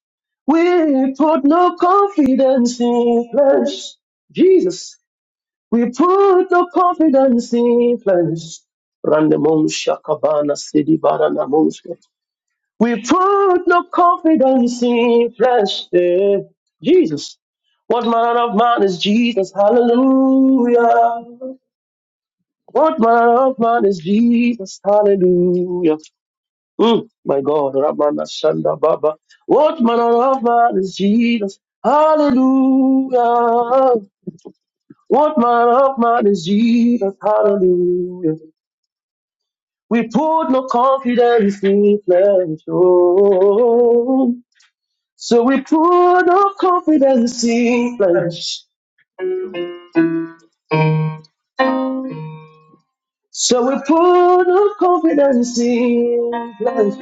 S1: We put no confidence in flesh. Jesus. We put no confidence in flesh. Randamon Shakabana Sidi Barana We put no confidence in flesh. eh. Jesus. What manner of man is Jesus? Hallelujah. What manner of man is Jesus? Hallelujah. Mm, my God. Ramana Shanda Baba. What manner of man is Jesus? Hallelujah. What manner of man is Jesus? Hallelujah. We put no confidence in flesh. Oh. So we put our confidence in flesh. So we put our confidence in flesh.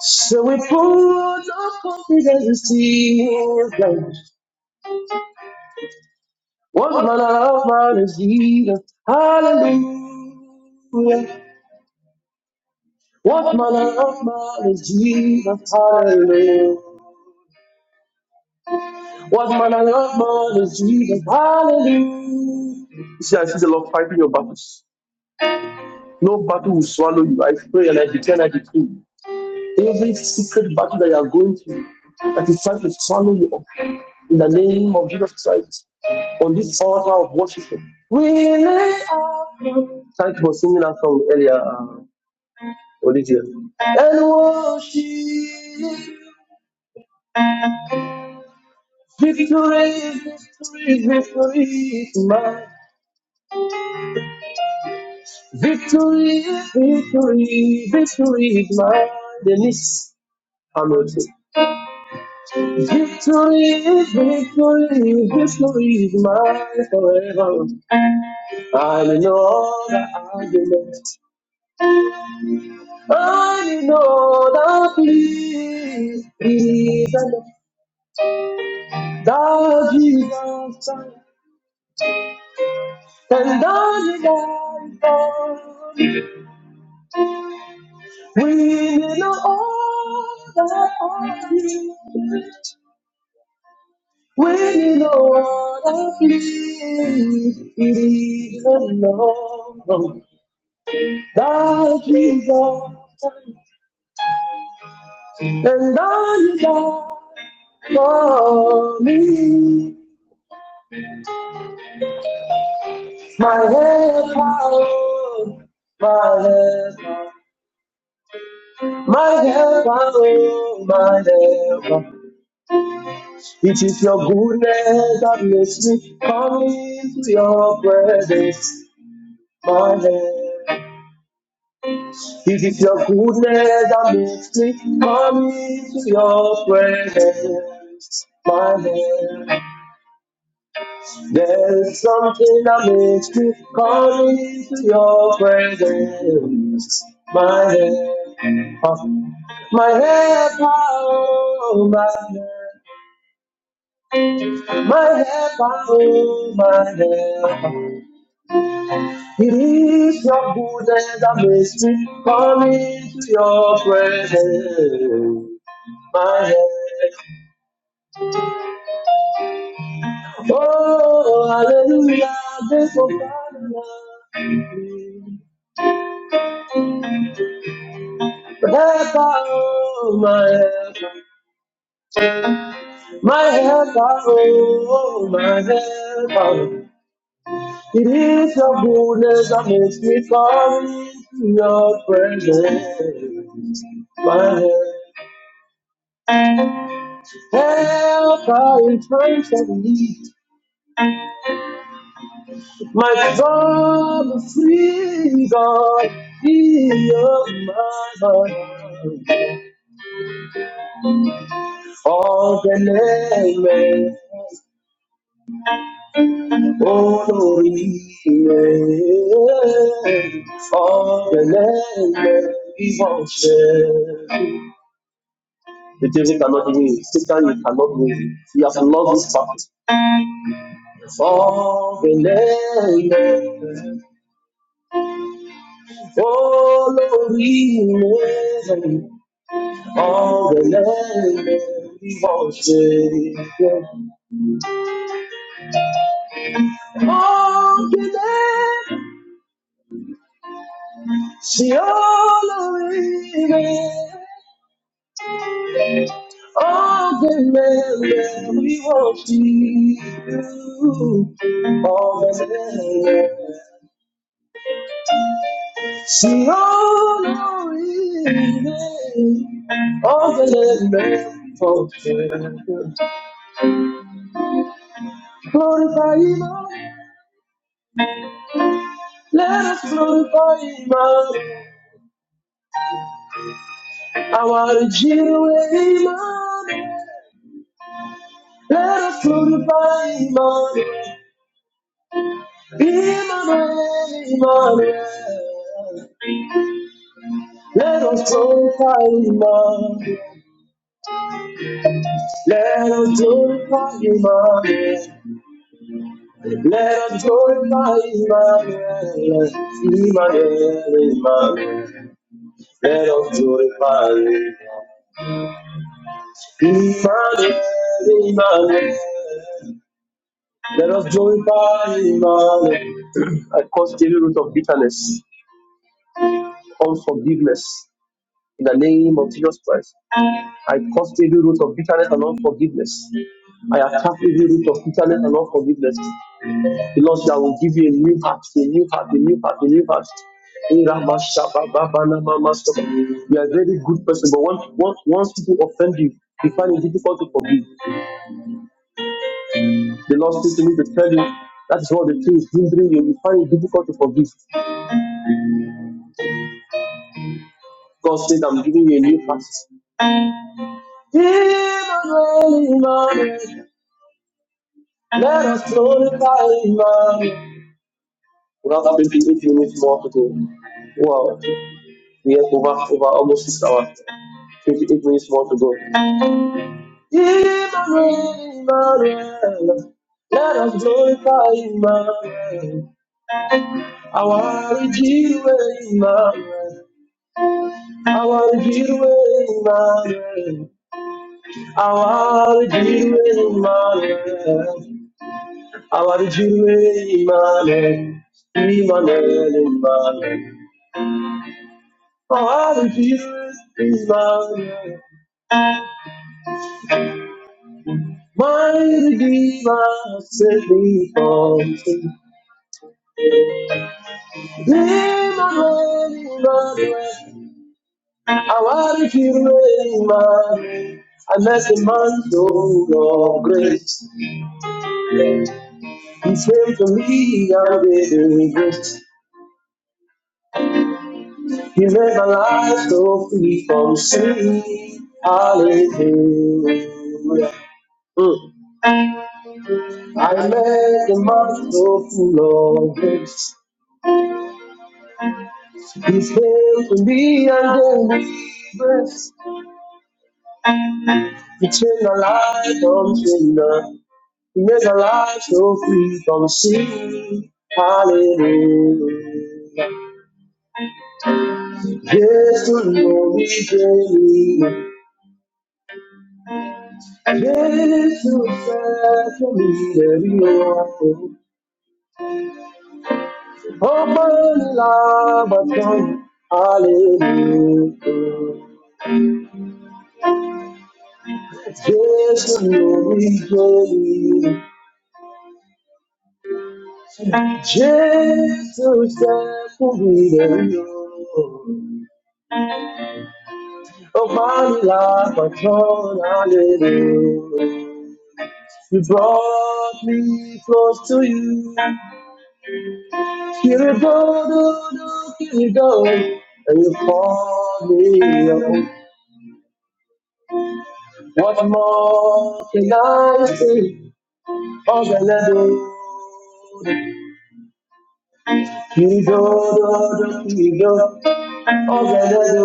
S1: So we put our confidence in flesh. What manner of man is Jesus? Hallelujah. What manner of man is Jesus? Hallelujah. What manner of man is Jesus? Hallelujah. You see, I see the Lord fighting your battles. No battle will swallow you. I pray and I declare and I decree. Every secret battle that you are going through, that is trying to swallow you up, in the name of Jesus Christ, on this altar of worship, we lay our- Thank you for singing that song earlier, uh, Olivia. And worship, victory, victory, victory is mine. Victory, victory, victory is mine. Denise Hamilton. Victory, victory, victory is mine forever. I know the argument. I know the please, please, and that Jesus, and the divine. We need no other argument. We need no other please, please, and Lord. that Jesus, and the God For me. My help, oh, my help, my help, oh, my help. It is your goodness that makes me come into your presence, my help. It is your goodness that makes me come into your presence, my help. There is something that makes me come into your presence, my help. Awesome. My head, oh my head, my head, oh my head. It is your goodness and mercy coming to your presence. My head, oh hallelujah, this will my helper, oh my help, my help, oh my help. It is your goodness that makes me come to your presence. My help in times of need. My God, free God, be your man. All the name, oh Lord, all the name, we worship. The music cannot win. Satan, you cannot win. You have loved this prophet. For the name, follow him. All the name of Savior. All the name, she always all the men we want you. All the Glorify him, let us glorify him, Lord. our Jehovah, Lord. let us glorify him, Lord. Emmanuel, Emmanuel. let us glorify him, let us glorify him, Let us join by Emmanuel. Emmanuel, Emmanuel. Let us join by Emmanuel, Emmanuel. Let us join Emmanuel. [CLEARS THROAT] I cause every root of bitterness, unforgiveness in the name of Jesus Christ. I cause every root of bitterness and unforgiveness. I attack every root of bitterness and unforgiveness. The Lord that will give you a new heart, a new heart, a new heart, a new heart. We are a very good person, but once, once, once people offend you, you find it difficult to forgive. The Lord says to me to tell you that is what the thing is hindering you. You find it difficult to forgive. God said, I'm giving you a new heart. Emmanuel, Emmanuel, Let us glorify Emmanuel. We have 28 minutes more to go. Wow, we have over, over almost six hours. 28 minutes more to go. In the raining Maria, let us glorify Emmanuel. Our Redeemer, Emmanuel. Our Redeemer, Emmanuel. Our Redeemer, Emmanuel. Our Redeemer, Emmanuel. Emmanuel, Emmanuel. Our Redeemer, Emmanuel. My Redeemer, set me free. Emmanuel, Emmanuel. I want to rain, man. Unless the man know of grace, He came for me and didn't regret. He made my life so free from sin. Hallelujah. Mm. I met the man so full of grace. He came for me and then not regret. He changed my life from sinner. He raised our lives a life so free from sin. Hallelujah. Yes, to know me daily. Yes, to faith for me every hour. Open love, but don't. Hallelujah. Yes, to know me daily. Yes, to faith for me every hour. Open love, but don't. Hallelujah. You brought me close to you. Here we go, do, do, here we go. And you called me your What more can I say? Oh, the level. You go, do, do, here we go. Oh, the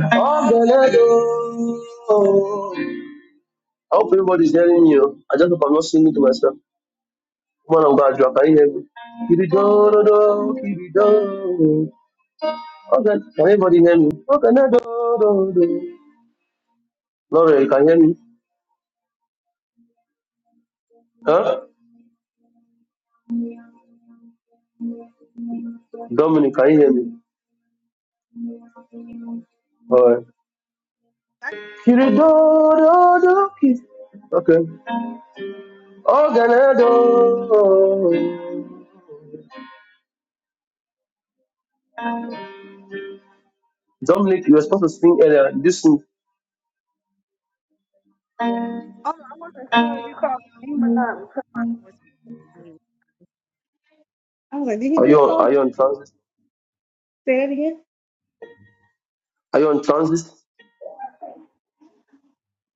S1: Oh, the I do. I hope everybody's hearing you. I just hope I'm not singing to myself. Come on, oh God, drop. Can you hear me? Kiri do do do, kiri do. Okay, can everybody hear me? Okay, now do do do. Lauren, can you hear me? Huh? Dominic, can you hear me? Alright.
S6: I can
S1: Kiri do do do, kiri. Okay. Okay, now do. Dominic, you were supposed to sing earlier. Did you sing?
S6: oh, no, I wasn't sure if you called me name or not. I was like, did he
S1: Are you
S6: just
S1: on,
S6: call? me?
S1: are you on transit?
S6: Say it again.
S1: Are you on transit?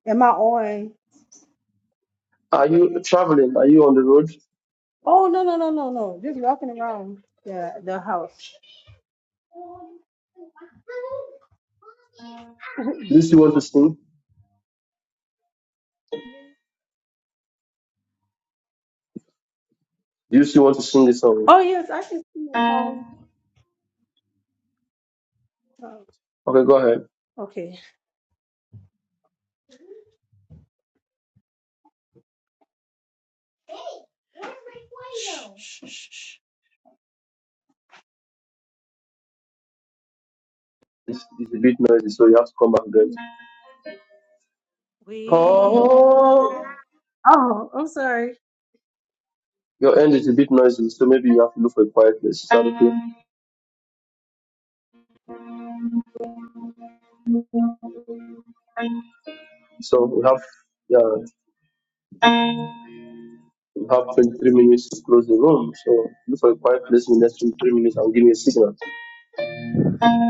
S6: Am I on?
S1: Are you traveling? Are you on the road? Do
S6: Oh no no no no no. Just walking around the the house.
S1: you still want to sing? Do you still want to sing this song?
S6: Oh yes, I can see your phone.
S1: Okay,
S6: Oh,
S1: go ahead.
S6: okay.
S1: It's, it's a bit noisy, so you have to come back again. Oh,
S6: Oh, I'm sorry.
S1: your end is a bit noisy, so maybe you have to look for a quiet place. Is that okay? So we have, yeah, we have 23 minutes to close the room. So look for a quiet place in the next 23 minutes and give me a signal.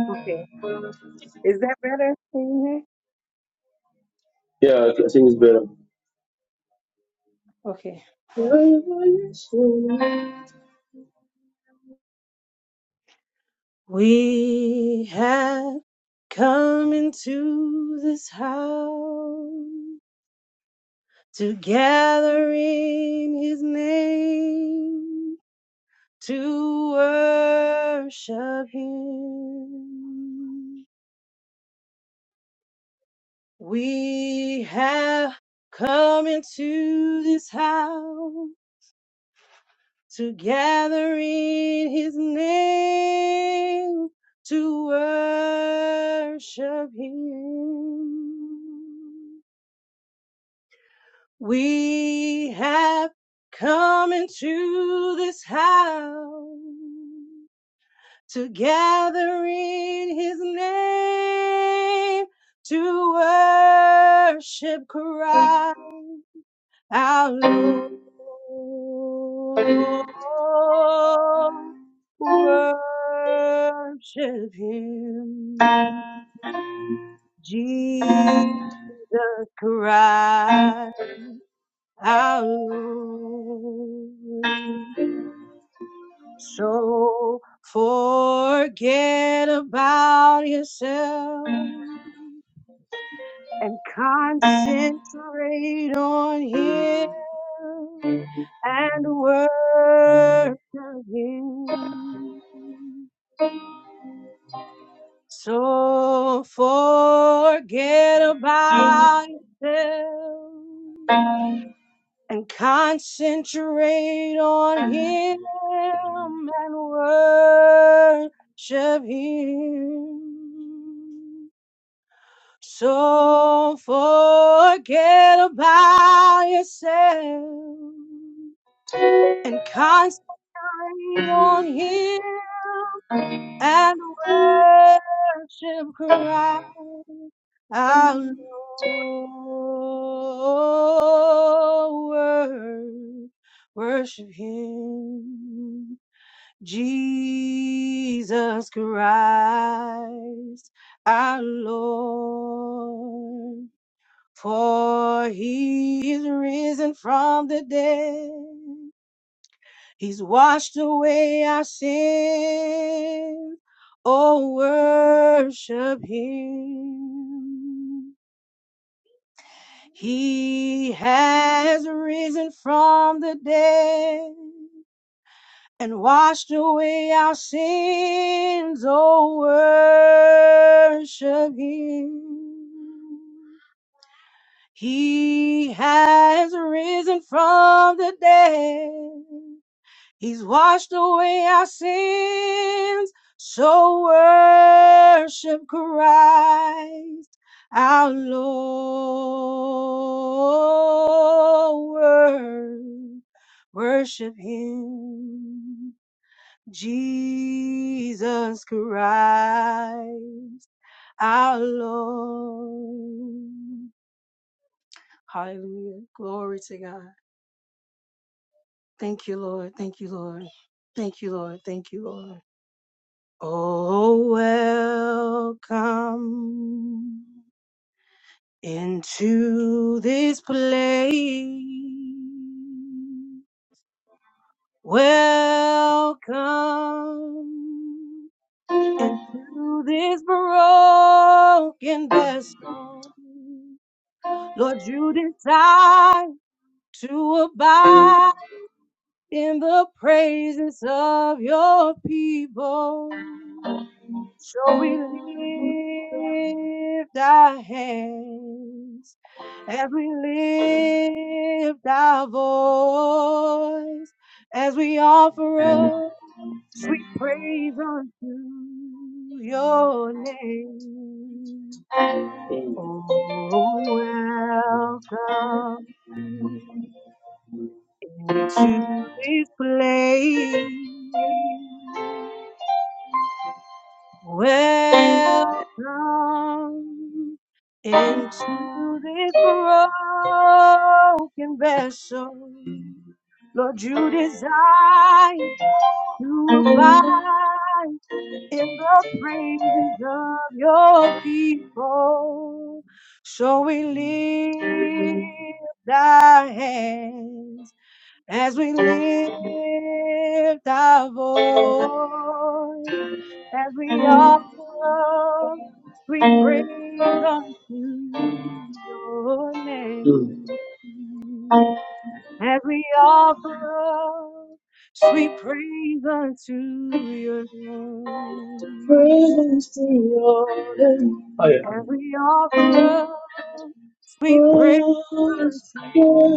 S6: Okay. Is that better? Can you
S1: Yeah, I I think it's better.
S6: hear? Okay. We have come into this house to gather in his name to worship him. We have come into this house to gather in his name to worship him. We have come into this house to gather in his name to worship Christ. Our Lord, worship him, Jesus Christ, our Lord. So forget about yourself and concentrate on him. and worship Him. So forget about yourself and concentrate on Him and worship Him. So forget about yourself and concentrate on Him and worship Christ our Lord. Worship Him, Jesus Christ our Lord. For He is risen from the dead He's washed away our sins. Oh, worship him. He has risen from the dead and washed away our sins. Oh, worship him. He has risen from the dead He's washed away our sins. So worship Christ our Lord. Worship Him. Jesus Christ our Lord. Hallelujah. Glory to God. Thank you, Lord. Thank you, Lord. Thank you, Lord. Thank you, Lord. Oh, welcome into this place. Welcome into this broken vessel. Lord, you decide to abide in the praises of your people. So we lift our hands as we lift our voice as we offer up sweet praise unto your name. Oh, welcome into this place. Welcome into this broken vessel. Lord, you desire to abide in the praises of your people. So we lift our hands as we lift our voice. As we offer up, we
S1: Mm.
S6: praise unto your name. As we offer up sweet praise unto your name.
S1: Praise to your name. Oh, yeah.
S6: As we offer up sweet praise
S1: Praise,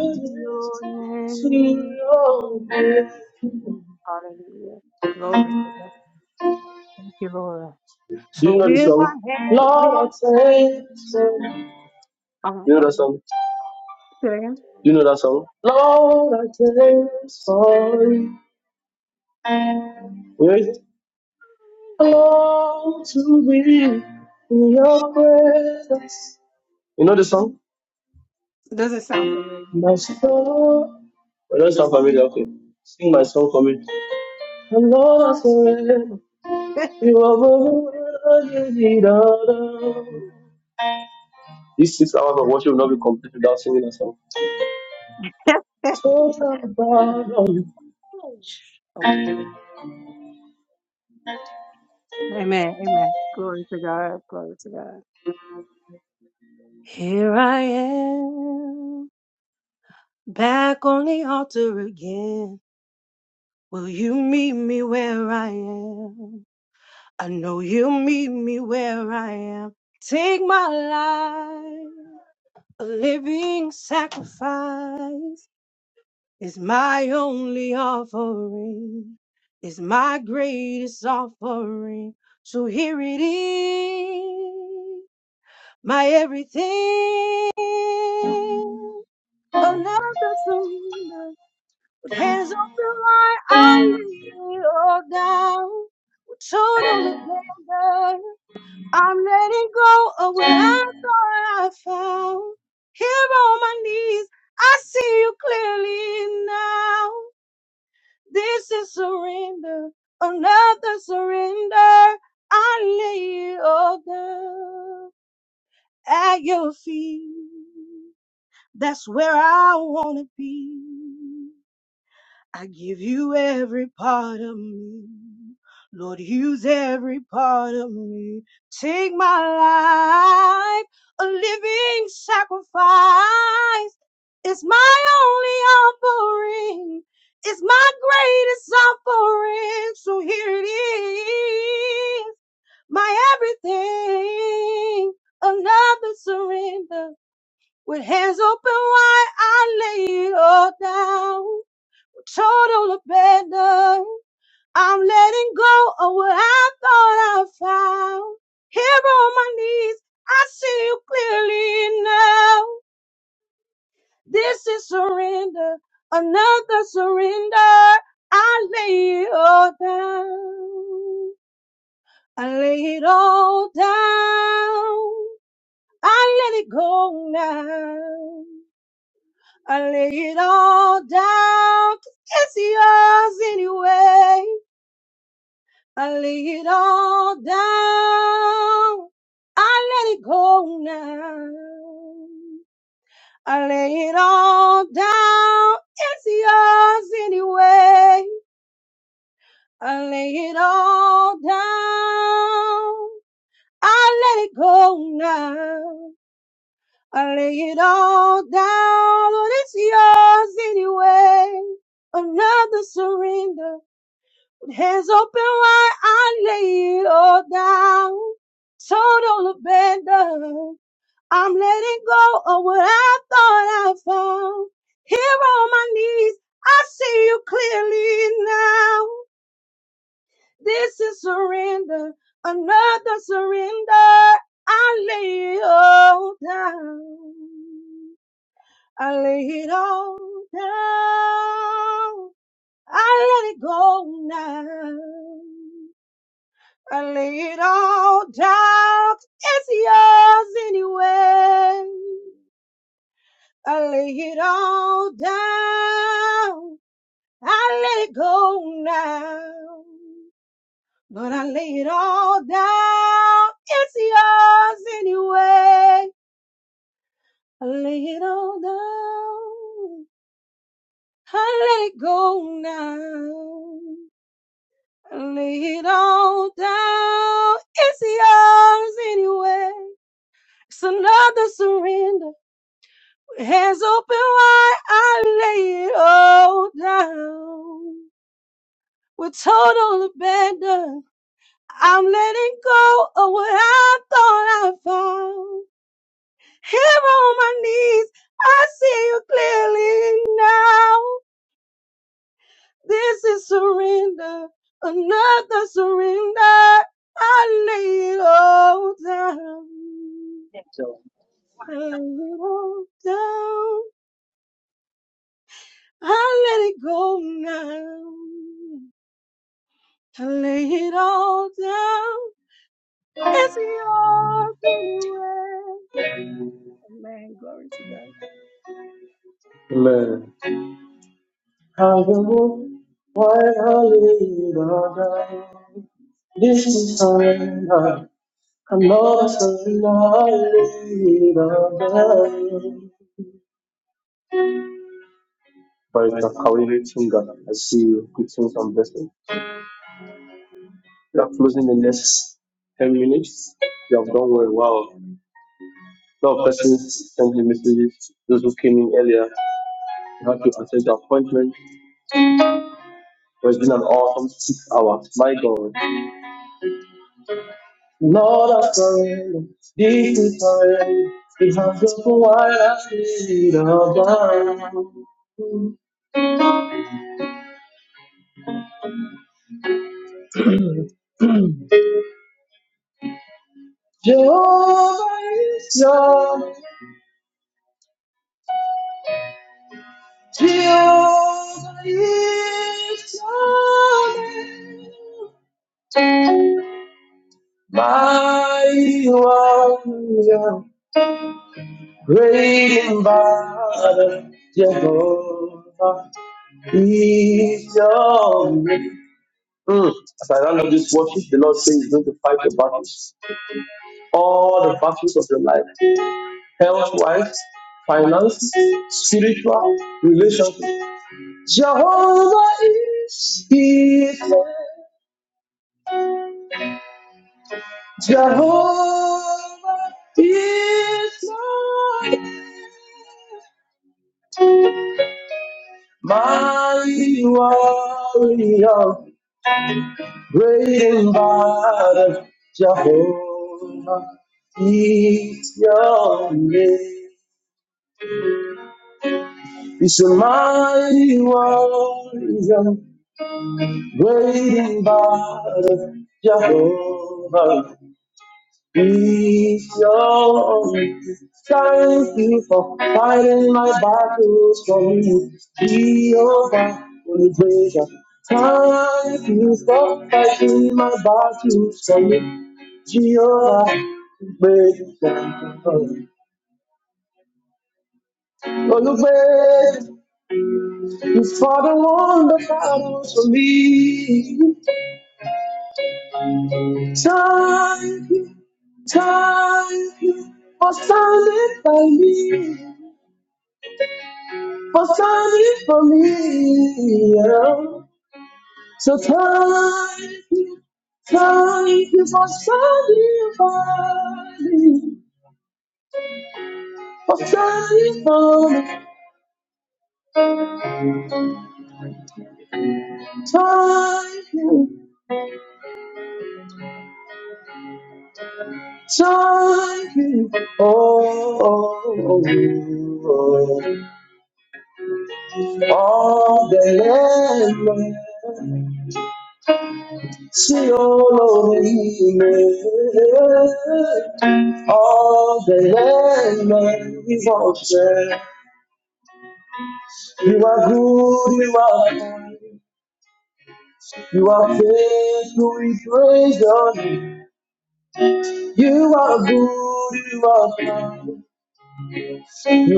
S6: to your
S1: to
S6: name.
S1: your name.
S6: Hallelujah. Glory to God. Thank you, Lord.
S1: Do
S6: So
S1: you know
S6: with
S1: the song?
S6: my hands lifted,
S1: Lord, I thank you.
S6: high- oh my
S1: You know that
S6: God.
S1: song?
S6: Say
S1: Do You know that song? Lord, I taste for you. Where is it? Lord, to be in your presence. You know the song?
S6: it
S1: My soul. I don't sound familiar. Okay. Sing my song for me. Lord, I surrender. You are the leader. These six hours of
S6: again.
S1: worship will not be complete without singing that song.
S6: [LAUGHS] Okay, yes. Amen. Amen. Glory to God. Glory to God. Here I am, back on the altar again. Will you meet me where I am? I know you'll meet me where I am. Take my life, a living sacrifice is my only offering, is my greatest offering. So here it is. my everything. Another surrender with hands open wide, I lay it all down with total abandon. I'm letting go of what I thought I found. Here on my knees, I see you clearly now. This is surrender, another surrender. I lay it all down at your feet. That's where I want to be. I give you every part of me. Lord, use every part of me. Take my life, a living sacrifice. It's my only offering. It's my greatest offering. So here it is, my everything. Another surrender with hands open wide, I lay it all down. With total abandon, I'm letting go of what I thought I found. Here on my knees, I see you clearly now. This is surrender, another surrender. I lay it all down. I lay it all down. I let it go now. I lay it all down. 'cause It's yours anyway. I lay it all down. I let it go now. I lay it all down. It's yours anyway. I lay it all down. I let it go now. I lay it all down, Lord, it's yours anyway. Another surrender with hands open wide. I lay it all down, total abandon. I'm letting go of what I thought I found. Here on my knees, I see you clearly now. This is surrender, another surrender. I lay it all down. I lay it all down. I let it go now. I lay it all down. It's yours anyway. I lay it all down. I let it go now. But I lay it all down. It's yours anyway. I lay it all down. I let go now. I lay it all down. It's yours anyway. It's another surrender. With hands open wide, I lay it all down. With total abandon, I'm letting go of what I thought I found. Here on my knees, I see you clearly now. This is surrender, another surrender. I lay it all down. I lay it all down. I let it go now. I lay it all down. It's yours anyway. Amen. Glory to God.
S1: Amen. Have a moment while down. This is surrender. not But it's a Kawiri Tunga. I see you. Good things and blessings. We are closing the next 10 minutes. You have done well. Wow. A lot of persons sent me messages. Those who came in earlier, you had to attend the appointment. it's been an awesome six hours. My God. Great in Jehovah is your Mm. As I round up this worship, the Lord says He's going to fight your battles. All the battles of your life, health wise, finance, spiritual, relationship. Jehovah is healer. Jehovah, mighty warrior, great in battle. Jehovah is your name. He's a mighty warrior, Great and mighty Jehovah is your name. Thank you for fighting my battles for me. Jehovah, oh, I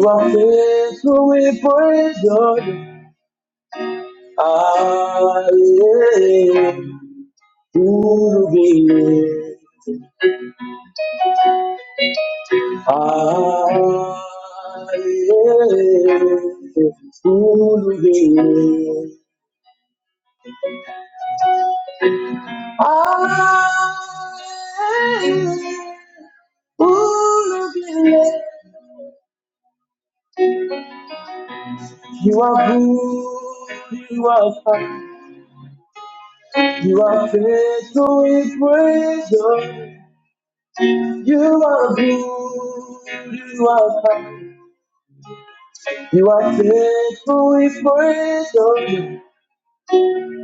S1: am who be. I am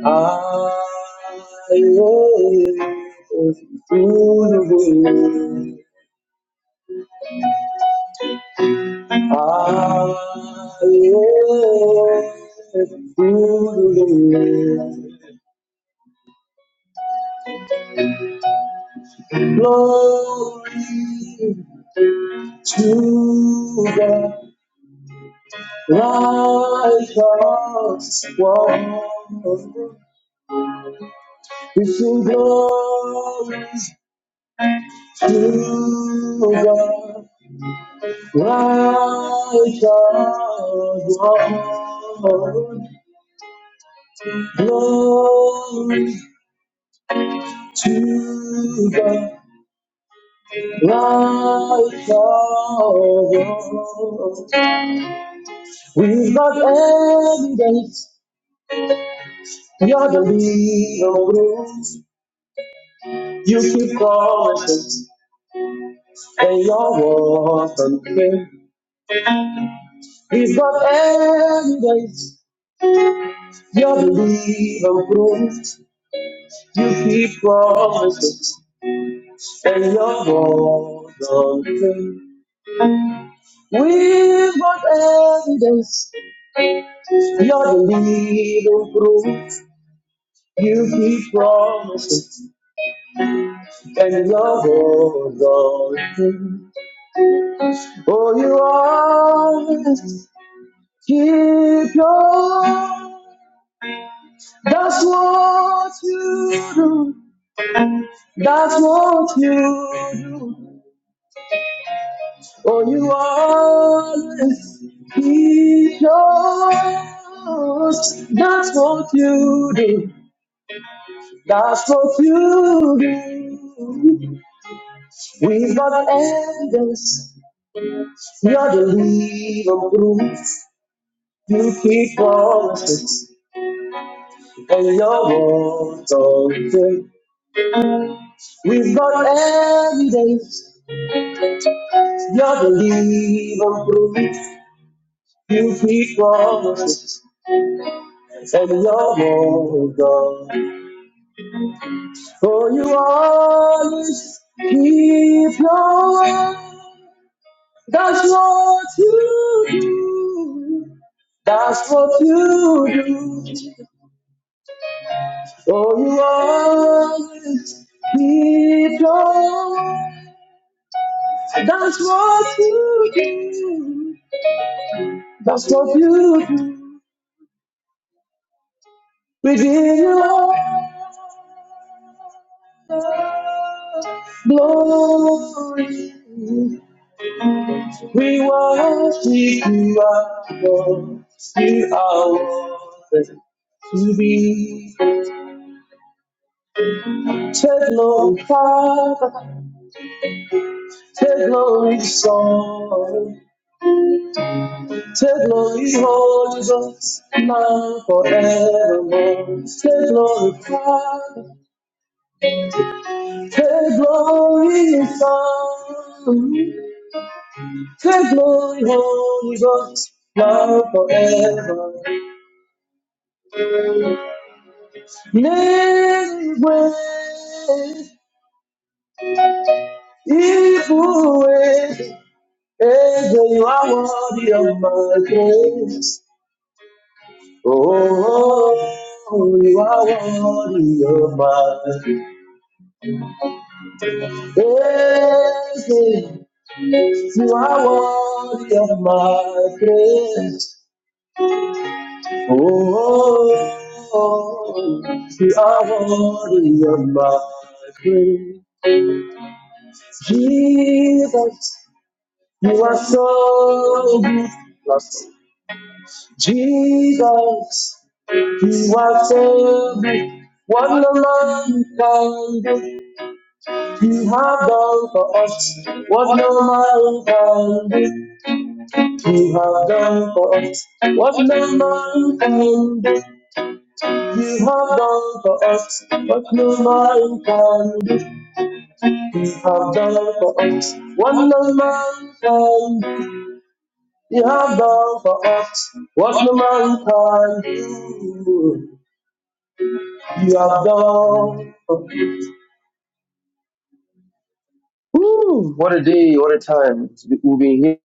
S1: I am who be. Hallelujah. Glory to the righteous one. We sing glory to the righteous one. Glory to the Life of We've got evidence. You're the real roots. You keep promises. And your words fulfill. We've got evidence. You're the real roots. You keep promises. And your words fulfill. We've got evidence. You're the living proof. You keep promises. and love of all things. Oh, you always keep your. That's what you do. That's what you do. Oh, you always keep yours. That's what you do. That's what you do. We've got endless. You're the living proof. You keep promises, and your words are good. We've got evidence, you're the living proof. You keep promises, and your words are good. For you always keep your word. That's what you do. That's what you do. Oh, you always keep your word. That's what you do. That's what you do. We give you glory. We worship you, our Lord. Take glory, Holy Ghost, now forever. Many ways, evil ways, and you are worthy of my praise. Oh, you are worthy of my praise. You are worthy of my praise. Oh, you are worthy of my praise. Jesus, you are so good. Jesus, you are so good. What no man can do. You have done for us what no man can do. You have done for us what no man can do. You have done for us what no man can do. You have done for us what no man can do. You have done for us what no man can do. You have done. Woo, what a day, what a time. We've been here.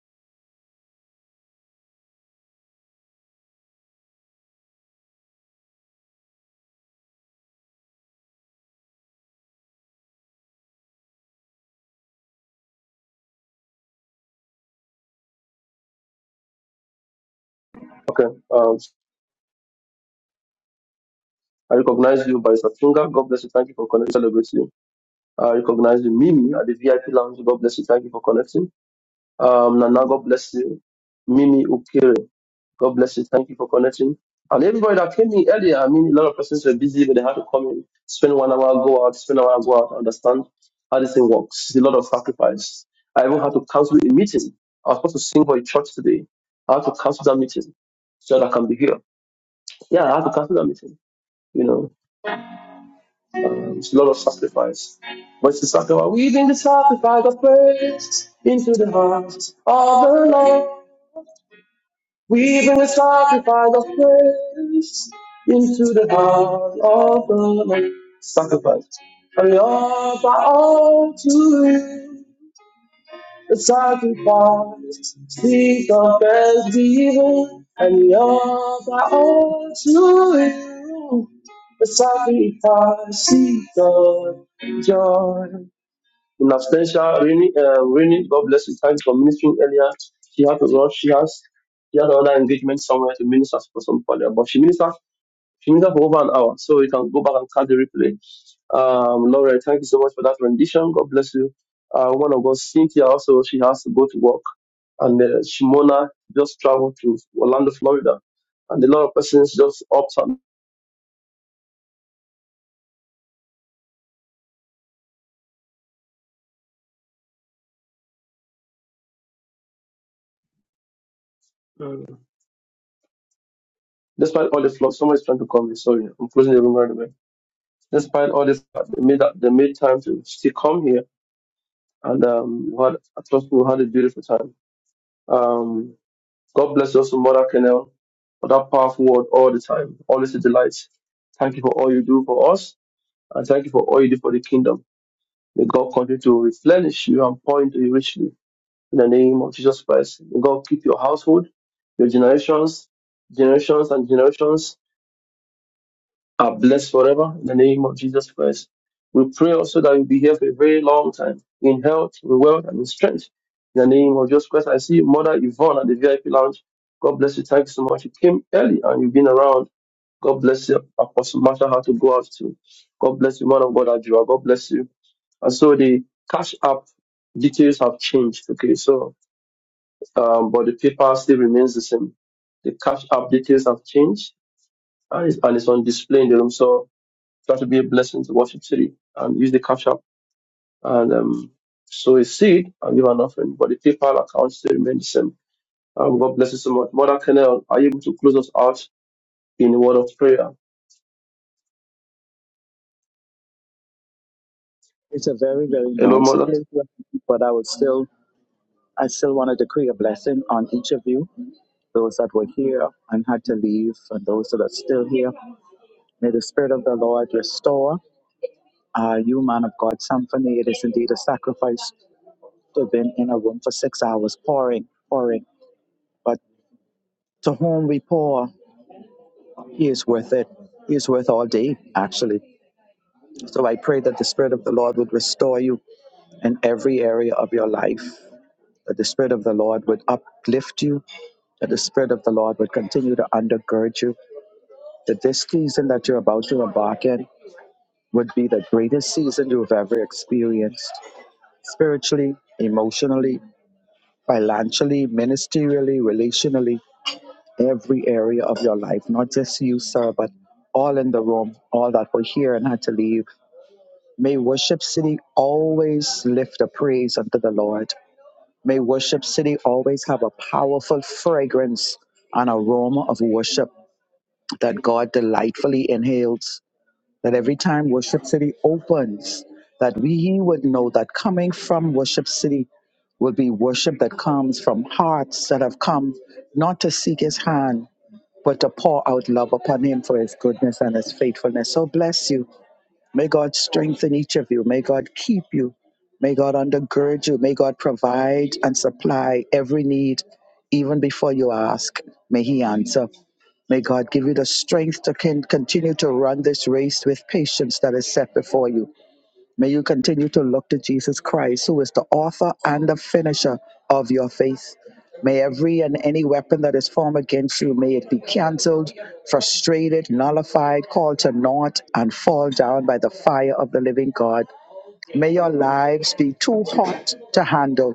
S1: Okay. Um, I recognize you by Satunga. God bless you. Thank you for connecting. Celebrate you. I recognize you, Mimi, at the VIP lounge. God bless you. Thank you for connecting. Um, Nana, God bless you. Mimi Ukiri, God bless you. Thank you for connecting. And everybody that came in earlier, I mean, a lot of persons were busy, but they had to come in, spend one hour, go out, spend an hour, go out, understand how this thing works. It's a lot of sacrifice. I even had to cancel a meeting. I was supposed to sing for a church today. I had to cancel that meeting so that I can be here. Yeah, I had to cancel that meeting, you know. Um, it's a lot of sacrifice. But it's the sacrifice. We bring the sacrifice of praise into the heart of the Lord. We bring the sacrifice of praise into the heart of the Lord. Sacrifice. And we offer all to you. The sacrifice speaks of thanksgiving. And we offer all to you the sacrifice of joy. In absentia, Rini, uh, Rini, God bless you. Thanks for ministering earlier. She had to rush. She has she had another engagement somewhere to minister for some earlier, but she ministered she ministered for over an hour, so you can go back and cut the replay. Um, Laura, thank you so much for that rendition. God bless you. Uh, one of us, Cynthia, also she has to go to work, and uh, Shimona just traveled to Orlando, Florida, and a lot of persons just opt out Despite all this, flux, someone is trying to call me. Sorry, I'm closing the room right away. Despite all this, they made that they made time to still come here, and um, we had I trust we had a beautiful time. Um, God bless you also, Mother Kennel, for that powerful word all the time. Always a delight. Thank you for all you do for us, and thank you for all you do for the kingdom. May God continue to replenish you and pour into you richly in the name of Jesus Christ. May God keep your household, your generations, generations and generations are blessed forever in the name of Jesus Christ. We pray also that you'll be here for a very long time in health, in wealth, and in strength. In the name of Jesus Christ, I see Mother Yvonne at the VIP lounge. God bless you. Thank you so much. You came early and you've been around. God bless you. Apostle Marshall had to go out too. God bless you, man of God, Adjua. God bless you. And so the cash app details have changed. Okay, so, um, but the paper still remains the same. The cash app details have changed and it's, and it's on display in the room. So Try to be a blessing to Worship City and use the cash app and um, sow a seed and give an offering. But the PayPal account still remains the same. Um, God bless you so much. Mother Kennel, are you able to close us out in a word of prayer?
S4: It's a very, very
S1: Hello,
S4: noisy
S1: Mother.
S4: place, but I was still I still want to decree a blessing on each of you, those that were here and had to leave, and those that are still here. May the Spirit of the Lord restore uh, you, man of God, symphony. It is indeed a sacrifice to have been in a room for six hours pouring, pouring. But to whom we pour, he is worth it. He is worth all day, actually. So I pray that the Spirit of the Lord would restore you in every area of your life, that the Spirit of the Lord would uplift you, that the Spirit of the Lord would continue to undergird you that this season that you're about to embark in would be the greatest season you've ever experienced spiritually, emotionally, financially, ministerially, relationally, every area of your life, not just you, sir, but all in the room, all that were here and had to leave. May Worship City always lift a praise unto the Lord. May Worship City always have a powerful fragrance and aroma of worship that God delightfully inhales. that every time Worship City opens, that we would know that coming from Worship City will be worship that comes from hearts that have come not to seek his hand, but to pour out love upon him for his goodness and his faithfulness. So bless you. May God strengthen each of you. May God keep you. May God undergird you. May God provide and supply every need, even before you ask. May he answer. May God give you the strength to can continue to run this race with patience that is set before you. May you continue to look to Jesus Christ, who is the author and the finisher of your faith. May every and any weapon that is formed against you, may it be canceled, frustrated, nullified, called to naught, and fall down by the fire of the living God May your lives be too hot to handle.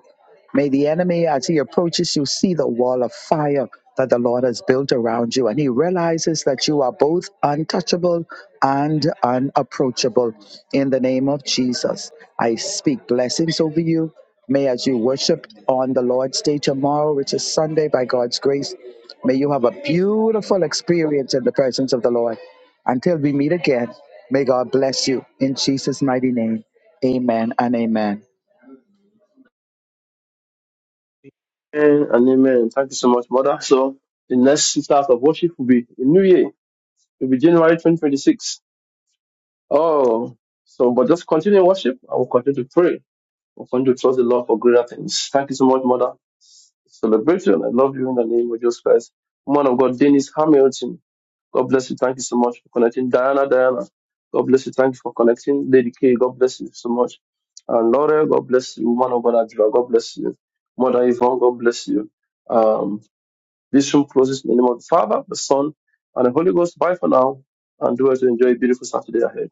S4: May the enemy, as he approaches you, see the wall of fire that the Lord has built around you, and he realizes that you are both untouchable and unapproachable. In the name of Jesus, I speak blessings over you. May, as you worship on the Lord's Day tomorrow, which is Sunday, by God's grace, may you have a beautiful experience in the presence of the Lord. Until we meet again, may God bless you in Jesus' mighty name. Amen and amen.
S1: Amen and amen. Thank you so much, Mother. So the next start of worship will be the new year. It will be January 2026. Oh, so but just continue worship. I will continue to pray. we want to trust the Lord for greater things. Thank you so much, Mother. Celebrate you, and I love you in the name of Jesus Christ. Woman of God, Dennis Hamilton. God bless you. Thank you so much for connecting. Diana, Diana. God bless you. Thank you for connecting. Lady K, God bless you so much. And Laura, God bless you. Woman of God, Adjua, God bless you. Mother Yvonne, God bless you. Um, this room closes in the name of the Father, the Son, and the Holy Ghost. Bye for now. And do it to enjoy a beautiful Saturday ahead.